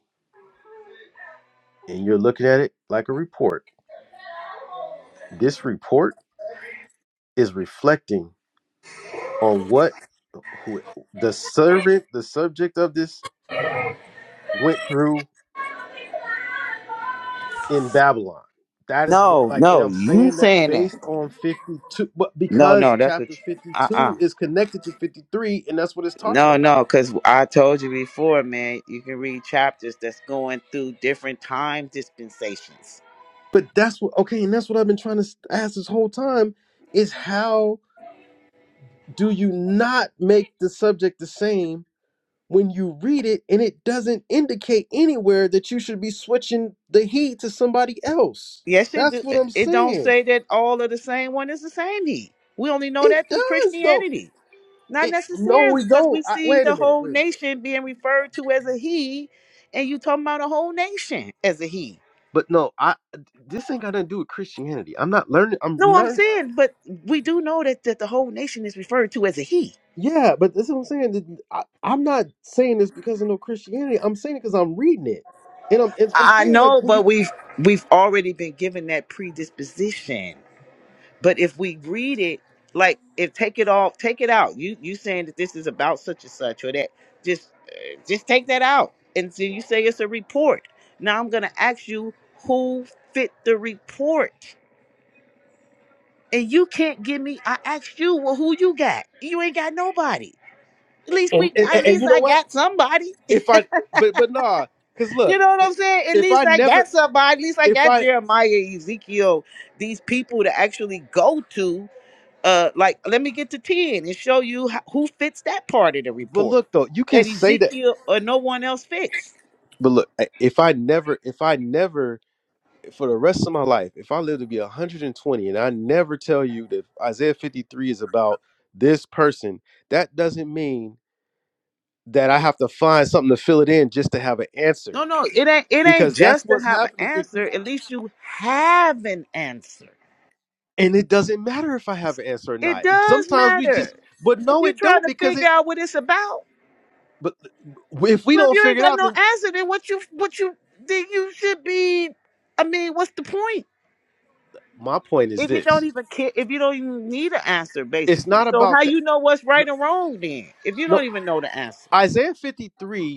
and you're looking at it like a report. This report is reflecting on what who the servant, the subject of this went through in Babylon. That is what No, like and no, I'm you saying that saying that. based on 52 but No, because no, that's chapter what you, uh-uh. 52 is connected to 53 and that's what it's talking No, about. no, because I told you before, man, you can read chapters that's going through different time dispensations. But that's what okay, and that's what I've been trying to ask this whole time is how do you not make the subject the same when you read it and it doesn't indicate anywhere that you should be switching the heat to somebody else. Yes, it That's do. what I'm It don't saying. say that all of the same one is the same need. We only know It that through does though. Christianity. Not It no, necessarily, we because don't. we I, see wait a the minute. whole Wait a minute. nation being referred to as a he, and you talking about a whole nation as a he. But no, I this ain't got nothing to do with Christianity. I'm not learning. I'm No, I'm not. saying, but we do know that, that the whole nation is referred to as a he. Yeah, but that's what I'm saying. that I, I'm not saying this because of no Christianity. I'm saying it because I'm reading it, and I'm and I'm I saying like know, when you but we've we've already been given that predisposition. But if we read it, like if take it off, take it out. You you saying that this is about such and such or that, just uh, just take that out. And so you say it's a report. Now I'm gonna ask you who fit the report, and you can't give me. I asked you, well, who you got? You ain't got nobody. At least and we, and, at and least you know I what? got somebody. If I but but nah, because you look, know what I'm saying? At if I least I got never somebody. At least I if got I Jeremiah, Ezekiel, these people to actually go to uh like let me get to 10 and show you how, who fits that part of the But report look though, you can that say that. ezekiel or no one else fits But look, I- if I never, if I never, for the rest of my life, if I live to be 120 and twenty, and I never tell you that Isaiah 53 is about this person, that doesn't mean that I have to find something to fill it in just to have an no answer. no it ain't it ain't Because that's just to what's have an happening. If you, answer at least you have an answer and it doesn't matter if I have an answer or it not. does Sometimes we just, matter but if no, you're it trying don't to because figure it. out what it's about But if we well if don't you ain't figure it got out, no then answer then what you what you then you should be i mean what's the point my point is if you don't this: even care if you don't even need an answer it's basically not so how about that. you know what's No, right and wrong then if you no don't even know the answer Isaiah 53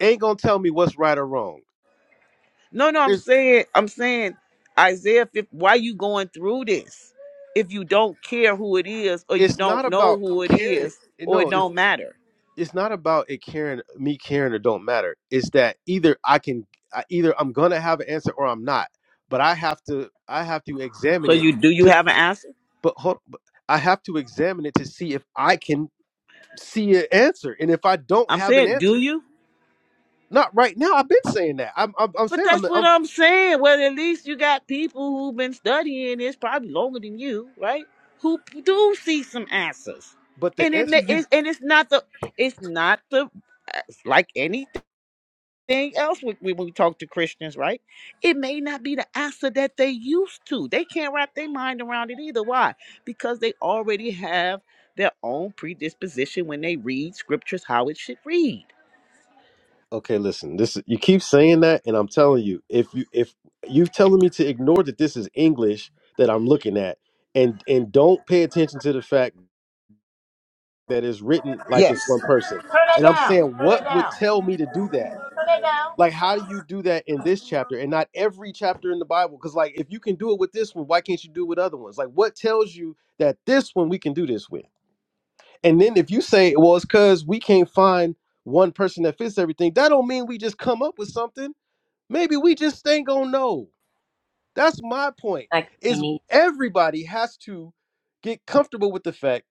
ain't gonna tell me what's right or wrong. No, no, I'm There's saying, I'm saying, Isaiah, 50, why you going through this? If you don't care who it is, or you it's don't not know about who it caring. is, eh, or it No, it's don't matter. it's not about it caring me caring or don't matter. It's that either I can I, either I'm gonna have an answer or I'm not. But I have to I have to So examine it you do you to have an answer? but hold but I have to examine it to see if I can see an answer. And if I don't I'm have an saying, do answer, you? not right now. I've been saying that. I'm I'm, I'm But saying I'm, that's what I'm I'm saying. Well, at least you got people who've been studying this probably longer than you, right? Who p- do see some answers, but the and it, answer ma- you it's and it's not the, it's not the, uh, like anything. thing else when we, we talk to Christians, right? It may not be the answer that they used to. They can't wrap their mind around it either. Why? Because they already have their own predisposition when they read scriptures how it should read. Okay, listen. This you keep saying that, and I'm telling you, if you if you telling me to ignore that this is English that I'm looking at, and and don't pay attention to the fact that it's written like it's one Yes. person, and I'm saying what would tell me to do that? Like, how do you do that in this chapter and not every chapter in the Bible? Because like, if you can do it with this one, why can't you do it with other ones? Like, what tells you that this one we can do this with? And then if you say, well, it's because we can't find one person that fits everything, that don't mean we just come up with something. Maybe we just ain't gonna know. That's my point. like Is any everybody has to get comfortable with the fact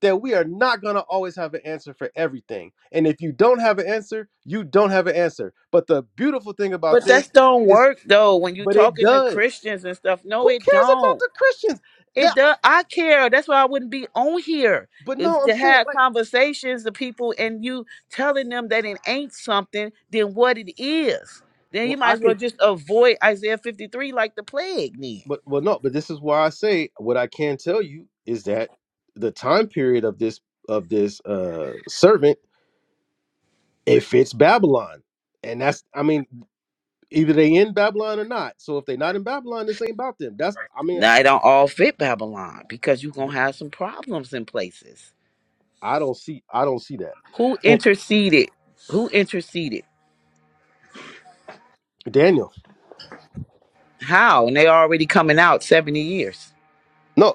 that we are not gonna always have an answer for everything. And if you don't have an answer, you don't have an answer. But the beautiful thing about But that this don't is, work though when you but it talking to does. Christians and stuff. No, Who it cares about don't. the Christians? It That, does. I care. That's why I wouldn't be on here but if no, I'm to saying have like, conversations to people and you telling them that it ain't something than what it is. Then you well, might I as can well just avoid Isaiah 53 like the plague. Then but well no but this is why i say what i can tell you is that the time period of this of this uh servant it fits babylon and that's i mean either they in babylon or not so if they not in babylon this ain't about them that's i mean now it don't all fit Babylon because you're gonna have some problems in places. i don't see i don't see that Who and interceded? Who interceded? daniel How? And they already coming out 70 years. no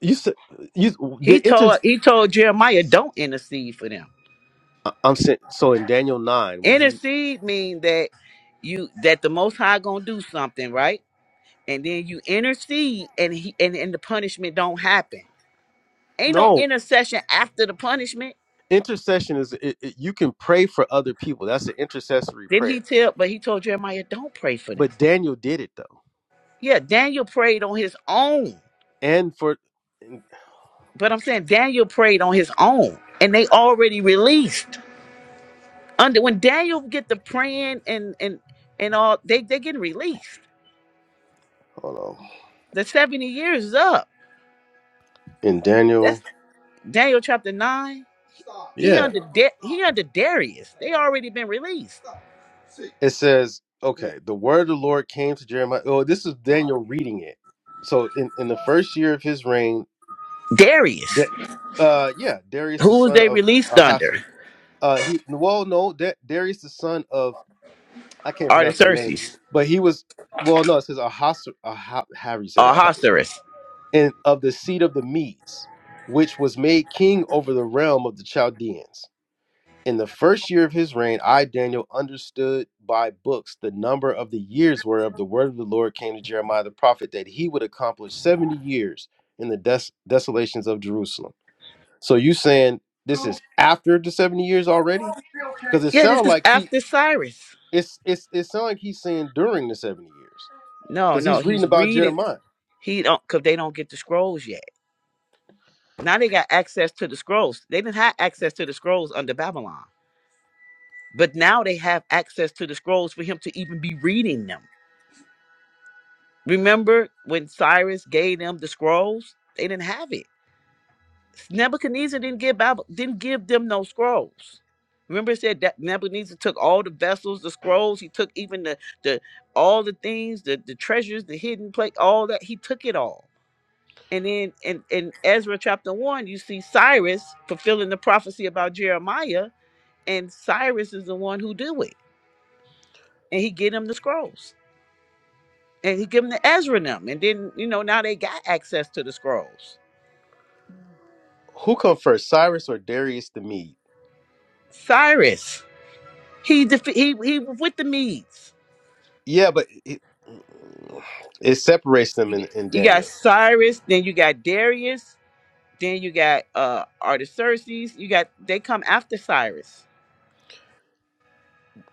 you said you He the inter. told he told Jeremiah, don't intercede for them. i'm saying so in daniel 9 when he Intercede mean that you that the Most High gonna do something, right? And then you intercede, and he and, and the punishment don't happen. Ain't no no intercession after the punishment. intercession is it, it, you can pray for other people that's an intercessory Didn't he prayer tell? But he told Jeremiah, don't pray for them. but daniel did it though Yeah, Daniel prayed on his own. and for in, But I'm saying Daniel prayed on his own, and they already released. Under when Daniel get the praying and and and all, they they getting released. hold on The seventy years is up. in Daniel, Daniel chapter 9, he yeah, under Da- he under Darius. They already been released. it says, okay, the word of the Lord came to Jeremiah. Oh, this is Daniel reading it. So in in the first year of his reign, Darius. da- uh, yeah, Darius the Who was son they of released under? Ahasuerus. Uh, he well, no, da- Darius the son of I can't pronounce that name, Artaxerxes. but he was well, no, it says Ahasuerus. Aha, how do you say that? Ahasuerus. And of the seed of the Medes, which was made king over the realm of the Chaldeans In the first year of his reign, I, Daniel, understood by books the number of the years whereof the word of the Lord came to Jeremiah the prophet that he would accomplish 70 years in the des- desolations of Jerusalem. So you saying this is after the 70 years already? Because it Yeah, this sounds is like he after Cyrus. it's it's it sounds like he's saying during the 70 years. No, Because no, he's he's reading about reading. Jeremiah. He don't because they don't get the scrolls yet. Now they got access to the scrolls. They didn't have access to the scrolls under Babylon, but now they have access to the scrolls for him to even be reading them. Remember when Cyrus gave them the scrolls? They didn't have it. Nebuchadnezzar didn't give Babel, didn't give them no scrolls. Remember, it said that Nebuchadnezzar took all the vessels, the scrolls. He took even the the all the things, the the treasures, the hidden place, all that. He took it all. And then in in Ezra chapter one, you see Cyrus fulfilling the prophecy about Jeremiah, and Cyrus is the one who do it, and he get him the scrolls, and he give them to Ezra and them, and then you know now they got access to the scrolls. Who come first, Cyrus or Darius the Mede? Cyrus, he defe- he he was with the Medes. Yeah, but it, it separates them You got in, in you got Daniel. Cyrus, then you got Darius, then you got uh Artaxerxes. You got they come after Cyrus.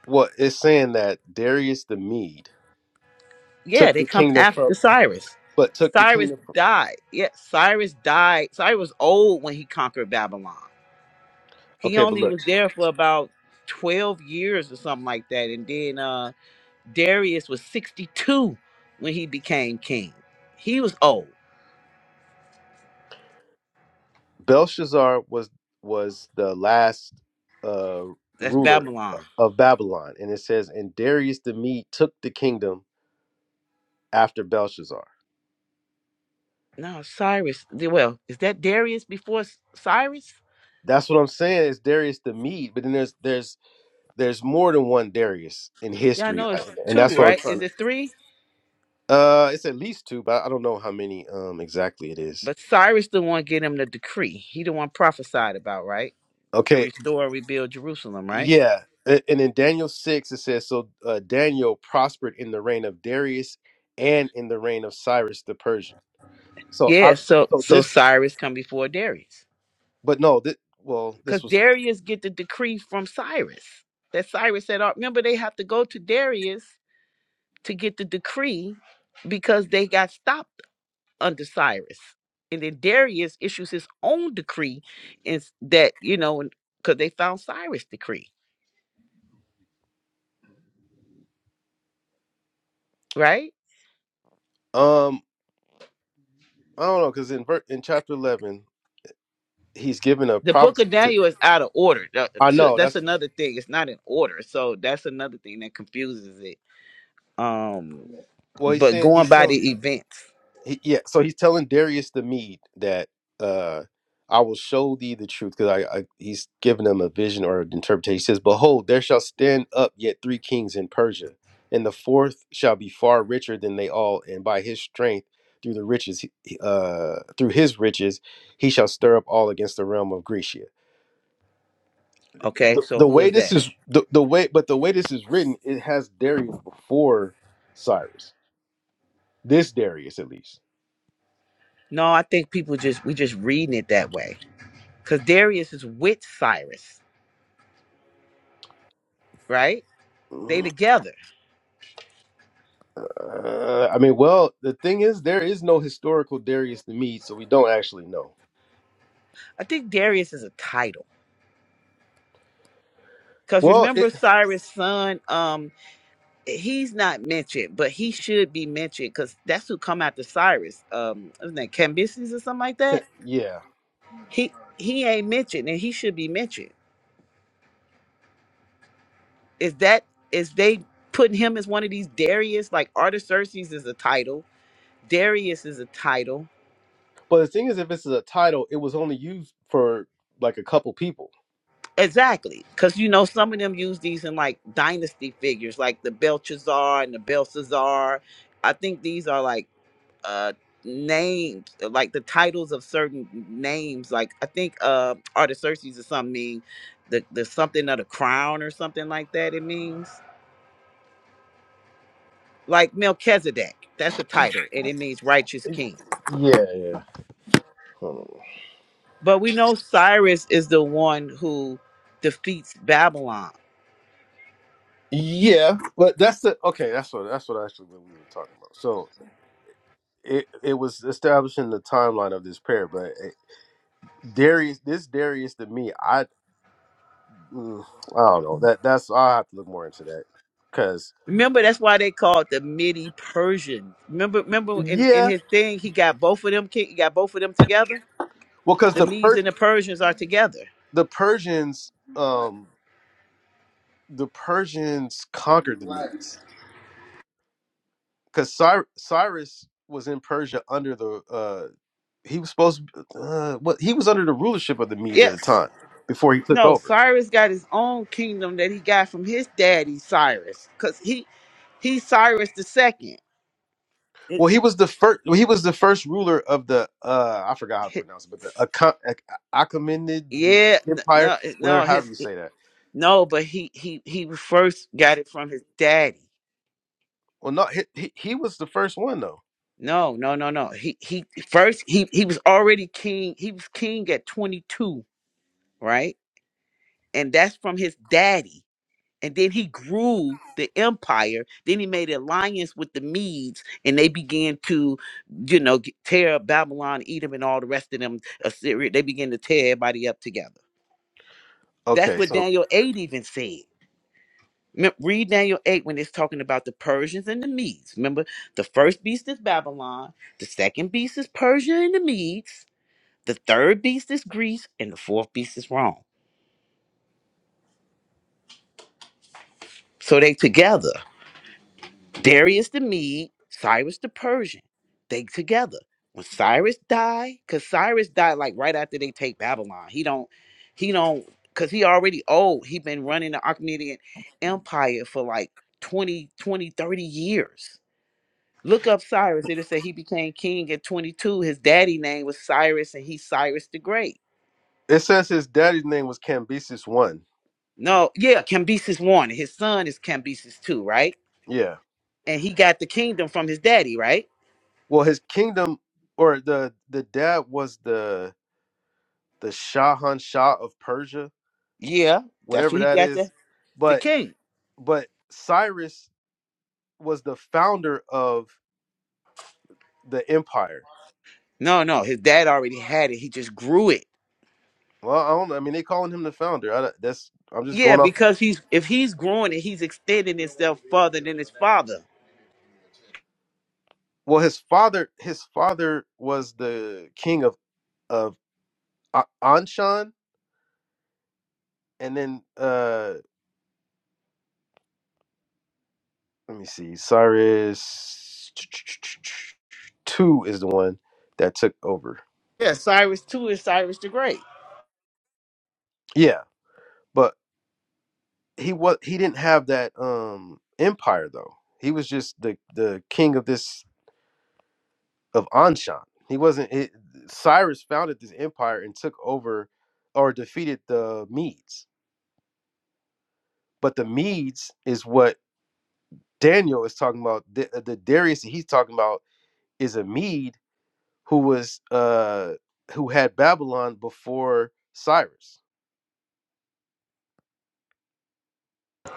Well, it's saying that Darius the Mede Yeah, took they the come kingdom from, after Cyrus. but took the Cyrus kingdom from. died. Yeah, Cyrus died. Cyrus was old when he conquered Babylon. He Okay, but only look, was there for about 12 years or something like that. And then uh Darius was 62 when he became king. He was old. Belshazzar was was the last uh, That's ruler uh, Babylon. of Babylon, and it says, and Darius the Mede took the kingdom after Belshazzar. No, Cyrus. Well, is that Darius before Cyrus? That's what I'm saying is Darius the Mede, but then there's there's there's more than one Darius in Yeah, I history, know I- it's and two, that's what I'm right? Is trying to. it three? Uh, it's at least two, but I don't know how many um exactly it is. But Cyrus the one get him the decree. He the one prophesied about, right? To Okay, restore and rebuild Jerusalem, right? Yeah, a- and in Daniel six it says, "So uh, Daniel prospered in the reign of Darius and in the reign of Cyrus the Persian." So Yeah, I, so so so this, Cyrus come before Darius. but no, this, well, this Because was, Darius get the decree from Cyrus. That Cyrus said, "Oh, remember they have to go to Darius to get the decree because they got stopped under Cyrus. And then Darius issues his own decree is that, you know, because they found Cyrus' decree, right? um, I don't know, because in ver- in chapter eleven he's given a the book prophecy. of To, Daniel is out of order. That- I to- know That's that's another thing. It's not in order. So that's another thing that confuses it. Um, well, he's but saying going he's by telling. the events, he, yeah, so he's telling Darius the Mede that uh, I will show thee the truth because I, I he's giving him a vision or an interpretation. He says, "Behold, there shall stand up yet three kings in Persia, and the fourth shall be far richer than they all, and by his strength." Through the riches, he- uh, through his riches, he shall stir up all against the realm of Grecia. okay. The, So the who way is this that? is the, the way, but the way this is written, it has Darius before Cyrus. This Darius, at least. No, I think people just we just reading it that way because Darius is with Cyrus, right? They together. Uh, I mean, well, the thing is, there is no historical Darius the Mede, so we don't actually know. I think Darius is a title because Well, remember it, Cyrus' son. Um, he's not mentioned, but he should be mentioned because that's who come after Cyrus. Um, isn't that Cambyses or something like that? yeah. He he ain't mentioned, and he should be mentioned. Is that is they putting him as one of these Darius? Like Artaxerxes is a title, Darius is a title. But the thing is, if it's a title, it was only used for like a couple people. Exactly, because you know some of them use these in like dynasty figures, like the Belshazzar and the Belshazzar. I think these are like uh names, like the titles of certain names. Like I think uh Artaxerxes or something mean the the something of the crown or something like that. It means. like Melchizedek. That's a title, and it means righteous king. Yeah, yeah, Hold on. But we know Cyrus is the one who defeats Babylon. yeah. But that's the okay. That's what that's what actually what we were talking about. So it it was establishing the timeline of this pair, but it, Darius, this Darius to me, I mm, I don't know that that's I will have to look more into that because Remember, that's why they called the Midi Persian. Remember, remember in, in yeah, his thing, he got both of them ki- he got both of them together. well, because The the Medes per and the Persians are together. the Persians, um, the Persians conquered the Medes because Cyrus was in Persia under the uh, he was supposed uh, what he was under the rulership of the Medes at the Yes. time before he took No, over. Cyrus got his own kingdom that he got from his daddy Cyrus. Cause he he's Cyrus the second. Well, he was the first. Well, he was the first ruler of the uh, I forgot how to Hi- pronounce it, but the Acha- Ach- Achaemenid Yeah, n- Empire, no, it- whatever, no, however his you say that. No, but he he he first got it from his daddy. Well, no, he, he he was the first one though. No, no, no, no. He he first he he was already king. He was king at 22, right? And that's from his daddy. And then he grew the empire. Then he made alliance with the Medes, and they began to, you know, g- tear up Babylon, Edom, and all the rest of them. Assyria. They began to tear everybody up together. That's Okay, what so Daniel 8 even said. Mem- Read Daniel 8 when it's talking about the Persians and the Medes. Remember, the first beast is Babylon, the second beast is Persia and the Medes, the third beast is Greece, and the fourth beast is Rome. So they together. Darius the Mede, Cyrus the Persian. They together. When Cyrus died, because Cyrus died like right after they take Babylon. He don't, he don't, because he already old. He been running the Achaemenid Empire for like 20, 20, 30 years Look up Cyrus. It'll say he became king at 22. His daddy name was Cyrus, and he's Cyrus the Great. it says his daddy's name was Cambyses One. No, yeah, Cambyses one. His son is Cambyses two, right? Yeah, And he got the kingdom from his daddy, right? Well, his kingdom or the the dad was the the Shahan Shah of Persia, Yeah, that's what whatever he that got is. the the But king. but Cyrus was the founder of the empire. No, no, his dad already had it. He just grew it. Well, I don't. I mean, they calling him the founder. I, don't- that's I'm just Yeah, going off. because he's if he's growing it, he's extending himself further than his father. Well, his father his father was the king of of A- Anshan, and then uh let me see, Cyrus two is the one that took over. Yeah, Cyrus two is Cyrus the Great. Yeah, but. he was he didn't have that um empire though. He was just the the king of this of Anshan. He wasn't it, Cyrus founded this empire and took over or defeated the Medes. But the Medes is what Daniel is talking about. The, uh, the Darius that he's talking about is a Mede who was uh who had Babylon before Cyrus.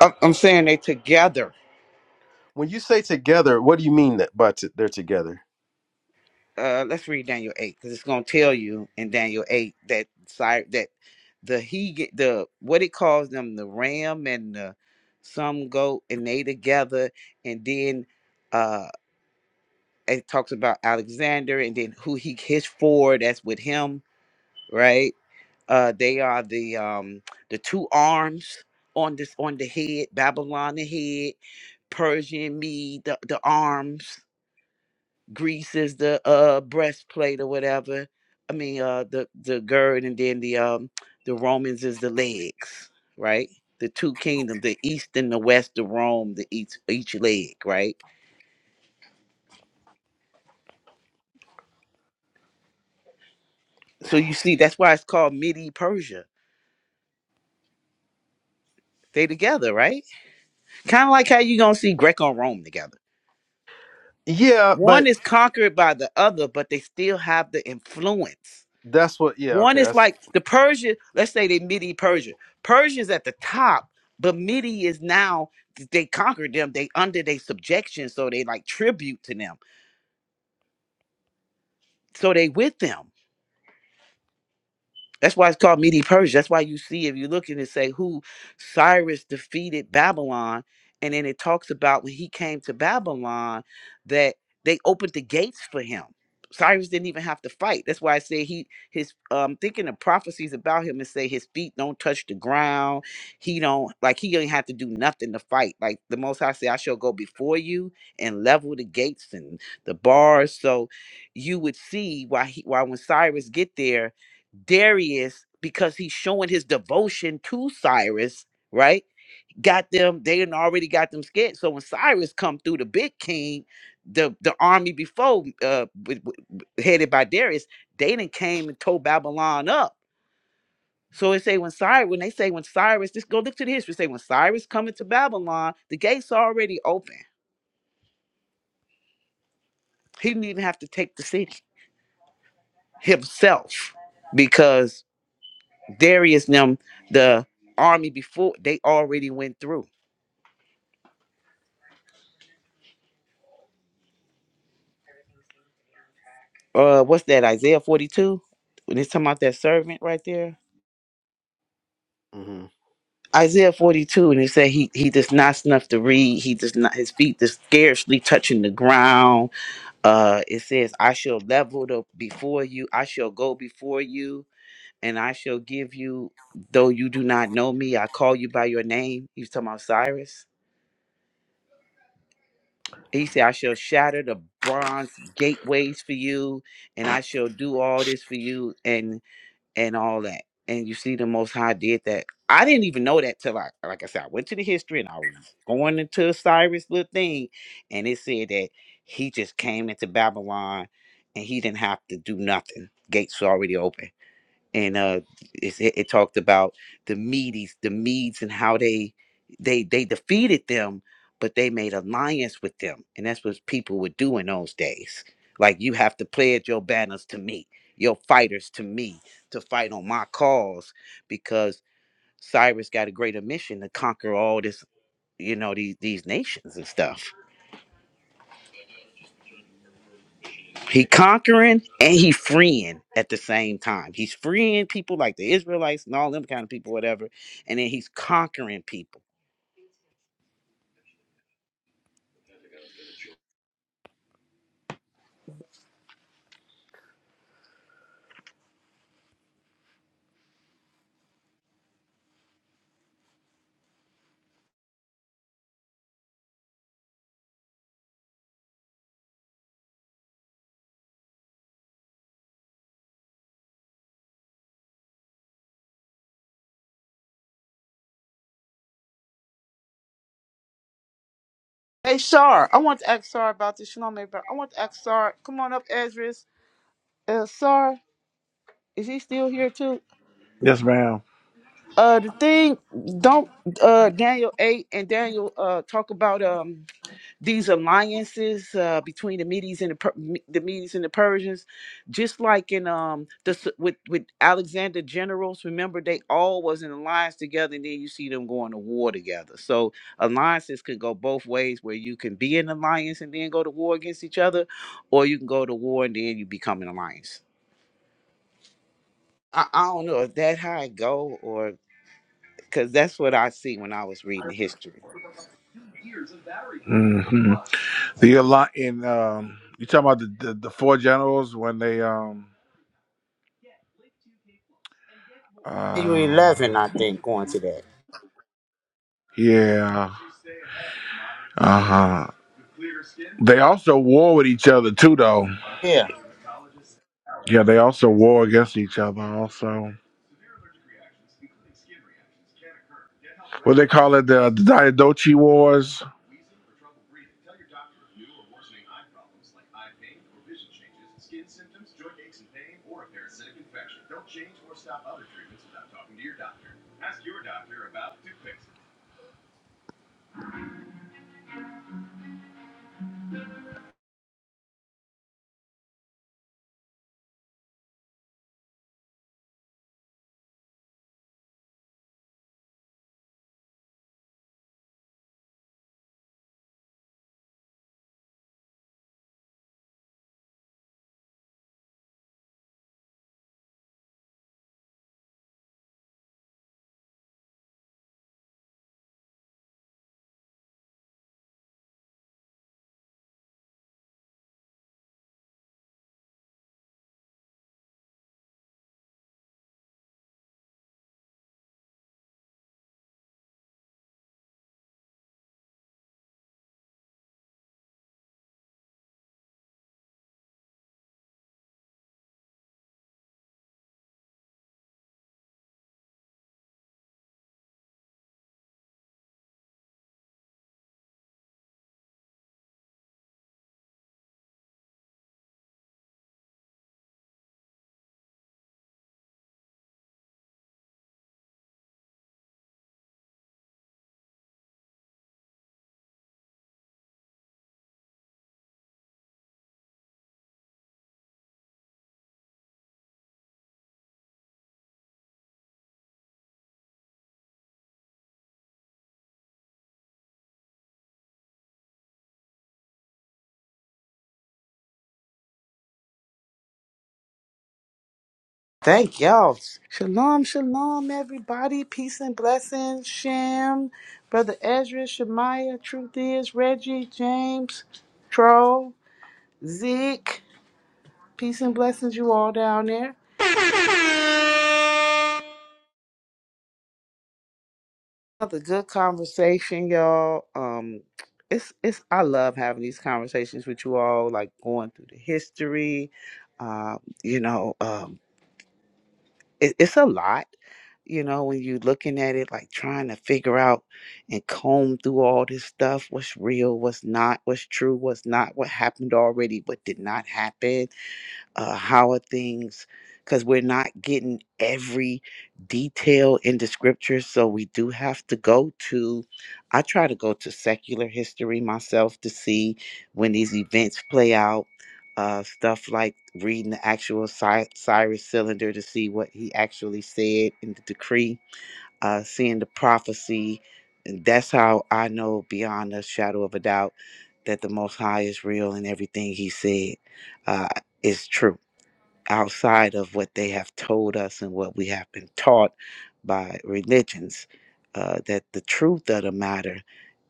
I'm, I'm saying they together. When you say together, what do you mean that by t- they're together? uh let's read Daniel 8 cuz it's going to tell you in Daniel 8 that Cy- that the he get the what it calls them the ram and the some goat and they together and then uh it talks about Alexander and then who he his four that's with him right uh they are the um the two arms on this on the head Babylon the head Persian Mede the, the arms Greece is the uh breastplate or whatever. I mean uh the the gird and then the um the Romans is the legs, right? The two kingdoms, the east and the west, the Rome, the each each leg, right? So you see that's why it's called Midi Persia. They together, right? Kind of like how you gonna see Greco and Rome together. Yeah, One but is conquered by the other, but they still have the influence that's what. Yeah, One okay, is that's. like the Persian, let's say they Midi Persia. Persia's at the top, but Midi is now they conquered them, they under their subjection, so they like tribute to them. So they with them. That's why it's called Medi Persia. That's why you see, if you look and it say who Cyrus defeated Babylon, and then it talks about when he came to Babylon that they opened the gates for him. Cyrus didn't even have to fight. That's why I say he his um thinking of prophecies about him and say his feet don't touch the ground. He don't like he ain't have to do nothing to fight. Like the most high say, I shall go before you and level the gates and the bars. So you would see why he why when Cyrus get there Darius, because he's showing his devotion to Cyrus, right? Got them, they had already got them scared. So when Cyrus come through the big king, the the army before uh w- w- headed by Darius, they then came and tore Babylon up. So they say when Cyrus, when they say when Cyrus, just go look to the history, say when Cyrus coming to Babylon, the gates already open. He didn't even have to take the city himself because Darius and them, the army before, they already went through. uh what's that isaiah 42 when it's talking about that servant right there mhm. isaiah 42 and he said he he does not snuff to read he does not his feet does scarcely touching the ground uh it says i shall level the before you i shall go before you and i shall give you though you do not know me i call you by your name he's talking about cyrus he said i shall shatter the bronze gateways for you and i shall do all this for you and and all that. And you see, the Most High did that. I didn't even know that till I, like I said, I went to the history and I was going into Cyrus' little thing, and it said that he just came into Babylon and he didn't have to do nothing. Gates were already open and uh it, it it talked about the medes the medes and how they they they defeated them but they made alliance with them and that's what people would do in those days like you have to pledge your banners to me your fighters to me to fight on my cause because cyrus got a greater mission to conquer all this you know these these nations and stuff He conquering and he freeing at the same time. He's freeing people like the Israelites and all them kind of people, whatever. And then he's conquering people. Hey, Sar, I want to ask Sar about this. You Shalom, everybody. I want to ask Sar. Come on up, Ezra. Uh, Sar, is he still here too? Yes, ma'am. Uh, the thing, don't uh Daniel eight and Daniel uh talk about um these alliances uh, between the Medes and the, Per- Me- the Medes and the Persians, just like in um the s- with with Alexander generals. Remember, they all was in alliance together, and then you see them going to war together. So alliances could go both ways, where you can be in alliance and then go to war against each other, or you can go to war and then you become an alliance. I, I don't know if that how it go, or because that's what I see when I was reading history. Mhm. The alliance in um you talking about the, the the four generals when they um You 11, uh I think, going to that. yeah uh-huh they also war with each other too though Yeah. yeah they also war against each other also what they call it the, the Diadochi wars Thank y'all. Shalom, shalom, everybody. Peace and blessings. Shem, Brother Ezra, Shemaiah, Truth is, Reggie, James, Troll, Zeke. Peace and blessings, you all down there. Another good conversation, y'all. Um, it's it's I love having these conversations with you all, like going through the history, uh, you know, um. it, it's a lot you know when you're looking at it like trying to figure out and comb through all this stuff what's real what's not what's true what's not what happened already what did not happen uh, how are things because we're not getting every detail in the scripture so we do have to go to i try to go to secular history myself to see when these events play out uh, stuff like reading the actual Cy- cyrus cylinder to see what he actually said in the decree uh, seeing the prophecy and that's how i know beyond a shadow of a doubt that the most high is real and everything he said uh, is true outside of what they have told us and what we have been taught by religions, uh, that the truth of the matter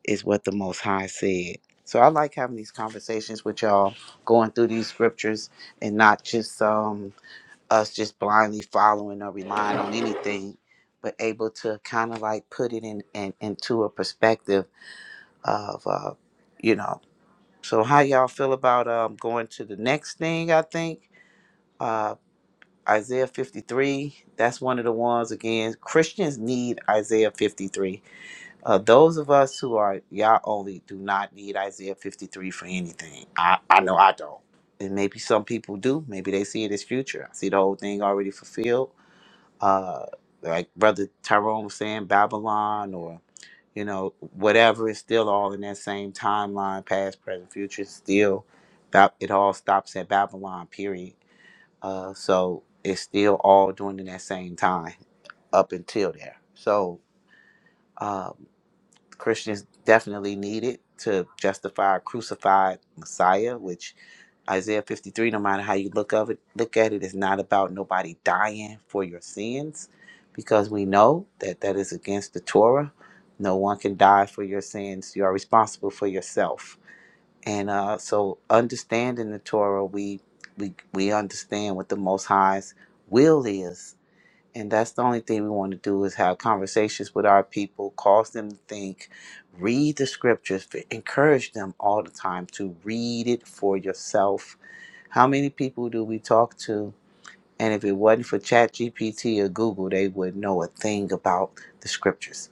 is what the Most High said. So I like having these conversations with y'all, going through these scriptures and not just um, us just blindly following or relying on anything, but able to kind of like put it in, in into a perspective of, uh, you know. So how y'all feel about um, going to the next thing? I think. Uh, Isaiah 53, that's one of the ones again. Christians need Isaiah 53. Uh, those of us who are Yah only do not need Isaiah 53 for anything. I, I know I don't. And maybe some people do. Maybe they see it as future. I see the whole thing already fulfilled. Uh, like Brother Tyrone was saying, Babylon or, you know, whatever is still all in that same timeline, past, present, future. It's Still, Ba- it all stops at Babylon, period uh, so it's still all during that same time up until there. So um, Christians definitely need it to justify a crucified Messiah, which Isaiah 53, no matter how you look of it, look at it, is not about nobody dying for your sins, because we know that that is against the Torah. No one can die for your sins. You are responsible for yourself and uh, so, understanding the Torah, we we we understand what the Most High's will is, and that's the only thing we want to do is have conversations with our people, cause them to think, read the scriptures, f- encourage them all the time to read it for yourself. How many people do we talk to? And if it wasn't for ChatGPT or Google, they would know a thing about the scriptures.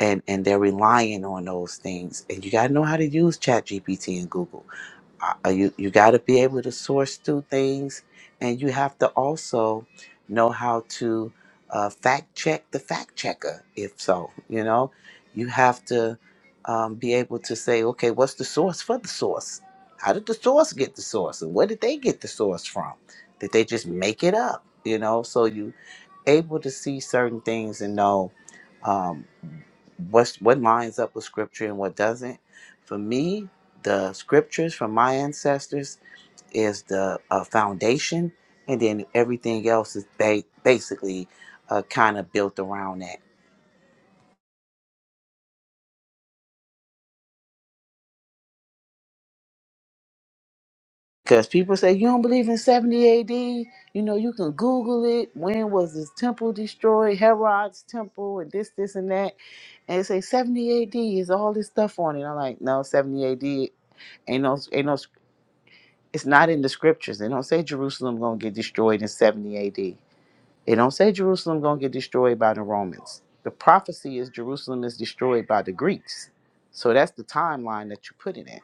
And and they're relying on those things. And you gotta know how to use ChatGPT and Google uh, you you got to be able to source through things, and you have to also know how to uh, fact check the fact checker. If so, you know, you have to um, be able to say, okay, what's the source for the source? How did the source get the source, and where did they get the source from? Did they just make it up? You know, so you able to see certain things and know. um, what's what lines up with scripture and what doesn't. For me, the scriptures from my ancestors is the uh, foundation, and then everything else is ba- basically uh, kind of built around that. Because people say you don't believe in 70 AD, you know, you can Google it. When was this temple destroyed? Herod's temple, and this, this, and that. And they say 70 AD is all this stuff on it. I'm like, no, 70 AD ain't no ain't no It's not in the scriptures. They don't say Jerusalem gonna get destroyed in 70 AD. They don't say Jerusalem gonna get destroyed by the Romans. The prophecy is Jerusalem is destroyed by the Greeks. So that's the timeline that you put it in.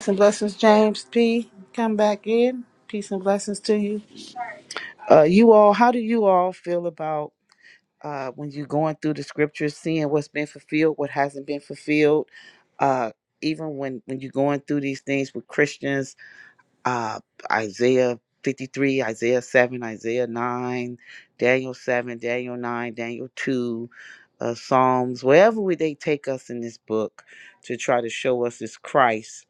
Peace and blessings, James P. Come back in. Peace and blessings to you. Uh, you all, how do you all feel about uh, when you're going through the scriptures, seeing what's been fulfilled, what hasn't been fulfilled? Uh, even when when you're going through these things with Christians uh, Isaiah 53, Isaiah 7, Isaiah 9, Daniel 7, Daniel 9, Daniel 2, uh, Psalms, wherever we, they take us in this book to try to show us this Christ.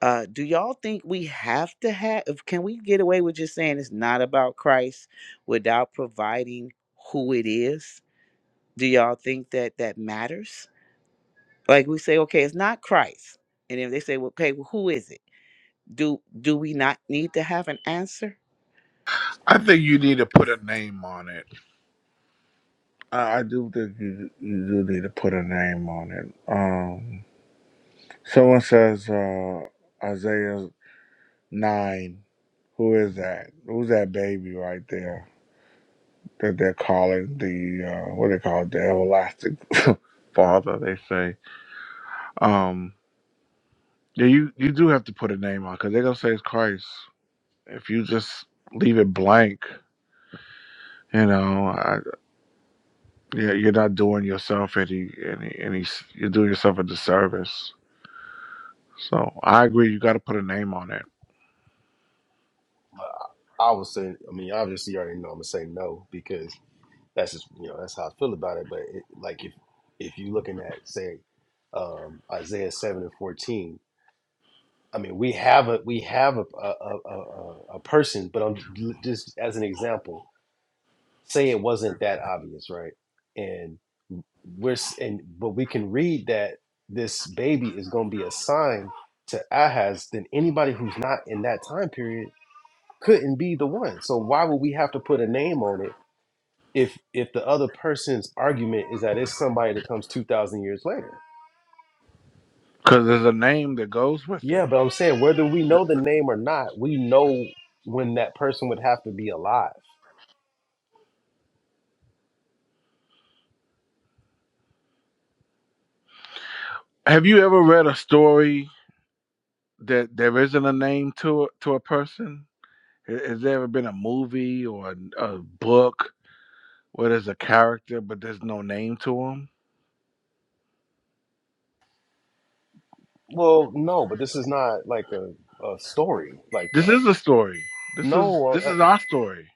Uh, do y'all think we have to have, can we get away with just saying it's not about Christ without providing who it is? Do y'all think that that matters? Like we say, okay, it's not Christ. And if they say, well, okay, well, who is it? Do do we not need to have an answer? I think you need to put a name on it I, I do think you you do need to put a name on it um someone says uh Isaiah nine who is that who's that baby right there that they're calling the uh, what they call it, the everlasting Father. They say, um, yeah, you you do have to put a name on because they're gonna say it's Christ. If you just leave it blank, you know, I, yeah, you're not doing yourself any any any s- you're doing yourself a disservice. So I agree, you got to put a name on it I would say, I mean, obviously, you already know I'm gonna say no because that's just you know that's how I feel about it. But it, like if if you're looking at say um, Isaiah seven and fourteen, I mean, we have a we have a a, a, a, a person, but I'm just as an example, say it wasn't that obvious, right? And we're s- and but we can read that this baby is gonna be a sign to Ahaz. Then anybody who's not in that time period couldn't be the one. So why would we have to put a name on it? if if the other person's argument is that it's somebody that comes 2000 years later because there's a name that goes with yeah it. but i'm saying whether we know the name or not we know when that person would have to be alive Have you ever read a story that there isn't a name to a, to a person? Ha- Has there ever been a movie or a, a book where there's a character but there's no name to him. well no but this is not like a, a story like This that is a story. This is no this uh, is our story.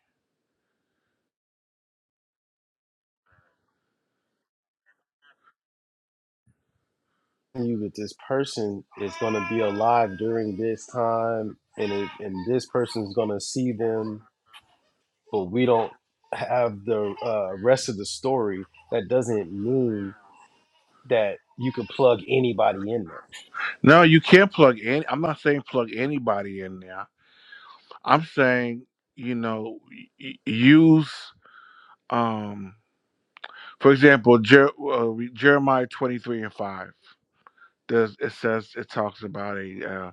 you that this person is going to be alive during this time and it, and this person's going to see them but we don't have the uh, rest of the story that doesn't mean that you could plug anybody in there No, you can't plug any. I'm not saying plug anybody in there. I'm saying you know y- y- use um for example Jer- uh, Jeremiah 23 and 5. There's, it says it talks about a uh,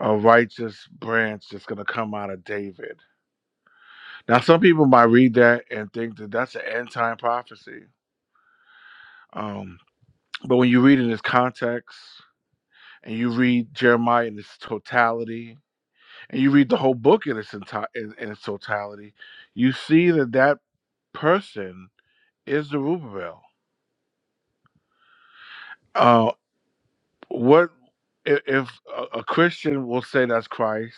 a righteous branch that's going to come out of David. Now some people might read that and think that that's an end time prophecy. Um, but when you read in its context and you read Jeremiah in its totality, and you read the whole book in its enti- in, in its totality, you see that that person is Zerubbabel. Uh, what if, if a, a Christian will say that's Christ?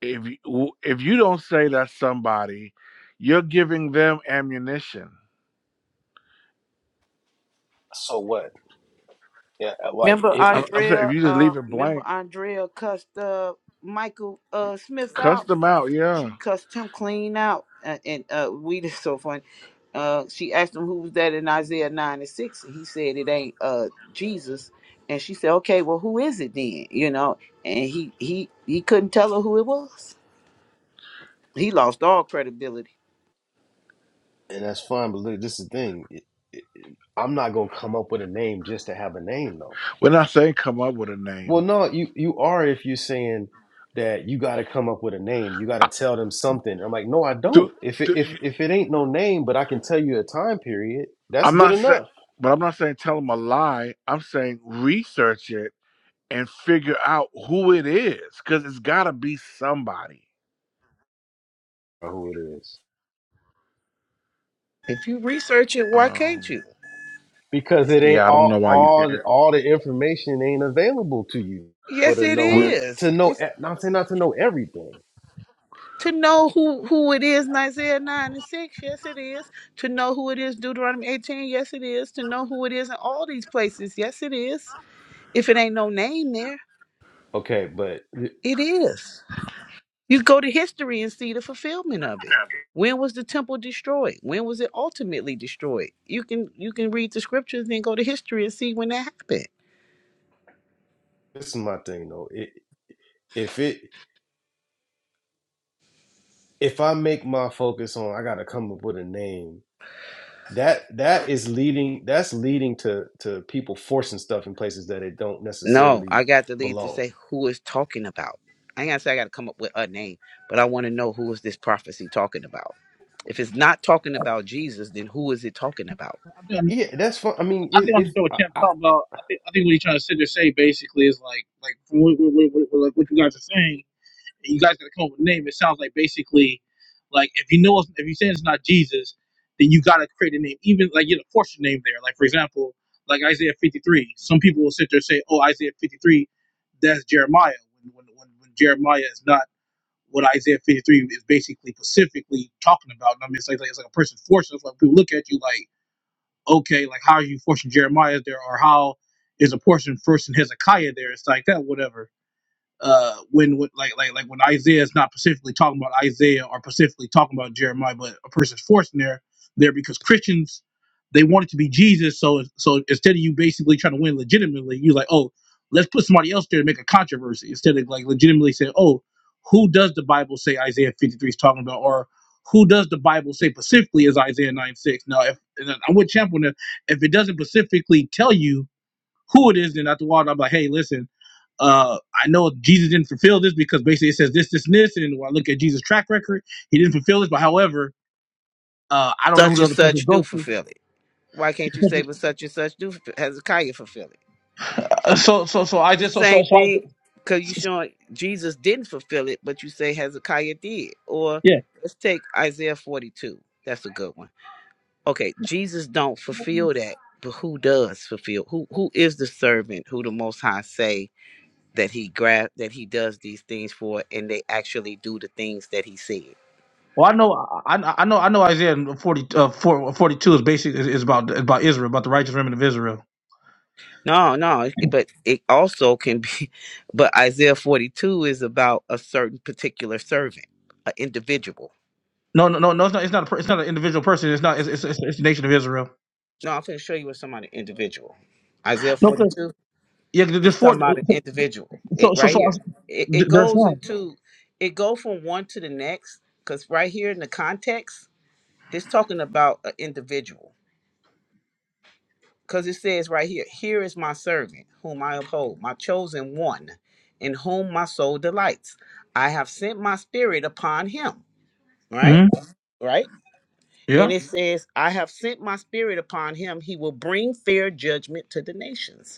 If you, if you don't say that's somebody, you're giving them ammunition. so what yeah uh, like Remember it, I'm, it I'm saying if Andrea, you just uh, leave it remember blank, Andrea cussed uh Michael uh Smith cuss out. them out. Yeah, She cussed him clean out, uh, and uh, we just so funny. Uh, she asked him who was that in Isaiah nine and six, and he said it ain't uh Jesus. And she said, okay, well, who is it then? You know, and he he he couldn't tell her who it was. He lost all credibility. and that's fine but look, this is the thing i'm not going to come up with a name just to have a name though we're not saying come up with a Well, name. no, you you are if you're saying that you got to come up with a name, you got I- to tell them something. I'm like, no, I Do, don't. If it, do if if it ain't no name, but I can tell you a time period, that's I'm good not saying, enough but I'm not saying tell them a lie. I'm saying research it and figure out who it is, because it's got to be somebody. for who it is If you research it, why can't Um, you? because it ain't yeah, I don't all know why you all can't. all the information ain't available to you But Yes, to it know e- We, is. to know. It's e- Not saying not to know everything, to know who who it is in Isaiah 9 and 6 yes it is to know who it is Deuteronomy 18 yes it is to know who it is in all these places yes it is if it ain't no name there okay, but th- it is you go to history and see the fulfillment of it when was the temple destroyed when was it ultimately destroyed you can you can read the scriptures and then go to history and see when that happened this is my thing though. It, if it if I make my focus on, I got to come up with a name that that is leading that's leading to to people forcing stuff in places that it don't No, necessarily I got the lead to belong say who is talking about. I ain't gotta say I gotta come up with a name, but I want to know who is this prophecy talking about. If it's not talking about Jesus, then who is it talking about? I've been, yeah that's fun i mean I've if, been on if the show with I, Champ I talking about. I think, I think what he's trying to sit there say basically is like, like from what, what, what, what, what like what you guys are saying, you guys got to come up with a name. It sounds like basically, like if you know, it's- if you say it's not Jesus, then you got to create a name, even like you know, force your name there. Like for example, like Isaiah 53. Some people will sit there and say, oh, Isaiah 53, that's Jeremiah. When, when, when, when Jeremiah is not what Isaiah 53 is basically specifically talking about. And I mean, it's like, like it's like a person forcing. It's like people look at you like okay, like how are you forcing Jeremiah there, or how is a portion first in Hezekiah there? It's like that, whatever uh when, when like like like when Isaiah is not specifically talking about Isaiah or specifically talking about Jeremiah, but a person's forcing there there because Christians they want it to be Jesus. So so instead of you basically trying to win legitimately, you're like, oh, let's put somebody else there to make a controversy instead of like legitimately saying, oh, who does the Bible say Isaiah 53 is talking about or who does the Bible say specifically is Isaiah 9 6? Now, if and I'm with Champ on that, if it doesn't specifically tell you who it is, then after a while, I'm like, hey, listen, uh, I know Jesus didn't fulfill this because basically it says this, this, and this. And when I look at Jesus' track record, he didn't fulfill this. But however, uh, I don't know who Such the and other such person do goes to. fulfill it. Why can't you say but such and such do fulfill- Hezekiah fulfill it? Uh, So, so, so I It's just, the so, so, same so I, thing because you showing Jesus didn't fulfill it, but you say Hezekiah did. Or yeah. let's take Isaiah 42. That's a good one. okay jesus don't fulfill that but who does fulfill who who is the servant who the most high say that he grab that he does these things for and they actually do the things that he said Well, I know, I, I know, I know Isaiah 40, uh, 4 forty-two is basically is, is about is about Israel, about the righteous remnant of Israel. no no it- but it also can be but isaiah 42 is about a certain particular servant an individual No, no, no, no. It's not. It's not. A, per- it's not an individual person. It's not. It's, it's, it's, it's the nation of Israel. no i'm going to show you what's somebody individual isaiah No, because 42 yeah, It's there's talking four. about an individual. So, It so, right so here. It, it there's goes one. into it go from one to the next because right here in the context, it's talking about an individual because it says right here, here is my servant whom I uphold, my chosen one, in whom my soul delights. I have sent my spirit upon him. Right, hmm right. Yeah. And it says, I have sent my spirit upon him. He will bring fair judgment to the nations.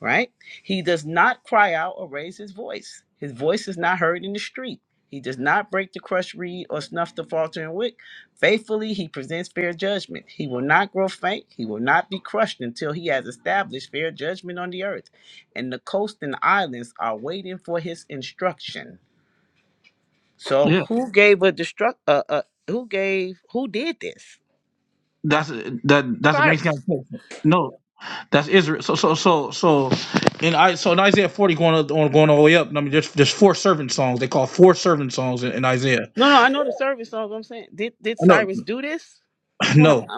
right? He does not cry out or raise his voice. His voice is not heard in the street. He does not break the crushed reed or snuff the faltering wick. Faithfully, he presents fair judgment. He will not grow faint. He will not be crushed until he has established fair judgment on the earth. And the coast and islands are waiting for his instruction. So, who gave a destruct? Uh, uh, who gave? Who did this? That's that. That's the Mexican. Cyrus. culture. No, that's Israel. So so so so in I so in Isaiah forty going up, on going all the way up. I mean, there's there's four servant songs. They call four servant songs in, in Isaiah. No, no, I know the service songs. I'm saying, did did No, Cyrus do this? This one. no,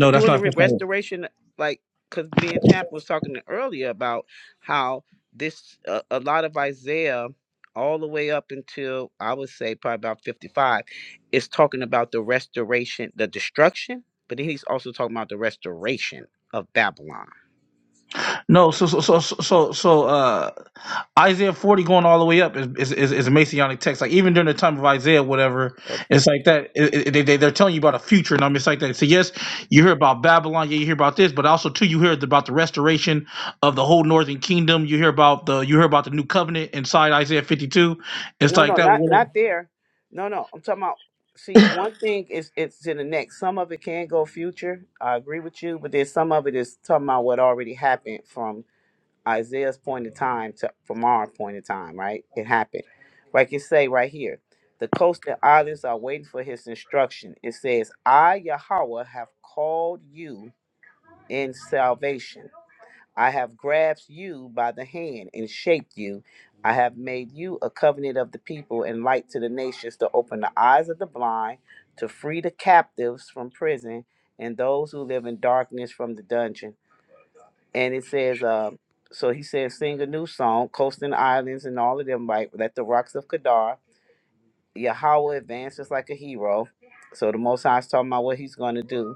uh, That's during the not the re- first time. restoration, like because me and Champ was talking earlier about how this uh, a lot of Isaiah, all the way up until I would say probably about fifty-five, is talking about the restoration, the destruction, but then he's also talking about the restoration of Babylon. No. So so so so so so, uh. Isaiah 40 going all the way up is, is, is, is a messianic text. Like even during the time of Isaiah, whatever, it's like that. it- it- they, they, are telling you about a future, and I'm just like that. So yes, you hear about Babylon, yeah, you hear about this, but also too, you hear about the restoration of the whole northern kingdom. You hear about the you hear about the new covenant inside Isaiah 52. It's No, like no, that. not not there. No, no. I'm talking about. See, one thing is it's in the next. Some of it can go future. I agree with you, but then some of it is talking about what already happened from Isaiah's point of time to from our point of time. Right? It happened. Like it say right here, the coastal islands are waiting for his instruction. It says, "I Yahweh have called you in salvation." I have grasped you by the hand and shaped you. I have made you a covenant of the people and light to the nations to open the eyes of the blind, to free the captives from prison, and those who live in darkness from the dungeon. And it says, uh, so he says, sing a new song, coasting islands and all of them, like let the rocks of Kedar. Yahweh advances like a hero. So the Most High is talking about what he's going to do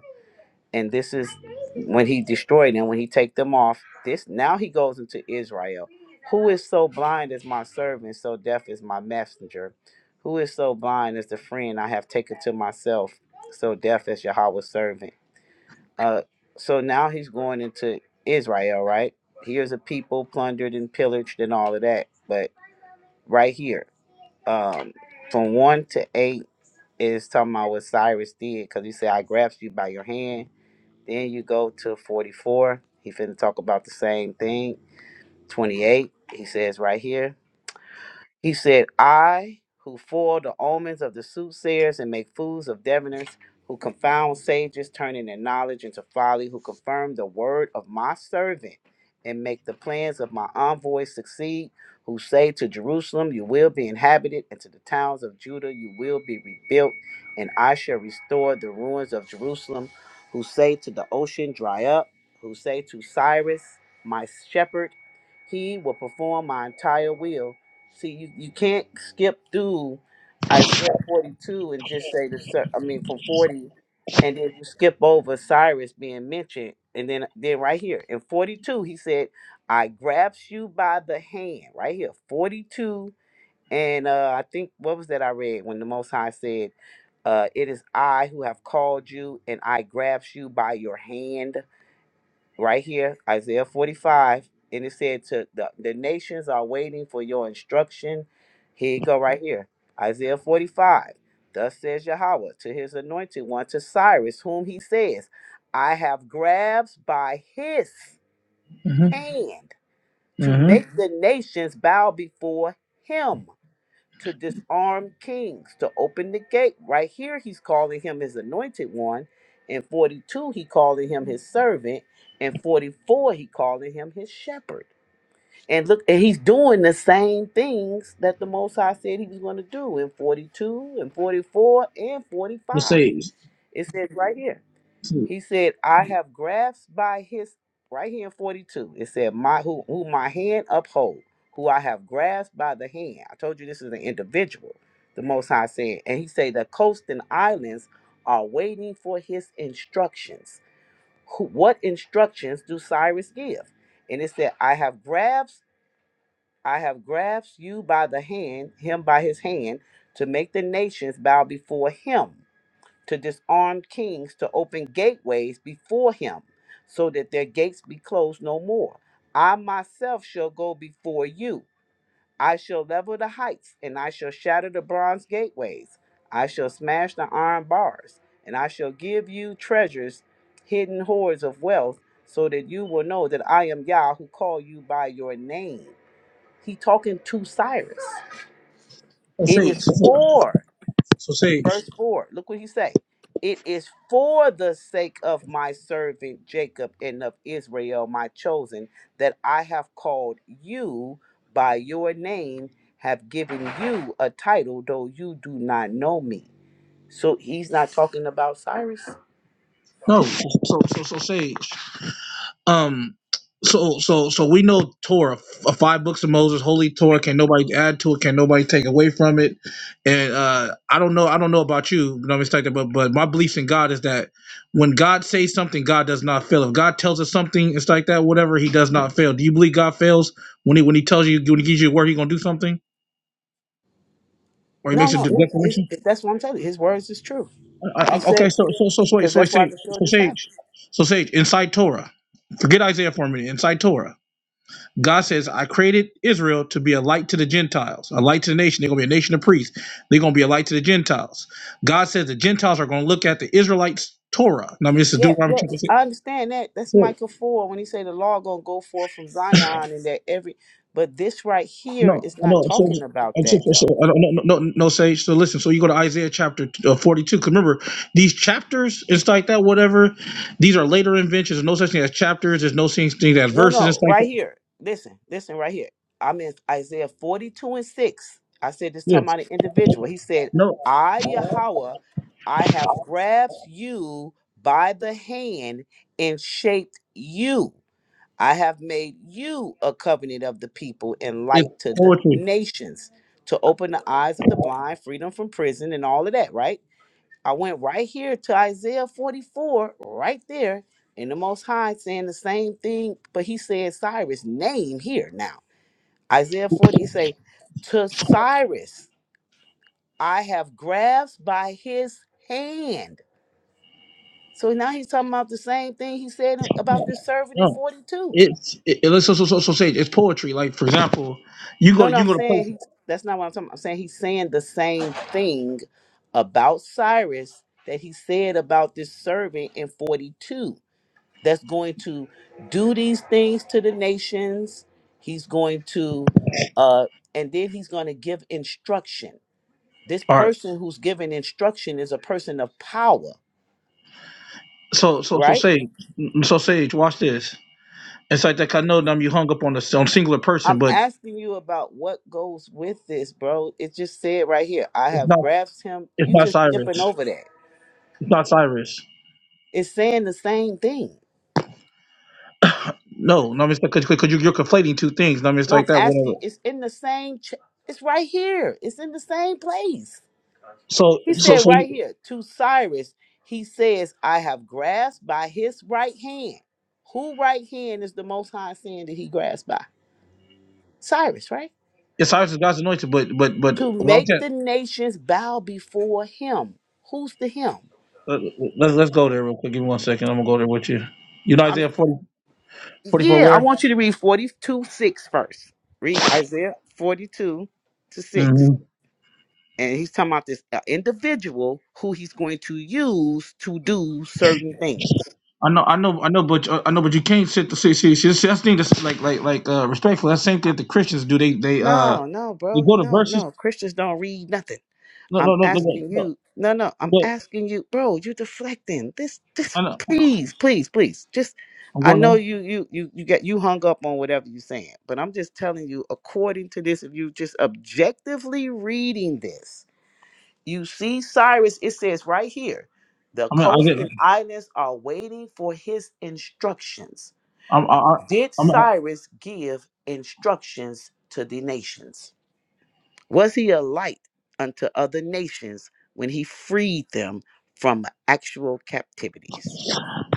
and this is when he destroyed them when he take them off this now he goes into israel who is so blind as my servant so deaf as my messenger who is so blind as the friend i have taken to myself so deaf as yahweh's servant uh so now he's going into israel right here's a people plundered and pillaged and all of that but right here um from one to eight is talking about what cyrus did because he said i grasped you by your hand then you go to 44. He finna talk about the same thing. 28, he says right here. He said, I, who foil the omens of the soothsayers and make fools of diviners, who confound sages, turning their knowledge into folly, who confirm the word of my servant and make the plans of my envoys succeed, who say to Jerusalem, You will be inhabited, and to the towns of Judah, You will be rebuilt, and I shall restore the ruins of Jerusalem, who say to the ocean, Dry up, who say to Cyrus, My shepherd, He will perform my entire will See, you, you can't skip through Isaiah 42 and just say the, cer- I mean, from 40, and then you skip over Cyrus being mentioned. And then, then right here in 42, he said, I grabs you by the hand, right here, 42. And uh, I think, what was that I read when the Most High said, uh, It is I who have called you, and I grabs you by your hand? right here, Isaiah 45, and it said to the, the nations are waiting for your instruction. Here you go, right here. Isaiah 45. Thus says Yahweh to his anointed one, to Cyrus, whom he says, I have grabs by his Mm-hmm. hand to Mm-hmm. make Mhm. the nations bow before him to disarm kings, to open the gate. Right here, he's calling him his anointed one. In 42, he calling him his servant. In 44, he calling him his shepherd. And look, and he's doing the same things that the Most High said he was going to do in 42, and 44, and The 45. sage. It says right here. So He said, I have grasped by his right here in 42. It said, My who who my hand uphold, who I have grasped by the hand. I told you this is an individual, the most high said. And he said the coast and islands are waiting for his instructions. Who, what instructions do Cyrus give? And it said, I have grasped, I have grasped you by the hand, him by his hand, to make the nations bow before him to disarm kings to open gateways before him, so that their gates be closed no more. I myself shall go before you. I shall level the heights, and I shall shatter the bronze gateways. I shall smash the iron bars, and I shall give you treasures, hidden hoards of wealth, so that you will know that I am Yah who call you by your name. He talking to Cyrus. It sage. is So for sage. verse 4 look what he say it is for the sake of my servant jacob and of israel my chosen that i have called you by your name have given you a title though you do not know me so he's not talking about cyrus No. So so so sage. Um, so so so we know Torah, f- five books of Moses, Holy Torah. Can nobody add to it? Can nobody take away from it? And uh, I don't know. I don't know about you, no mistake. But but my beliefs in God is that when God says something, God does not fail. If God tells us something, it's like that. Whatever, He does not fail. Do you believe God fails when He when He tells you when He gives you a word, He gonna do something or He no makes a no de- his, declaration? his, that's what i'm telling you his words is true I, he I, okay, said so so so so because so, so, so, so that's why i sage could show so this happened sage so sage inside Torah. Forget Isaiah for a minute. Inside Torah. God says, I created Israel to be a light to the Gentiles, a light to the nation. They're going to be a nation of priests. They're going to be a light to the Gentiles. God says the Gentiles are going to look at the Israelites' Torah. Now, I Y- mean, this is Yeah, Deuteronomy yeah, chapter 6. I understand that. That's So, Michael four when he say the law gonna go forth from Zion and that every. But this right here no, is I not know. So, talking about that except for- so, though. I don't, no, no, no, no, Sage. So, listen, so you go to Isaiah chapter uh, Cause remember, these chapters and stuff like that, whatever, these are later inventions. There's no such thing as chapters. There's no such thing as No, verses and no, stuff like right that. here. Listen, listen, right here. I'm in Isaiah 42 and 6. I said this talking Yes. about an individual. He said, No, I, Yahweh, I have grabbed you by the hand and shaped you. I have made you a covenant of the people and it's light to the poetry. nations to open the eyes of the blind, freedom from prison, and all of that, right? I went right here to Isaiah 44, right there, and the Most High saying the same thing, but he said Cyrus' name here now. Isaiah 40, he say, To Cyrus I have grasped by his hand. So now he's talking about the same thing he said about No, this servant in no. 42. it's it, it- let's so, so so so say it's poetry. Like for example, you No, go no, you I'm go to saying place. he's that's not what I'm talking about. I'm saying he's saying the same thing about Cyrus that he said about this servant in 42 that's going to do these things to the nations. He's going to uh and then he's going to give instruction. This All right. person who's giving instruction is a person of power, So so so right? say so sage. Watch this. It's like that. I know them. You hung up on a on singular I'm person, but asking you about what goes with this, bro. It just said right here, I it's have not grasped him. it's You not just Cyrus. skipping It's over that. not Cyrus. It's saying the same thing. No, no, it's because because you, you're conflating two things. No, it's And I'm like that. asking, Whatever. it's in the same, ch- it's right here. It's in the same place. So He so said so right you- here to Cyrus, he says, I have grasped by his right hand. Who right hand is the most high saying that he grasped by? Cyrus, right? it's Cyrus is God's anointed, but but but To well, I'm make saying, the nations bow before him. Who's the him? let, let's let's go there real quick. Give me one second. I'm gonna go there with you. You know I'm, Isaiah 40 44 yeah, I where? want you to read 42 6 first. Read Isaiah 42 to 6. Mm-hmm. and he's talking about this uh, individual who he's going to use to do certain things. I know, I know, I know, but uh, I know, but you can't sit the see, see, see, see that's the thing that's like, like, like, uh, respectful. That's the same thing that the Christians do. They, they, uh, No, no, they bro, go to no, verses. no. Christians don't read nothing. No, I'm no, no, no, no. asking no, you. No, no, I'm no asking you, bro. You deflecting. This, this. I know. Please, please, please. Just, I'm I going know on. you, you, you, you get you hung up on whatever you're saying, but I'm just telling you, according to this, if you just objectively reading this. You see, Cyrus, it says right here the I mean, coast I get. and islands are waiting for his instructions. I'm, I, I, Did I'm. Cyrus give instructions to the nations? Was he a light unto other nations when he freed them from actual captivities?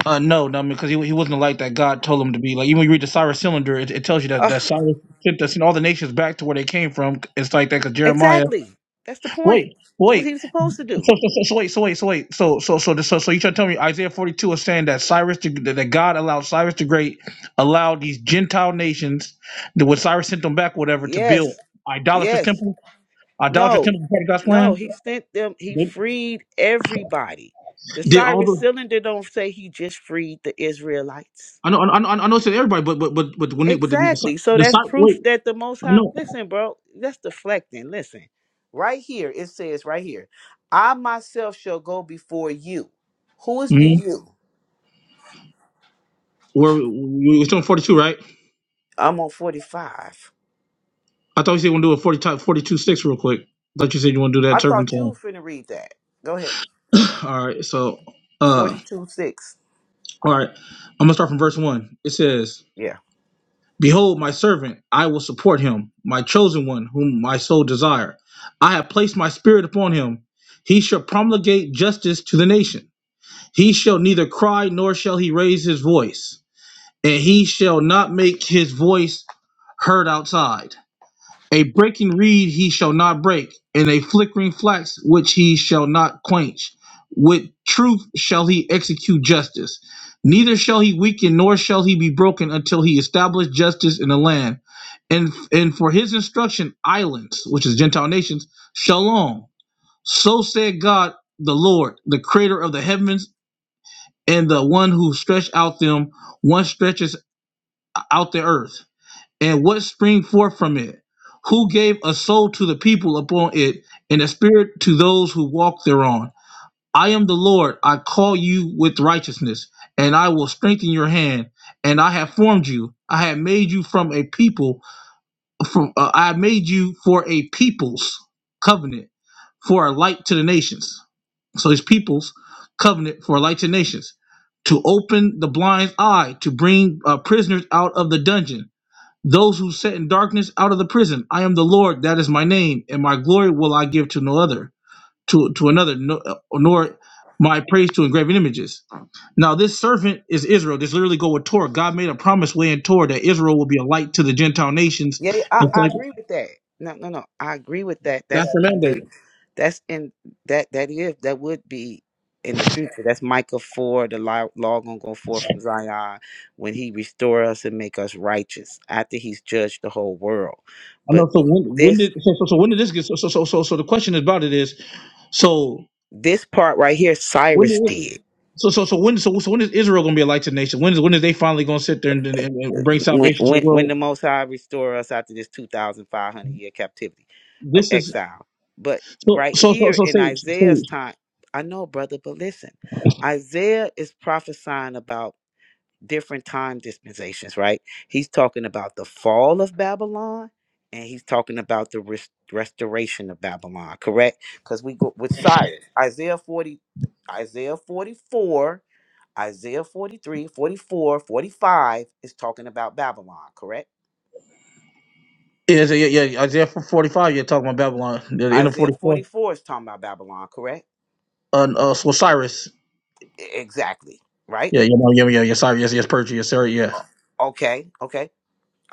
Uh, no, no, I mean, because he, he wasn't like that. God told him to be like. Even when you read the Cyrus cylinder, it, it tells you that Ugh, that Cyrus sent us in all the nations back to where they came from. It's like that because Jeremiah. exactly. That's the point. Wait, That's what wait. he was supposed to do. So, so, so, so wait, so wait, so wait, so, so, so, so, so you trying to tell me Isaiah forty two is saying that Cyrus, the, that God allowed Cyrus the Great, allowed these Gentile nations, that when Cyrus sent them back, whatever, to Yes, build idolatrous yes. temple, idolatrous No, temple part of God's no, plan. he sent them, he They freed everybody. The did all Cyrus the. cylinder don't say he just freed the Israelites. I know, I know, I know, I know it's to everybody, but, but, but, but when it, but the, the, Exactly. Cy- So the that's Cy- proof wait, that the most I high know. listen, bro, that's deflecting. Listen. Right here, it says right here, I myself shall go before you. Who is the Mm-hmm. you? We're we- are we are still on forty two, right? I'm on 45. I thought you said you want to do a 40, type 42 six real quick. I thought you said you want to do I that turban thought you were time. finna read that. Go ahead. All right, so. uh. 42 6. All right. I'm going to start from verse 1. It says, Yeah. Behold, my servant, I will support him, my chosen one, whom my soul desire. I have placed my spirit upon him. He shall promulgate justice to the nation. He shall neither cry nor shall he raise his voice, and he shall not make his voice heard outside. A breaking reed he shall not break, and a flickering flax which he shall not quench. With truth shall he execute justice. Neither shall he weaken, nor shall he be broken until he establish justice in the land. And, and for his instruction, islands, which is Gentile nations, shall long. So said God the Lord, the creator of the heavens and the one who stretched out them, one stretches out the earth and what spring forth from it? Who gave a soul to the people upon it, and a spirit to those who walk thereon? I am the Lord, I call you with righteousness, and I will strengthen your hand, and I have formed you. I have made you from a people, from uh, I have made you for a people's covenant, for a light to the nations. So his people's covenant for a light to the nations, to open the blind's eye, to bring uh, prisoners out of the dungeon those who sat in darkness out of the prison. I am the Lord, that is my name, and my glory will I give to no other, to, to another, no, nor my praise to engraven images. Now, this servant is Israel. This literally go with Torah. God made a promise way in Torah that Israel will be a light to the Gentile nations. Yeah, I, It's I like agree with that. No, no, no. I agree with that. that's That's the in the mandate. That's in that that is that would be in the future. That's Micah four, the law, law gonna go forth from Zion when he restore us and make us righteous after he's judged the whole world. I know. But So when, when this did so, so so when did this get so so so so, so the question about it is so this part right here, when did Cyrus it, did so so so when so, so when is Israel going to be a light to the nation? When is when is they finally going to sit there and, and, and bring when salvation to the when when world? the Most High restore us after this two thousand five hundred year captivity of This is exile. But So, right so, so, here so, in Sage, Isaiah's Sage. time, I know, brother, but listen, Isaiah is prophesying about. different time dispensations, right? He's talking about the fall of Babylon and he's talking about the res- restoration of Babylon, correct? Because we go with Cyrus, Isaiah 40, Isaiah 44, Isaiah 43, 44, 45 is talking about Babylon, correct? Yeah, so, yeah, yeah. Isaiah 45, you're talking about Babylon. The end of Isaiah 44. 44 is talking about Babylon, correct? Uh, uh, so Cyrus. E- Exactly, right? Yeah, you know, yeah, yeah, yeah, Cyrus, yes, yes, Persia, yes, sir yeah. Okay, okay.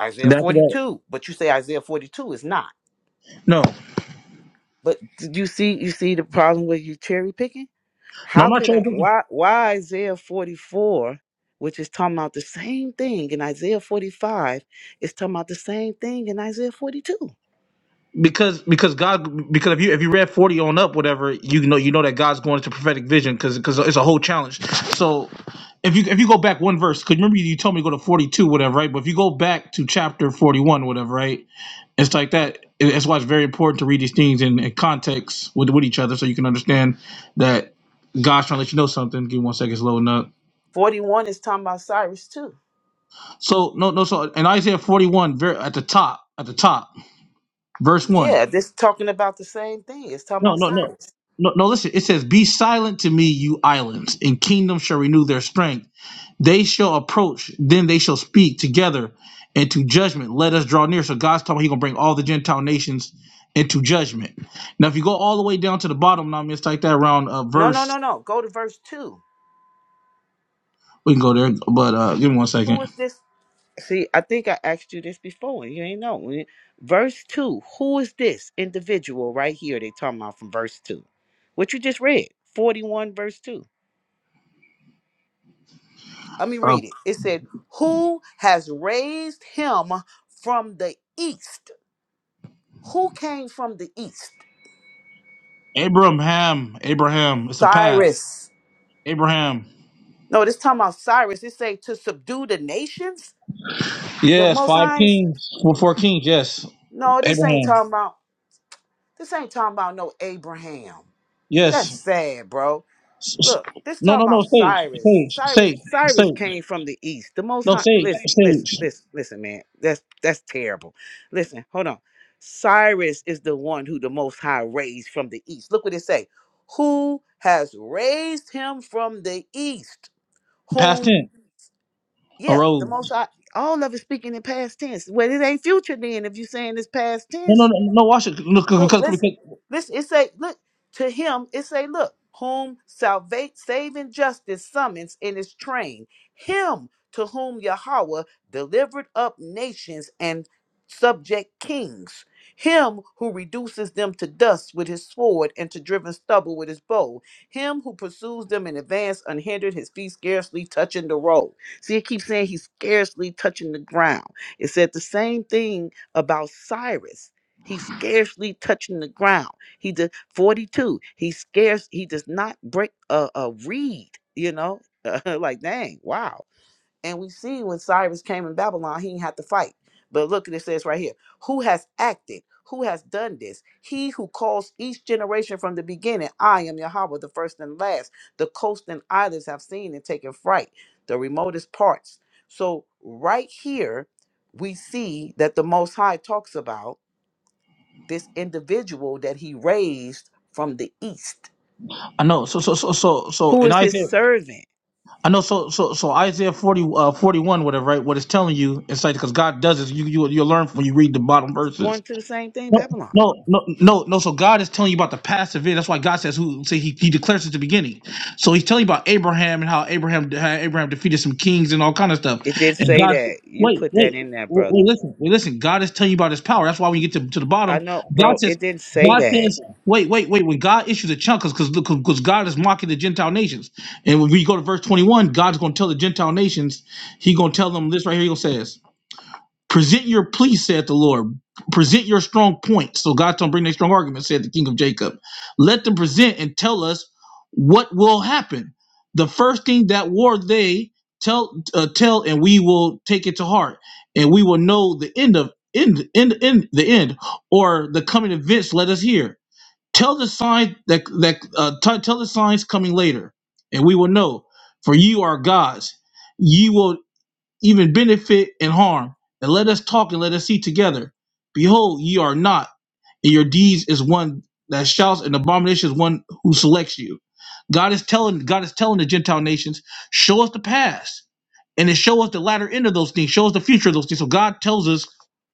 Isaiah And after that, 42, but you say Isaiah 42 is not. no, But did you see you see the problem with you cherry picking? no, How I'm not could I? trying to Why, why Isaiah 44, which is talking about the same thing in Isaiah 45, is talking about the same thing in Isaiah 42? because because God because if you if you read 40 on up whatever you know you know that God's going into prophetic vision because because it's a whole challenge. So if you if you go back one verse because remember you told me to go to 42 whatever right, but if you go back to chapter 41 whatever right, it's like that. It- That's why it's very important to read these things in, in context with with each other, so you can understand that God's trying to let you know something. Give me one second, it's loading up. 41 is talking about Cyrus too. So no, no. So in Isaiah forty one, very at the top, at the top, verse one. Yeah, this talking about the same thing. It's talking No, about no, no, Cyrus. no, no. Listen, it says, "Be silent to me, you islands, and kingdoms shall renew their strength." They shall approach, then they shall speak together into judgment. Let us draw near. So God's talking, He's gonna bring all the Gentile nations into judgment. Now, if you go all the way down to the bottom, now it's like that around uh, No, no, verse. no, no. Go to verse 2. We can go there, but uh, give me one Who second. is this? See, I think I asked you this before and you ain't know. When- Verse 2. Who is this individual right here they talking about from verse 2? What you just read. 41 verse 2. Let me Uh, read it. It said, Who has raised him from the east? Who came from the east? Abraham, Abraham, it's a path. Cyrus. Abraham, No, this talking about Cyrus. It say to subdue the nations. The yes, Most five High. is- kings, well, four kings, yes. No, this ain't Abraham, talking about. This ain't talking about no Abraham. That's yes. sad, bro. S- s- Look, this No, no, talking about no, sage, Cyrus. sage, Cyrus sage, Cyrus sage. came from the east. The most No, high sage, listen, listen, sage. listen, listen, man. That's that's terrible. Listen, hold on. Cyrus is the one who the most high raised from the east. Look what it say. Who has raised him from the east? Past Whom tense, yeah, the arose. most high all of it speaking in past tense. Well, it ain't future then if you saying it's past No, tense. no, no, no. no, Watch it. Look, So because, listen, because listen. It say, look to him. It say, look, whom salvate saving justice summons in his train. Him to whom Yahweh delivered up nations and subject kings. Him who reduces them to dust with his sword and to driven stubble with his bow. Him who pursues them in advance unhindered, his feet scarcely touching the road. See, it keeps saying he's scarcely touching the ground. It said the same thing about Cyrus He's scarcely touching the ground. He did 42. He scarce he does not break a, a reed, you know? like dang, wow. And we see when Cyrus came in Babylon, he didn't have to fight. But look at it says right here, who has acted? Who has done this? He who calls each generation from the beginning, I am Yahweh, the first and last. The coast and islands have seen and taken fright, the remotest parts. So right here, we see that the Most High talks about this individual that he raised from the east I know. So, so, so, so, so who in is his Isaiah, servant I know. So, so, so Isaiah 40, uh, 41, whatever, right? What it's telling you, it's like because God does this. You, you, you learn when you read the bottom it's going verses. to the same thing No, babylon no, no, no, no. So God is telling you about the past event. That's why God says who say he, he declares at the beginning. So he's telling you about Abraham and how Abraham how Abraham defeated some kings and all kind of stuff. it didn't And say God that you wait, put that wait, wait, in there brother wait, listen, wait, listen. God is telling you about his power. That's why when you get to, to the i bottom, know bro God says it didn't say God that says, wait, wait, wait. When God issues a chunk, because because God is mocking the Gentile nations, and when we go to verse twenty one, God's going to tell the Gentile nations, He going to tell them this right here. He gonna says, Present your plea, said the Lord. Present your strong points. So God told him, bring their strong argument, said the king of Jacob. Let them present and tell us what will happen. The first thing that war they tell uh, tell, and we will take it to heart, and we will know the end of end end end the end or the coming events. Let us hear. Tell the sign that that uh, t- tell the signs coming later, and we will know. For you are gods. You will even benefit and harm. And let us talk and let us see together. Behold, ye are not, and your deeds is one that shouts, and abomination is one who selects you. God is telling God is telling the Gentile nations, show us the past, and then show us the latter end of those things, show us the future of those things. So God tells us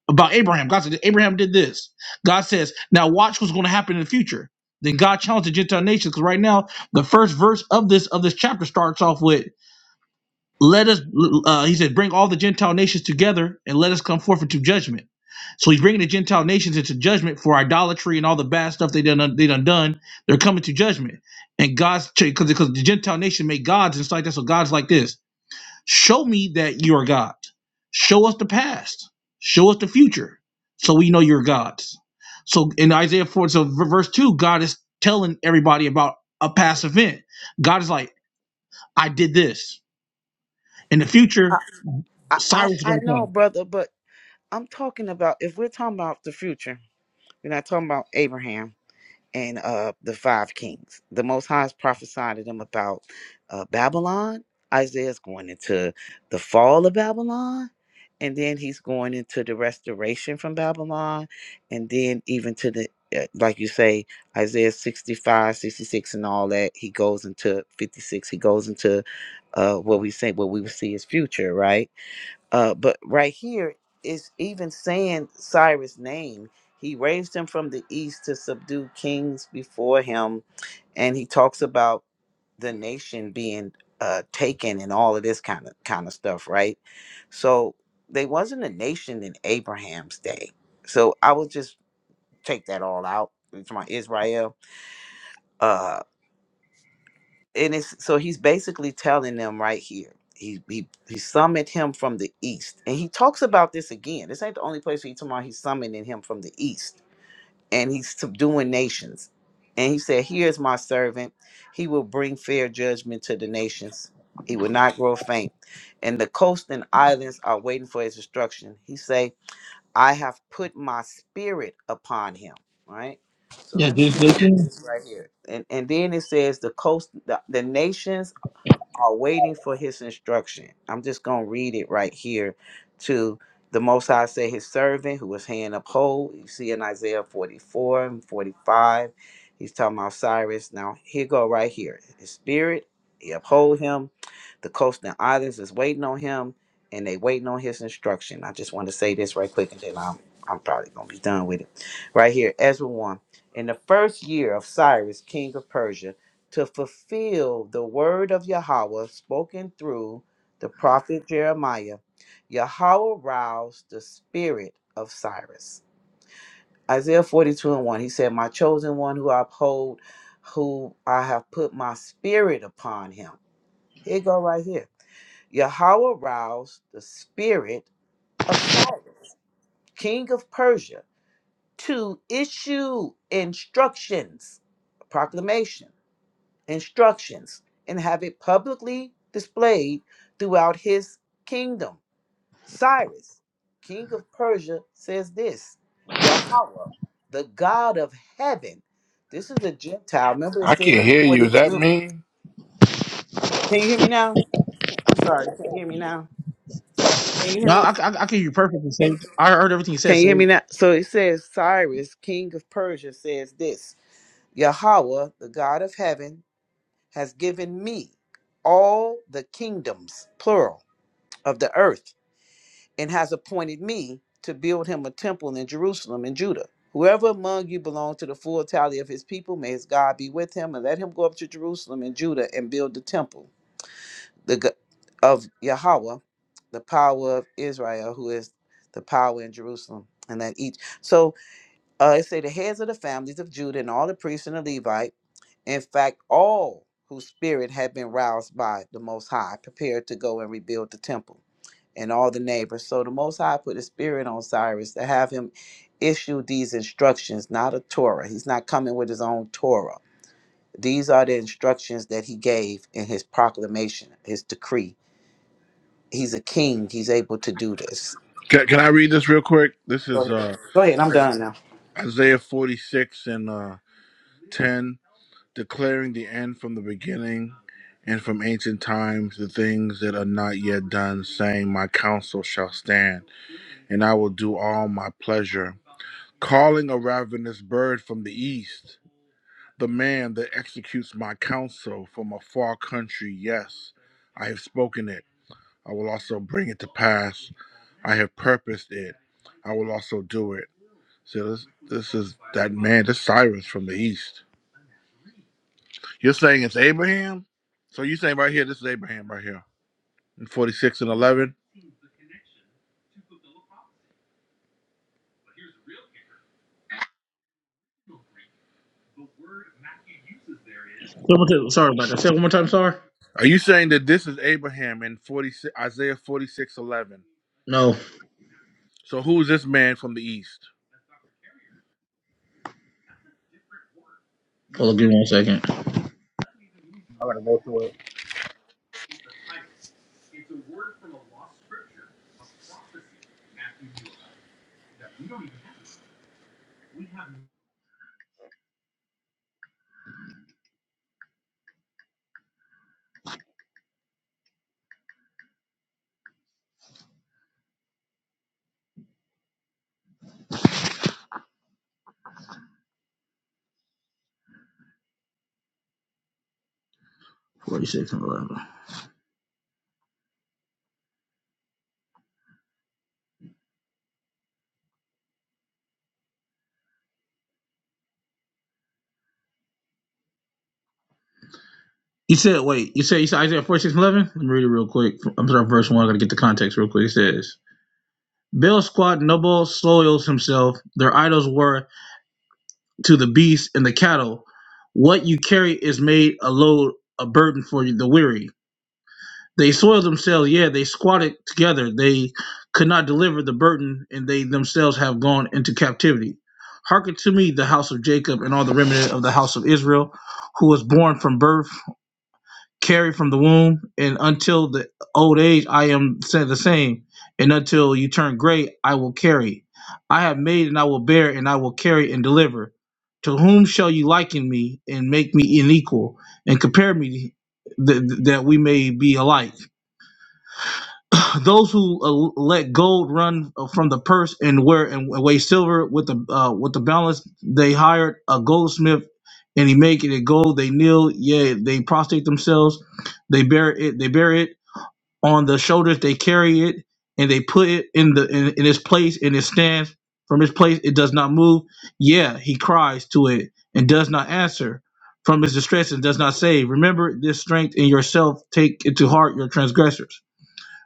about Abraham. God said Abraham did this. God says, now watch what's going to happen in the future. Then God challenged the Gentile nations because right now the first verse of this of this chapter starts off with let us uh, he said bring all the gentile nations together and let us come forth into judgment so he's bringing the gentile nations into judgment for idolatry and all the bad stuff they done they done done they're coming to judgment and god's because because the gentile nation made gods and stuff like that so god's like this show me that you're god show us the past show us the future so we know you're gods so in isaiah 4 so verse 2 god is telling everybody about a past event god is like i did this in the future i i, Cyrus is I gonna know come. brother but i'm talking about if we're talking about the future we're not talking about abraham and uh, the five kings. The Most High has prophesied to them about uh, Babylon. Isaiah's going into the fall of Babylon, and then he's going into the restoration from Babylon, and then even to the, uh, like you say, Isaiah 65, 66, and all that. He goes into 56, he goes into uh, what we say, what we would see as future, right? Uh, but right here, it's even saying Cyrus' name. He raised him from the east to subdue kings before him. And he talks about the nation being uh, taken and all of this kind of kind of stuff, right? So they wasn't a nation in Abraham's day. So I would just take that all out. It's my Israel. uh, and it's so he's basically telling them right here. He he he summoned him from the east, and he talks about this again. This ain't the only place he talking about. He's summoning him from the east, and he's subduing nations. And he said, "Here is my servant. He will bring fair judgment to the nations. He will not grow faint, and the coast and islands are waiting for his destruction." He say. I have put my spirit upon him. Right. So Yeah, let me Jason. get Jason. this right here. And and then it says the coast the, the nations are waiting for his instruction. I'm just going to read it right here to the Most High say his servant who his hand uphold. You see in Isaiah 44 and 45, he's talking about Cyrus. Now, here go right here. His spirit, he uphold him. The coast and islands is waiting on him and they waiting on his instruction. I just want to say this right quick and then I'm, I'm probably going to be done with it. Right here, Ezra 1. In the first year of Cyrus, king of Persia, to fulfill the word of Yahweh spoken through the prophet Jeremiah. Yahweh roused the spirit of Cyrus. Isaiah 42 and 1, he said, My chosen one who I uphold, who I have put my spirit upon him. Here you go right here. Yahweh roused the spirit of Cyrus, king of Persia, to issue instructions, proclamation. instructions and have it publicly displayed throughout his kingdom. Cyrus, king of Persia, says this Yahweh, the God of heaven. This is a Gentile. Remember it I said can't in hear you. Is that 42. me? Can you hear me now? Can- I'm sorry. Can you hear me now? Can you hear No, me? I, I, I can hear you perfectly, Can Sage. I heard everything you can said, you hear me Sage. now? So it says Cyrus, king of Persia, says this Yahweh, the God of heaven, has given me all the kingdoms, plural, of the earth and has appointed me to build him a temple in Jerusalem and Judah. Whoever among you belongs to the full tally of his people, may his God be with him, and let him go up to Jerusalem and Judah and build the temple the g- of Yahweh, the power of Israel, who is the power in Jerusalem. And that each so uh, it say the heads of the families of Judah and all the priests and the Levite, in fact, all whose spirit had been roused by the Most High, prepared to go and rebuild the temple and all the neighbors. So the Most High put a spirit on Cyrus to have him issue these instructions, not a Torah. He's not coming with his own Torah. These are the instructions that he gave in his proclamation, his decree. He's a king. He's able to do this. can, can I read this real quick? This Go is ahead. uh, Go ahead. I'm done now. Isaiah 46 and uh, 10, declaring the end from the beginning and from ancient times the things that are not yet done, saying, My counsel shall stand, and I will do all my pleasure. calling a ravenous bird from the east, the man that executes my counsel from a far country, yes, I have spoken it. I will also bring it to pass. I have purposed it. I will also do it. So this, this is that man, this Cyrus from the east. You're saying it's Abraham? So you're saying right here, this is Abraham right here in 46 and 11. Say one more time- Sorry about that. Say it one more time, Star. Are you saying that this is Abraham in 46, Isaiah 46:11? No. So who is this man from the east? Hold on, give me one second. 46 and 11. You said, wait, you said, you said Isaiah 46 and 11? Let me read it real quick. I'm sorry, verse 1. I gotta get the context real quick. It says, Baal squad noble soils himself. Their idols were to the beasts and the cattle. What you carry is made a load, a burden for the weary. They soiled themselves, yeah, they squatted together. They could not deliver the burden, and they themselves have gone into captivity. Hearken to me, the house of Jacob, and all the remnant of the house of Israel, who was born from birth, carried from the womb, and until the old age I am said the same, and until you turn gray, I will carry. I have made and I will bear, and I will carry and deliver. To whom shall you liken me and make me unequal, and compare me th- th- that we may be alike? those who uh, let gold run uh, from the purse and wear and weigh silver with the uh, with the balance, they hired a goldsmith, and he make it a gold. They kneel, yea, they prostrate themselves, they bear it, they bear it on the shoulders, they carry it, and they put it in the in, in its place and it stands From its place, it does not move. Yeah, he cries to it and does not answer. From his distress, and does not save. Remember this strength in yourself. Take it to heart your transgressors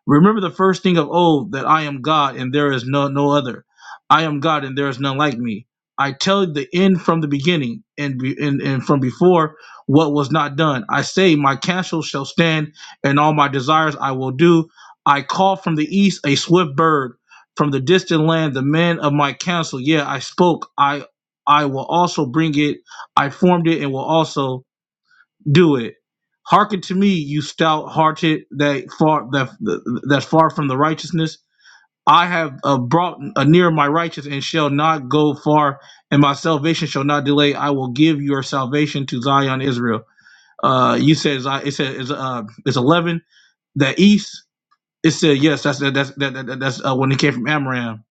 Remember the first thing of old that I am God and there is no no other. I am God and there is none like me. I tell the end from the beginning and be, and, and from before what was not done. I say my counsel shall stand and all my desires I will do. I call from the east a swift bird from the distant land the man of my counsel. Yeah, I spoke. I I will also bring it. I formed it and will also do it. Hearken to me, you stout hearted that far that that's far from the righteousness. I have uh, brought uh, near my righteous and shall not go far, and my salvation shall not delay. I will give your salvation to Zion, Israel. Uh, you said it said it's uh it's eleven that east. It said yes. That's that, that's that, that, that's uh, when it came from Amram.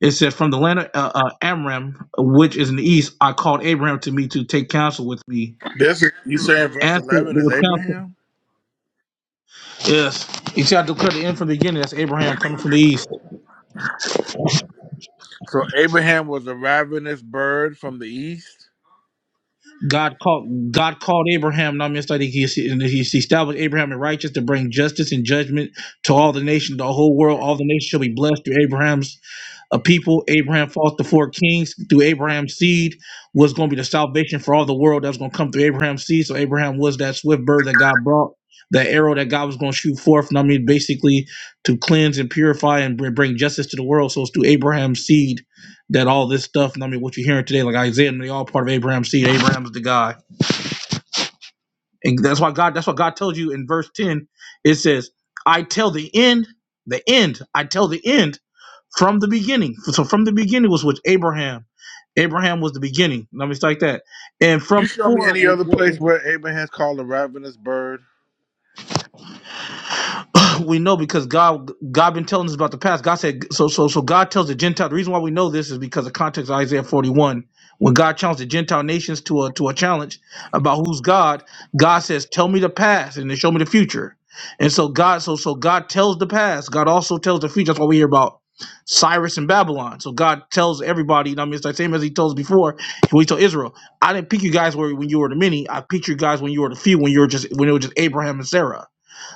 It said from the land of uh, uh, Amram, which is in the east. I called Abraham to me to take counsel with me. This is, you saying verse Answer eleven is with counsel Abraham? Yes. You see, I declare the end from the beginning. That's Abraham coming from the east. So Abraham was a ravenous bird from the east. God called God called Abraham, not means that he, he and he established Abraham in righteous to bring justice and judgment to all the nations, the whole world. All the nations shall be blessed through Abraham's a people. Abraham fought the four kings through Abraham's seed was going to be the salvation for all the world that was going to come through Abraham's seed. So Abraham was that swift bird that God brought, that arrow that God was going to shoot forth. And I mean, basically to cleanse and purify and br- bring justice to the world. So it's through Abraham's seed that all this stuff, and I mean, what you're hearing today, like Isaiah, and they all part of Abraham's seed. Abraham's the guy. And that's why God, that's what God tells you in verse 10. It says, I tell the end, the end, I tell the end from the beginning. So from the beginning was with Abraham. Abraham was the beginning. Let me start like that. And from You show me before any other place where Abraham's called a ravenous bird. we know because God God been telling us about the past. God said so so so God tells the Gentile the reason why we know this is because of context of Isaiah 41. When God challenged the Gentile nations to a to a challenge about who's God, God says, Tell me the past and then show me the future. And so God so so God tells the past. God also tells the future. That's why we hear about Cyrus and Babylon. So God tells everybody, you know what I mean it's the same as he told us before when he told Israel, I didn't pick you guys where when you were the many, I picked you guys when you were the few, when you were just when it was just Abraham and Sarah.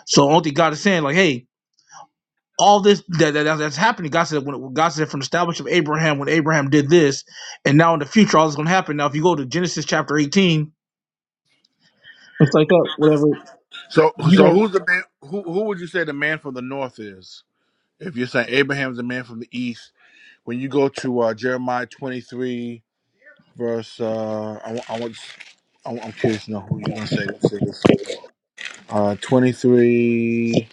So only God is saying, like, hey, all this that, that that's happening. God said when God said from the establishment of Abraham when Abraham did this, and now in the future all this is gonna happen. Now if you go to Genesis chapter eighteen, it's like that, whatever. So so You who's the man? Who who would you say the man from the north is? If you're saying Abraham's the man from the east, when you go to uh, Jeremiah twenty three verse, uh, I, wa- I want. I'm I'm curious to know who you're gonna say this is. Uh, 23,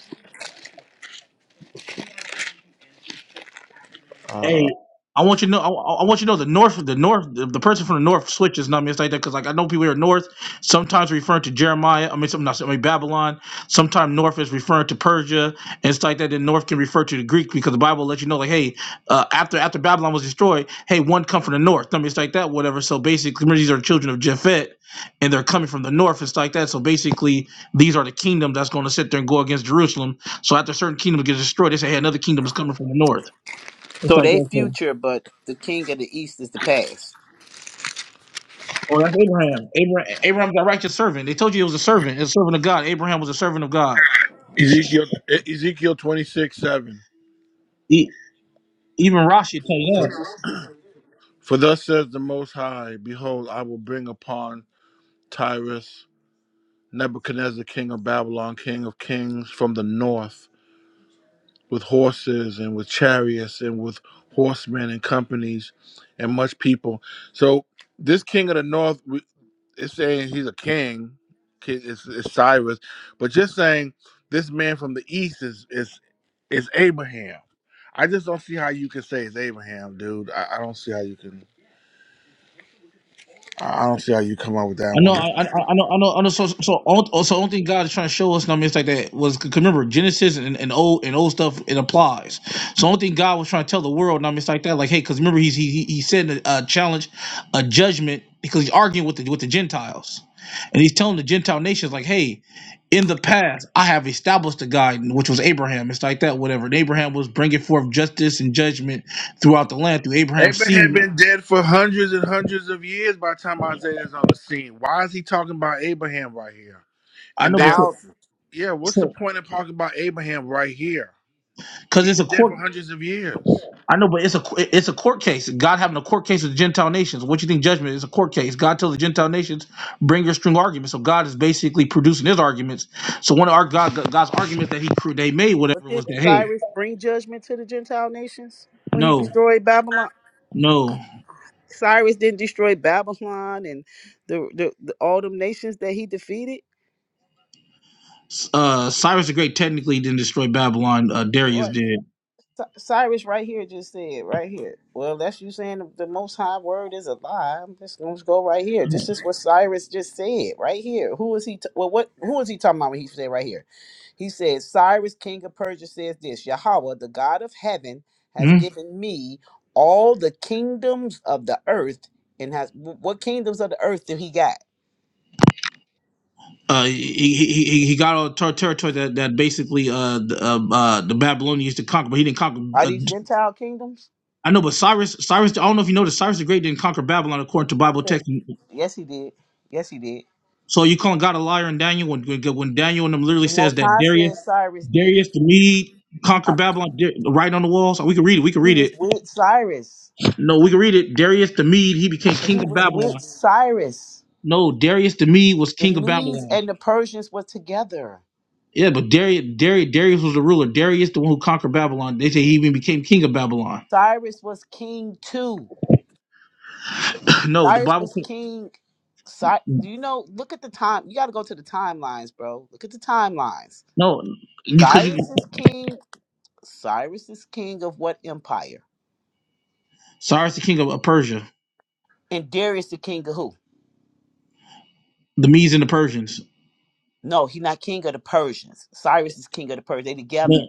uh, Hey, I want you to know. I, I want you to know the north, the north, the, the person from the north switches numbers like that because, like, I know people here north sometimes referring to Jeremiah. I mean, some not I mean Babylon. Sometimes north is referring to Persia and stuff like that. Then north can refer to the Greek because the Bible lets you know, like, hey, uh, after after Babylon was destroyed, hey, one come from the north. I mean, it's like that, whatever. So basically, these are children of Japhet, and they're coming from the north. It's like that. So basically, these are the kingdom that's going to sit there and go against Jerusalem. So after certain kingdoms get destroyed, they say, hey, another kingdom is coming from the north. It's So like they that. So future, but the king of the east is the past. Well, that's Abraham. Abraham. Abraham's a righteous servant. They told you he was a servant, a servant of God. Abraham was a servant of God. Ezekiel, E- Ezekiel 26, 7. E- even Rashi tell you For, that. For thus says the Most High, Behold, I will bring upon Tyrus Nebuchadnezzar, king of Babylon, king of kings from the north, with horses and with chariots and with horsemen and companies and much people. So this king of the north we- it's saying he's a king, ki- it's, it's Cyrus, but just saying this man from the east is is is Abraham. I just don't see how you can say it's Abraham, dude. I, I don't see how you can. I I don't see how you come up with that I know, one. I, I I know, I know, I know. So, so, all- so, only thing God is trying to show us, and I mean, it's like that was 'cause remember Genesis and, and old and old stuff. It applies. So, only thing God was trying to tell the world, and I mean, it's like that, like, hey, because remember, he's he he he said a, a challenge, a judgment, because he's arguing with the with the Gentiles, and he's telling the Gentile nations, like, hey, in the past, I have established a guide, which was Abraham. It's like that, whatever. And Abraham was bringing forth justice and judgment throughout the land through Abraham's Abraham seed. been dead for hundreds and hundreds of years by the time Isaiah is on the scene. Why is he talking about Abraham right here? I And know there, because Thousands. yeah, what's the so point of talking about Abraham right here? because He's it's a been dead court for hundreds of years. I know, but it's a it's a court case. God having a court case with the Gentile nations. What you think judgment is a court case? God tells the Gentile nations bring your string arguments. So God is basically producing his arguments. So one of our God God's arguments that he cr- they made But whatever did was that hey Cyrus bring judgment to the Gentile nations when he no destroyed Babylon? no Cyrus didn't destroy Babylon and the, the, the all them nations that he defeated. uh, Cyrus the Great technically didn't destroy Babylon. Uh, Darius Right. did. Cy- Cyrus right here just said right here. Well, that's you saying the, the Most High word is a lie. I'm just gonna go right here. This is what Cyrus just said right here. Who is he? T- well, what? Who is he talking about when he said right here? He said Cyrus, king of Persia, says this: Yahweh, the God of heaven, has Hmm? given me all the kingdoms of the earth, and has wh- what kingdoms of the earth did he got? Uh, he, he he he got all the ter- territory that that basically uh the, uh, uh the Babylonians used to conquer, but he didn't conquer. Are Uh, these Gentile kingdoms? I know, but Cyrus Cyrus I don't know if you noticed Cyrus the Great didn't conquer Babylon according to I'm Bible saying, text. yes, he did. Yes, he did. So you calling God a liar in Daniel when when Daniel and them literally The says Most that High Darius said Cyrus did it. Darius the Mede Uh, conquered Babylon Dar- right on the walls. we can read it. We can He read was it. with Cyrus. No, we can read it. Darius the Mede he became He king of was with Babylon. Cyrus. No, Darius the Mede was The king of Medes Babylon. and the Persians were together. Yeah, but Darius Darius Darius was the ruler. Darius the one who conquered Babylon. They say he even became king of Babylon. Cyrus was king too. no, the Cyrus Bible. was king. Cy- you know, look at the time. You got to go to the timelines, bro. Look at the timelines. No, because you, 'cause Cyrus you- is king. Cyrus is king of what empire? Cyrus the king of Persia, And Darius the king of who? the Medes and the Persians. No, he's not king of the Persians. Cyrus is king of the Persians. They together. No,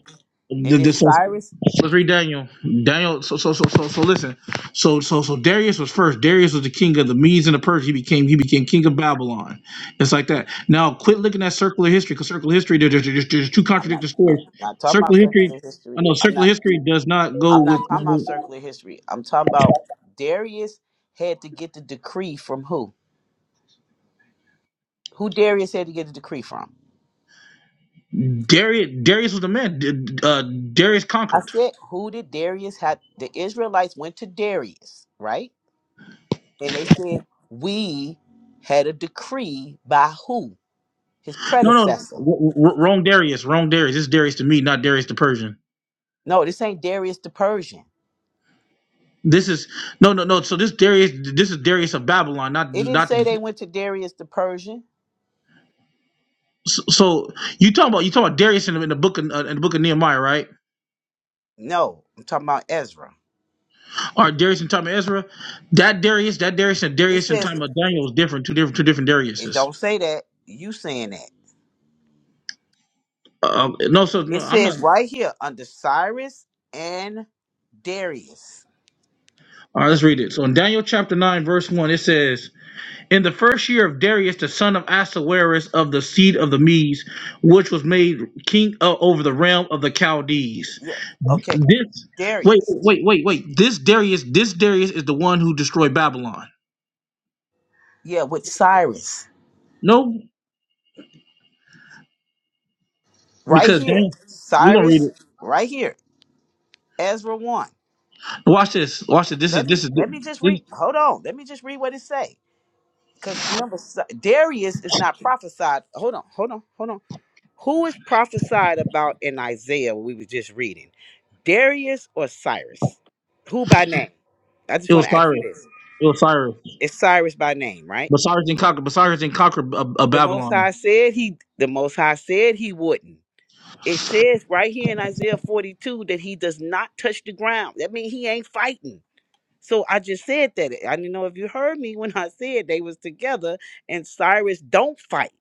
It th- is this was- Cyrus. let's read Daniel. Daniel. So so so so so listen. So so so Darius was first. Darius was the king of the Medes and the Persians. He became he became king of Babylon. It's like that. Now quit looking at circular history because circular history there- there- there's, there's two I'm not. contradictory I'm stories. not talking about Circular history. circular I history. know I'm circular not. history does not I'm go with. not talking about circular history. I'm talking about Darius had to get the decree from who? Who Darius had to get the decree from? Darius, Darius was the man. D- Uh, Darius I conquered. said, who did Darius had? The Israelites went to Darius, right? And they said, we had a decree by who? His No, no, no. predecessor. w- w- wrong Darius, wrong Darius. It's Darius to me, not Darius the Persian. No, this ain't Darius the Persian. This is no, no, no. So this Darius, this is Darius of Babylon, not It didn't not. say they went to Darius the Persian. So so you talking about you talking about Darius in the, in the book of, uh, in the book of Nehemiah, right? No, I'm talking about Ezra. Or Darius in time of Ezra? That Darius, that Darius, and It Darius in says time of Daniel is different. Two different, two different It Dariuses. don't say that. You saying that. Um, no, so no, It I'm not. says right here under Cyrus and Darius. All right, let's read it. So in Daniel chapter nine, verse one, it says, "In the first year of Darius, the son of Ahasuerus of the seed of the Medes, which was made king uh, over the realm of the Chaldees." Yeah. Okay. This wait, Darius. wait, wait, wait. This Darius, this Darius is the one who destroyed Babylon. Yeah, with Cyrus. No, Right because here. Daniel, we're gonna read Cyrus it. right here. Ezra 1. Watch this. Watch this. This is Let me this is let me just this. read. Hold on. Let me just read what it say. Cuz remember Cy- Darius is not prophesied. Hold on. Hold on. Hold on. Who is prophesied about in Isaiah we were just reading? Darius or Cyrus? Who by name? I just It want was to ask you Cyrus. this. It was Cyrus. It's Cyrus by name, right? But Cyrus didn't conquer. But Cyrus didn't conquer uh, uh, The Most Babylon. High said he. The Most High said he wouldn't. It says right here in Isaiah 42 that he does not touch the ground. That means he ain't fighting. So I just said that. I didn't know if you heard me when I said they was together and Cyrus don't fight.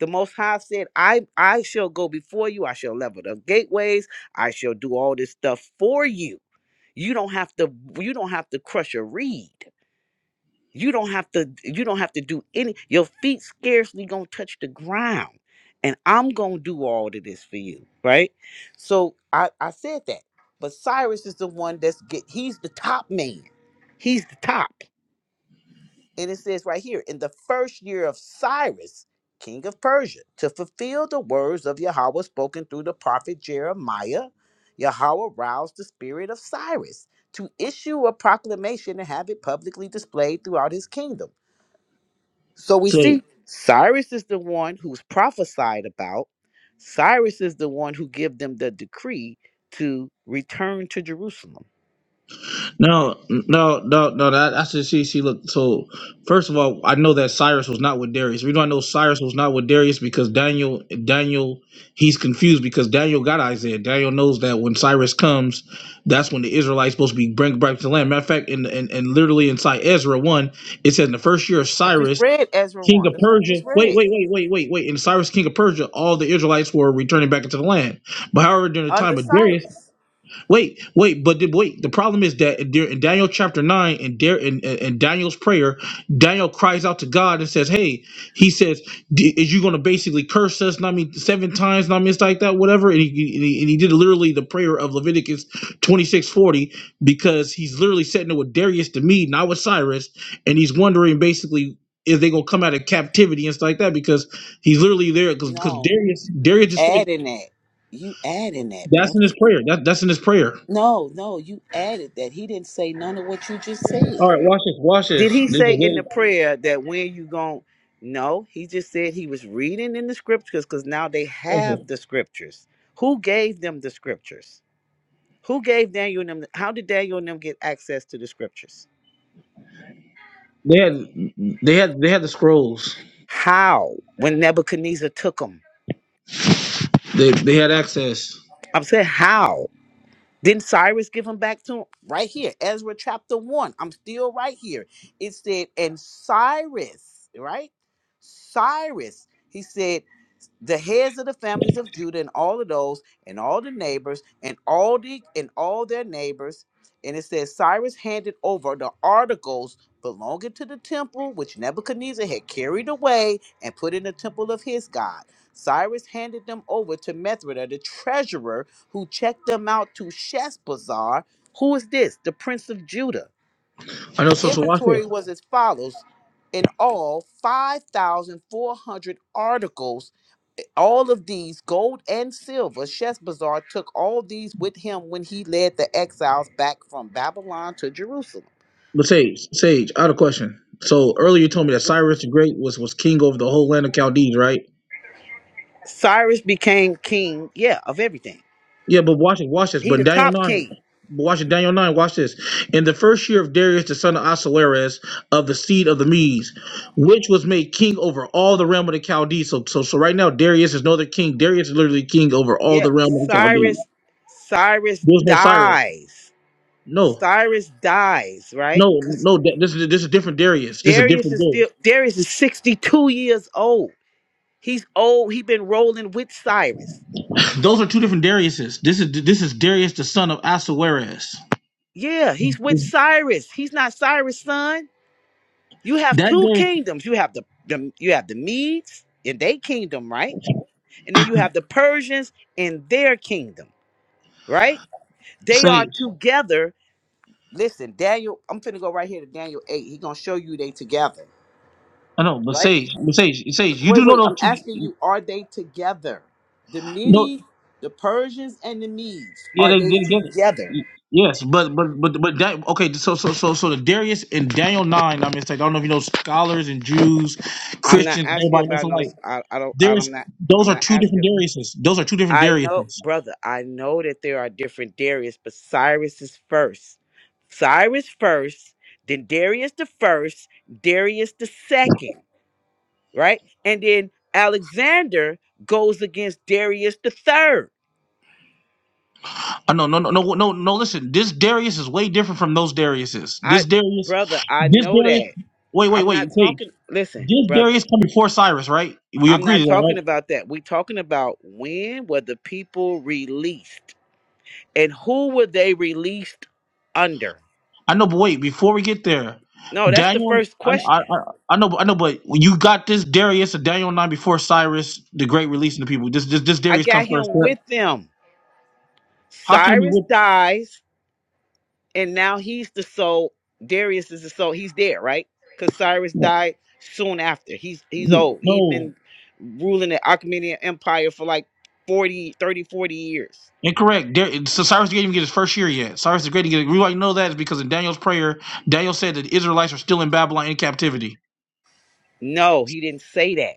The Most High said, I, I shall go before you. I shall level the gateways. I shall do all this stuff for you. You don't have to you don't have to crush a reed. you don't have to you don't have to do any your feet scarcely gonna touch the ground and i'm gonna do all of this for you right so i i said that but cyrus is the one that's get he's the top man he's the top and it says right here in the first year of cyrus king of persia to fulfill the words of yahweh spoken through the prophet jeremiah yahweh roused the spirit of cyrus to issue a proclamation and have it publicly displayed throughout his kingdom so we see Cyrus is the one who's prophesied about. Cyrus is the one who give them the decree to return to Jerusalem. No, no, no, no. That, that's just see. See, look. So, first of all, I know that Cyrus was not with Darius. We don't know Cyrus was not with Darius because Daniel, Daniel, he's confused because Daniel got Isaiah. Daniel knows that when Cyrus comes, that's when the Israelites supposed to be bring back to the land. Matter of fact, in and and literally inside Ezra one, it says in the first year of I just Cyrus, read Ezra king 1. of That's what I Persia. just Wait, read. wait, wait, wait, wait, wait. In Cyrus, king of Persia, all the Israelites were returning back into the land. But however, during the Under time of Darius. Cyrus. Wait, wait, but the, wait. The problem is that there, in Daniel chapter nine and there in, in, Daniel's prayer, Daniel cries out to God and says, "Hey," he says, "D- "Is you going to basically curse us? Not me seven times, not me it's like that, whatever." And he, and he and he did literally the prayer of Leviticus twenty six forty because he's literally sitting there with Darius to me, not with Cyrus, and he's wondering basically. Is they gonna come out of captivity and stuff like that? Because he's literally there because No, Darius you Darius just adding that. You adding that, that's in his brother. prayer. That, that's in his prayer. No, no, you added that. He didn't say none of what you just said. All right, watch this. Watch Did this. he This is say in the really- prayer that when you gon' No, he just said he was reading in the scriptures because now they okay. have the scriptures. Who gave them the scriptures? Who gave Daniel and them? How did Daniel and them get access to the scriptures? They had they had they had the scrolls. How? When Nebuchadnezzar took them, They they had access. I'm saying how? Didn't Cyrus give them back to him? Right here, Ezra chapter one. I'm still right here. It said, and Cyrus, right? Cyrus. He said. the heads of the families of Judah and all of those and all the neighbors and all the and all their neighbors. And it says Cyrus handed over the articles belonging to the temple which Nebuchadnezzar had carried away and put in the temple of his God. Cyrus handed them over to Mithridat, the treasurer, who checked them out to Sheshbazzar. Who is this? The prince of Judah. I know. The So so watch inventory this. was as follows: in all, five thousand four hundred articles all of these gold and silver sheshbazzar took all these with him when he led the exiles back from babylon to jerusalem But Sage, Sage, I had a question. So earlier you told me that Cyrus the Great was was king over the whole land of Chaldees, right? cyrus became king yeah of everything Yeah, but watch it. Watch this. he But the in Daniel top nine. king But watch it. Daniel nine. Watch this. In the first year of Darius the son of Ahasuerus of the seed of the Medes, which was made king over all the realm of the Chaldees. So so so right now Darius is no other king. Darius is literally king over all yeah the realm of the Chaldees. cyrus cyrus There was no Cyrus. dies No, cyrus dies right no, because no. th- This is this is different Darius. This is a darius different is Darius. still darius is 62 years old he's old he been rolling with cyrus Those are two different Dariuses. This is this is Darius the son of Asuerus. yeah he's with cyrus he's not cyrus son You have That two Darius kingdoms. You have the, the you have the Medes in their kingdom, right? And then you have the Persians in their kingdom, right? They are Sage. together. Listen, Daniel, I'm finna go right here to Daniel 8. He gonna show you they together, I know, but right? Sage, but Sage, Sage. You Wait, do wait, know those I'm asking two? you, are they together? The No, Medes, the Persians, and the Medes, yeah, are they they they together? together. Yes, but but but but that okay. So so so so the Darius in Daniel nine. I mean, it's like I don't know if you know scholars and Jews, I'm not Christians, asking everybody knows about alike. those. I, I don't. There's I'm not. those I'm are not two different asking. Dariuses. Those are two different I know, Dariuses. brother, I know that there are different Darius, but Cyrus is first. Cyrus first, then Darius the first, Darius the second, right? And then Alexander goes against Darius the third. I know, no, no, no, no, no. Listen, this Darius is way different from those Dariuses. This I, Darius, brother, I this know Darius. that. Wait, wait, I'm wait, not wait. talking, listen, This brother, Darius come before Cyrus, right? We I'm agree not to that, talking right? about that. We're talking about when were the people released and who were they released under? I know, but wait. Before we get there, No, that's the Daniel. first I, I, question. I I know, I know, but you got this Darius of Daniel nine before Cyrus the Great releasing the people. This, this, this I Darius come got first. him with them. How can it be Cyrus dies, and now he's the soul. Darius is the soul. He's there, right? Because Cyrus with? died soon after. He's he's old. He's No, been ruling the Achaemenid Empire for like 40, 30, forty years. Incorrect. There, so Cyrus the Great didn't even get his first year yet. Cyrus the Great didn't get. it. We already know that is because in Daniel's prayer, Daniel said that the Israelites are still in Babylon in captivity. No, he didn't say that.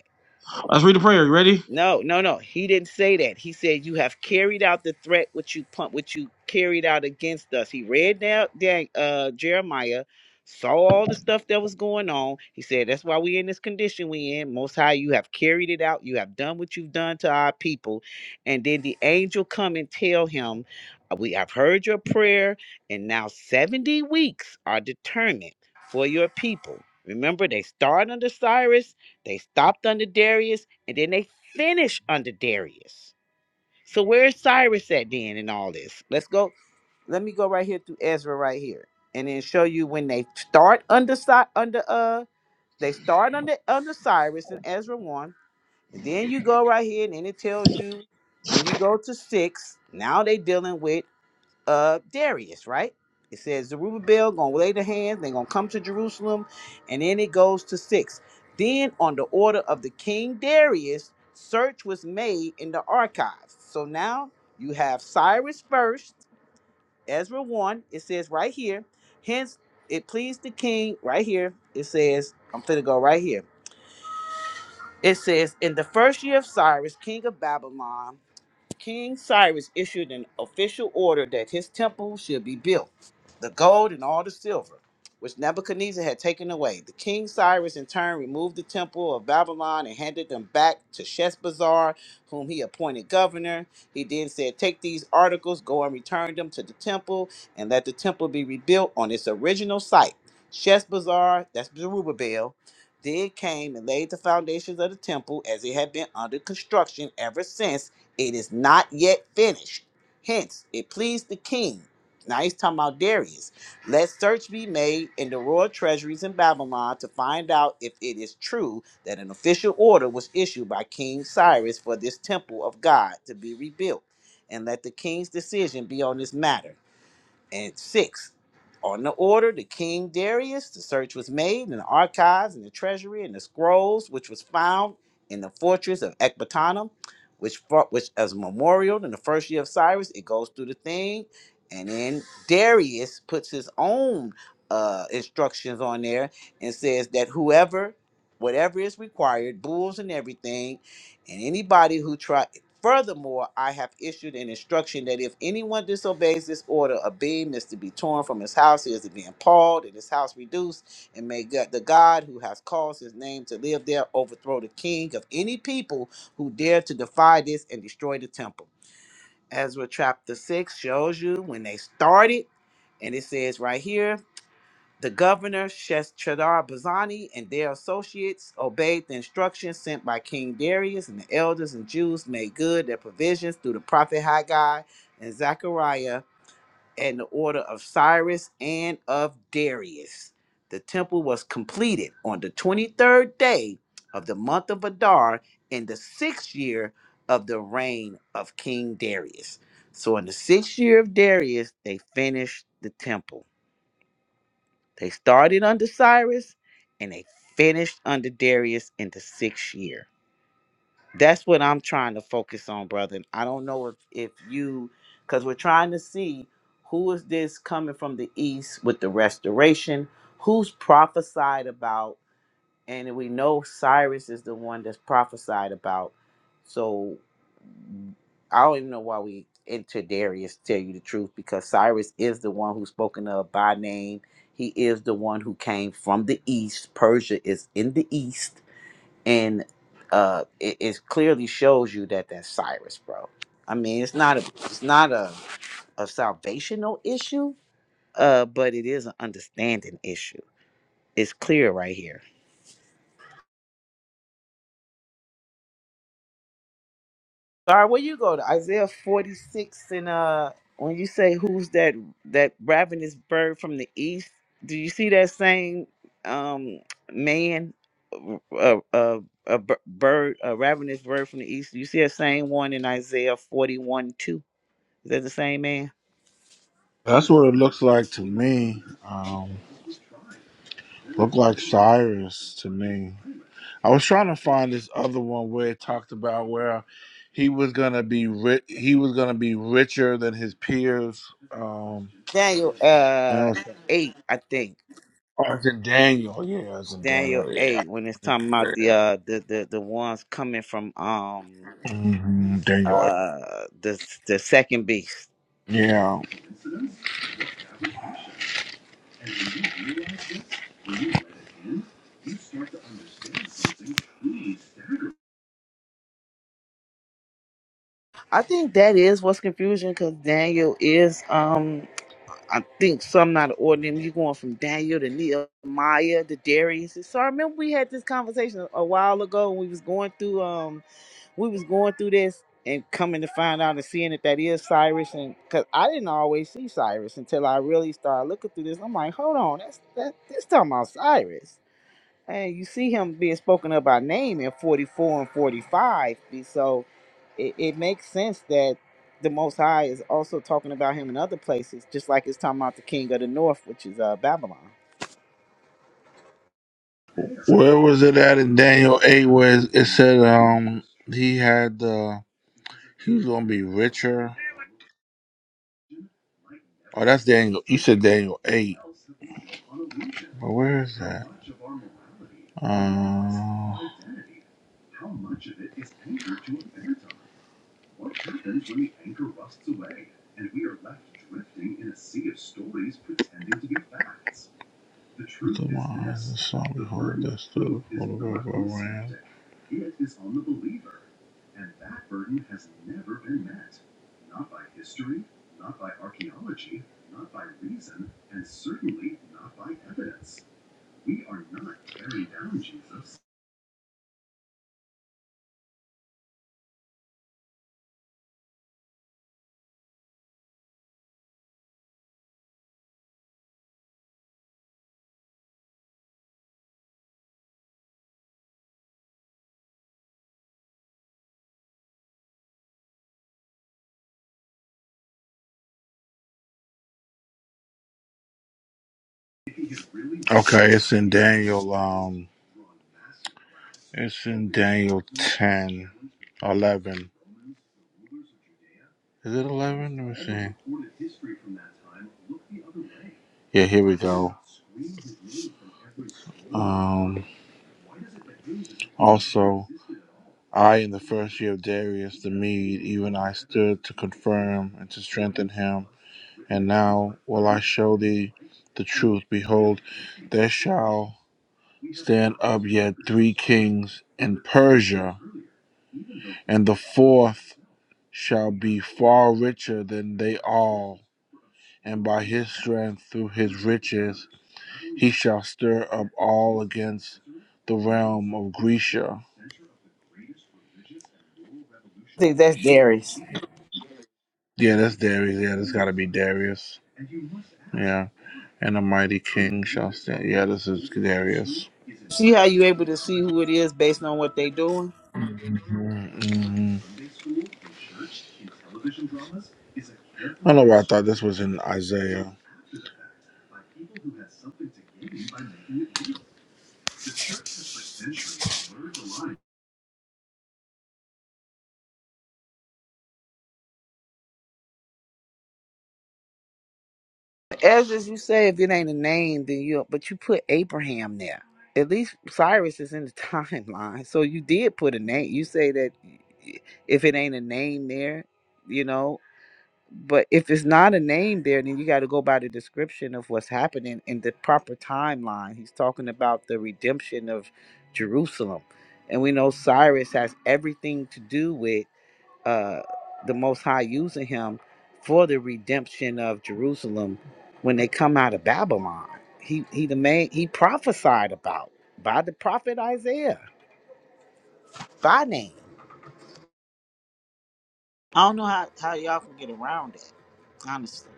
Let's read the prayer. You ready? No, no, no. He didn't say that. He said you have carried out the threat which you pump, which you carried out against us. He read down, Dan, uh, Jeremiah, saw all the stuff that was going on. He said that's why we in this condition we in. Most High, you have carried it out. You have done what you've done to our people, and then the angel come and tell him, "Uh, "We have heard your prayer, and now seventy weeks are determined for your people." Remember, they start under Cyrus, they stopped under Darius, and then they finish under Darius. So where's Cyrus at then in all this? Let's go. Let me go right here through Ezra right here, and then show you when they start under Cy- under uh they start under under Cyrus in Ezra one, and then you go right here, and then it tells you when you go to six. Now they dealing with uh Darius, right? It says Zerubbabel gonna lay the hands, they're gonna come to Jerusalem, and then it goes to six. Then on the order of the king Darius, search was made in the archives. So now you have Cyrus first, Ezra one. It says right here, hence it pleased the king right here. It says, I'm finna go right here. It says, in the first year of Cyrus, king of Babylon, King Cyrus issued an official order that his temple should be built, the gold and all the silver, which Nebuchadnezzar had taken away. The King Cyrus in turn removed the temple of Babylon and handed them back to Sheshbazzar, whom he appointed governor. He then said, Take these articles, go and return them to the temple, and let the temple be rebuilt on its original site. Sheshbazzar, that's Zerubbabel, then came and laid the foundations of the temple as it had been under construction ever since it is not yet finished. Hence, it pleased the king. Now he's talking about Darius. Let search be made in the royal treasuries in Babylon to find out if it is true that an official order was issued by King Cyrus for this temple of God to be rebuilt. And let the king's decision be on this matter. And six, on the order to King Darius, the search was made in the archives and the treasury and the scrolls, which was found in the fortress of Ecbatana, which fought, which as a memorial in the first year of Cyrus, it goes through the thing, and then Darius puts his own uh, instructions on there and says that whoever, whatever is required, bulls and everything, and anybody who try Furthermore, I have issued an instruction that if anyone disobeys this order, a beam is to be torn from his house, he is to be impaled, and his house reduced, and may God, the God who has caused his name to live there overthrow the king of any people who dare to defy this and destroy the temple. Ezra chapter 6 shows you when they started, and it says right here the governor, Sheshadar Bazani, and their associates obeyed the instructions sent by King Darius, and the elders and Jews made good their provisions through the prophet Haggai and Zechariah and the order of Cyrus and of Darius. The temple was completed on the 23rd day of the month of Adar in the sixth year of the reign of King Darius. So, in the sixth year of Darius, they finished the temple. They started under Cyrus and they finished under Darius in the sixth year. That's what I'm trying to focus on, brother. And I don't know if, if you, because we're trying to see who is this coming from the east with the restoration, who's prophesied about and we know Cyrus is the one that's prophesied about. So I don't even know why we enter Darius, to tell you the truth, because Cyrus is the one who's spoken of by name. He is the one who came from the east. Persia is in the east, and uh, it, it clearly shows you that that's Cyrus, bro. I mean, it's not a it's not a a salvational issue, uh, but it is an understanding issue. It's clear right here. Sorry, where you go to Isaiah 46 and uh when you say who's that that ravenous bird from the east, do you see that same um man a a a bird a ravenous bird from the east? Do you see that same one in Isaiah 41 2? Is that the same man? That's what it looks like to me. Um, look like Cyrus to me. I was trying to find this other one where it talked about where he was gonna be ri- he was gonna be richer than his peers. Um, Daniel I uh know. 8, I think. Oh, it's in Daniel. Yeah, it's in Daniel Daniel. Yeah. 8 when it's talking about the uh the the, the ones coming from um hmm Daniel. uh the the second beast. eight. Yeah. I think that is what's confusion because Daniel is um I think some not ordinary. You going from Daniel to Nehemiah to Darius. So I remember we had this conversation a while ago. when We was going through um we was going through this and coming to find out and seeing that that is Cyrus and because I didn't always see Cyrus until I really started looking through this. I'm like, hold on, that's that this talking about Cyrus. And you see him being spoken of by name in 44 and 45. So it, it makes sense that the Most High is also talking about him in other places, just like it's talking about the king of the north, which is uh, Babylon. Where was it at in Daniel 8 where it said um he had uh he was gonna be richer? Oh that's Daniel you said Daniel eight. But where is that? Uh come on, the song we hold this to Okay, it's in Daniel um it's in Daniel 10, 11. Is it 11? Let me see. Yeah, here we go. Um, also, I, in the first year of Darius the Mede, even I stood to confirm and to strengthen him. And now will I show thee the truth. Behold, there shall stand up yet three kings in Persia, and the fourth shall be far richer than they all. And by his strength, through his riches, He shall stir up all against the realm of Grisha. I think that's Darius. Yeah, that's Darius. Yeah, that's got to be Darius. Yeah. And a mighty king shall stand. Yeah, this is Darius. See how you able to see who it is based on what they doing? Mhm, mhm. I don't know why I thought this was in Isaiah. As as you say, if it ain't a name, then you but you put Abraham there. At least Cyrus is in the timeline. So you did put a name. You say that if it ain't a name there, you know but if it's not a name there, then you got to go by the description of what's happening in the proper timeline. He's talking about the redemption of Jerusalem, and we know Cyrus has everything to do with uh, the Most High using him for the redemption of Jerusalem when they come out of Babylon. He he the man he prophesied about by the prophet Isaiah by name. I don't know how, how y'all can get around it, honestly.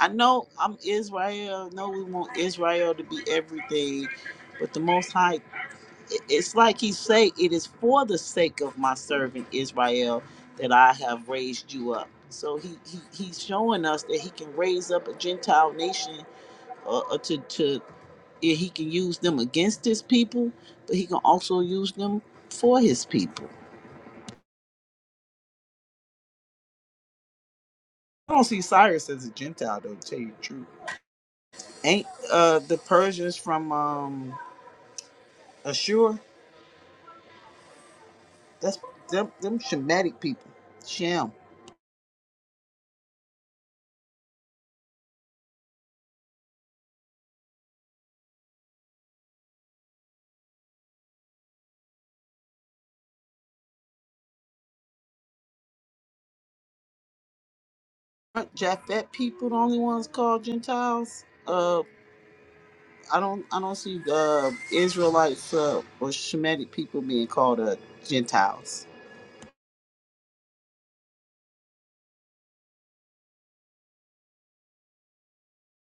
I know I'm Israel. I know we want Israel to be everything, but the Most High, it- it's like He say, it is for the sake of my servant Israel that I have raised you up. So He, he He's showing us that He can raise up a Gentile nation, uh, uh, to to yeah, He can use them against His people, but He can also use them for His people. I don't see Cyrus as a Gentile, though, to tell you the truth. Ain't uh the Persians from um Ashur? That's them them Shemitic people. Shem. Aren't Japhet people the only ones called Gentiles? Uh I don't I don't see uh Israelites uh, or Shemitic people being called uh Gentiles.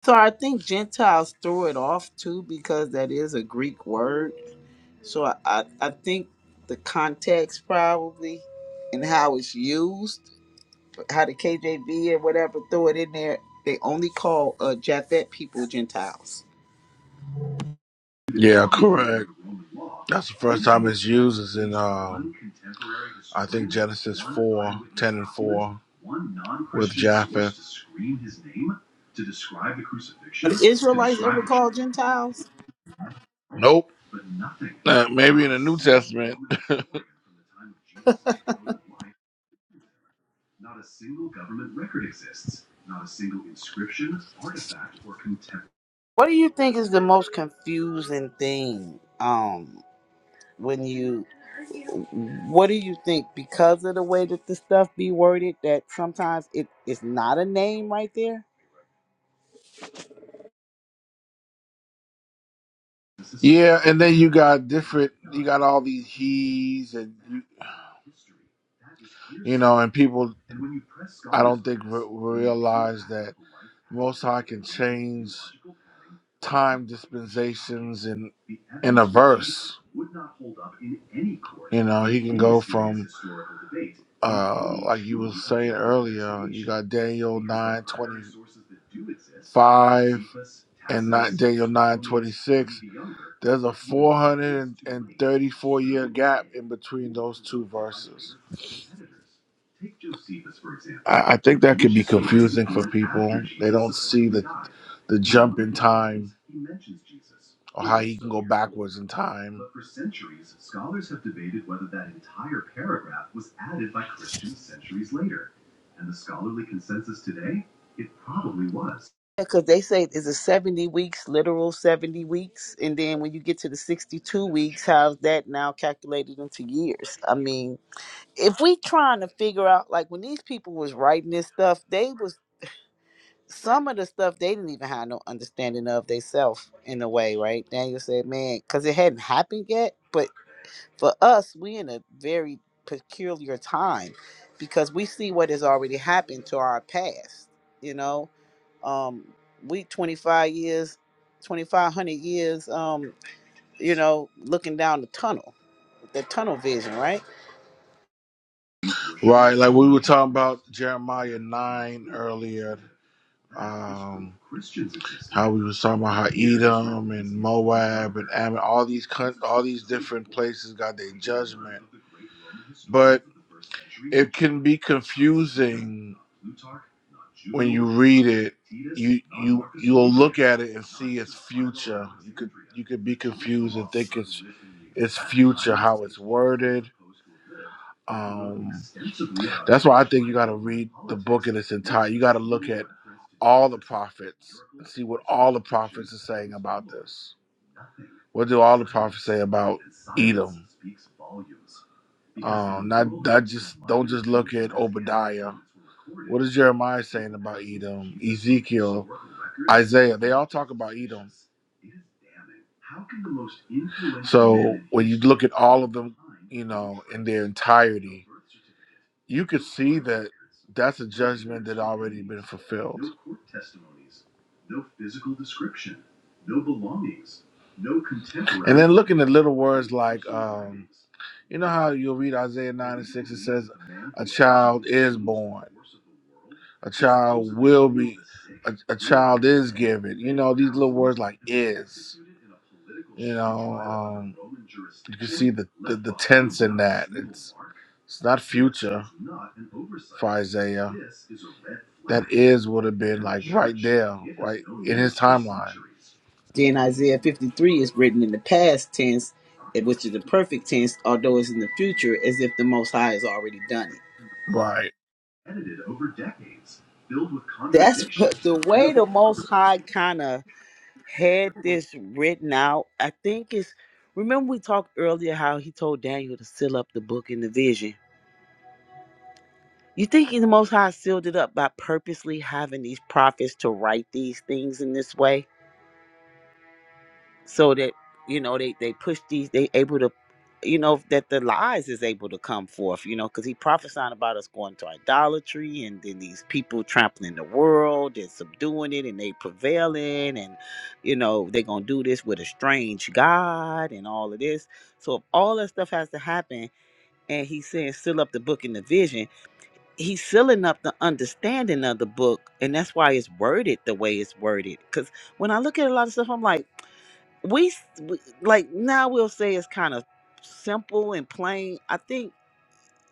So I think Gentiles throw it off too because that is a Greek word. So I, I, I think the context probably and how it's used, how the KJV or whatever throw it in there, they only call uh Japhet people Gentiles. Yeah, correct. That's the first time it's used. Is in um, I think Genesis four ten and four, with Japheth. Are the Israelites ever called Gentiles? Nope. Uh, maybe in the New Testament. What do you think is the most confusing thing? Um, when you, what do you think because of the way that the stuff be worded that sometimes it is not a name right there? Yeah, and then you got different. You got all these he's and you you know, and people. I don't think re- realize that Most High can change time dispensations in in a verse. You know, he can go from uh like you were saying earlier, you got Daniel nine twenty five and not Daniel nine twenty six. There's a four hundred and thirty four year gap in between those two verses. I, I think that can be confusing for people. They don't see that the jump in time or how he can go backwards in time. Because they say is it seventy weeks, literal seventy weeks, and then when you get to the sixty-two weeks, how's that now calculated into years? I mean, if we trying to figure out, like when these people was writing this stuff, they was some of the stuff they didn't even have no understanding of themselves in a way, right? Daniel said, man, because it hadn't happened yet. But for us, we in a very peculiar time because we see what has already happened to our past. You know, um, we 25 years, 2500 years, um, you know, looking down the tunnel, the tunnel vision, right? Right, like we were talking about Jeremiah 9 earlier. Um, how we was talking about how Edom and Moab and Ammon, all these coun- all these different places got their judgment, but it can be confusing when you read it, you you you'll look at it and see its future. You could you could be confused and think it's it's future how it's worded. Um, that's why I think you got to read the book in its entirety. You got to look at all the prophets and see what all the prophets are saying about this. What do all the prophets say about Edom? Um, not not just don't just look at Obadiah. What is Jeremiah saying about Edom? Ezekiel, Isaiah, they all talk about Edom. So when you look at all of them, you know, in their entirety, you could see that that's a judgment that already been fulfilled. No contemporary. And then looking at little words like, um, you know how you'll read Isaiah 9 and 6, it says, A child is born, a child will be, a, a child is given. You know, these little words like is. You know, um, you can see the, the, the tense in that. It's, it's not future for Isaiah. That is would have been like right there, right in his timeline. Then Isaiah 53 is written in the past tense, which is the perfect tense, although it's in the future, as if the Most High has already done it. Right. That's what the way the Most High kind of had this written out. I think it's, remember we talked earlier how he told Daniel to seal up the book in the vision. You think the Most High sealed it up by purposely having these prophets to write these things in this way? so that you know they they push these they able to you know that the lies is able to come forth you know because he prophesying about us going to idolatry and then these people trampling the world and subduing it and they prevailing and you know they gonna do this with a strange god and all of this so if all that stuff has to happen and he's saying seal up the book in the vision he's sealing up the understanding of the book and that's why it's worded the way it's worded because when i look at a lot of stuff i'm like we, s- we like now we'll say it's kind of simple and plain i think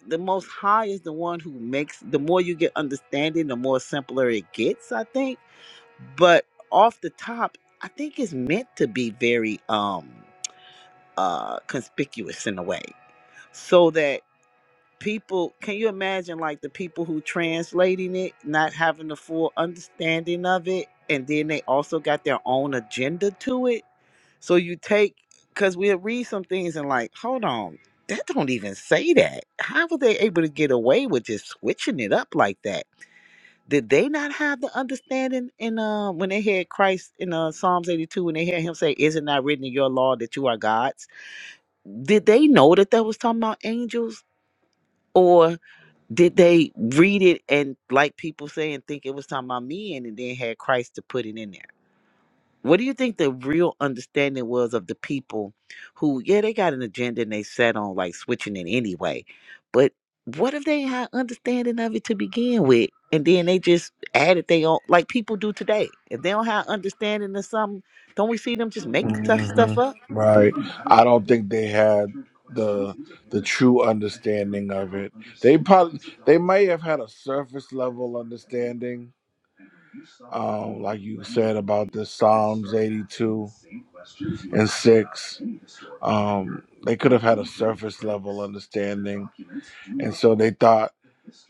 the most high is the one who makes the more you get understanding the more simpler it gets i think but off the top i think it's meant to be very um uh conspicuous in a way so that people can you imagine like the people who translating it not having the full understanding of it and then they also got their own agenda to it so you take because we'll read some things and like, hold on, that don't even say that. How were they able to get away with just switching it up like that? Did they not have the understanding in uh, when they had Christ in uh, Psalms 82 when they heard him say, Is it not written in your law that you are God's? Did they know that that was talking about angels? Or did they read it and like people say and think it was talking about men and then had Christ to put it in there? What do you think the real understanding was of the people who, yeah, they got an agenda and they set on like switching it anyway, but what if they had understanding of it to begin with, and then they just added they own, like people do today? If they don't have understanding of something, don't we see them just make tough hmm stuff up? Right. I don't think they had the the true understanding of it. They probably they may have had a surface level understanding, um, like you said about the Psalms eighty two and six. Um, they could have had a surface level understanding, and so they thought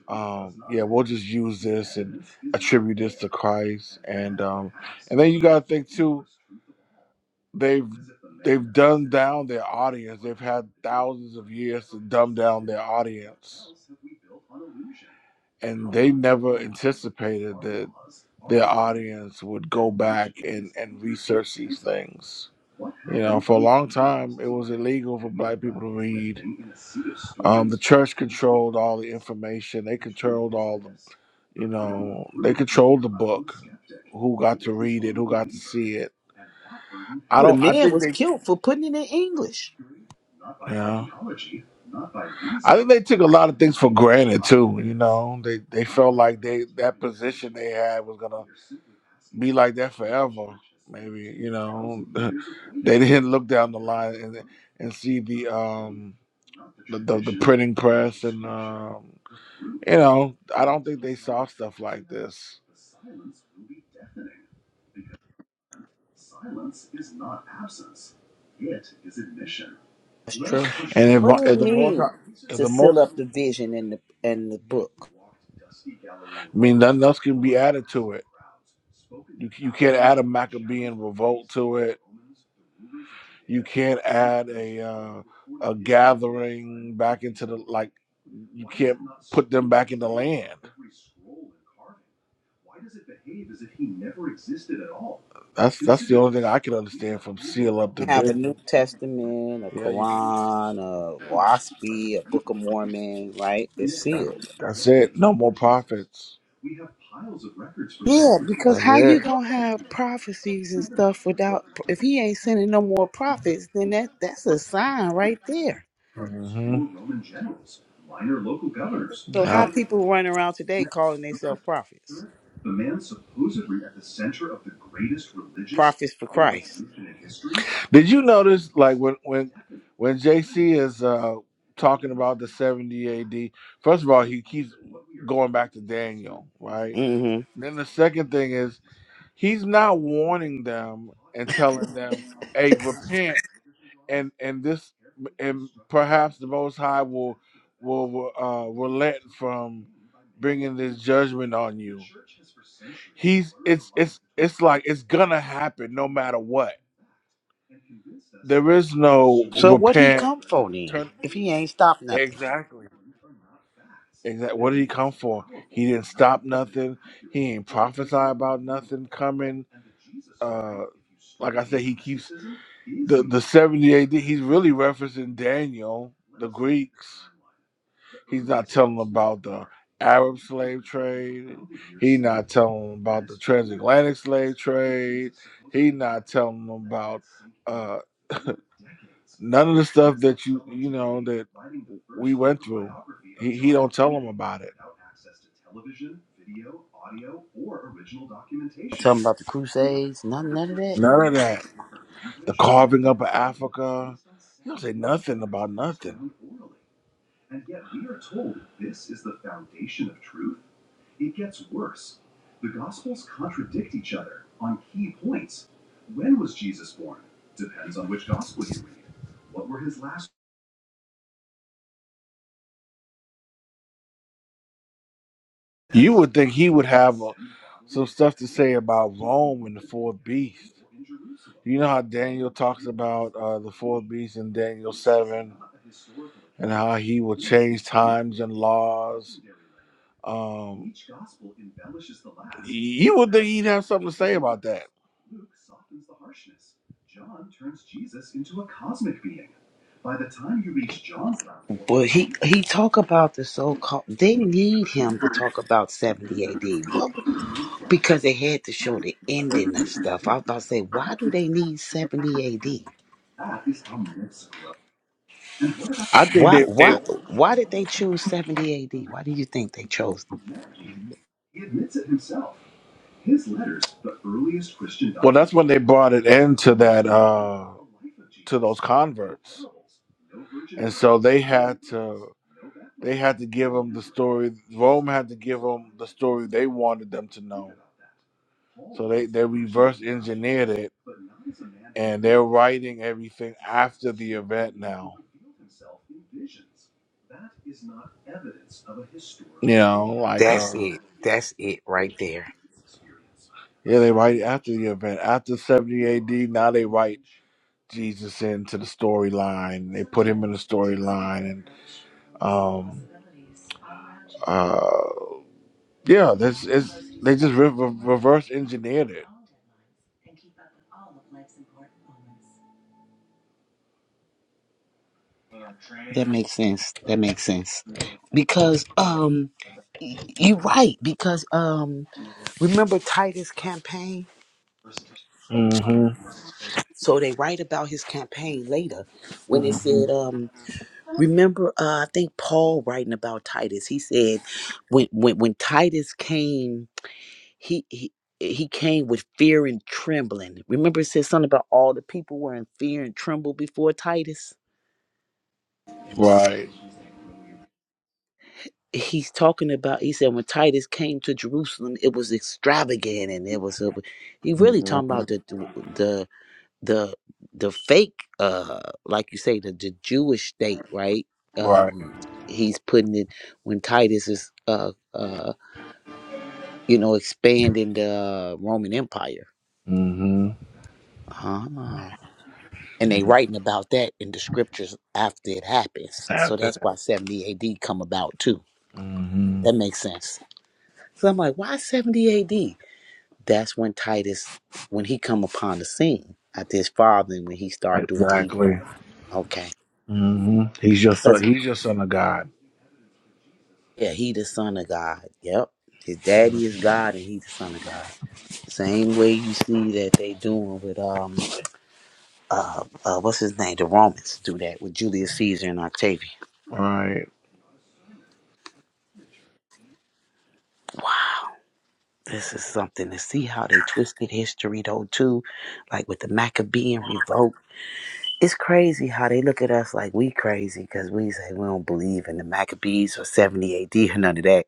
um, yeah, we'll just use this and attribute this to Christ. And um, and then you gotta think too they've they've dumbed down their audience. They've had thousands of years to dumb down their audience, and they never anticipated that their audience would go back and and research these things. You know, for a long time, it was illegal for black people to read. Um, the church controlled all the information. They controlled all the, you know, they controlled the book, who got to read it, who got to see it. I The don't. I man think was they killed for putting it in English. Yeah. I think they took a lot of things for granted too. You know, they they felt like they that position they had was gonna be like that forever. Maybe you know they didn't look down the line and and see the um the the, the printing press and um you know I don't think they saw stuff like this. That's true. And if, What does it if the most mean if to the seal most up the vision in the in the book? I mean, nothing else can be added to it. You you can't add a Maccabean revolt to it. You can't add a uh, a gathering back into the like. You can't put them back in the land. That's that's the only thing I can understand from seal up the have a New vision. Testament, a Yeah, you, Quran, a WASPI, a Book of Mormon, right? It's sealed. that's it. No more prophets. Yeah, because That's how you it. gonna have prophecies and stuff without if he ain't sending no more prophets, then that that's a sign right there. So hmm how people run around today calling themselves prophets, prophets for Christ. Did you notice, like when when when JC is uh, talking about the seventy AD? First of all, he keeps going back to Daniel, right? hmm Then the second thing is he's not warning them and telling them, "Hey, repent," and and this and perhaps the Most High will will uh, relent from bringing this judgment on you. He's it's it's it's like it's gonna happen no matter what there is no So what he repent come for then? Turn If he ain't stopped nothing, exactly. Exactly. What did he come for? He didn't stop nothing. He ain't prophesy about nothing coming. Uh, like I said, he keeps the the seventy AD. He's really referencing Daniel, the Greeks. He's not telling about the Arab slave trade. He not telling about the transatlantic slave trade. He not telling about uh, none of the stuff that you you know that we went through. He he don't tell them about it. tell him about the Crusades, nothing none of that. None of that. The carving up of Africa. He don't say nothing about nothing. You would think he would have uh some stuff to say about Rome and the four beasts. You know how Daniel talks about uh, the four beasts in Daniel 7 and how he will change times and laws. Um, you would think he'd have something to say about that. Well, he he talk about the so called. They need him to talk about seventy A.D. Well, because they had to show the ending of stuff. I was about to say, why do they need seventy A.D.? I think Why they, they why why did they choose seventy A.D.? Why do you think they chose? Well, that's when they brought it into that uh to those no converts, and so they had to they had to give no them the story. Rome had to give them the story they wanted them to know. So they they reverse engineered it, and they're writing everything after the event now. You know, like uh, That's it. That's it right there. yeah, they write after the event. After 70 AD, now they write Jesus into the storyline. They put him in the storyline. And, um, uh, yeah, that's, it's, they just re- re- reverse engineered it. That makes sense. That makes sense. Because um, y- you're right. Because um, remember Titus' campaign. hmm So they write about his campaign later when it hmm said um Remember, uh, I think Paul writing about Titus. He said, when when when Titus came, he he. He came with fear and trembling. Remember, it said something about all the people were in fear and tremble before Titus. Right. He's talking about. He said when Titus came to Jerusalem, it was extravagant and it was. A, he really Yeah. talking about the the the the fake, uh, like you say, the, the Jewish state, right? Right. Um, he's putting it when Titus is uh, uh you know, expanding the uh, Roman Empire. hmm Ah. And they writing about that in the scriptures after it happens. So that's why 70 AD come about too. hmm That makes sense. So I'm like, why 70 AD? That's when Titus, when he come upon the scene after his father and when he started doing what he Exactly. doing. Okay. hmm He's your son. Cause He's your son of God. yeah, he the son of God. Yep. His daddy is God and he the son of God. Same way you see that they doing with um uh, uh, what's his name? The Romans do that with Julius Caesar and Octavian. Right. Wow, this is something to see how they twisted history though too, like with the Maccabean revolt. It's crazy how they look at us like we crazy because we say we don't believe in the Maccabees or 70 AD or none of that.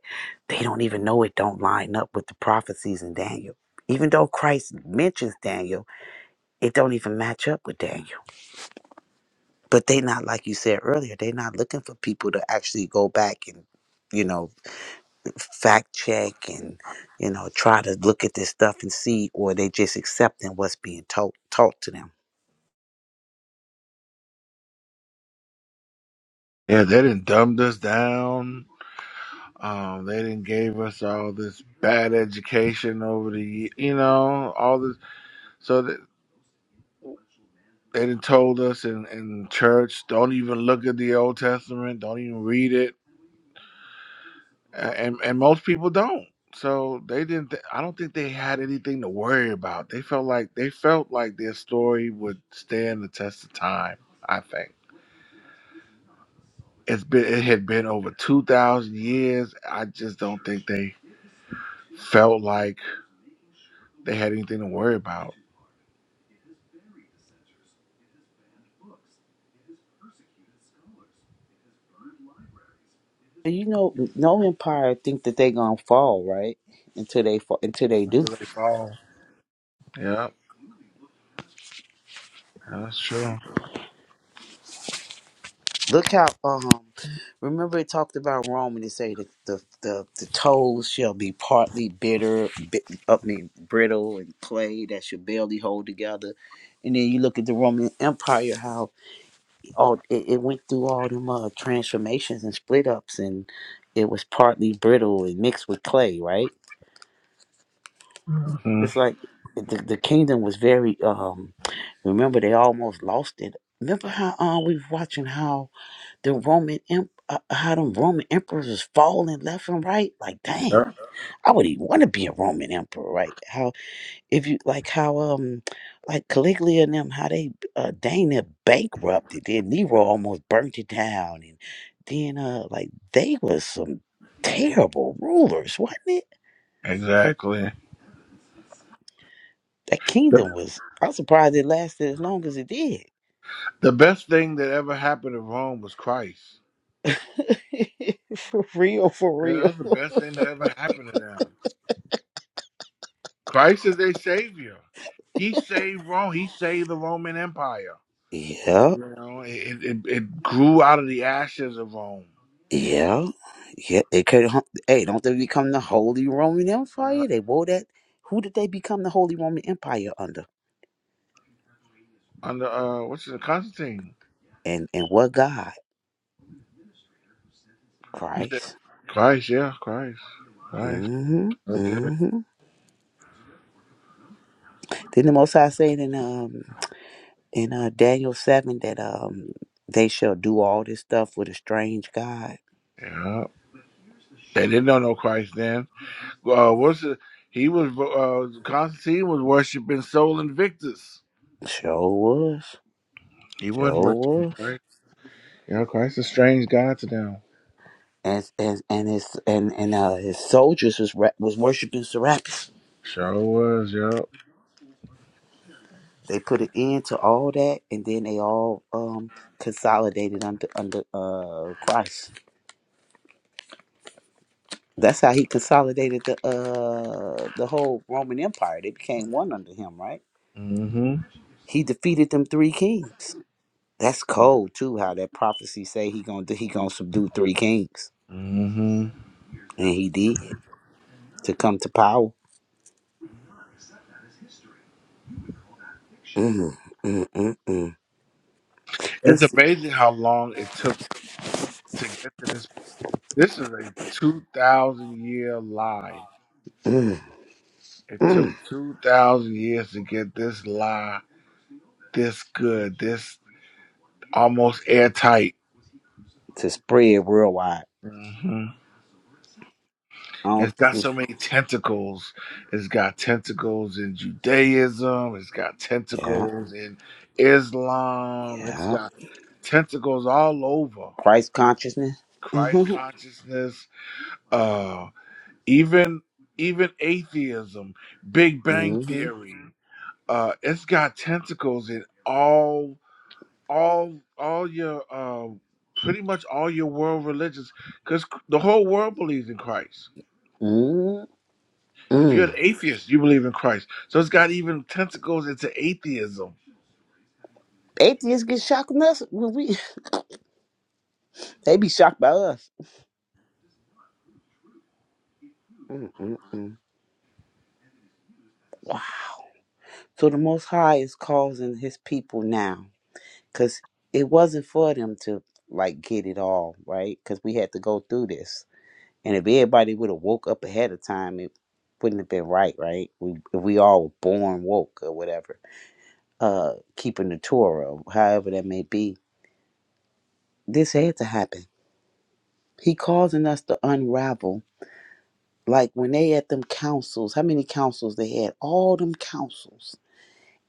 They don't even know it don't line up with the prophecies in Daniel. Even though Christ mentions Daniel, it don't even match up with Daniel. But they not like you said earlier. They not looking for people to actually go back and you know fact check and you know try to look at this stuff and see or they just accepting what's being taught taught to them Yeah, they didn't dumbed us down. Um, they didn't gave us all this bad education over the, ye- you know, all this. So that they didn't told us in, in church, don't even look at the Old Testament, don't even read it, A- and and most people don't. So they didn't. th- I don't think they had anything to worry about. They felt like they felt like their story would stand the test of time. I think it's been it had been over two thousand years. I just don't think they felt like. they had anything to worry about And you know no empire think that they gonna fall right until they fall until they do until they fall. Yeah, that's true. look how um remember it talked about rome and it say that the the, the toes shall be partly bitter bit, I mean brittle and clay that should barely hold together and then you look at the roman empire how Oh, it, it went through all them uh, transformations and split ups, and it was partly brittle and mixed with clay, right? hmm It's like the, the kingdom was very. Um, remember, they almost lost it. Remember how uh, we was watching how the Roman em- uh, how them Roman emperors was falling left and right? Like, dang, Yep, I would even want to be a Roman emperor, right? if you like how um like Caligula and them how they uh dang near bankrupted then Nero almost burnt it down and then uh like they was some terrible rulers wasn't it exactly. that The, kingdom was I'm surprised it lasted as long as it did the best thing that ever happened to Rome was Christ. for real for Yeah, real that's the best thing that ever happened to them. Christ is their savior. He saved Rome. He saved the Roman Empire. yeah You know, it it, it grew out of the ashes of Rome. yeah yeah it could hum- hey don't they become the Holy Roman Yeah. Empire they wore that who did they become the Holy Roman Empire under Under uh, what's it, Constantine? and and what God You Christ said Christ, yeah, Christ, Christ. hmm Right there. hmm Then the Most High said in um in uh, Daniel seven that um they shall do all this stuff with a strange God. Yeah, they didn't know no Christ then. uh, worship. He was uh, Constantine was worshiping Sol Invictus. Sure was, He wasn't sure worshiping was, Christ. Yeah, Christ a strange god to them. and and and his and and uh, his soldiers was ra- was worshiping Serapis. Sure was. Yep. They put an end to all that, and then they all um consolidated under under uh Christ. That's how he consolidated the uh the whole Roman Empire. They became one under him, right? hmm He defeated them three kings. That's cold too. How that prophecy say he gonna he gonna subdue three kings, hmm and he did to come to power. Mm, mm, mm, mm. It's It's amazing how long it took to get to this. This is a two thousand year lie. mm, It took mm, two thousand years to get this lie this good, this almost airtight. to spread worldwide. Mm-hmm. I don't It's got think. so many tentacles. It's got tentacles in Judaism. It's got Yeah, tentacles in Islam. It's yeah. got tentacles all over Christ consciousness. Christ Mm-hmm. consciousness. Uh, even even atheism, Big Bang Mm-hmm. theory. Uh, it's got tentacles in all all all your uh, pretty much all your world religions because the whole world believes in Christ. mm If you're mm an atheist, you believe in Christ. So it's got even tentacles into atheism. Atheists get shocked when us when we they be shocked by us. Mm-mm-mm. Wow. So the Most High is causing His people now. because it wasn't for them to like get it all right because we had to go through this and if everybody would have woke up ahead of time it wouldn't have been right right we, if we all were born woke or whatever uh keeping the torah however that may be this had to happen he causing us to unravel like when they had them councils how many councils they had all them councils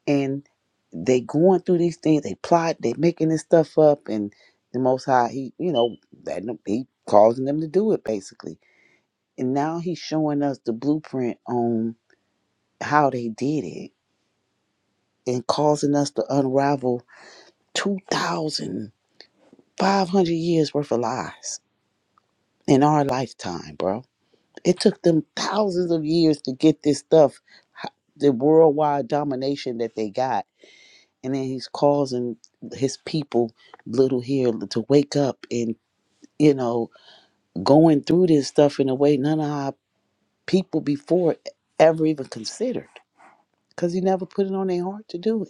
and they going through these things. They plot. They making this stuff up, and the Most High, he you know that he causing them to do it basically. And now he's showing us the blueprint on how they did it, and causing us to unravel two thousand five hundred years worth of lies in our lifetime, bro. It took them thousands of years to get this stuff, h- the worldwide domination that they got and then he's causing his people little here to wake up and you know going through this stuff in a way none of our people before ever even considered because he never put it on their heart to do it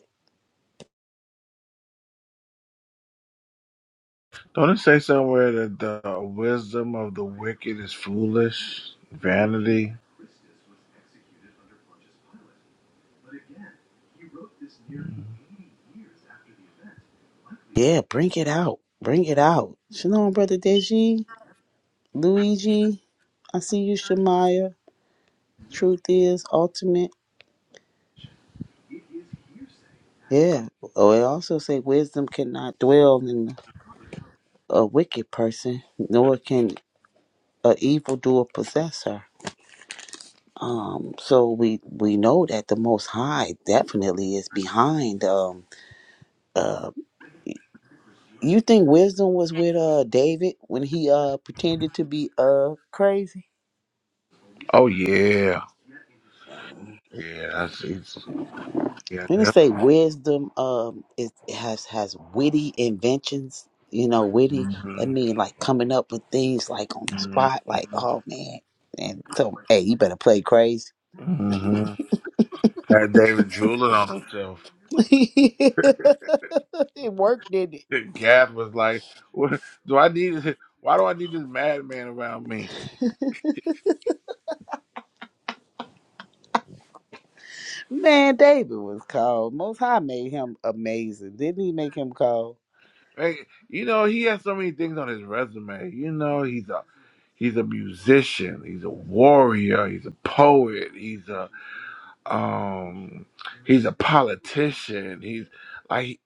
Don't it say somewhere that the wisdom of the wicked is foolish, vanity? yeah bring it out bring it out shalom brother deji luigi i see you shemaya truth is ultimate yeah oh it also say wisdom cannot dwell in a wicked person nor can a evildoer possess her Um, so we we know that the Most High definitely is behind. Um, uh, you think wisdom was with uh David when he uh pretended to be uh crazy? Oh yeah, yeah. That's it's, yeah. Didn't it That, say wisdom um is has has witty inventions? You know, witty. That hmm mean like coming up with things like on the spot. Like, oh man, and so hey, you better play crazy. hmm Had David drooling on himself. it worked, didn't it? Gad was like, what, "Do I need? Why do I need this madman around me?" Man, David was called. Most High made him amazing. Didn't he make him called? Hey, you know he has so many things on his resume. You know he's an He's a musician. He's a warrior. He's a poet. He's a um. He's a politician. He's like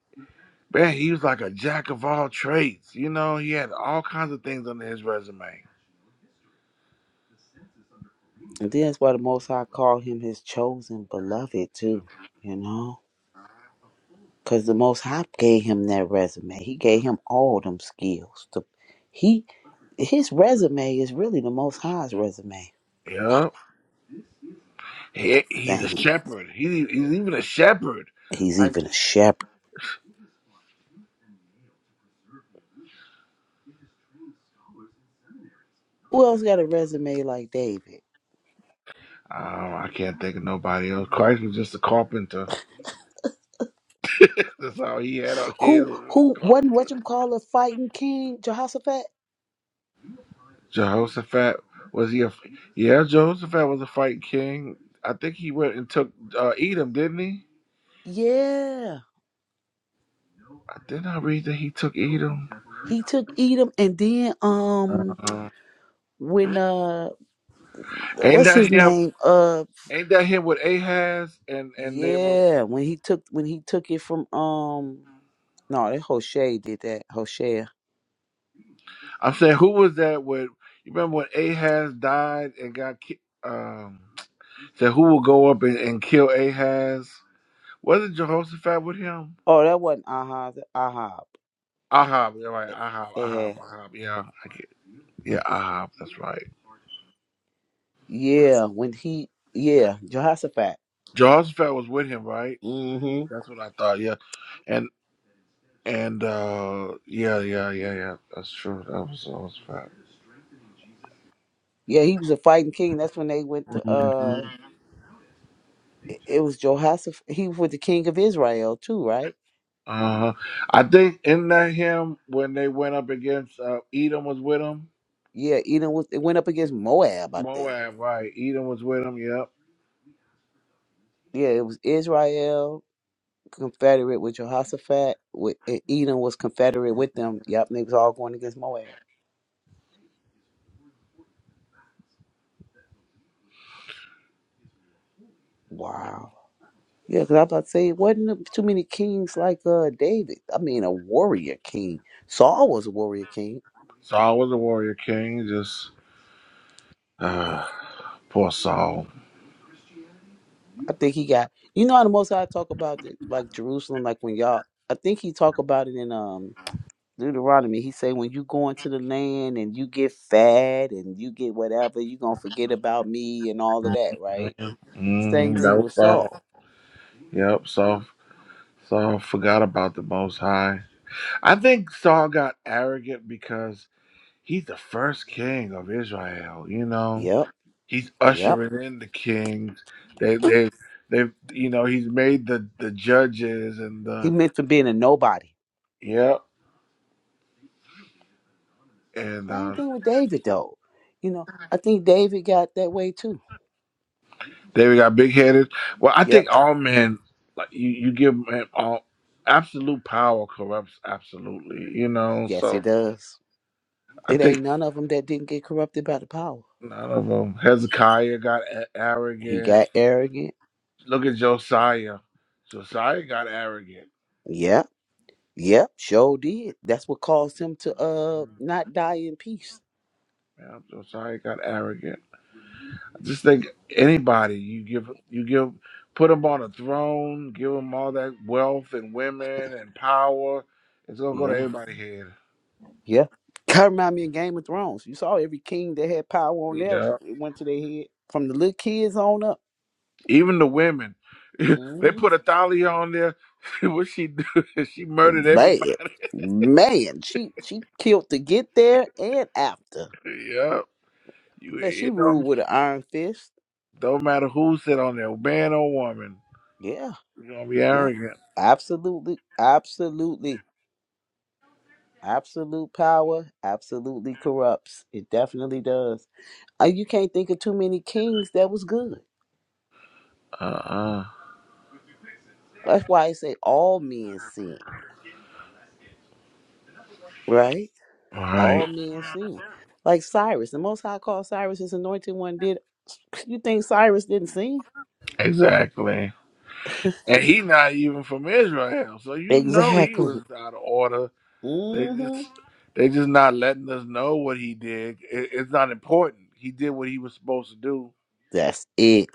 man. He was like a jack of all trades. You know, he had all kinds of things under his resume. And then that's why the Most High called him his chosen beloved, too. You know? Because the Most High gave him that resume. He gave him all them skills. The, he His resume is really the Most High's resume. Yeah, he, he's a Dang, shepherd. He, he's even a shepherd. he's Like even a shepherd. Who else got a resume like David? um, I can't think of nobody else. Christ was just a carpenter. That's all he had on his Who was who wasn't carpenter. what you call a fighting king, Jehoshaphat? Jehoshaphat was he a yeah Jehoshaphat was a fight king. I think he went and took uh, Edom, didn't he? Yeah. I did not read that he took Edom. He took Edom and then um Uh, when uh ain't what's his that him? name uh Ain't that him with Ahaz and and they were? yeah when he took when he took it from um no that Hosea did that Hosea I'm saying who was that with? You remember when Ahaz died and got ki- um said who will go up and, and kill Ahaz? Wasn't Jehoshaphat with him? oh that wasn't Ahaz. Ahab Ahab, yeah, right. Ahab, Ahab, yeah Ahab. Yeah, I get. Yeah, Ahab. That's right. yeah when he yeah Jehoshaphat Jehoshaphat was with him, right? mm-hmm That's what I thought. Yeah, and and uh, yeah, yeah, yeah, yeah. That's true. That was that was fat. yeah he was a fighting king that's when they went to uh it it was Jehoshaphat he was with the king of Israel too right Uh huh. I think in that hymn when they went up against uh, Edom was with him. yeah you know it went up against Moab I think Moab, right? Edom was with him. Yep. yeah it was Israel confederate with Jehoshaphat. With and Edom was confederate with them. Yep, and they was all going against Moab. Wow. Yeah, because I was about to say, it wasn't there too many kings like uh David. I mean, a warrior king. Saul was a warrior king. Saul was a warrior king. Just uh, poor Saul. I think he got. You know how the most I talk about the, like Jerusalem, like when y'all. I think he talk about it in um Deuteronomy. He say when you go into the land and you get fat and you get whatever, you gonna forget about me and all of that, right? Same Mm, that thing was with Saul. Saul. Yep. Saul. Saul forgot about the Most High. I think Saul got arrogant because he's the first king of Israel. You know Yep. he's Yep. ushering in the kings. They they they you know he's made the the judges and He the meant for being a nobody. yep and Same uh, thing with David, though. You know, I think David got that way too. they got big headed. Well, I Yep. think all men like you you give man all absolute power corrupts absolutely. You know, Yes, he so does. I It ain't think none of them that didn't get corrupted by the power. none of them. Hezekiah got a- He arrogant. got arrogant. Look at Josiah. Josiah got arrogant. Yep. Yep. Sure did. That's what caused him to uh not die in peace. Yeah, Josiah got arrogant Just think anybody you give you give put them on a throne, give them all that wealth and women and power, it's gonna go to Yeah. everybody's head. Yeah. Kind of remind me of Game of Thrones. You saw every king that had power on there, Yeah, it went to their head from the little kids on up. even the women. they hmm put a on there. what she do? she murdered Man, everybody. man, she she killed to get there and after. yeah, you But she it ruled don't with an iron fist. don't matter who sit on there, man or woman. Yeah, You're gonna be yeah. arrogant. Absolutely, absolutely. Absolute power absolutely corrupts. It definitely does. Uh, You can't think of too many kings that was good. Uh uh That's why I say all men sin, right? All right. All men sin. Like Cyrus, the Most High called Cyrus his anointed one. Did you think Cyrus didn't sin? Exactly. And he not even from Israel, so you know he was Exactly. out of order They hmm just they just not letting us know what he did. It, it's not important. He did what he was supposed to do. That's it.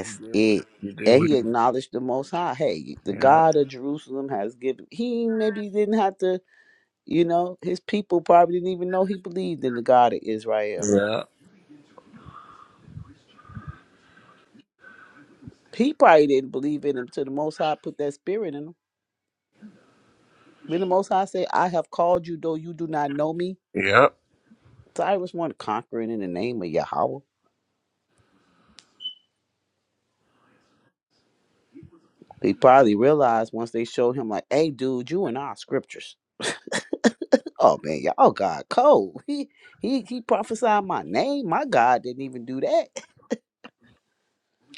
He did what it. he did. And What he acknowledged the Most High. Hey, the he, Yeah. God of Jerusalem has given. He maybe didn't have to, you know, his people probably didn't even know he believed in the God of Israel. Yeah. He probably didn't believe in him till the Most High put that spirit in him. Then the Most High said, I have called you, though you do not know me. Yep. Cyrus wanted conquering in the name of Yahweh. He probably realized once they showed him, like, hey, dude, you and our scriptures. Oh man, y'all God cold. He he he prophesied my name. My God didn't even do that.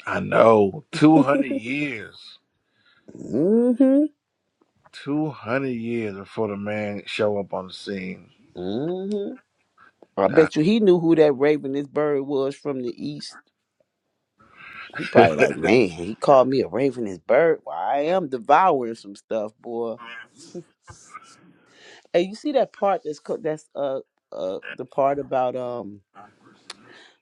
I know. Two hundred years. Mm-hmm. Two hundred years before the man show up on the scene. Mm-hmm. I uh bet you he knew who that ravenous bird was from the east. He huh. probably like, man, he called me a ravenous bird. Well, I am devouring some stuff, boy. Hey, you see that part that's co- that's uh uh the part about um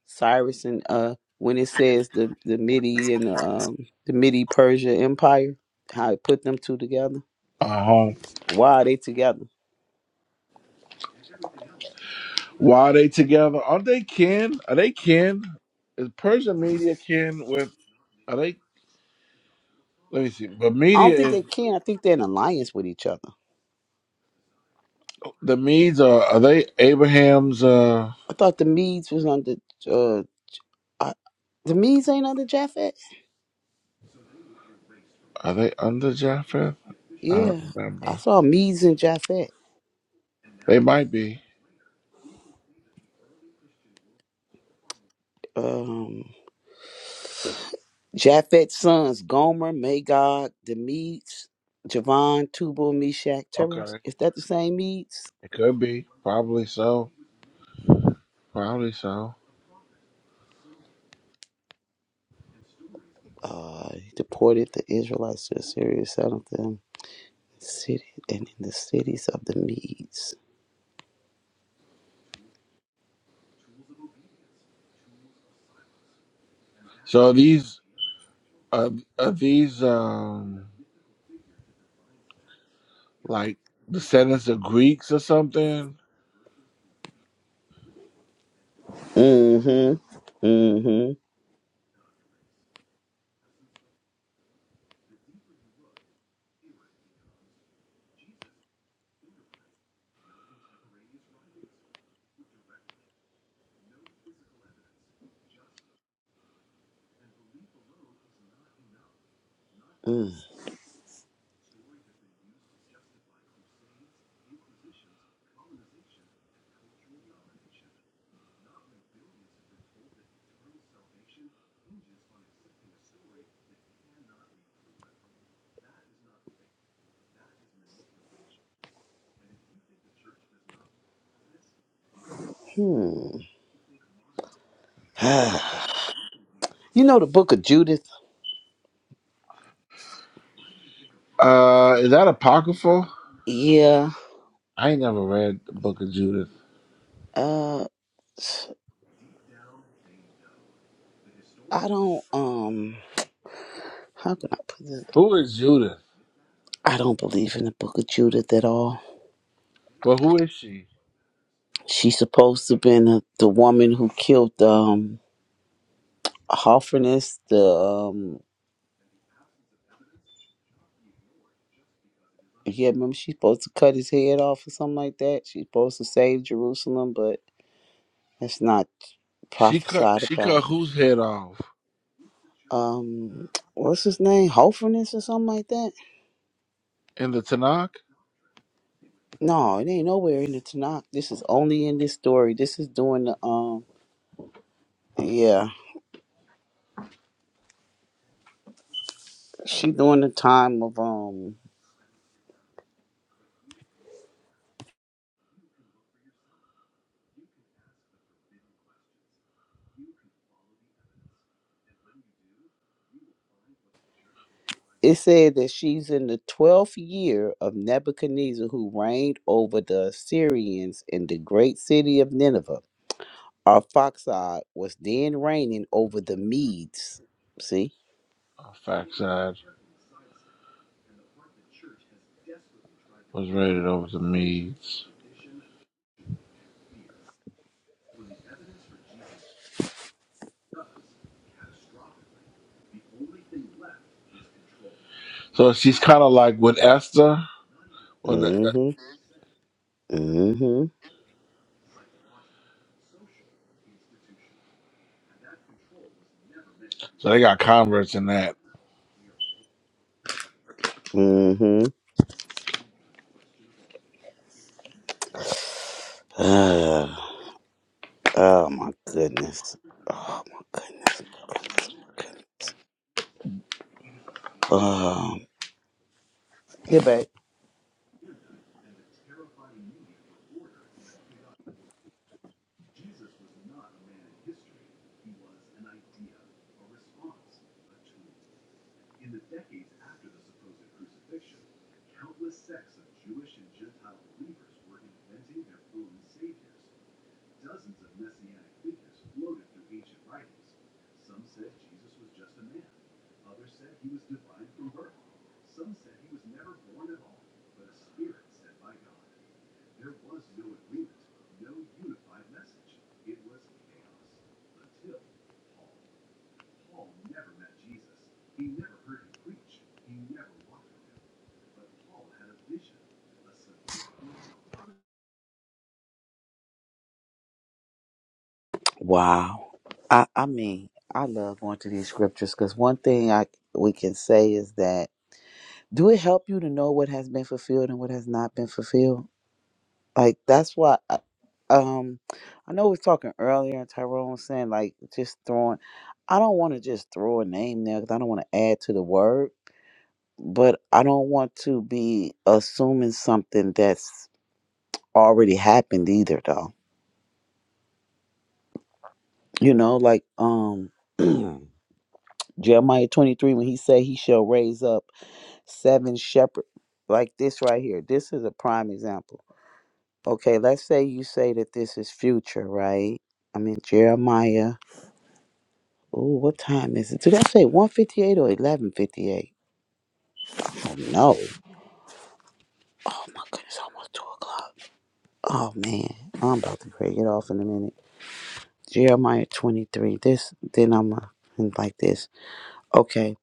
Cyrus and uh when it says the the Midi and um the Midi Persia Empire, how it put them two together. Why are they together? Why are they together? Aren't they kin? Are they kin? Is Persian media kin with? Are they? Let me see. But I don't media think is they can. I think they're in alliance with each other. the Medes are. Are they Abraham's? Uh. I thought the Medes was under. Uh, I, the Medes ain't under Japhet. Are they under Japheth? I don't Yeah, I remember. saw Medes and Japhet. They might be. Um, Japhet's sons: Gomer, Magog, the Medes, Javan, Tubal, Meshach, Teras. Okay. Is that the same Medes? It could be. Probably so. Probably so. Uh, he deported the Israelites to Assyria, settled them in the city and in the cities of the Medes. So these are, are these um like descendants of Greeks or something? Mm-hmm. Mm-hmm. Mm-hmm. You know the book of Judith? Uh is that apocryphal? Yeah. I ain't never read the book of Judith. Uh I don't um how can I put this? Who is Judith? I don't believe in the book of Judith at all. But who is she? She's supposed to have been the, the woman who killed um Hoffernes, the um yeah, remember she's supposed to cut his head off or something like that. She's supposed to save Jerusalem, but that's not She cut prophesied she about. cut whose head off? Um what's his name? Hoffernes or something like that? In the Tanakh? No, it ain't nowhere in the Tanakh. This is only in this story. This is during the um yeah. She during the time of um it said that she's in the twelfth year of Nebuchadnezzar who reigned over the Assyrians in the great city of Nineveh. Arphaxad was then reigning over the Medes. See? Oh, Fact was raided over the Medes. So she's kinda like with Esther. Well, that, that- Mm-hmm. Mm-hmm. so they got converts in that. Mm-hmm. Ah, oh my goodness. Oh my goodness. goodness. Goodness. Um, Yeah, babe. wow. I, I mean, I love going to these scriptures because one thing I we can say is that do it help you to know what has been fulfilled and what has not been fulfilled? Like that's why. I, um, I know we was talking earlier, and Tyrone was saying like just throwing. I don't want to just throw a name there because I don't want to add to the word, but I don't want to be assuming something that's already happened either, though. You know, like um. Jeremiah 23, when he said he shall raise up seven shepherds, like this right here. This is a prime example. Okay, let's say you say that this is future, right? I mean Jeremiah. Oh, what time is it? Did I say 158 or 1158? Oh, no. Oh my goodness, almost two o'clock. Oh man, I'm about to crazy. Get off in a minute. Jeremiah 23. This then I'm uh, like this. Okay,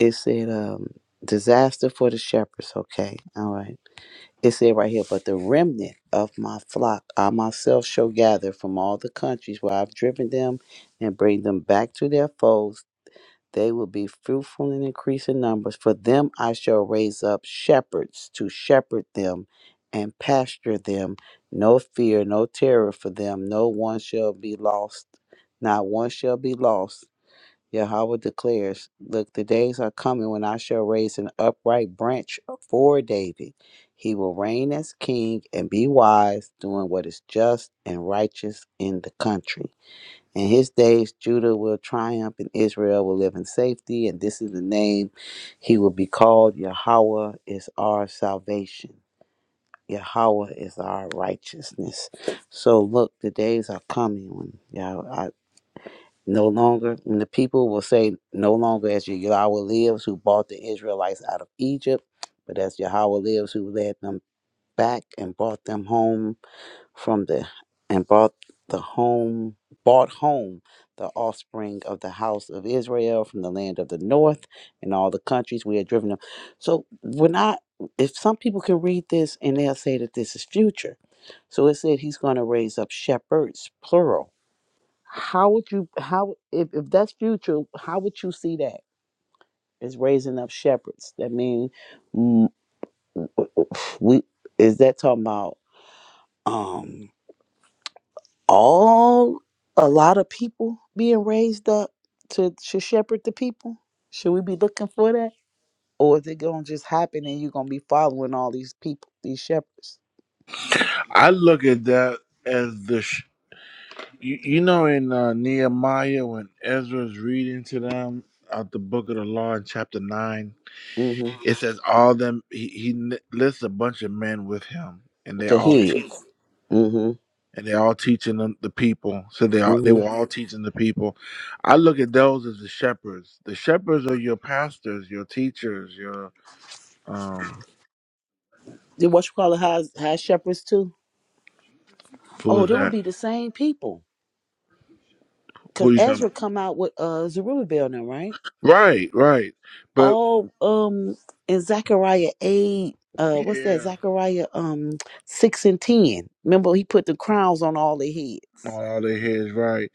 it said um disaster for the shepherds. Okay, all right. It said right here, but the remnant of my flock I myself shall gather from all the countries where I've driven them and bring them back to their folds. They will be fruitful and increase in numbers. For them I shall raise up shepherds to shepherd them and pasture them. No fear, no terror for them. No one shall be lost. Not one shall be lost Yahweh declares, Look, the days are coming when I shall raise an upright branch for David. He will reign as king and be wise, doing what is just and righteous in the country. In his days, Judah will triumph and Israel will live in safety. And this is the name he will be called. Yahweh is our salvation. Yahweh is our righteousness. So look, the days are coming when Yahweh. No longer, when the people will say, No longer as Yahweh lives, who brought the Israelites out of Egypt, but as Yahweh lives, who led them back and brought them home from the, and brought the home, brought home the offspring of the house of Israel from the land of the north and all the countries we had driven them. So we're not, if some people can read this and they'll say that this is future. So it said he's going to raise up shepherds, plural how would you how if, if that's future how would you see that is raising up shepherds that mean mm, we is that talking about um all a lot of people being raised up to to shepherd the people should we be looking for that or is it gonna just happen and you're gonna be following all these people these shepherds I look at that as the, sh- you, you know, in uh, Nehemiah when Ezra's reading to them out the book of the law in chapter nine, mm-hmm it says all them he, he n- lists a bunch of men with him, and they the all heads teach, mm-hmm and they all teaching them, the people. So they all they mm-hmm were all teaching the people. I look at those as the shepherds. The shepherds are your pastors, your teachers, your um. Then what you call it high, high shepherds too Who oh is they would that? be the same people because Who you talking? Ezra About? come out with uh Zerubbabel now, right? Right, right. All um in Zechariah eight, uh what's that? Yeah. Zechariah um six and ten. Remember he put the crowns on all the On heads. all their heads, right.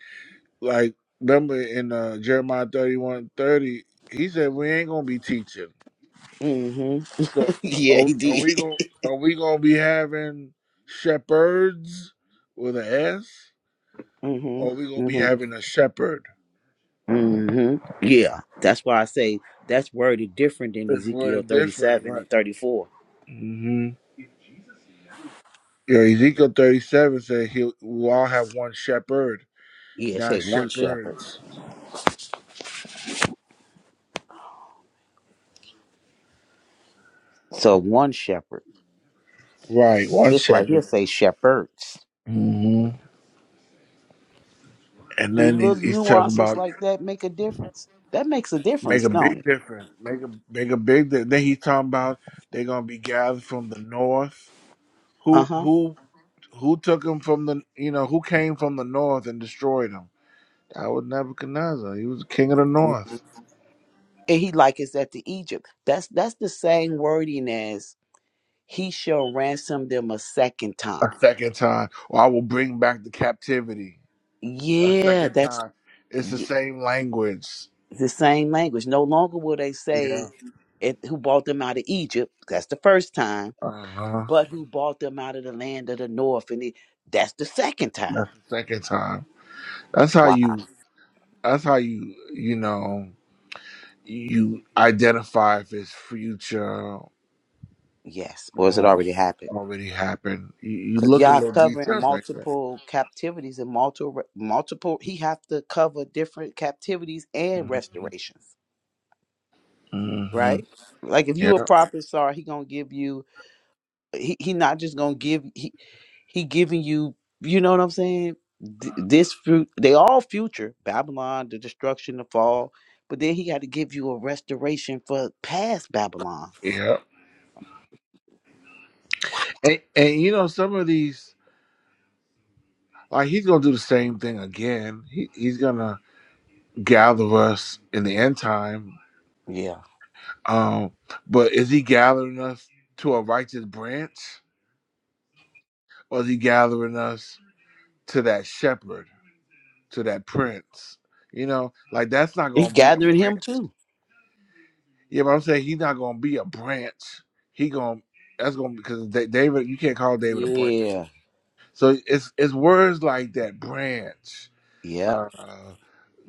Like, remember in uh, Jeremiah thirty one thirty, he said, We ain't going to be teaching. hmm So, yeah, are, he are we did. going to are we gonna be having shepherds with an S? hmm Or are we going to be hmm having a shepherd? hmm Yeah. That's why I say that's worded different than It's word Ezekiel really thirty different, seven right? and thirty four. hmm Yeah, Ezekiel 37 said he'll, we'll all have one shepherd, Yeah, not say one shepherd. shepherds. So one shepherd. Right, one This right here shepherd. say shepherds. hmm And Do then he, little he's talking nuances about like that make a difference? That makes a Make difference, a don't big it? difference. Make a make a big. Di- then he's talking about they're gonna be gathered from the north. Uh Who huh. who who took him from the you know who came from the north and destroyed him? That was Nebuchadnezzar. He was the king of the north. And he likens that to Egypt. That's that's the same wording as he shall ransom them a second time. A second time, or I will bring back the captivity. A Yeah, second that's time. It's the y- same language. the same language. No longer will they say Yeah. it, who bought them out of Egypt. That's the first time. Uh huh. But who bought them out of the land of the north? And it, that's the second time. That's the second time. That's how Wow. you. That's how you. You know. You identify if it's future Yes. Or has it Well, already happened? already happened. You, you Cause look at y'all little covering details like that. multiple captivities and multiple multiple. He have to cover different captivities and restorations, Mm-hmm. right? Like if you a Yeah, prophet, sorry, he gonna give you. He he not just gonna give. He he giving you. You know what I'm saying? Th- This fruit, they all future Babylon, the destruction, the fall. But then he got to give you a restoration for past Babylon. yeah. And, and you know, some of these, like he's gonna do the same thing again. He, he's gonna gather us in the end time. Yeah, Um, but is he gathering us to a righteous branch, or is he gathering us to that shepherd, to that prince? You know, like that's not he's gonna be a gathering branch. him too. Yeah, but I'm saying he's not gonna be a branch. He gonna that's gonna because Da- David, you can't call David a branch. Yeah, So it's it's words like that branch yeah. uh,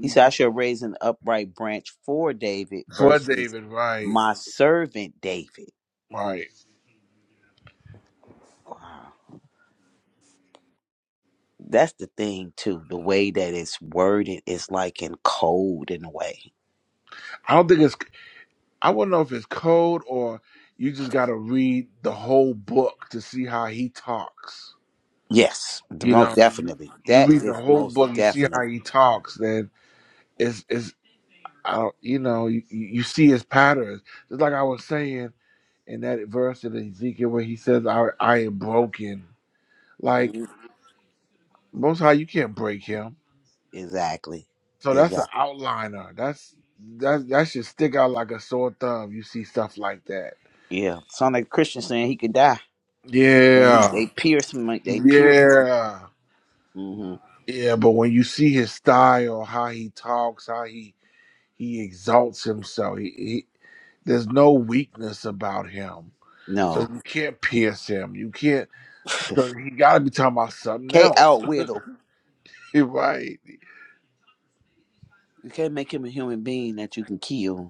He said, I shall raise an upright branch for David for versus David, right? my servant David. Right. Wow. That's the thing, too. The way that it's worded is like in code in a way. I don't think it's. I wouldn't know if it's code or you just got to read the whole book to see how he talks. Yes, the You most know, definitely. you That read the is whole most book, you see how definitely. he talks. Then it's it's. I don't, you know, you, you see his patterns. Just like I was saying. in that verse in Ezekiel where he says, I, I am broken. Like, Mhm. most high, you can't break him. Exactly. So that's an Exactly. outliner. That's that that should stick out like a sore thumb. You see stuff like that. Yeah. Sound like Christian saying he could die. And he Yeah. they pierce him like they pierce. Yeah. hmm Yeah, but when you see his style, how he talks, how he he exalts himself, he, he there's no weakness about him. So No. you can't pierce him. You can't. not 'cause He got to be talking about something Can't else, outwit him. right? You can't make him a human being that you can kill.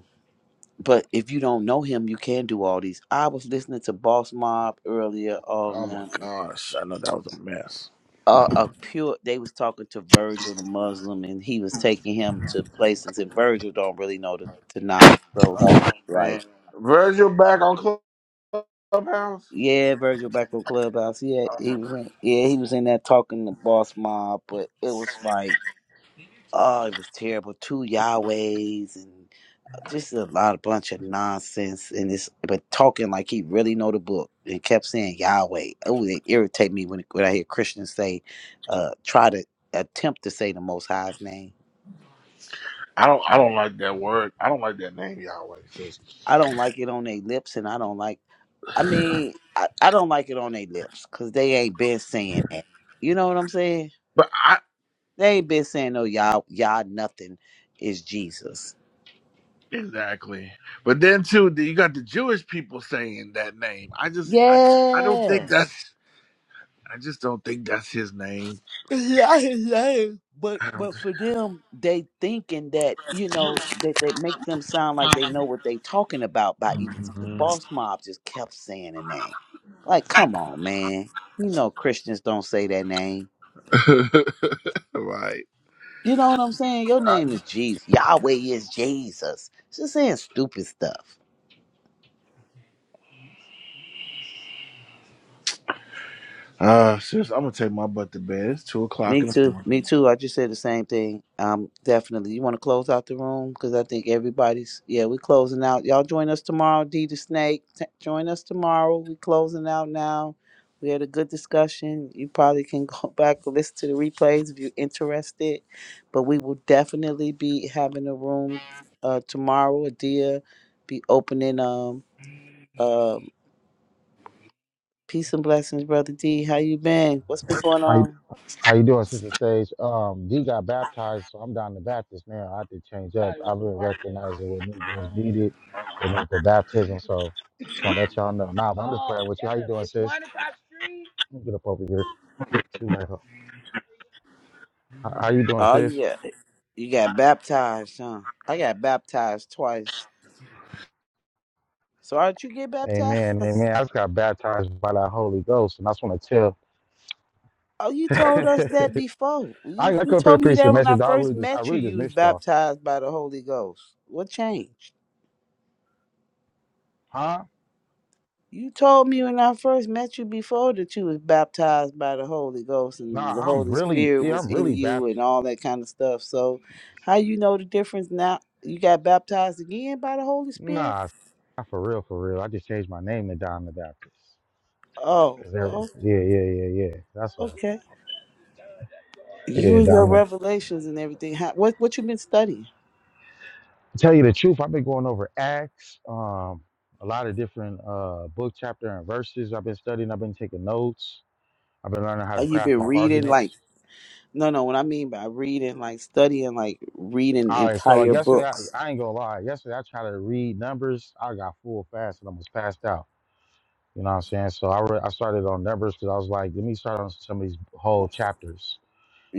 but if you don't know him, you can do all these. I was listening to Boss Mob earlier Oh on my um, gosh, I know that was a mess. uh, a pure. They was talking to Virgil, the Muslim, and he was taking him to places, and Virgil don't really know to to knock, so he Oh was like, man, Virgil back on Clubhouse. "Yeah, Virgil back on Clubhouse. Yeah, he was in. Yeah, he was in there talking to Boss Mob, but it was like, oh, it was terrible. Two Yahwehs and just a lot of bunch of nonsense and this but talking like he really know the book and kept saying Yahweh. Oh, it irritate me when when I hear Christians say uh try to attempt to say the most high's name. I don't, I don't like that word. I don't like that name, Yahweh. sis. I don't like it on their lips and I don't like I mean, I, I don't like it on their lips cuz they ain't been saying that. You know what I'm saying? But I They ain't been saying no yah, yah, nothing is Jesus. exactly. But then too, then you got the Jewish people saying that name. I just, I, I don't Yeah. think that's. I just don't think that's his name. Yeah, yeah. But I don't. but for them, they thinking that you know that they make them sound like they know what they talking about by even because Mhm. Boss Mob just kept saying the name. Like, come on, man. You know Christians don't say that name. right. You know what I'm saying? Your name is Jesus. Yahweh is Jesus. Just saying stupid stuff. Uh, sis, I'm gonna take my butt to bed. It's two o'clock Me in the too. morning. Me too. I just said the same thing. Um, definitely. You want to close out the room because I think everybody's. Yeah, we're closing out. Y'all join us tomorrow. D the Snake, t- join us tomorrow. We're closing out now. We had a good discussion. You probably can go back and listen to the replays if you're interested. But we will definitely be having a room uh, tomorrow. Adia be opening. Um, um, peace and blessings, brother D. How you been? What's been going How you, on? how you doing, Sister Sage? Um, D got baptized, so I'm down the Baptist now. I had to change up. I've been recognizing what Negroes needed. They need the baptism, so just want to let y'all know. Nah, but I'm just praying with you. How you doing, sis? Let me Get up over here. Too late. How, how you doing, Oh sis? yeah. You got baptized, huh? I got baptized twice. So aren't you get baptized? Amen, amen. I just got baptized by the Holy Ghost, and I just want to tell. Oh, you told us that before. You I, I you come for the told me preach the that when I message. I first really just, I met you, really just you was missed y'all, baptized by the Holy Ghost. What changed? huh? You told me when I first met you before that you was baptized by the Holy Ghost and Nah, the I'm Holy really, Spirit yeah, was I'm in really you baptized. and all that kind of stuff. So how you know the difference now? You got baptized again by the Holy Spirit? Nah, it's not for real, for real. I just changed my name to Don the Baptist. Oh, Cause every, oh yeah, yeah, yeah, yeah. That's all. okay. You Yeah, and your Don the. revelations and everything. How, what what you been studying? tell you the truth, I've been going over Acts, um, a lot of different uh, book chapter and verses. I've been studying. I've been taking notes. I've been learning how How to you craft been my reading? Like arguments. no, no. What I mean by reading, like studying, like reading All right, so entire yesterday I, books. I ain't gonna lie. Yesterday I tried to read numbers. I got full fast and almost passed out. You know what I'm saying? So I re- I started on numbers because I was like, let me start on some of these whole chapters.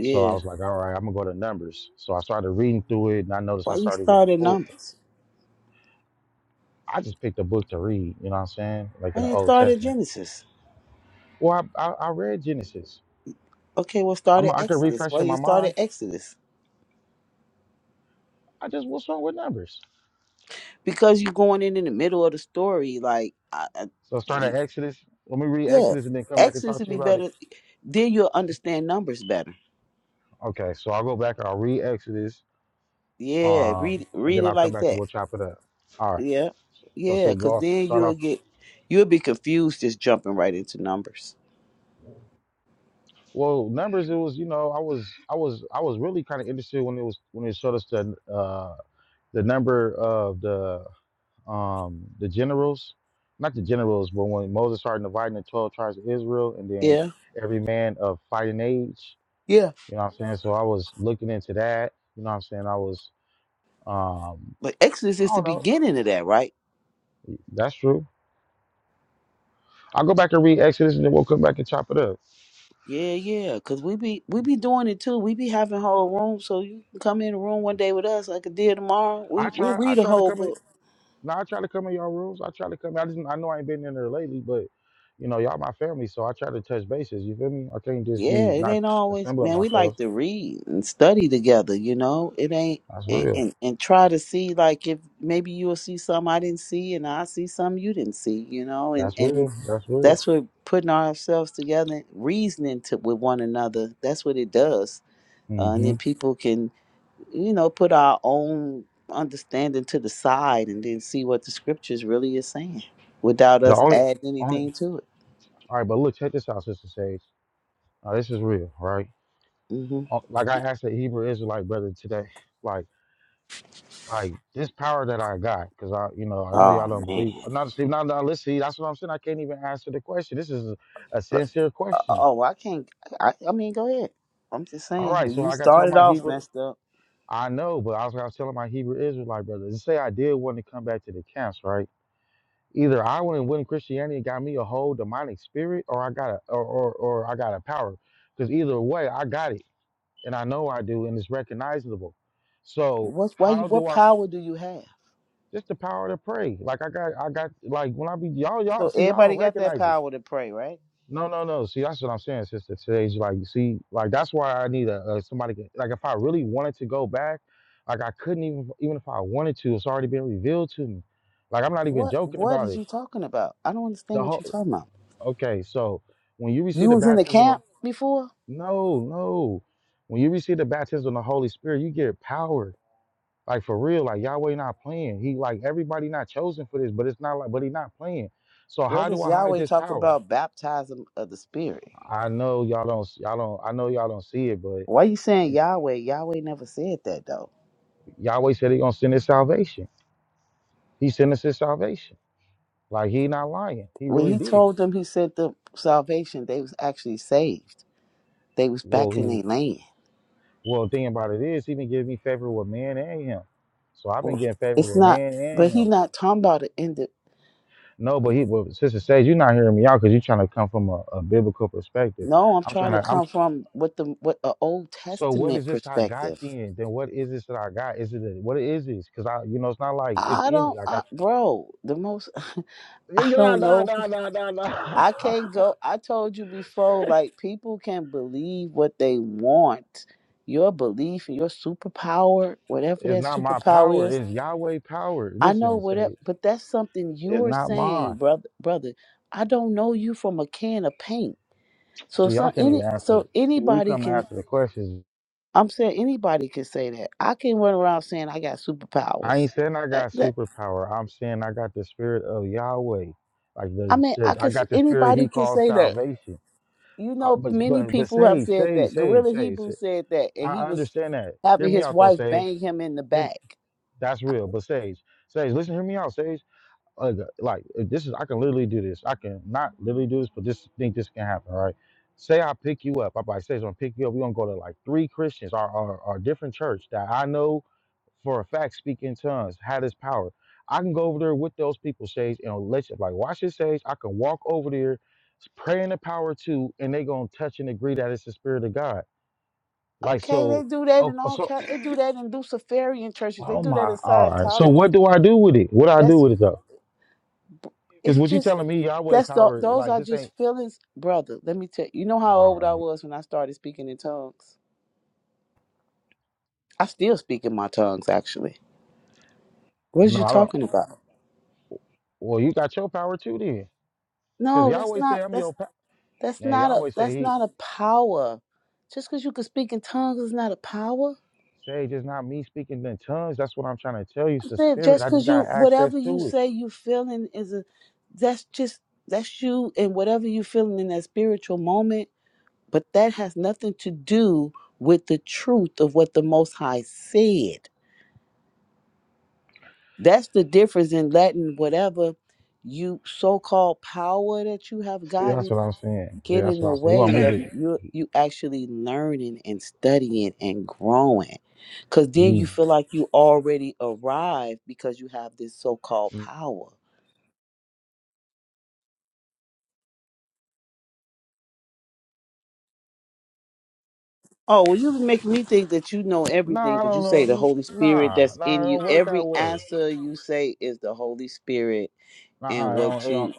So I was like, all right, I'm gonna go to numbers. So I started reading through it, and I noticed Why I you started getting started full. Numbers? I just picked a book to read. You know what I'm saying? Like in Why the you Old started Testament. Genesis? Well, I I, I read Genesis. Okay, well, I'm started I could Exodus. refresh Why in you my started mind. Exodus? I just what's wrong with numbers? Because you're going in in the middle of the story. Like, I, So I I, started Exodus. Let me read yeah, Exodus and then come back and Exodus talk would to be you about it. better. Then you'll understand Numbers better. Okay, so I'll go back. I'll read Exodus, Yeah, um, read and read then it I'll come like back and that. we'll chop it up. All right. Yeah. So Yeah, so because go then start you'll off. get, you'll be confused just jumping right into numbers. Well, numbers. It was you know I was I was I was really kind of interested when it was when it showed us the uh the number of the um the generals, not the generals, but when Moses started dividing the twelve tribes of Israel, and then Yeah. every man of fighting age. Yeah. You know what I'm saying? So I was looking into that. You know what I'm saying? I was um But Exodus I is the don't know. beginning of that, right? That's true. I'll go back and read Exodus, and then we'll come back and chop it up. Yeah, yeah. Because we be, we be doing it too. We be having whole rooms. So you can come in the room one day with us like a deal tomorrow. We, I we try. I read a try to whole come. in- book. No, I try to come in y'all rules. I try to come. I just. I know I ain't been in there lately, but you know y'all my family, so I try to touch bases. You feel me? I can't just Yeah, be it not ain't always, assembling man, we like myself. to read and study together, you know? It ain't, That's and, real. and, and try to see like if maybe you'll see something I didn't see and I see something you didn't see, you know, and, That's and real. That's real. That's what putting ourselves together, reasoning to, with one another. That's what it does, uh, and hmm then people can, you know, put our own understanding to the side and then see what the scriptures really is saying without The us only, adding anything only, to it. all right, but look, check this out, Sister Sage. Now, this is real, right? hmm Uh, Like I asked the Hebrew Israelite brother today, like, like this power that I got, because I, you know, I know y'all Oh don't man! believe. Not see, not now. Let's see. That's what I'm saying. I can't even answer the question. This is a, a Look, sincere uh, question. Oh, I can't. I, I mean, go ahead. I'm just All saying right, when so you like I told started my off Hebrew, messed up. I know, but I was, I was telling my Hebrew Israelite brother, say I did want to come back to the camps, right? Either I went and went in Christianity and got me a whole demonic spirit, or I got a or or, or I got a power. Because either way, I got it, and I know I do, and it's recognizable. So What? Why you? how What do I? power do you have? Just the power to pray. Like I got, I got. Like when I be y'all, y'all So see y'all everybody don't got that recognize it. power to pray, right? No, no, no. See, that's what I'm saying, sister. Today's like, you see, like that's why I need a, a somebody. can- Like if I really wanted to go back, like I couldn't even, even if I wanted to, it's already been revealed to me. Like I'm not even What? joking What about is it. you talking about? I don't understand The what whole you're talking about. Okay, so when you receive You the was in the baptism of camp before? no, no. When you receive the baptism of the Holy Spirit, you get power. Like for real, like Yahweh not playing. He like everybody not chosen for this, but it's not like but he not playing. So Where how do does I hide Yahweh this talk power? about baptism of the spirit? I know y'all don't y'all don't I know y'all don't see it, but Why you saying Yahweh? Yahweh never said that though. Yahweh said he gonna send his salvation. He sent us his salvation. Like he not lying. He When really he did. told them he sent them salvation, they was actually saved. They was Well, back in their he land. well thing about it is he been giving me favor with man and him. So I've been Well, getting favor It's with not man and but him. he not talking about it in the No, but he, but Sister Sage, you're not hearing me out because you're trying to come from a, a biblical perspective. no, I'm I'm trying trying to to, I'm. come from what the what a old So what is testament this I got perspective. then? Then what is this that I got? Is it a, what is this? Because I, you know, it's not like it's I in me. don't Like I, I, bro, the most I nah, don't nah, know nah, nah, nah, nah. I can't go. I told you before, like people can believe what they want. Your belief and your superpower, whatever it's that not my superpower power. is, It's Yahweh power. I know Listen, whatever, Sage, but that's something it's you're not mine. saying, brother. Brother, I don't know you from a can of paint. So See, some y'all can't any even answer. so See, who anybody come can. answer the questions? I'm saying anybody can say that. I can run around saying I got I superpowers. ain't saying I That, got that superpower. I'm saying I got the spirit of Yahweh. Like I the, mean, I the I can. got the spirit Anybody He can calls say that salvation. you Uh, know, but many but but people have Sage, said Sage, that. Sage, Gorilla Sage. Hebrew Sage. said that, and he I was understand that. Hear having me his out though, wife Sage. bang him in the Hear- back. that's real. But Sage, Sage, listen, hear me out, Sage like, like if this is I can literally do this. I can not literally do this, but this think this can happen, right? Say I pick you up. I probably say I'm gonna pick you up. We're gonna go to like three Christians or or, or different church that I know for a fact speak in tongues, had this power. I can go over there with those people, Sage, and let you like watch this Sage. I can walk over there, pray in the power too, and they gonna touch and agree that it's the spirit of God. Like Okay, they so do that oh in all so kind. They do that in Luciferian churches. They oh do that in my all right. So Scientology. what do I do with it? What do I do That's with it though? Because it's what you just telling me, Yahweh that's the, power, those like are this just ain't. feelings, brother. Let me tell you. You know how All old I right. was when I started speaking in tongues. I still speak in my tongues, actually. What is No, you I don't. talking about? Well, you got your power too then. Because No, that's Yahweh say not I'm your that's power. that's Man, not a Yahweh say that's he not a power. Just because you can speak in tongues is not a power. say just not me speaking in tongues. That's what I'm trying to tell you. It's the it. spirit. Just I because just got you, access whatever you to it. say you feeling is a, that's just, that's you and whatever you feeling in that spiritual moment. But that has nothing to do with the truth of what the Most High said. That's the difference in letting whatever you so-called power that you have See, gotten that's what I'm saying. See, get in that's what the I'm saying. You want way me of to? you you actually learning and studying and growing because then you feel You? like you already arrived because you have this so-called power Oh, well, you make me think that you know everything Nah, I because you don't say the know. Holy Spirit Nah, that's nah, in it you. don't work that Every way. answer you say is the Holy Spirit and Nah, I what don't. It don't. you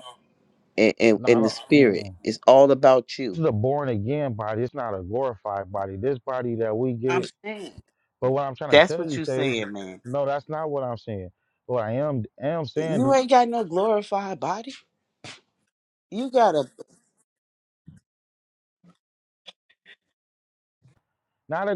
and, and, Nah, I and the don't. Spirit. Mm. It's all about This you. is a born again body. It's not a glorified body. This body that we get. I'm saying But what I'm trying to that's tell what you, you Sage, saying, man. no, that's not what I'm saying. What I am am You saying, ain't got no glorified body. You got a. not a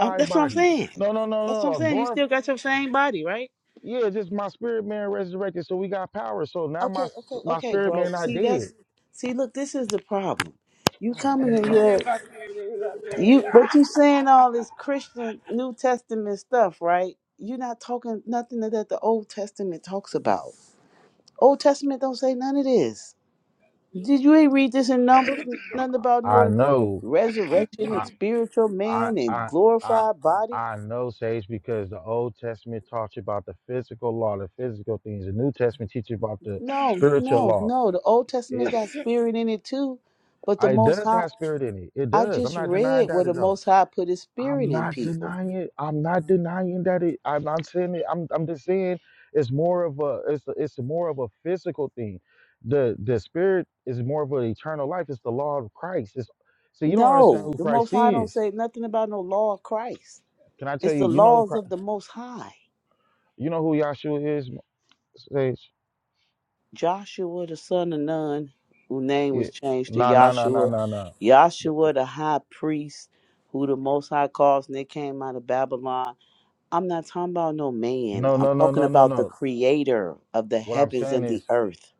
Um, that's what I'm body. saying. No, no, no, That's what no. I'm A saying. You glorif- still got your same body, right? yeah, just my spirit man resurrected, so we got power. So now my Okay, okay, my okay, spirit bro. man not See, dead. that's see. Look, this is the problem. You Oh my coming That in nigga God. said here? my spirit is up there. You but you saying all this Christian New Testament stuff, right? You're not talking nothing that the Old Testament talks about. Old Testament don't say none of this. Did you ain't read this in Numbers? Nothing about I no know. resurrection and I spiritual I man and I I glorified body. I know, Sage, because the Old Testament taught you about the physical law, the physical things. The New Testament teaches about the No, spiritual no, law. no. The Old Testament It got spirit in it too, but the I, it Most does High. have spirit in it. It I does. I'm just not denying read that where the at all. Most High put His spirit I'm in not people. denying it. I'm not denying that it. I'm not saying it. I'm. I'm just saying it's more of a. It's it's more of a physical thing. The the spirit is more of an eternal life. It's the law of Christ. It's so you don't understand No, who the Most Christ High don't is. say nothing about no law of Christ. Can I tell It's you? the You know. who laws of Chri- the Most High. You know who Yahshua is. Sage. Joshua, the son of Nun, whose name Yeah. was changed to No. No. No. No. Yahshua. No. No. Yahshua, the high priest, who the Most High caused, and they came out of Babylon. I'm not talking about no man. No. I'm No. No. talking No. No. about the No. creator of the What I'm heavens saying and the is, earth,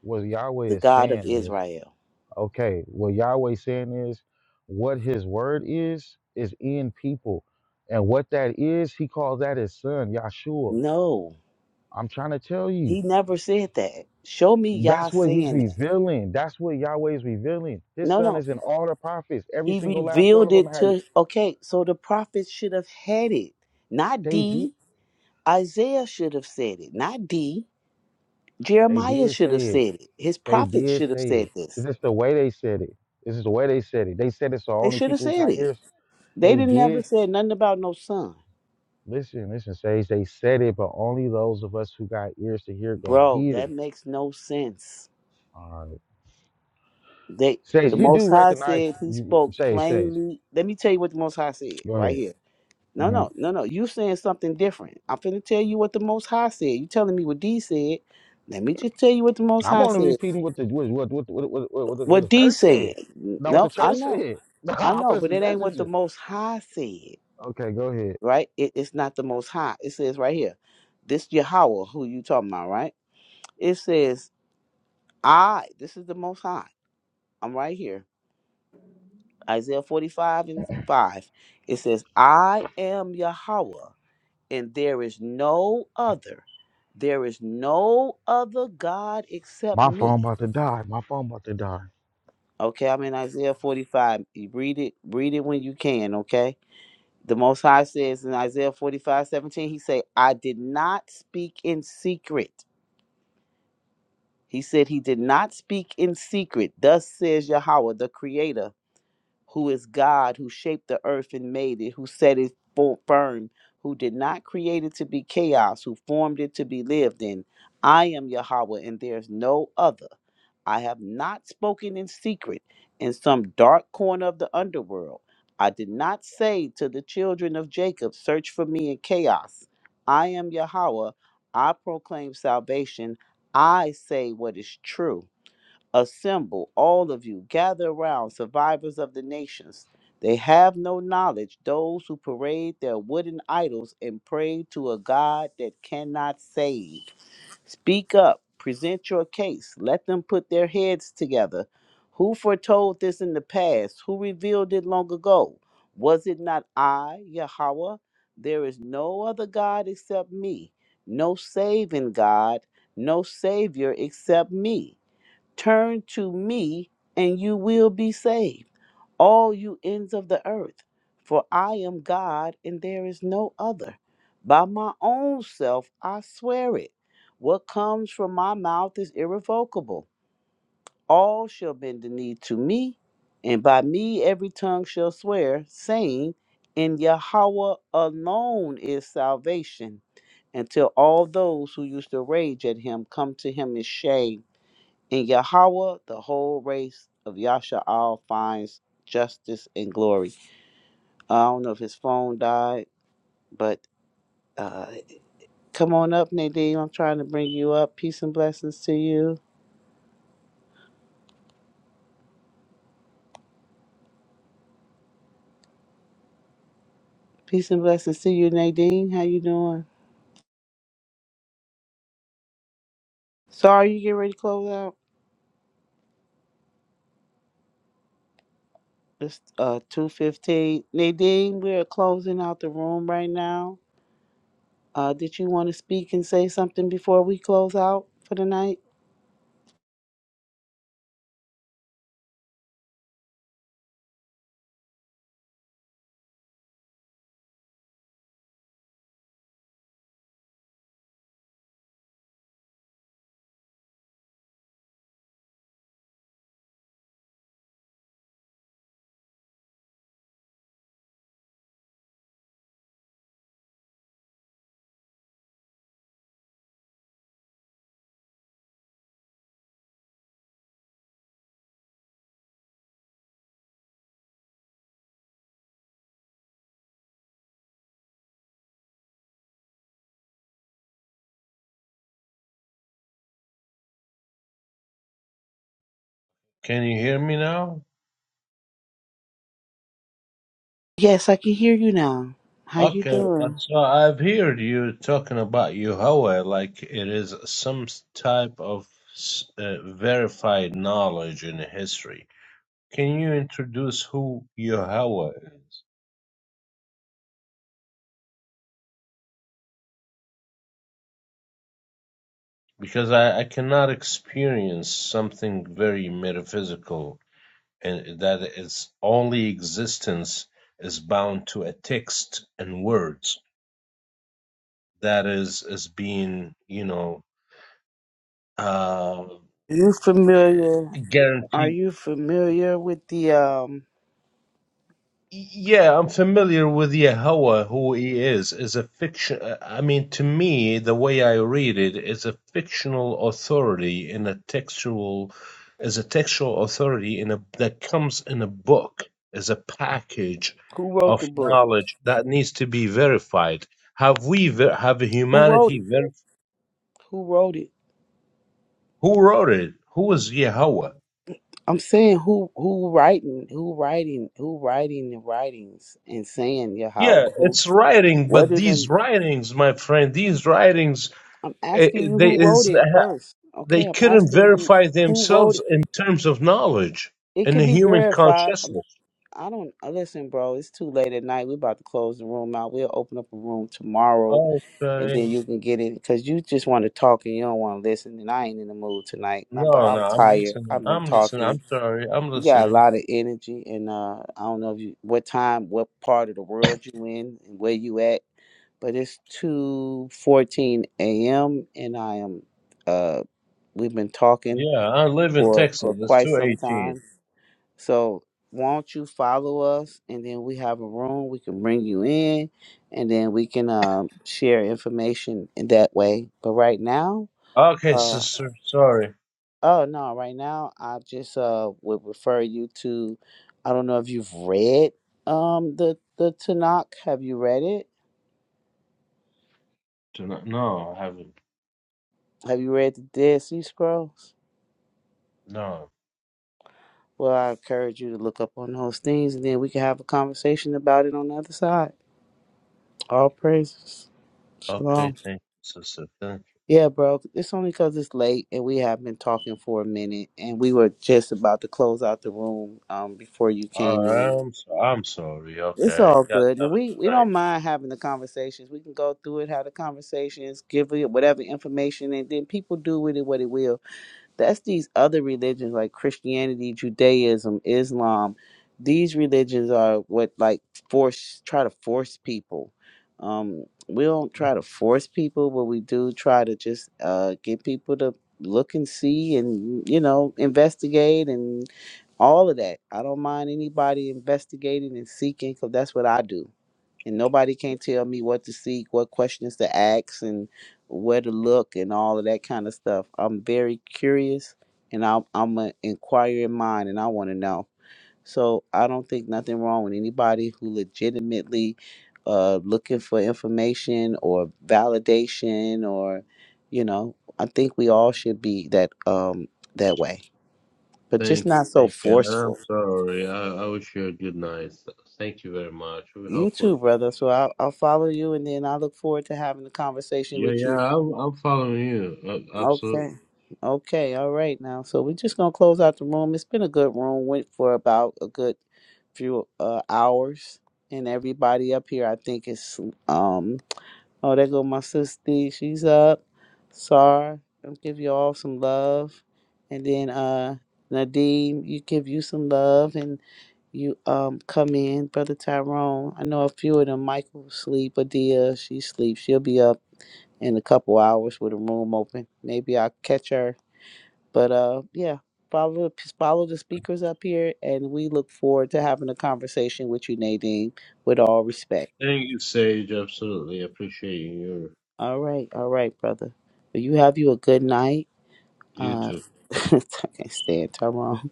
what Yahweh the is God of saying is. Israel. Okay, what Yahweh saying is what his word is, is in people. And what that is, he calls that his son, Yahshua. No, I'm trying to tell you. he never said that. Show me Yah That's what he's saying that. revealing. That's what Yahweh is revealing. His No, son no. is in all the prophets. Every He single last one revealed of them it had to, okay, so the prophets should have had it, not they did D. Isaiah should have said it, not D. they Jeremiah did should have say it. said it. His They prophets did should have say said it. this. It's just the way they said it. This is the way they said it. They said it so They only should have people who said got it. ears. They They didn't never did said nothing about no son. listen, listen, Sage. They said it, but only those of us who got ears to hear gonna Bro, hear. that makes no sense. All right. They Sage, the you most do high recognize said he you spoke Sage, Sage. plainly. Let me tell you what the most high said Go right ahead. here. No, hmm no, no, no. You saying something different. I'm finna tell you what the most high said. You telling me what D said. Let me just tell you what the most I'm high only said. repeating what the what what what what what, what, what, the, What what the D church said. said. Not what the No, I church know. said. I I'm know, just but a it ain't what the messenger. most high said. Okay, go ahead. right? it's not the most high. It says right here, this Yahweh who you talking about, right? It says, I, this is the most high. I'm right here. Isaiah 45 and 5. It says, I am Yahweh, and there is no other. There is no other God except My phone me. about to die. My phone about to die. Okay, I'm in Isaiah 45. You read it, read it when you can, okay? The Most High says in Isaiah 45:17, he say, I did not speak in secret. He said he did not speak in secret. Thus says Yahweh, the creator who is God, who shaped the earth and made it, who set it full firm, who did not create it to be chaos, who formed it to be lived in. I am Yahweh, and there is no other. I have not spoken in secret in some dark corner of the underworld. I did not say to the children of Jacob, Search for me in chaos. I am Yahweh. I proclaim salvation. I say what is true. Assemble, all of you, gather around, survivors of the nations. They have no knowledge, those who parade their wooden idols and pray to a God that cannot save. Speak up, present your case, let them put their heads together. Who foretold this in the past? Who revealed it long ago? Was it not I, Yahweh? There is no other God except me, no saving God, no Savior except me. Turn to me, and you will be saved, all you ends of the earth. For I am God, and there is no other. By my own self I swear it. What comes from my mouth is irrevocable. All shall bend the knee to me, and by me every tongue shall swear, saying, In Yahweh alone is salvation, until all those who used to rage at him come to him in shame. In Yahweh, the whole race of Yasha'al finds justice and glory. I don't know if his phone died, but uh, come on up, Nadine. I'm trying to bring you up. Peace and blessings to you. Peace and blessings to you, Nadine. How you doing? Sorry, you getting ready to close out? It's uh, 2.15. Nadine, we're closing out the room right now. Uh, did you want to speak and say something before we close out for the night? Can you hear me now? Yes, I can hear you now. How you Okay, uh, doing? so I've heard you talking about Yahweh like it is some type of s- uh, verified knowledge in history. Can you introduce who Yahweh is? Because I, I cannot experience something very metaphysical and that its only existence is bound to a text and words that is is being you know uh, You familiar? Are guaranteed you familiar with the um? Yeah, I'm familiar with Yahweh, who he is, is a fiction. I mean, to me, the way I read it is a fictional authority in a textual, is a textual authority in a that comes in a book as a package Who wrote of the book? knowledge that needs to be verified. Have we ver- have Who wrote it? humanity ver- Who wrote it? Who wrote it? Who is Yahweh? I'm saying who who writing who writing who writing the writings and saying Yeah, Yahweh who it's writing, what but did these an- writings, my friend, these writings, I'm eh, asking eh, you they who wrote is it first. Okay, they I'm couldn't asking you verify who wrote themselves it. in terms of knowledge It in could the be human verified. Um, consciousness. I don't uh, listen, bro. It's too late at night. We're about to close the room out. We'll open up a room tomorrow and then Okay. you can get it because you just want to talk and you don't want to listen. And I ain't in the mood tonight. No, but No, no, I'm I'm tired. listening. I've been I'm listening. talking. I'm sorry. I'm You got a listening. lot of energy, and uh, I don't know if you what time, what part of the world you in, and where you at. But it's two fourteen a.m. and I am. Uh, we've been talking Yeah, I live in for Texas. for It's quite some 218. time. So won't you follow us and then we have a room we can bring you in and then we can um share information in that way. But right now, Okay, uh sister. Sorry. oh no, right now I just uh would refer you to I don't know if you've read um the the Tanakh. Have you read it? Do not- No, I haven't. Have you read the Dead Sea Scrolls? No. Well, I encourage you to look up on those things and then we can have a conversation about it on the other side. All praises. Shalom. Okay, thank you, sister. Thank you. Yeah, bro. It's only 'cause it's late and we have been talking for a minute and we were just about to close out the room um, before you All came right, in. I'm, so, I'm sorry. It's Okay. all You guys good. And have a we, good we don't night. mind having the conversations. We can go through it, have the conversations, give it whatever information, and then people do with it what it will that's these other religions like Christianity, Judaism, Islam. These religions are what like force try to force people. Um, we don't try to force people, but we do try to just uh, get people to look and see and you know investigate and all of that. I don't mind anybody investigating and seeking because that's what I do and nobody can't tell me what to seek, what questions to ask, and where to look, and all of that kind of stuff. I'm very curious, and I'm I'm an inquiring mind, and I want to know. So I don't think nothing wrong with anybody who legitimately uh, looking for information or validation, or you know, I think we all should be that um that way, but just Thank you, not so thank you. And I'm forceful. sorry. I, I wish you a good night. So, Thank you very much. We You hopefully too, we brother. meet So I'll, I'll follow you, and then I look forward to having a again. conversation Yeah, with you yeah. I'm I'm following you. Uh, absolutely. Okay. Okay. All right. Now, so we're just gonna close out the room. It's been a good room. Went for about a good few uh, hours, and everybody up here, I think is um. Oh, there go my sister. She's up. Sar, I'll give you all some love, and then uh. Nadeem, you give you some love and you um come in, brother Tyrone. I know a few of them. Michael sleep, Adia she sleep. She'll be up in a couple hours with a room open. Maybe I'll catch her. But uh, yeah, follow follow the speakers up here, and we look forward to having a conversation with you, Nadine. With all respect. Thank you, Sage. Absolutely. Appreciate you. All right, all right, brother. Well, you have you a good night. You Uh, too. I can't stand Tyrone.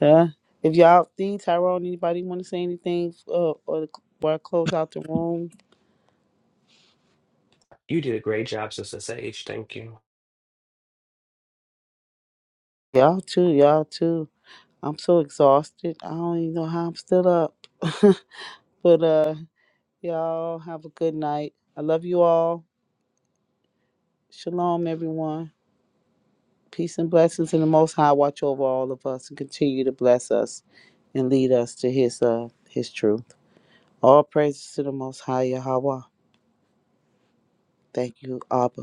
Huh? If y'all think Tyrone, anybody want to say anything? Uh, or the, or close out the room. You did a great job, Sister Sage. Thank you. Y'all too, y'all too. I'm so exhausted. I don't even know how I'm still up. but uh. Y'all have a good night. I love you all. Shalom, everyone. Peace and blessings in the Most High. Watch over all of us and continue to bless us and lead us to His uh His truth. All praises to the Most High Yahweh. Thank you, Abba.